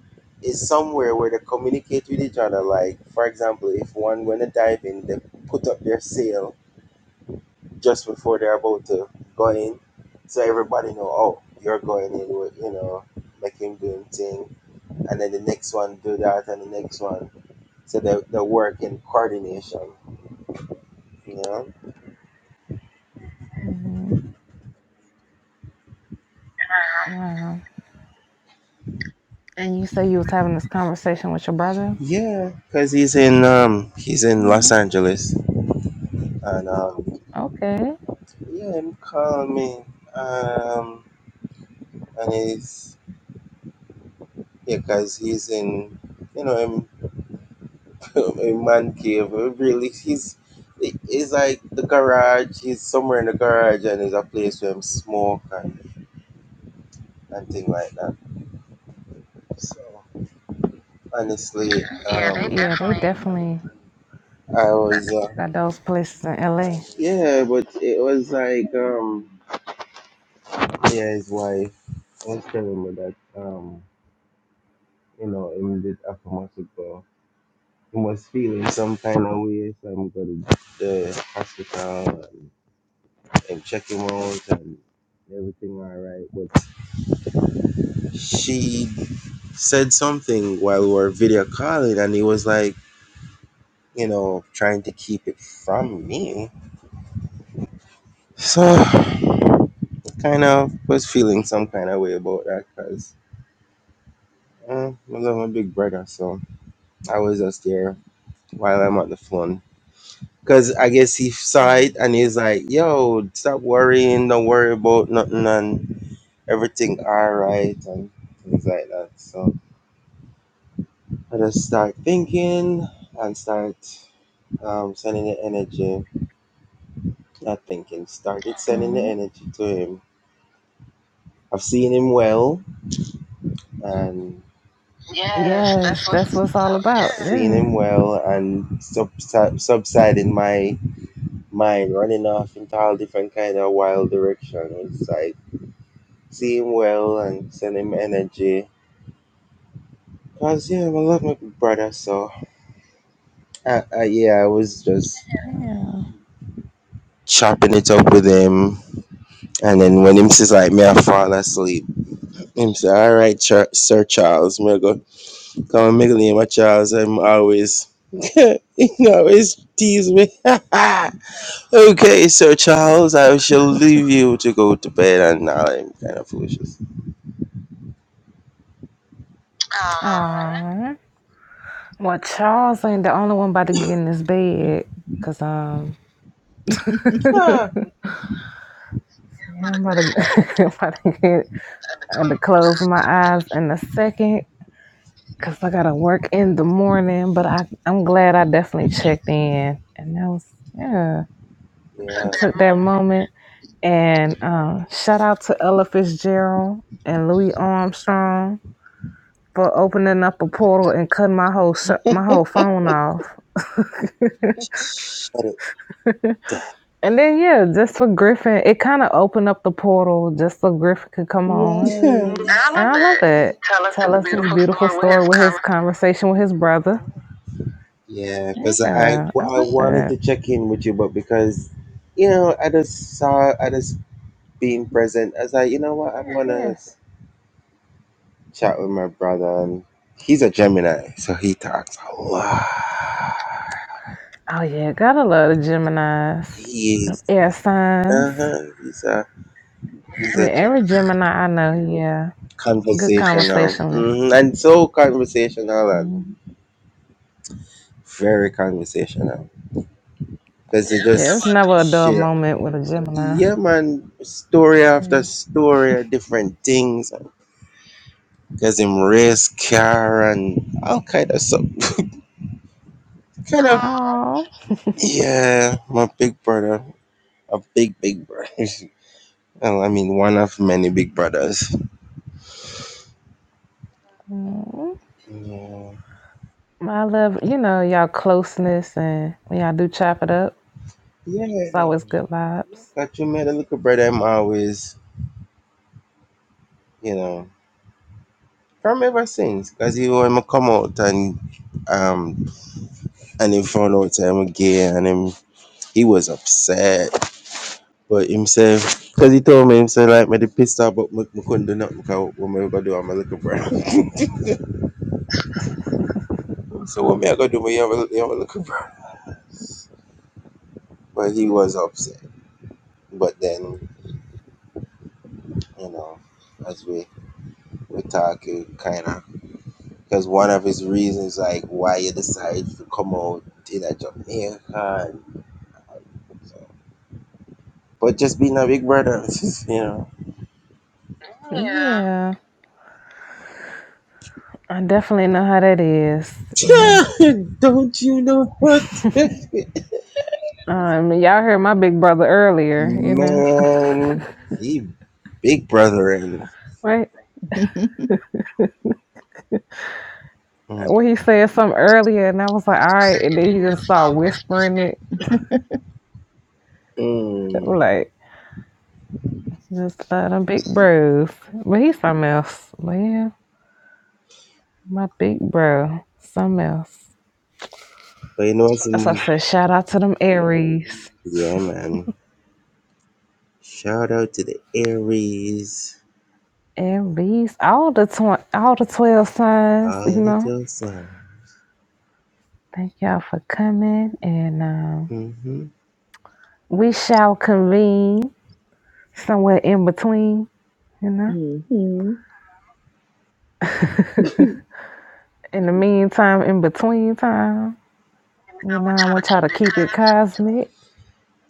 F: it's somewhere where they communicate with each other. Like, for example, if one going to dive in, they put up their sail just before they're about to go in, so everybody know, oh, you're going in with, you know, like him doing thing, and then the next one do that, and the next one. So they, they work in coordination, you know.
A: Mm-hmm. Mm-hmm. And you say you was having this conversation with your brother?
F: Yeah, cause he's in um he's in Los
A: Mhm.
F: Angeles, and um
A: Okay.
F: yeah, he call me um and he's Yeah, because he's in, you know, in, a man cave. uh, Really, he's he's like the garage. He's somewhere in the garage, and there's a place where him smoke and and thing like that. So honestly, yeah, they
A: Okay.
F: um,
A: Yeah, they
F: definitely.
A: definitely
F: I was, uh,
A: got those places in LA.
F: yeah, but it was like, um, yeah, his wife was telling me that, um, you know, him did Afamasico. He was feeling some kind of way, so I'm going to the hospital. and checking rounds and everything all right. But she said something while we were video calling, and he was like, you know, trying to keep it from me. So, kind of was feeling some kind of way about that because uh, I love my big brother. So, I was just there while I'm on the phone. Because I guess he saw it and he's like, yo, stop worrying, don't worry about nothing, and everything all right, and things like that. So, I just start thinking and start um, sending the energy. Not thinking, started sending the
A: Mm-hmm.
F: energy to him. I've seen him well and. Yes,
A: Yes,
F: that's what
A: that's
F: it's
A: what it's all
F: about.
A: about.
F: Yes. Seeing
A: Yes.
F: him well and subsi- subsiding my mind, running off into all different kind of wild direction. It's like see him well and send him energy. Cause yeah, I love my brother. So I, I, yeah, I was just
A: Yeah.
F: chopping it up with him And then when him says like me, I fall asleep. Him say, all right, Char- Sir Charles. Me go, come on, make a name Charles. I'm always, he always tease me. okay, Sir Charles, I shall leave you to go to bed and all I'm kind of foolishness. Ah.
A: Aww. Well, Charles ain't the only one about to get in this bed. Cause um, yeah, I'm about to, I'm about to get, I'm about to close my eyes in a second. because I gotta work in the morning. But I, I'm glad I definitely checked in, and that was yeah.
F: Yeah.
A: We took that moment, and um, shout out to Ella Fitzgerald and Louis Armstrong for opening up a portal and cutting my whole sh- my
E: yes.
A: whole phone off.
F: Shut it.
A: and then yeah, just for Griffin, it kind of opened up the portal just so Griffin could come on, and I love it. Tell us his beautiful story with his conversation with his brother.
F: Yeah, because I
A: Yeah, I
F: w-
A: love
F: I wanted
A: that.
F: to check in with you, but because you know I just saw I just being present. I was like, you know what, I want
A: Yeah.
F: to chat with my brother, and he's a Gemini, so he talks a lot.
A: Oh yeah, gotta love the Geminis.
F: He
A: Them
F: is
A: air signs.
F: uh huh. He's a he's
A: Yeah,
F: a Gem-
A: every Gemini I know, yeah. Good
F: conversational
A: conversationalist.
F: hmm and so conversational and
A: Mhm.
F: very conversational because they just
A: Yeah, it's never a dull
F: share.
A: moment with a Gemini.
F: Yeah, man, story after
A: Yeah.
F: story, different things. Cause him race car and all kind of stuff. Kind of
A: Oh.
F: yeah, my big brother. A big big brother. well, I mean one of many big brothers. Yeah.
A: I love, you know, y'all closeness and when y'all do chop it up, it's
F: Yeah.
A: always good vibes.
F: Got you made a little brother I'm always, you know. From ever since. Cause he when I come out and um and he found out that I'm gay and him he was upset. But himself, because he told me himself like me the pissed off but me, me couldn't do nothing because what me gonna do I'm a little brother. So what me I gonna do? Me have a, you have a little brothers. But he was upset. But then, you know, as we we talk, it kind of because one of his reasons like why you decide to come out in a Jamaica. And, so. But just being a big brother, you know. Yeah.
A: Yeah. I definitely know how that is, you know.
F: Don't you know what?
A: Um, y'all heard my big brother earlier, you know.
F: Man, he big brother and.
A: right?
F: Mm. And
A: when he said something earlier, and I was like, all right. And then
F: then
A: he just started
F: he whispering
A: whispering
F: it.
A: it. I'm
F: Mm.
A: like, just uh, them big bros. But he's something else. But yeah, my big bro, something else.
F: But you know what's
A: As I
F: in-
A: said, shout out to them Aries.
F: yeah, man. Shout out to the Aries.
A: Aries, all the tw- all the 12 signs, you
F: All the
A: know.
F: girl sounds.
A: Thank y'all for coming. And um,
F: Mm-hmm.
A: we shall convene somewhere in between, you know.
E: hmm
A: in the meantime, in between time. You know, I want y'all to keep it cosmic.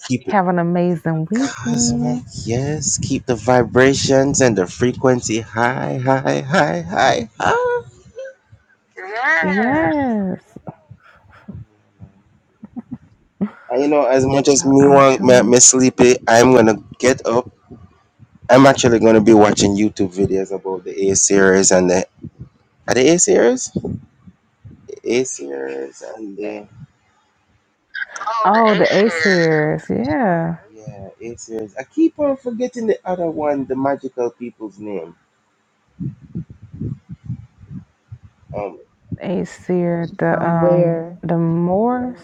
F: Keep it
A: Have an amazing
F: cosmic,
A: weekend.
F: yes. Keep the vibrations and the frequency high, high, high, high, high.
A: Yes.
F: And you know, as much as
A: So
F: me
A: I'm
F: want me,
A: truly.
F: me sleepy, I'm gonna get up. I'm actually gonna be watching YouTube videos about the A series and the are the A series, A series and the Oh, the
A: Oh,
F: A
A: the A
F: series.
A: series. Yeah.
F: Yeah, it is. I keep on forgetting the other one, the magical people's name. Um,
A: A series. The
E: From
A: um
E: where?
A: the Moors.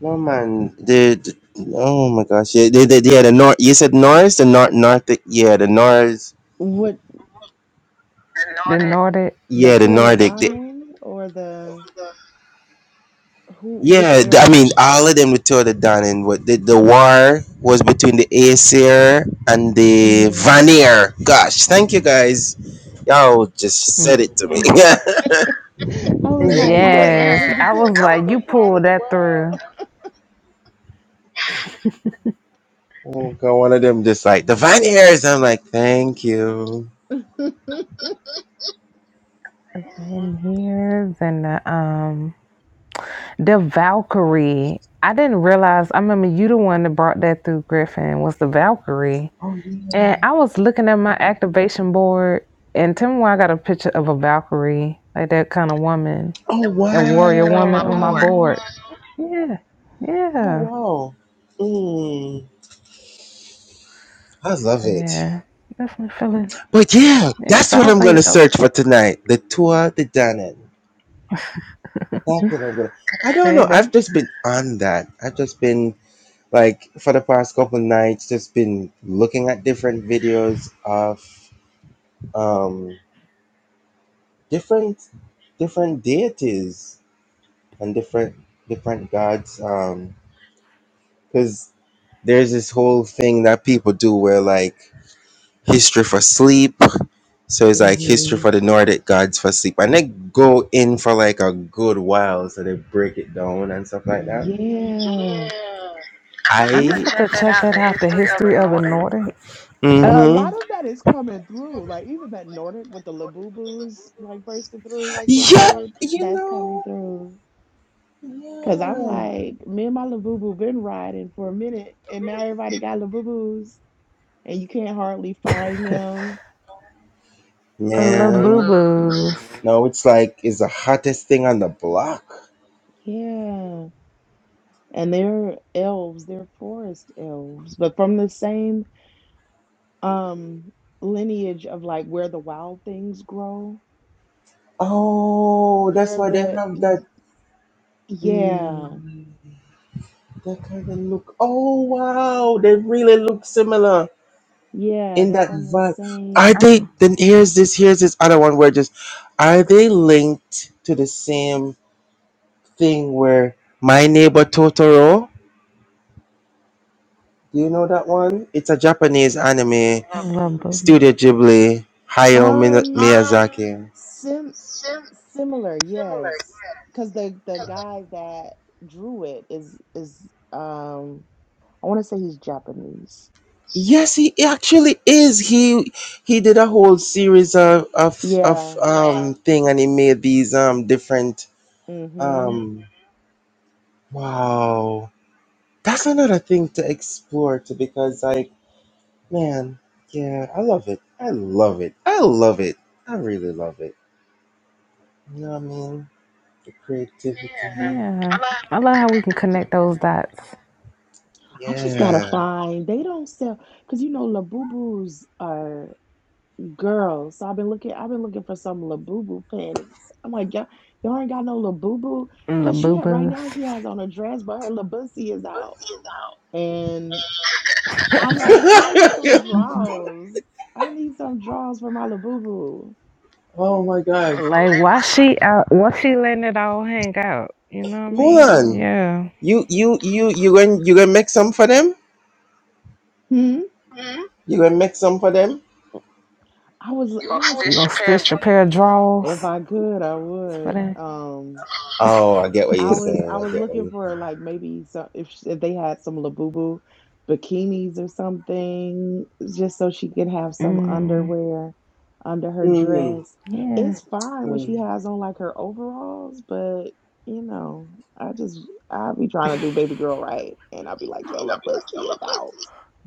F: no man, the, the- oh my gosh, yeah, they, they, yeah, the Nor. You said Norse, the Nor Nordic, yeah, the Norse,
E: What?
F: The
A: The
F: Nordic.
A: Nordic.
E: The
F: yeah, the Nordic. They,
E: Tuanadana or the who? Which
F: yeah, th-
E: air?
F: I mean, all of them were totally done, and what the, the war was between the Aesir and the
E: Mhm.
F: Vanir. Gosh, thank you guys. Y'all just said it to me.
E: I was
F: thank
E: like,
F: you guys.
E: magical,
A: Yes.
E: but it
A: I was
E: depends
F: Yes.
E: on
A: like,
E: the
A: you
E: part of
A: pulled that through.
F: Oh, God, one of them just like divine ears. I'm like, thank you.
E: the world.
A: The Van Hears and the um the Valkyrie. I didn't realize I remember you the one that brought that through Griffin was the Valkyrie.
F: Oh yeah.
A: And I was looking at my activation board, and tell me why I got a picture of a Valkyrie, like that kind of woman,
F: Oh
A: that warrior
F: On my
A: woman
F: wow.
A: on my
F: board.
E: Wow.
A: board. Yeah,
F: Oh
A: yeah.
F: wow. Mm, I love
A: So,
F: it.
A: yeah, definitely feeling.
F: But yeah,
A: Yeah,
F: that's
A: so I
F: what I'm
A: was
F: gonna
A: like,
F: search for tonight. The Tour de Danann. That's what I'm gonna. I don't
A: okay,
F: know.
A: that
F: I've just been on that. I've just been like for the past couple nights, just been looking at different videos of um different different deities and different different gods. Um, because there's this whole thing that people do where like history for sleep. So it's like history
E: hmm
F: for the Nordic gods for sleep, and they go in for like a good while. So they break it down and stuff like that.
E: Yeah.
F: Yeah. I to
A: I'm gonna have
F: check
A: to
F: that
A: check
F: out.
A: that
F: The
A: out. The
F: history of
A: history
F: the
A: of the
F: Nordic.
A: Nordic
E: And a
F: Mm-hmm.
E: lot of that is coming through. Like even that Nordic with the Labubus like bursting through like they
F: Yeah,
E: did,
F: you
E: that's coming
F: know.
E: through. Cause I'm
F: Yeah.
E: like, me and my Labubu been riding for a minute and now everybody got Labubus and you can't hardly find them.
A: little boo
F: Man.
A: boos.
F: No, it's like it's the hottest thing on the block.
E: Yeah. and they're elves, they're forest elves, but from the same um lineage of like where the wild things grow.
F: Oh, that's
E: They're
F: why they
E: the
F: have that
E: y- yeah,
F: mm, that kind of look. Oh wow, they really look similar
E: yeah,
F: in
E: they're
F: that
E: from the
F: vibe. Are
E: same
A: I'm
F: they?
A: a
F: Then here's this. Here's this other one where just are they linked to the same thing where My Neighbor Totoro? Do you know that one? It's a Japanese anime,
A: little boo boo.
F: Studio Ghibli, Hayao Mina-
E: um
F: Miyazaki.
E: sim similar, yes. Because the the guy that drew it is is um I want to say he's Japanese.
F: Yes, he actually is. He he did a whole series of of, of
E: Yeah.
F: um thing, and he made these um different
E: Mm-hmm.
F: um. Wow, that's another thing to explore too, because like man, yeah, I love it. I love it. I love it. I really love it. You know what I mean? The creativity.
A: Yeah, I love how we can connect those dots.
F: Yeah.
E: I just gotta
F: Yeah.
E: find. They don't sell because you know Labubus are Girl, so I've been looking, I've been looking for some Labubu panties. I'm like, y'all, y'all ain't got no Labubu.
A: Little
E: Cause she
A: boo
E: had right now she
A: boos.
E: has on a dress, but her Labussy is out. And I'm like, she needs some draws. I need some draws for my Labubu.
F: oh my god!
A: Like why she out why she letting it all hang out? You know what I
E: You
F: Hold
A: mean?
E: know?
F: on.
A: Yeah.
F: You you you you going you gonna make some for them?
E: Hmm.
F: Hmm? You gonna make some for them?
E: I was
F: You
E: I
F: gonna
E: was
A: You
F: stitch
A: gonna
F: your pair
A: stitch a pair of
E: if
A: drawers
E: I could, I
A: for
E: would.
A: that?
E: Um
F: Oh, I get what you're
E: I was I
F: saying. I
E: was
F: get what
E: looking
F: you're
E: for
F: saying.
E: like maybe some if sh- if they had some Labubu bikinis or something just so she can have some
A: Mm,
E: underwear under her
F: Mm-hmm.
E: dress.
A: yeah.
E: It's fine
F: Mm.
E: when she
F: And
E: has on like her overalls, but you know, I just I'll be trying to do baby girl right and I'll be like, yo, La
F: I'll be like, yo,
E: Pussy is
F: look, look.
E: out.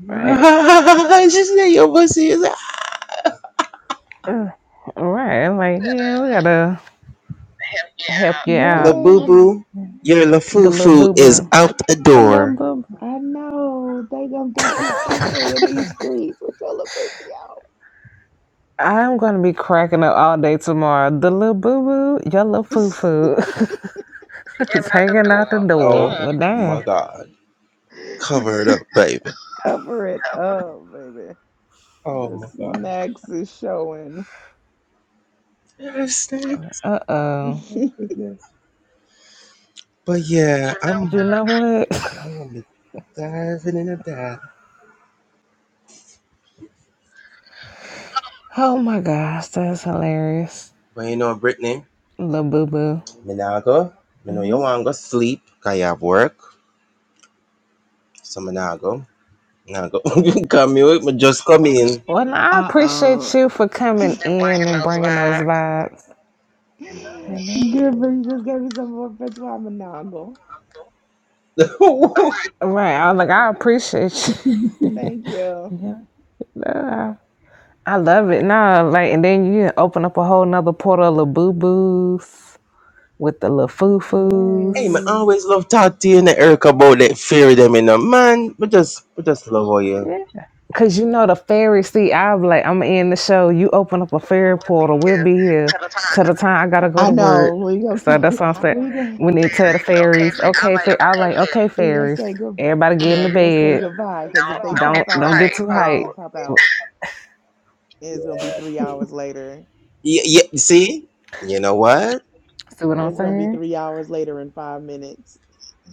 A: Right.
F: she said your pussy is out.
A: Ugh. Right. Like, yeah,
F: Hell
A: we gotta help
F: yeah.
A: you
F: La
A: out.
F: boo
E: Yes,
F: boo, your la
A: The
F: foo
A: little
F: foo
A: boo
F: is
A: boo.
F: out the
A: The little
F: door.
A: boo boo.
E: I know. They gonna think you foo foo in these streets with your La Pussy
A: I'm gonna be cracking up all day tomorrow. The little boo boo, your little foo
E: out.
A: foo
F: Yeah,
A: is
F: nothing
A: hanging
F: doing.
A: out the
F: Oh
A: door. Well
F: my
A: damn.
F: god. Cover it up, baby.
E: Cover it up, baby.
F: Oh
E: The
F: my god.
E: snacks is showing.
F: Yes,
A: Uh
F: Oh
A: oh.
F: my goodness. But yeah, I'm
A: You know what?
F: i will going be diving in a dive.
A: Oh my gosh, that's hilarious.
F: But you know, Brittany,
A: Little boo boo.
F: me nah go. Me know you
A: hmm
F: want go sleep, cause you have work. So me nah go. Nah go. come here, me just come in.
A: Well, no, I appreciate
E: Uh-oh.
A: you for coming
F: They're
A: in
F: bringing
A: and
F: those
A: bringing those
F: vibes.
A: vibes. You know,
E: Giver, you just gave me some more patois monagle.
F: Yeah, yeah.
A: right? I was like, I appreciate you.
E: Thank you.
A: yeah, Nah, I love it. No, like, and then you open up a whole nother portal of boo boos with the little foo
F: hey, man,
A: foos.
F: I
E: Yes.
F: always love talk to you and Eric about that fear them, you know. Man, we just, we just love all you.
A: Yeah. Cause you know the fairies. see, I'm like, I'm in the show. You open up a fairy
F: We'll be
A: portal, we'll
F: here
A: be here
F: to the time
A: till the time I gotta go
E: I
A: to
E: know.
A: work.
E: We gonna
A: So
E: keep
A: that's what I'm saying.
E: we gonna
A: We
F: they
A: need to tell the
F: say, okay,
A: fairies,
F: fit. I
A: okay,
F: like,
A: fa- I was
F: okay,
A: like,
F: fit.
A: okay,
E: we gonna
A: fairies,
E: say good
A: everybody get in
E: yeah,
A: the
E: we
F: Yeah.
E: gonna say
A: bed.
E: goodbye because if
F: Don't,
E: they
F: don't
A: Don't
F: get
E: pop
F: too
A: don't get
E: out,
F: hyped.
A: too
E: they
A: hype.
E: gonna pop out. and It's gonna be three
F: Yeah,
E: hours later.
F: Yeah, yeah. See, you know what?
A: See what I'm
E: It's gonna be
A: saying?
E: three hours later in five minutes.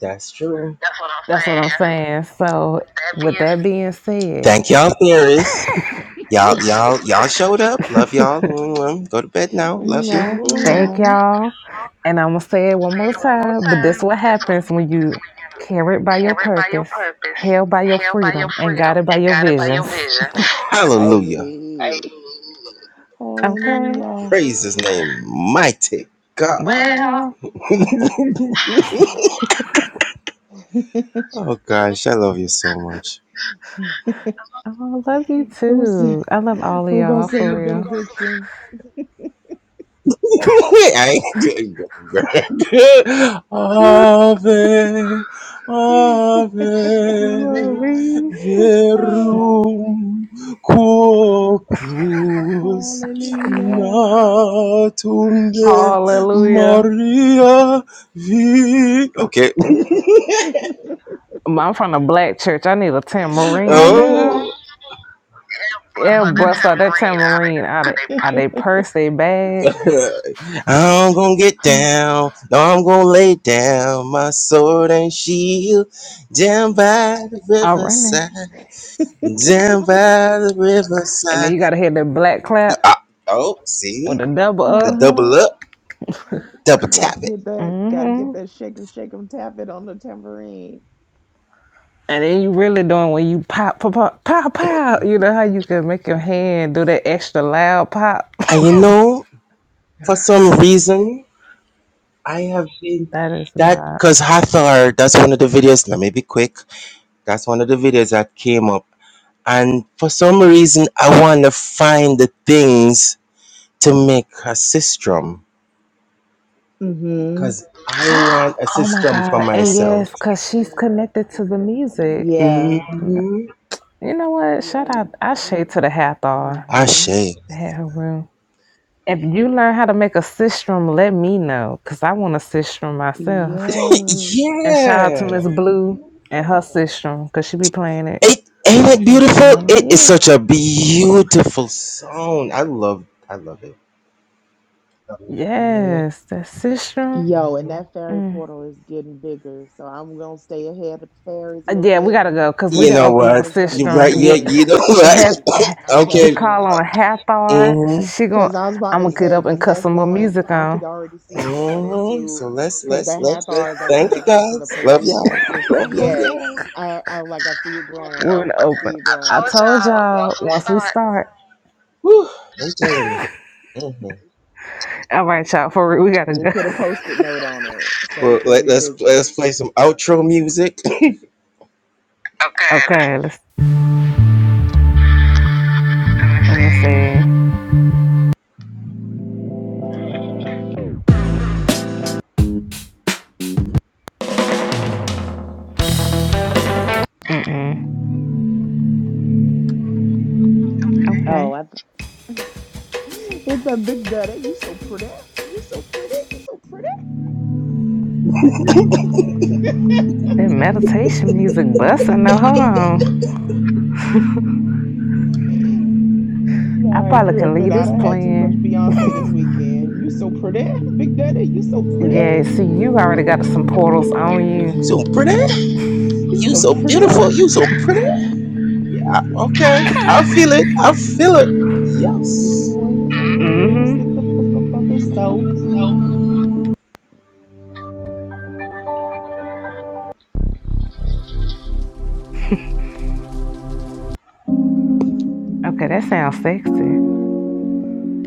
F: That's true. That's what I'm
A: That's what I'm
F: saying.
A: saying. So
F: That
A: with
F: being
A: that being said,
F: Thank y'all, Paris. Y'all, y'all, y'all showed up. Love y'all. Mwah. Go to bed now. Love you.
E: Mwah,
F: Mwah.
A: Thank
E: mwah.
F: Thank you.
A: y'all. And I'm going to say it one
F: Say
A: more
F: it one more
A: time, but this
F: time.
A: what
F: but This
A: happens
F: week,
A: when
F: this
A: you
F: weekend.
A: carried by your
F: Carried by your
A: purpose,
F: purpose,
A: held by your
F: held by your
A: freedom, and
F: freedom,
A: guided by
F: and
A: your
F: guided by your
A: visions.
F: vision. Hallelujah. Amen.
E: Hey.
A: Okay.
E: Hallelujah.
F: Praise his name, mighty God. Well,
A: Well,
F: Oh gosh, I love you so much.
A: I love you
E: Who's who
A: too. I love all of
E: gonna
A: y'all
E: sing the
A: for
E: benediction?
F: I ain't good. bro.
A: real.
F: Ave, ave,
A: Glory.
E: Ah,
F: verum corpus
E: Hallelujah.
F: natum de
A: Hallelujah.
F: Maria vi. Okay.
A: I'm from the black church. I need a
E: I
A: tambourine, you know?
F: Oh.
E: know.
A: Yeah,
F: That
E: Uh-huh.
A: bust
F: time
A: out that
F: rain out of,
A: tambourine out of,
F: out of
A: out of their purse, they bag.
F: I'm gonna get down. No, I'm gonna lay down my sword and shield down by the
A: I'm running,
F: riverside. Down by the
A: And then
F: riverside.
A: you got to hear that black
F: Y-
A: clap.
F: ah, oh,
A: with
F: see
A: a double
F: the
A: up.
F: double up, double
E: You got
F: tap
E: to
F: it.
E: get that,
A: mm
E: gotta get
A: hmm
E: that shake 'em, shake 'em, tap it on the tambourine.
A: And then you really doing when you pop, pop, pop, pop, pop. You know how you can make your hand do that extra loud pop?
F: And you know, for some reason, I have been
A: That is
F: that
A: not.
F: because Hathor. That's one of the videos. Let me be quick. That's one of the videos that came up, and for some reason, I want to find the things. to make a system
E: Mm-hmm.
F: because I want a
A: Oh my
F: system for
A: God. And
F: myself.
A: yes, because she's connected to the music.
E: Yeah.
A: N-
F: Mm-hmm.
A: You know what? Shout out! I shade to the Hathor.
F: Ashe.
E: Mm-hmm.
A: They Had her room. If you learn how to make a sistrum, let me know because I want a sistrum myself.
E: Yes.
A: And shout out to
F: yeah.
A: Miss Blue and her sistrum because she be playing it
F: It ain't it
A: sometimes.
F: beautiful?
A: I'm like,
F: It is
A: yeah.
F: such a beautiful song. I love I love it. Mhm.
A: Yes, the Sistrum.
E: Yo, and
F: Mhm.
E: that fairy
A: Mm.
E: portal is getting bigger. So I'm gonna stay ahead of the fairies a
A: Uh,
E: little
A: Yeah, we
E: bit
A: gotta go because we
E: because
F: You
A: didn't
E: they
F: know
A: open
E: gonna
A: up a
F: what?
E: it's gonna
F: You
E: get
F: right
A: Sistrum
F: yeah,
A: yet.
E: bigger.
F: you know what?
A: Hap-
E: I'm
A: you
F: okay.
E: telling
A: call
E: you.
A: on Hathor, She
F: hmm
A: she gon'
E: Because I was about
A: I'm
E: to
A: gonna get
E: say,
A: up and
E: because
A: cut
E: that's
A: some more
E: going,
A: music
E: I
A: on.
E: could already see it going
F: hmm
E: into,
F: So let's
E: because the
F: let's let's let's
E: Hathars are
F: thank you
E: connected to the
F: guys. Love
E: Palladian
F: y'all.
E: system.
F: Love love y'all.
E: Yes, I, I like, I see it
F: So,
A: We're
E: growing.
A: gonna
E: I
A: open.
E: see it
F: I
A: I
E: growing.
F: told
A: told
F: y'all
A: y'all
F: once we
A: once we
F: start,
A: start.
F: Whew, I'm telling you. hmm
A: All right, y'all, for real, we gotta
E: We'll
A: go.
E: put a post-it note on it so we
F: Well,
E: can
F: let, let's
E: revisit it.
F: let's play some outro music. okay, let's,
A: okay, let's
F: let me
A: let me
F: see.
A: see. Mm-mm.
E: Oh,
A: Okay,
E: I It's a big daddy. You so pretty. You so pretty. You so pretty.
A: that meditation music busting. Now hold on, I
E: Sorry,
A: probably can
E: Griffin.
A: leave
E: I
A: this
E: done had too much
A: playing.
E: Beyonce this weekend. You so pretty. Big daddy, you so pretty.
A: Yeah, see, you already got some portals on
F: you
A: you.
F: so pretty.
E: You
F: You
E: so
F: so
E: pretty.
F: beautiful. You so pretty. Okay, I feel it. I feel it.
E: If
F: Yes.
E: you ain't got no
F: hmm
A: Mm-hmm.
E: grits, get the fuck up out the south.
A: Okay, that sounds sexy.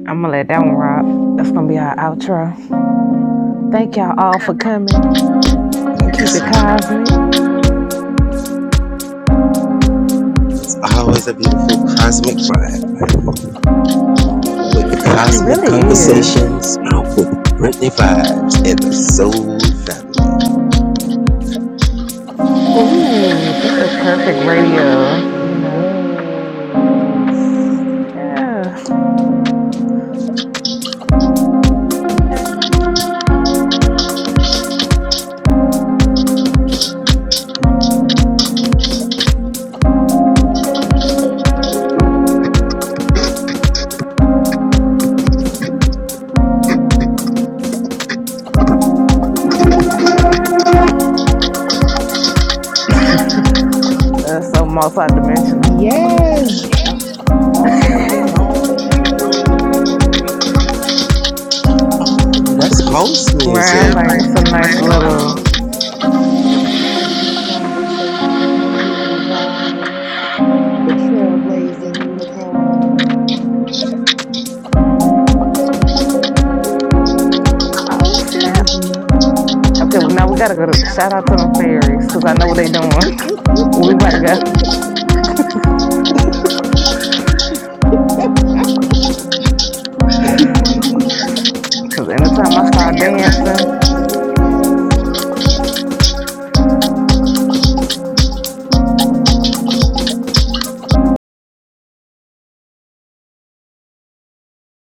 A: I'm gonna let that one rock. That's gonna be our outro. Thank y'all all for coming.
F: Thank you
A: Keep it
F: so much. man.
A: cosmic.
F: It's always a beautiful cosmic vibe with
A: It
F: cosmic
E: Always.
A: really is.
F: conversations with Brittany vibes and the Soul Family.
A: Ooh, this was perfect radio. You know,
E: Yes.
A: yeah, that's so multi-dimensional.
E: Yes. I- I'm sitting there getting all the imagery on this end.
F: Oh, that's house Right,
A: Right,
F: music. i
A: I'm
F: like
A: like it's a
F: some
A: nice
F: nice
A: little.
F: little.
E: Yes. With cosmic conversations, Brittany vibes, the trailblazing unicorn.
A: Oh
F: Okay,
A: snap!
F: well, now,
A: Okay, well now we gotta go to
F: shout out
A: shout
F: to
A: out to
F: them.
A: them fairies
F: I
A: because I
F: know
A: know
F: they
A: what they doing.
F: doing.
A: we gotta go. Cause anytime
F: My
A: I start
F: dancing.
A: dancing.
E: yes, yes.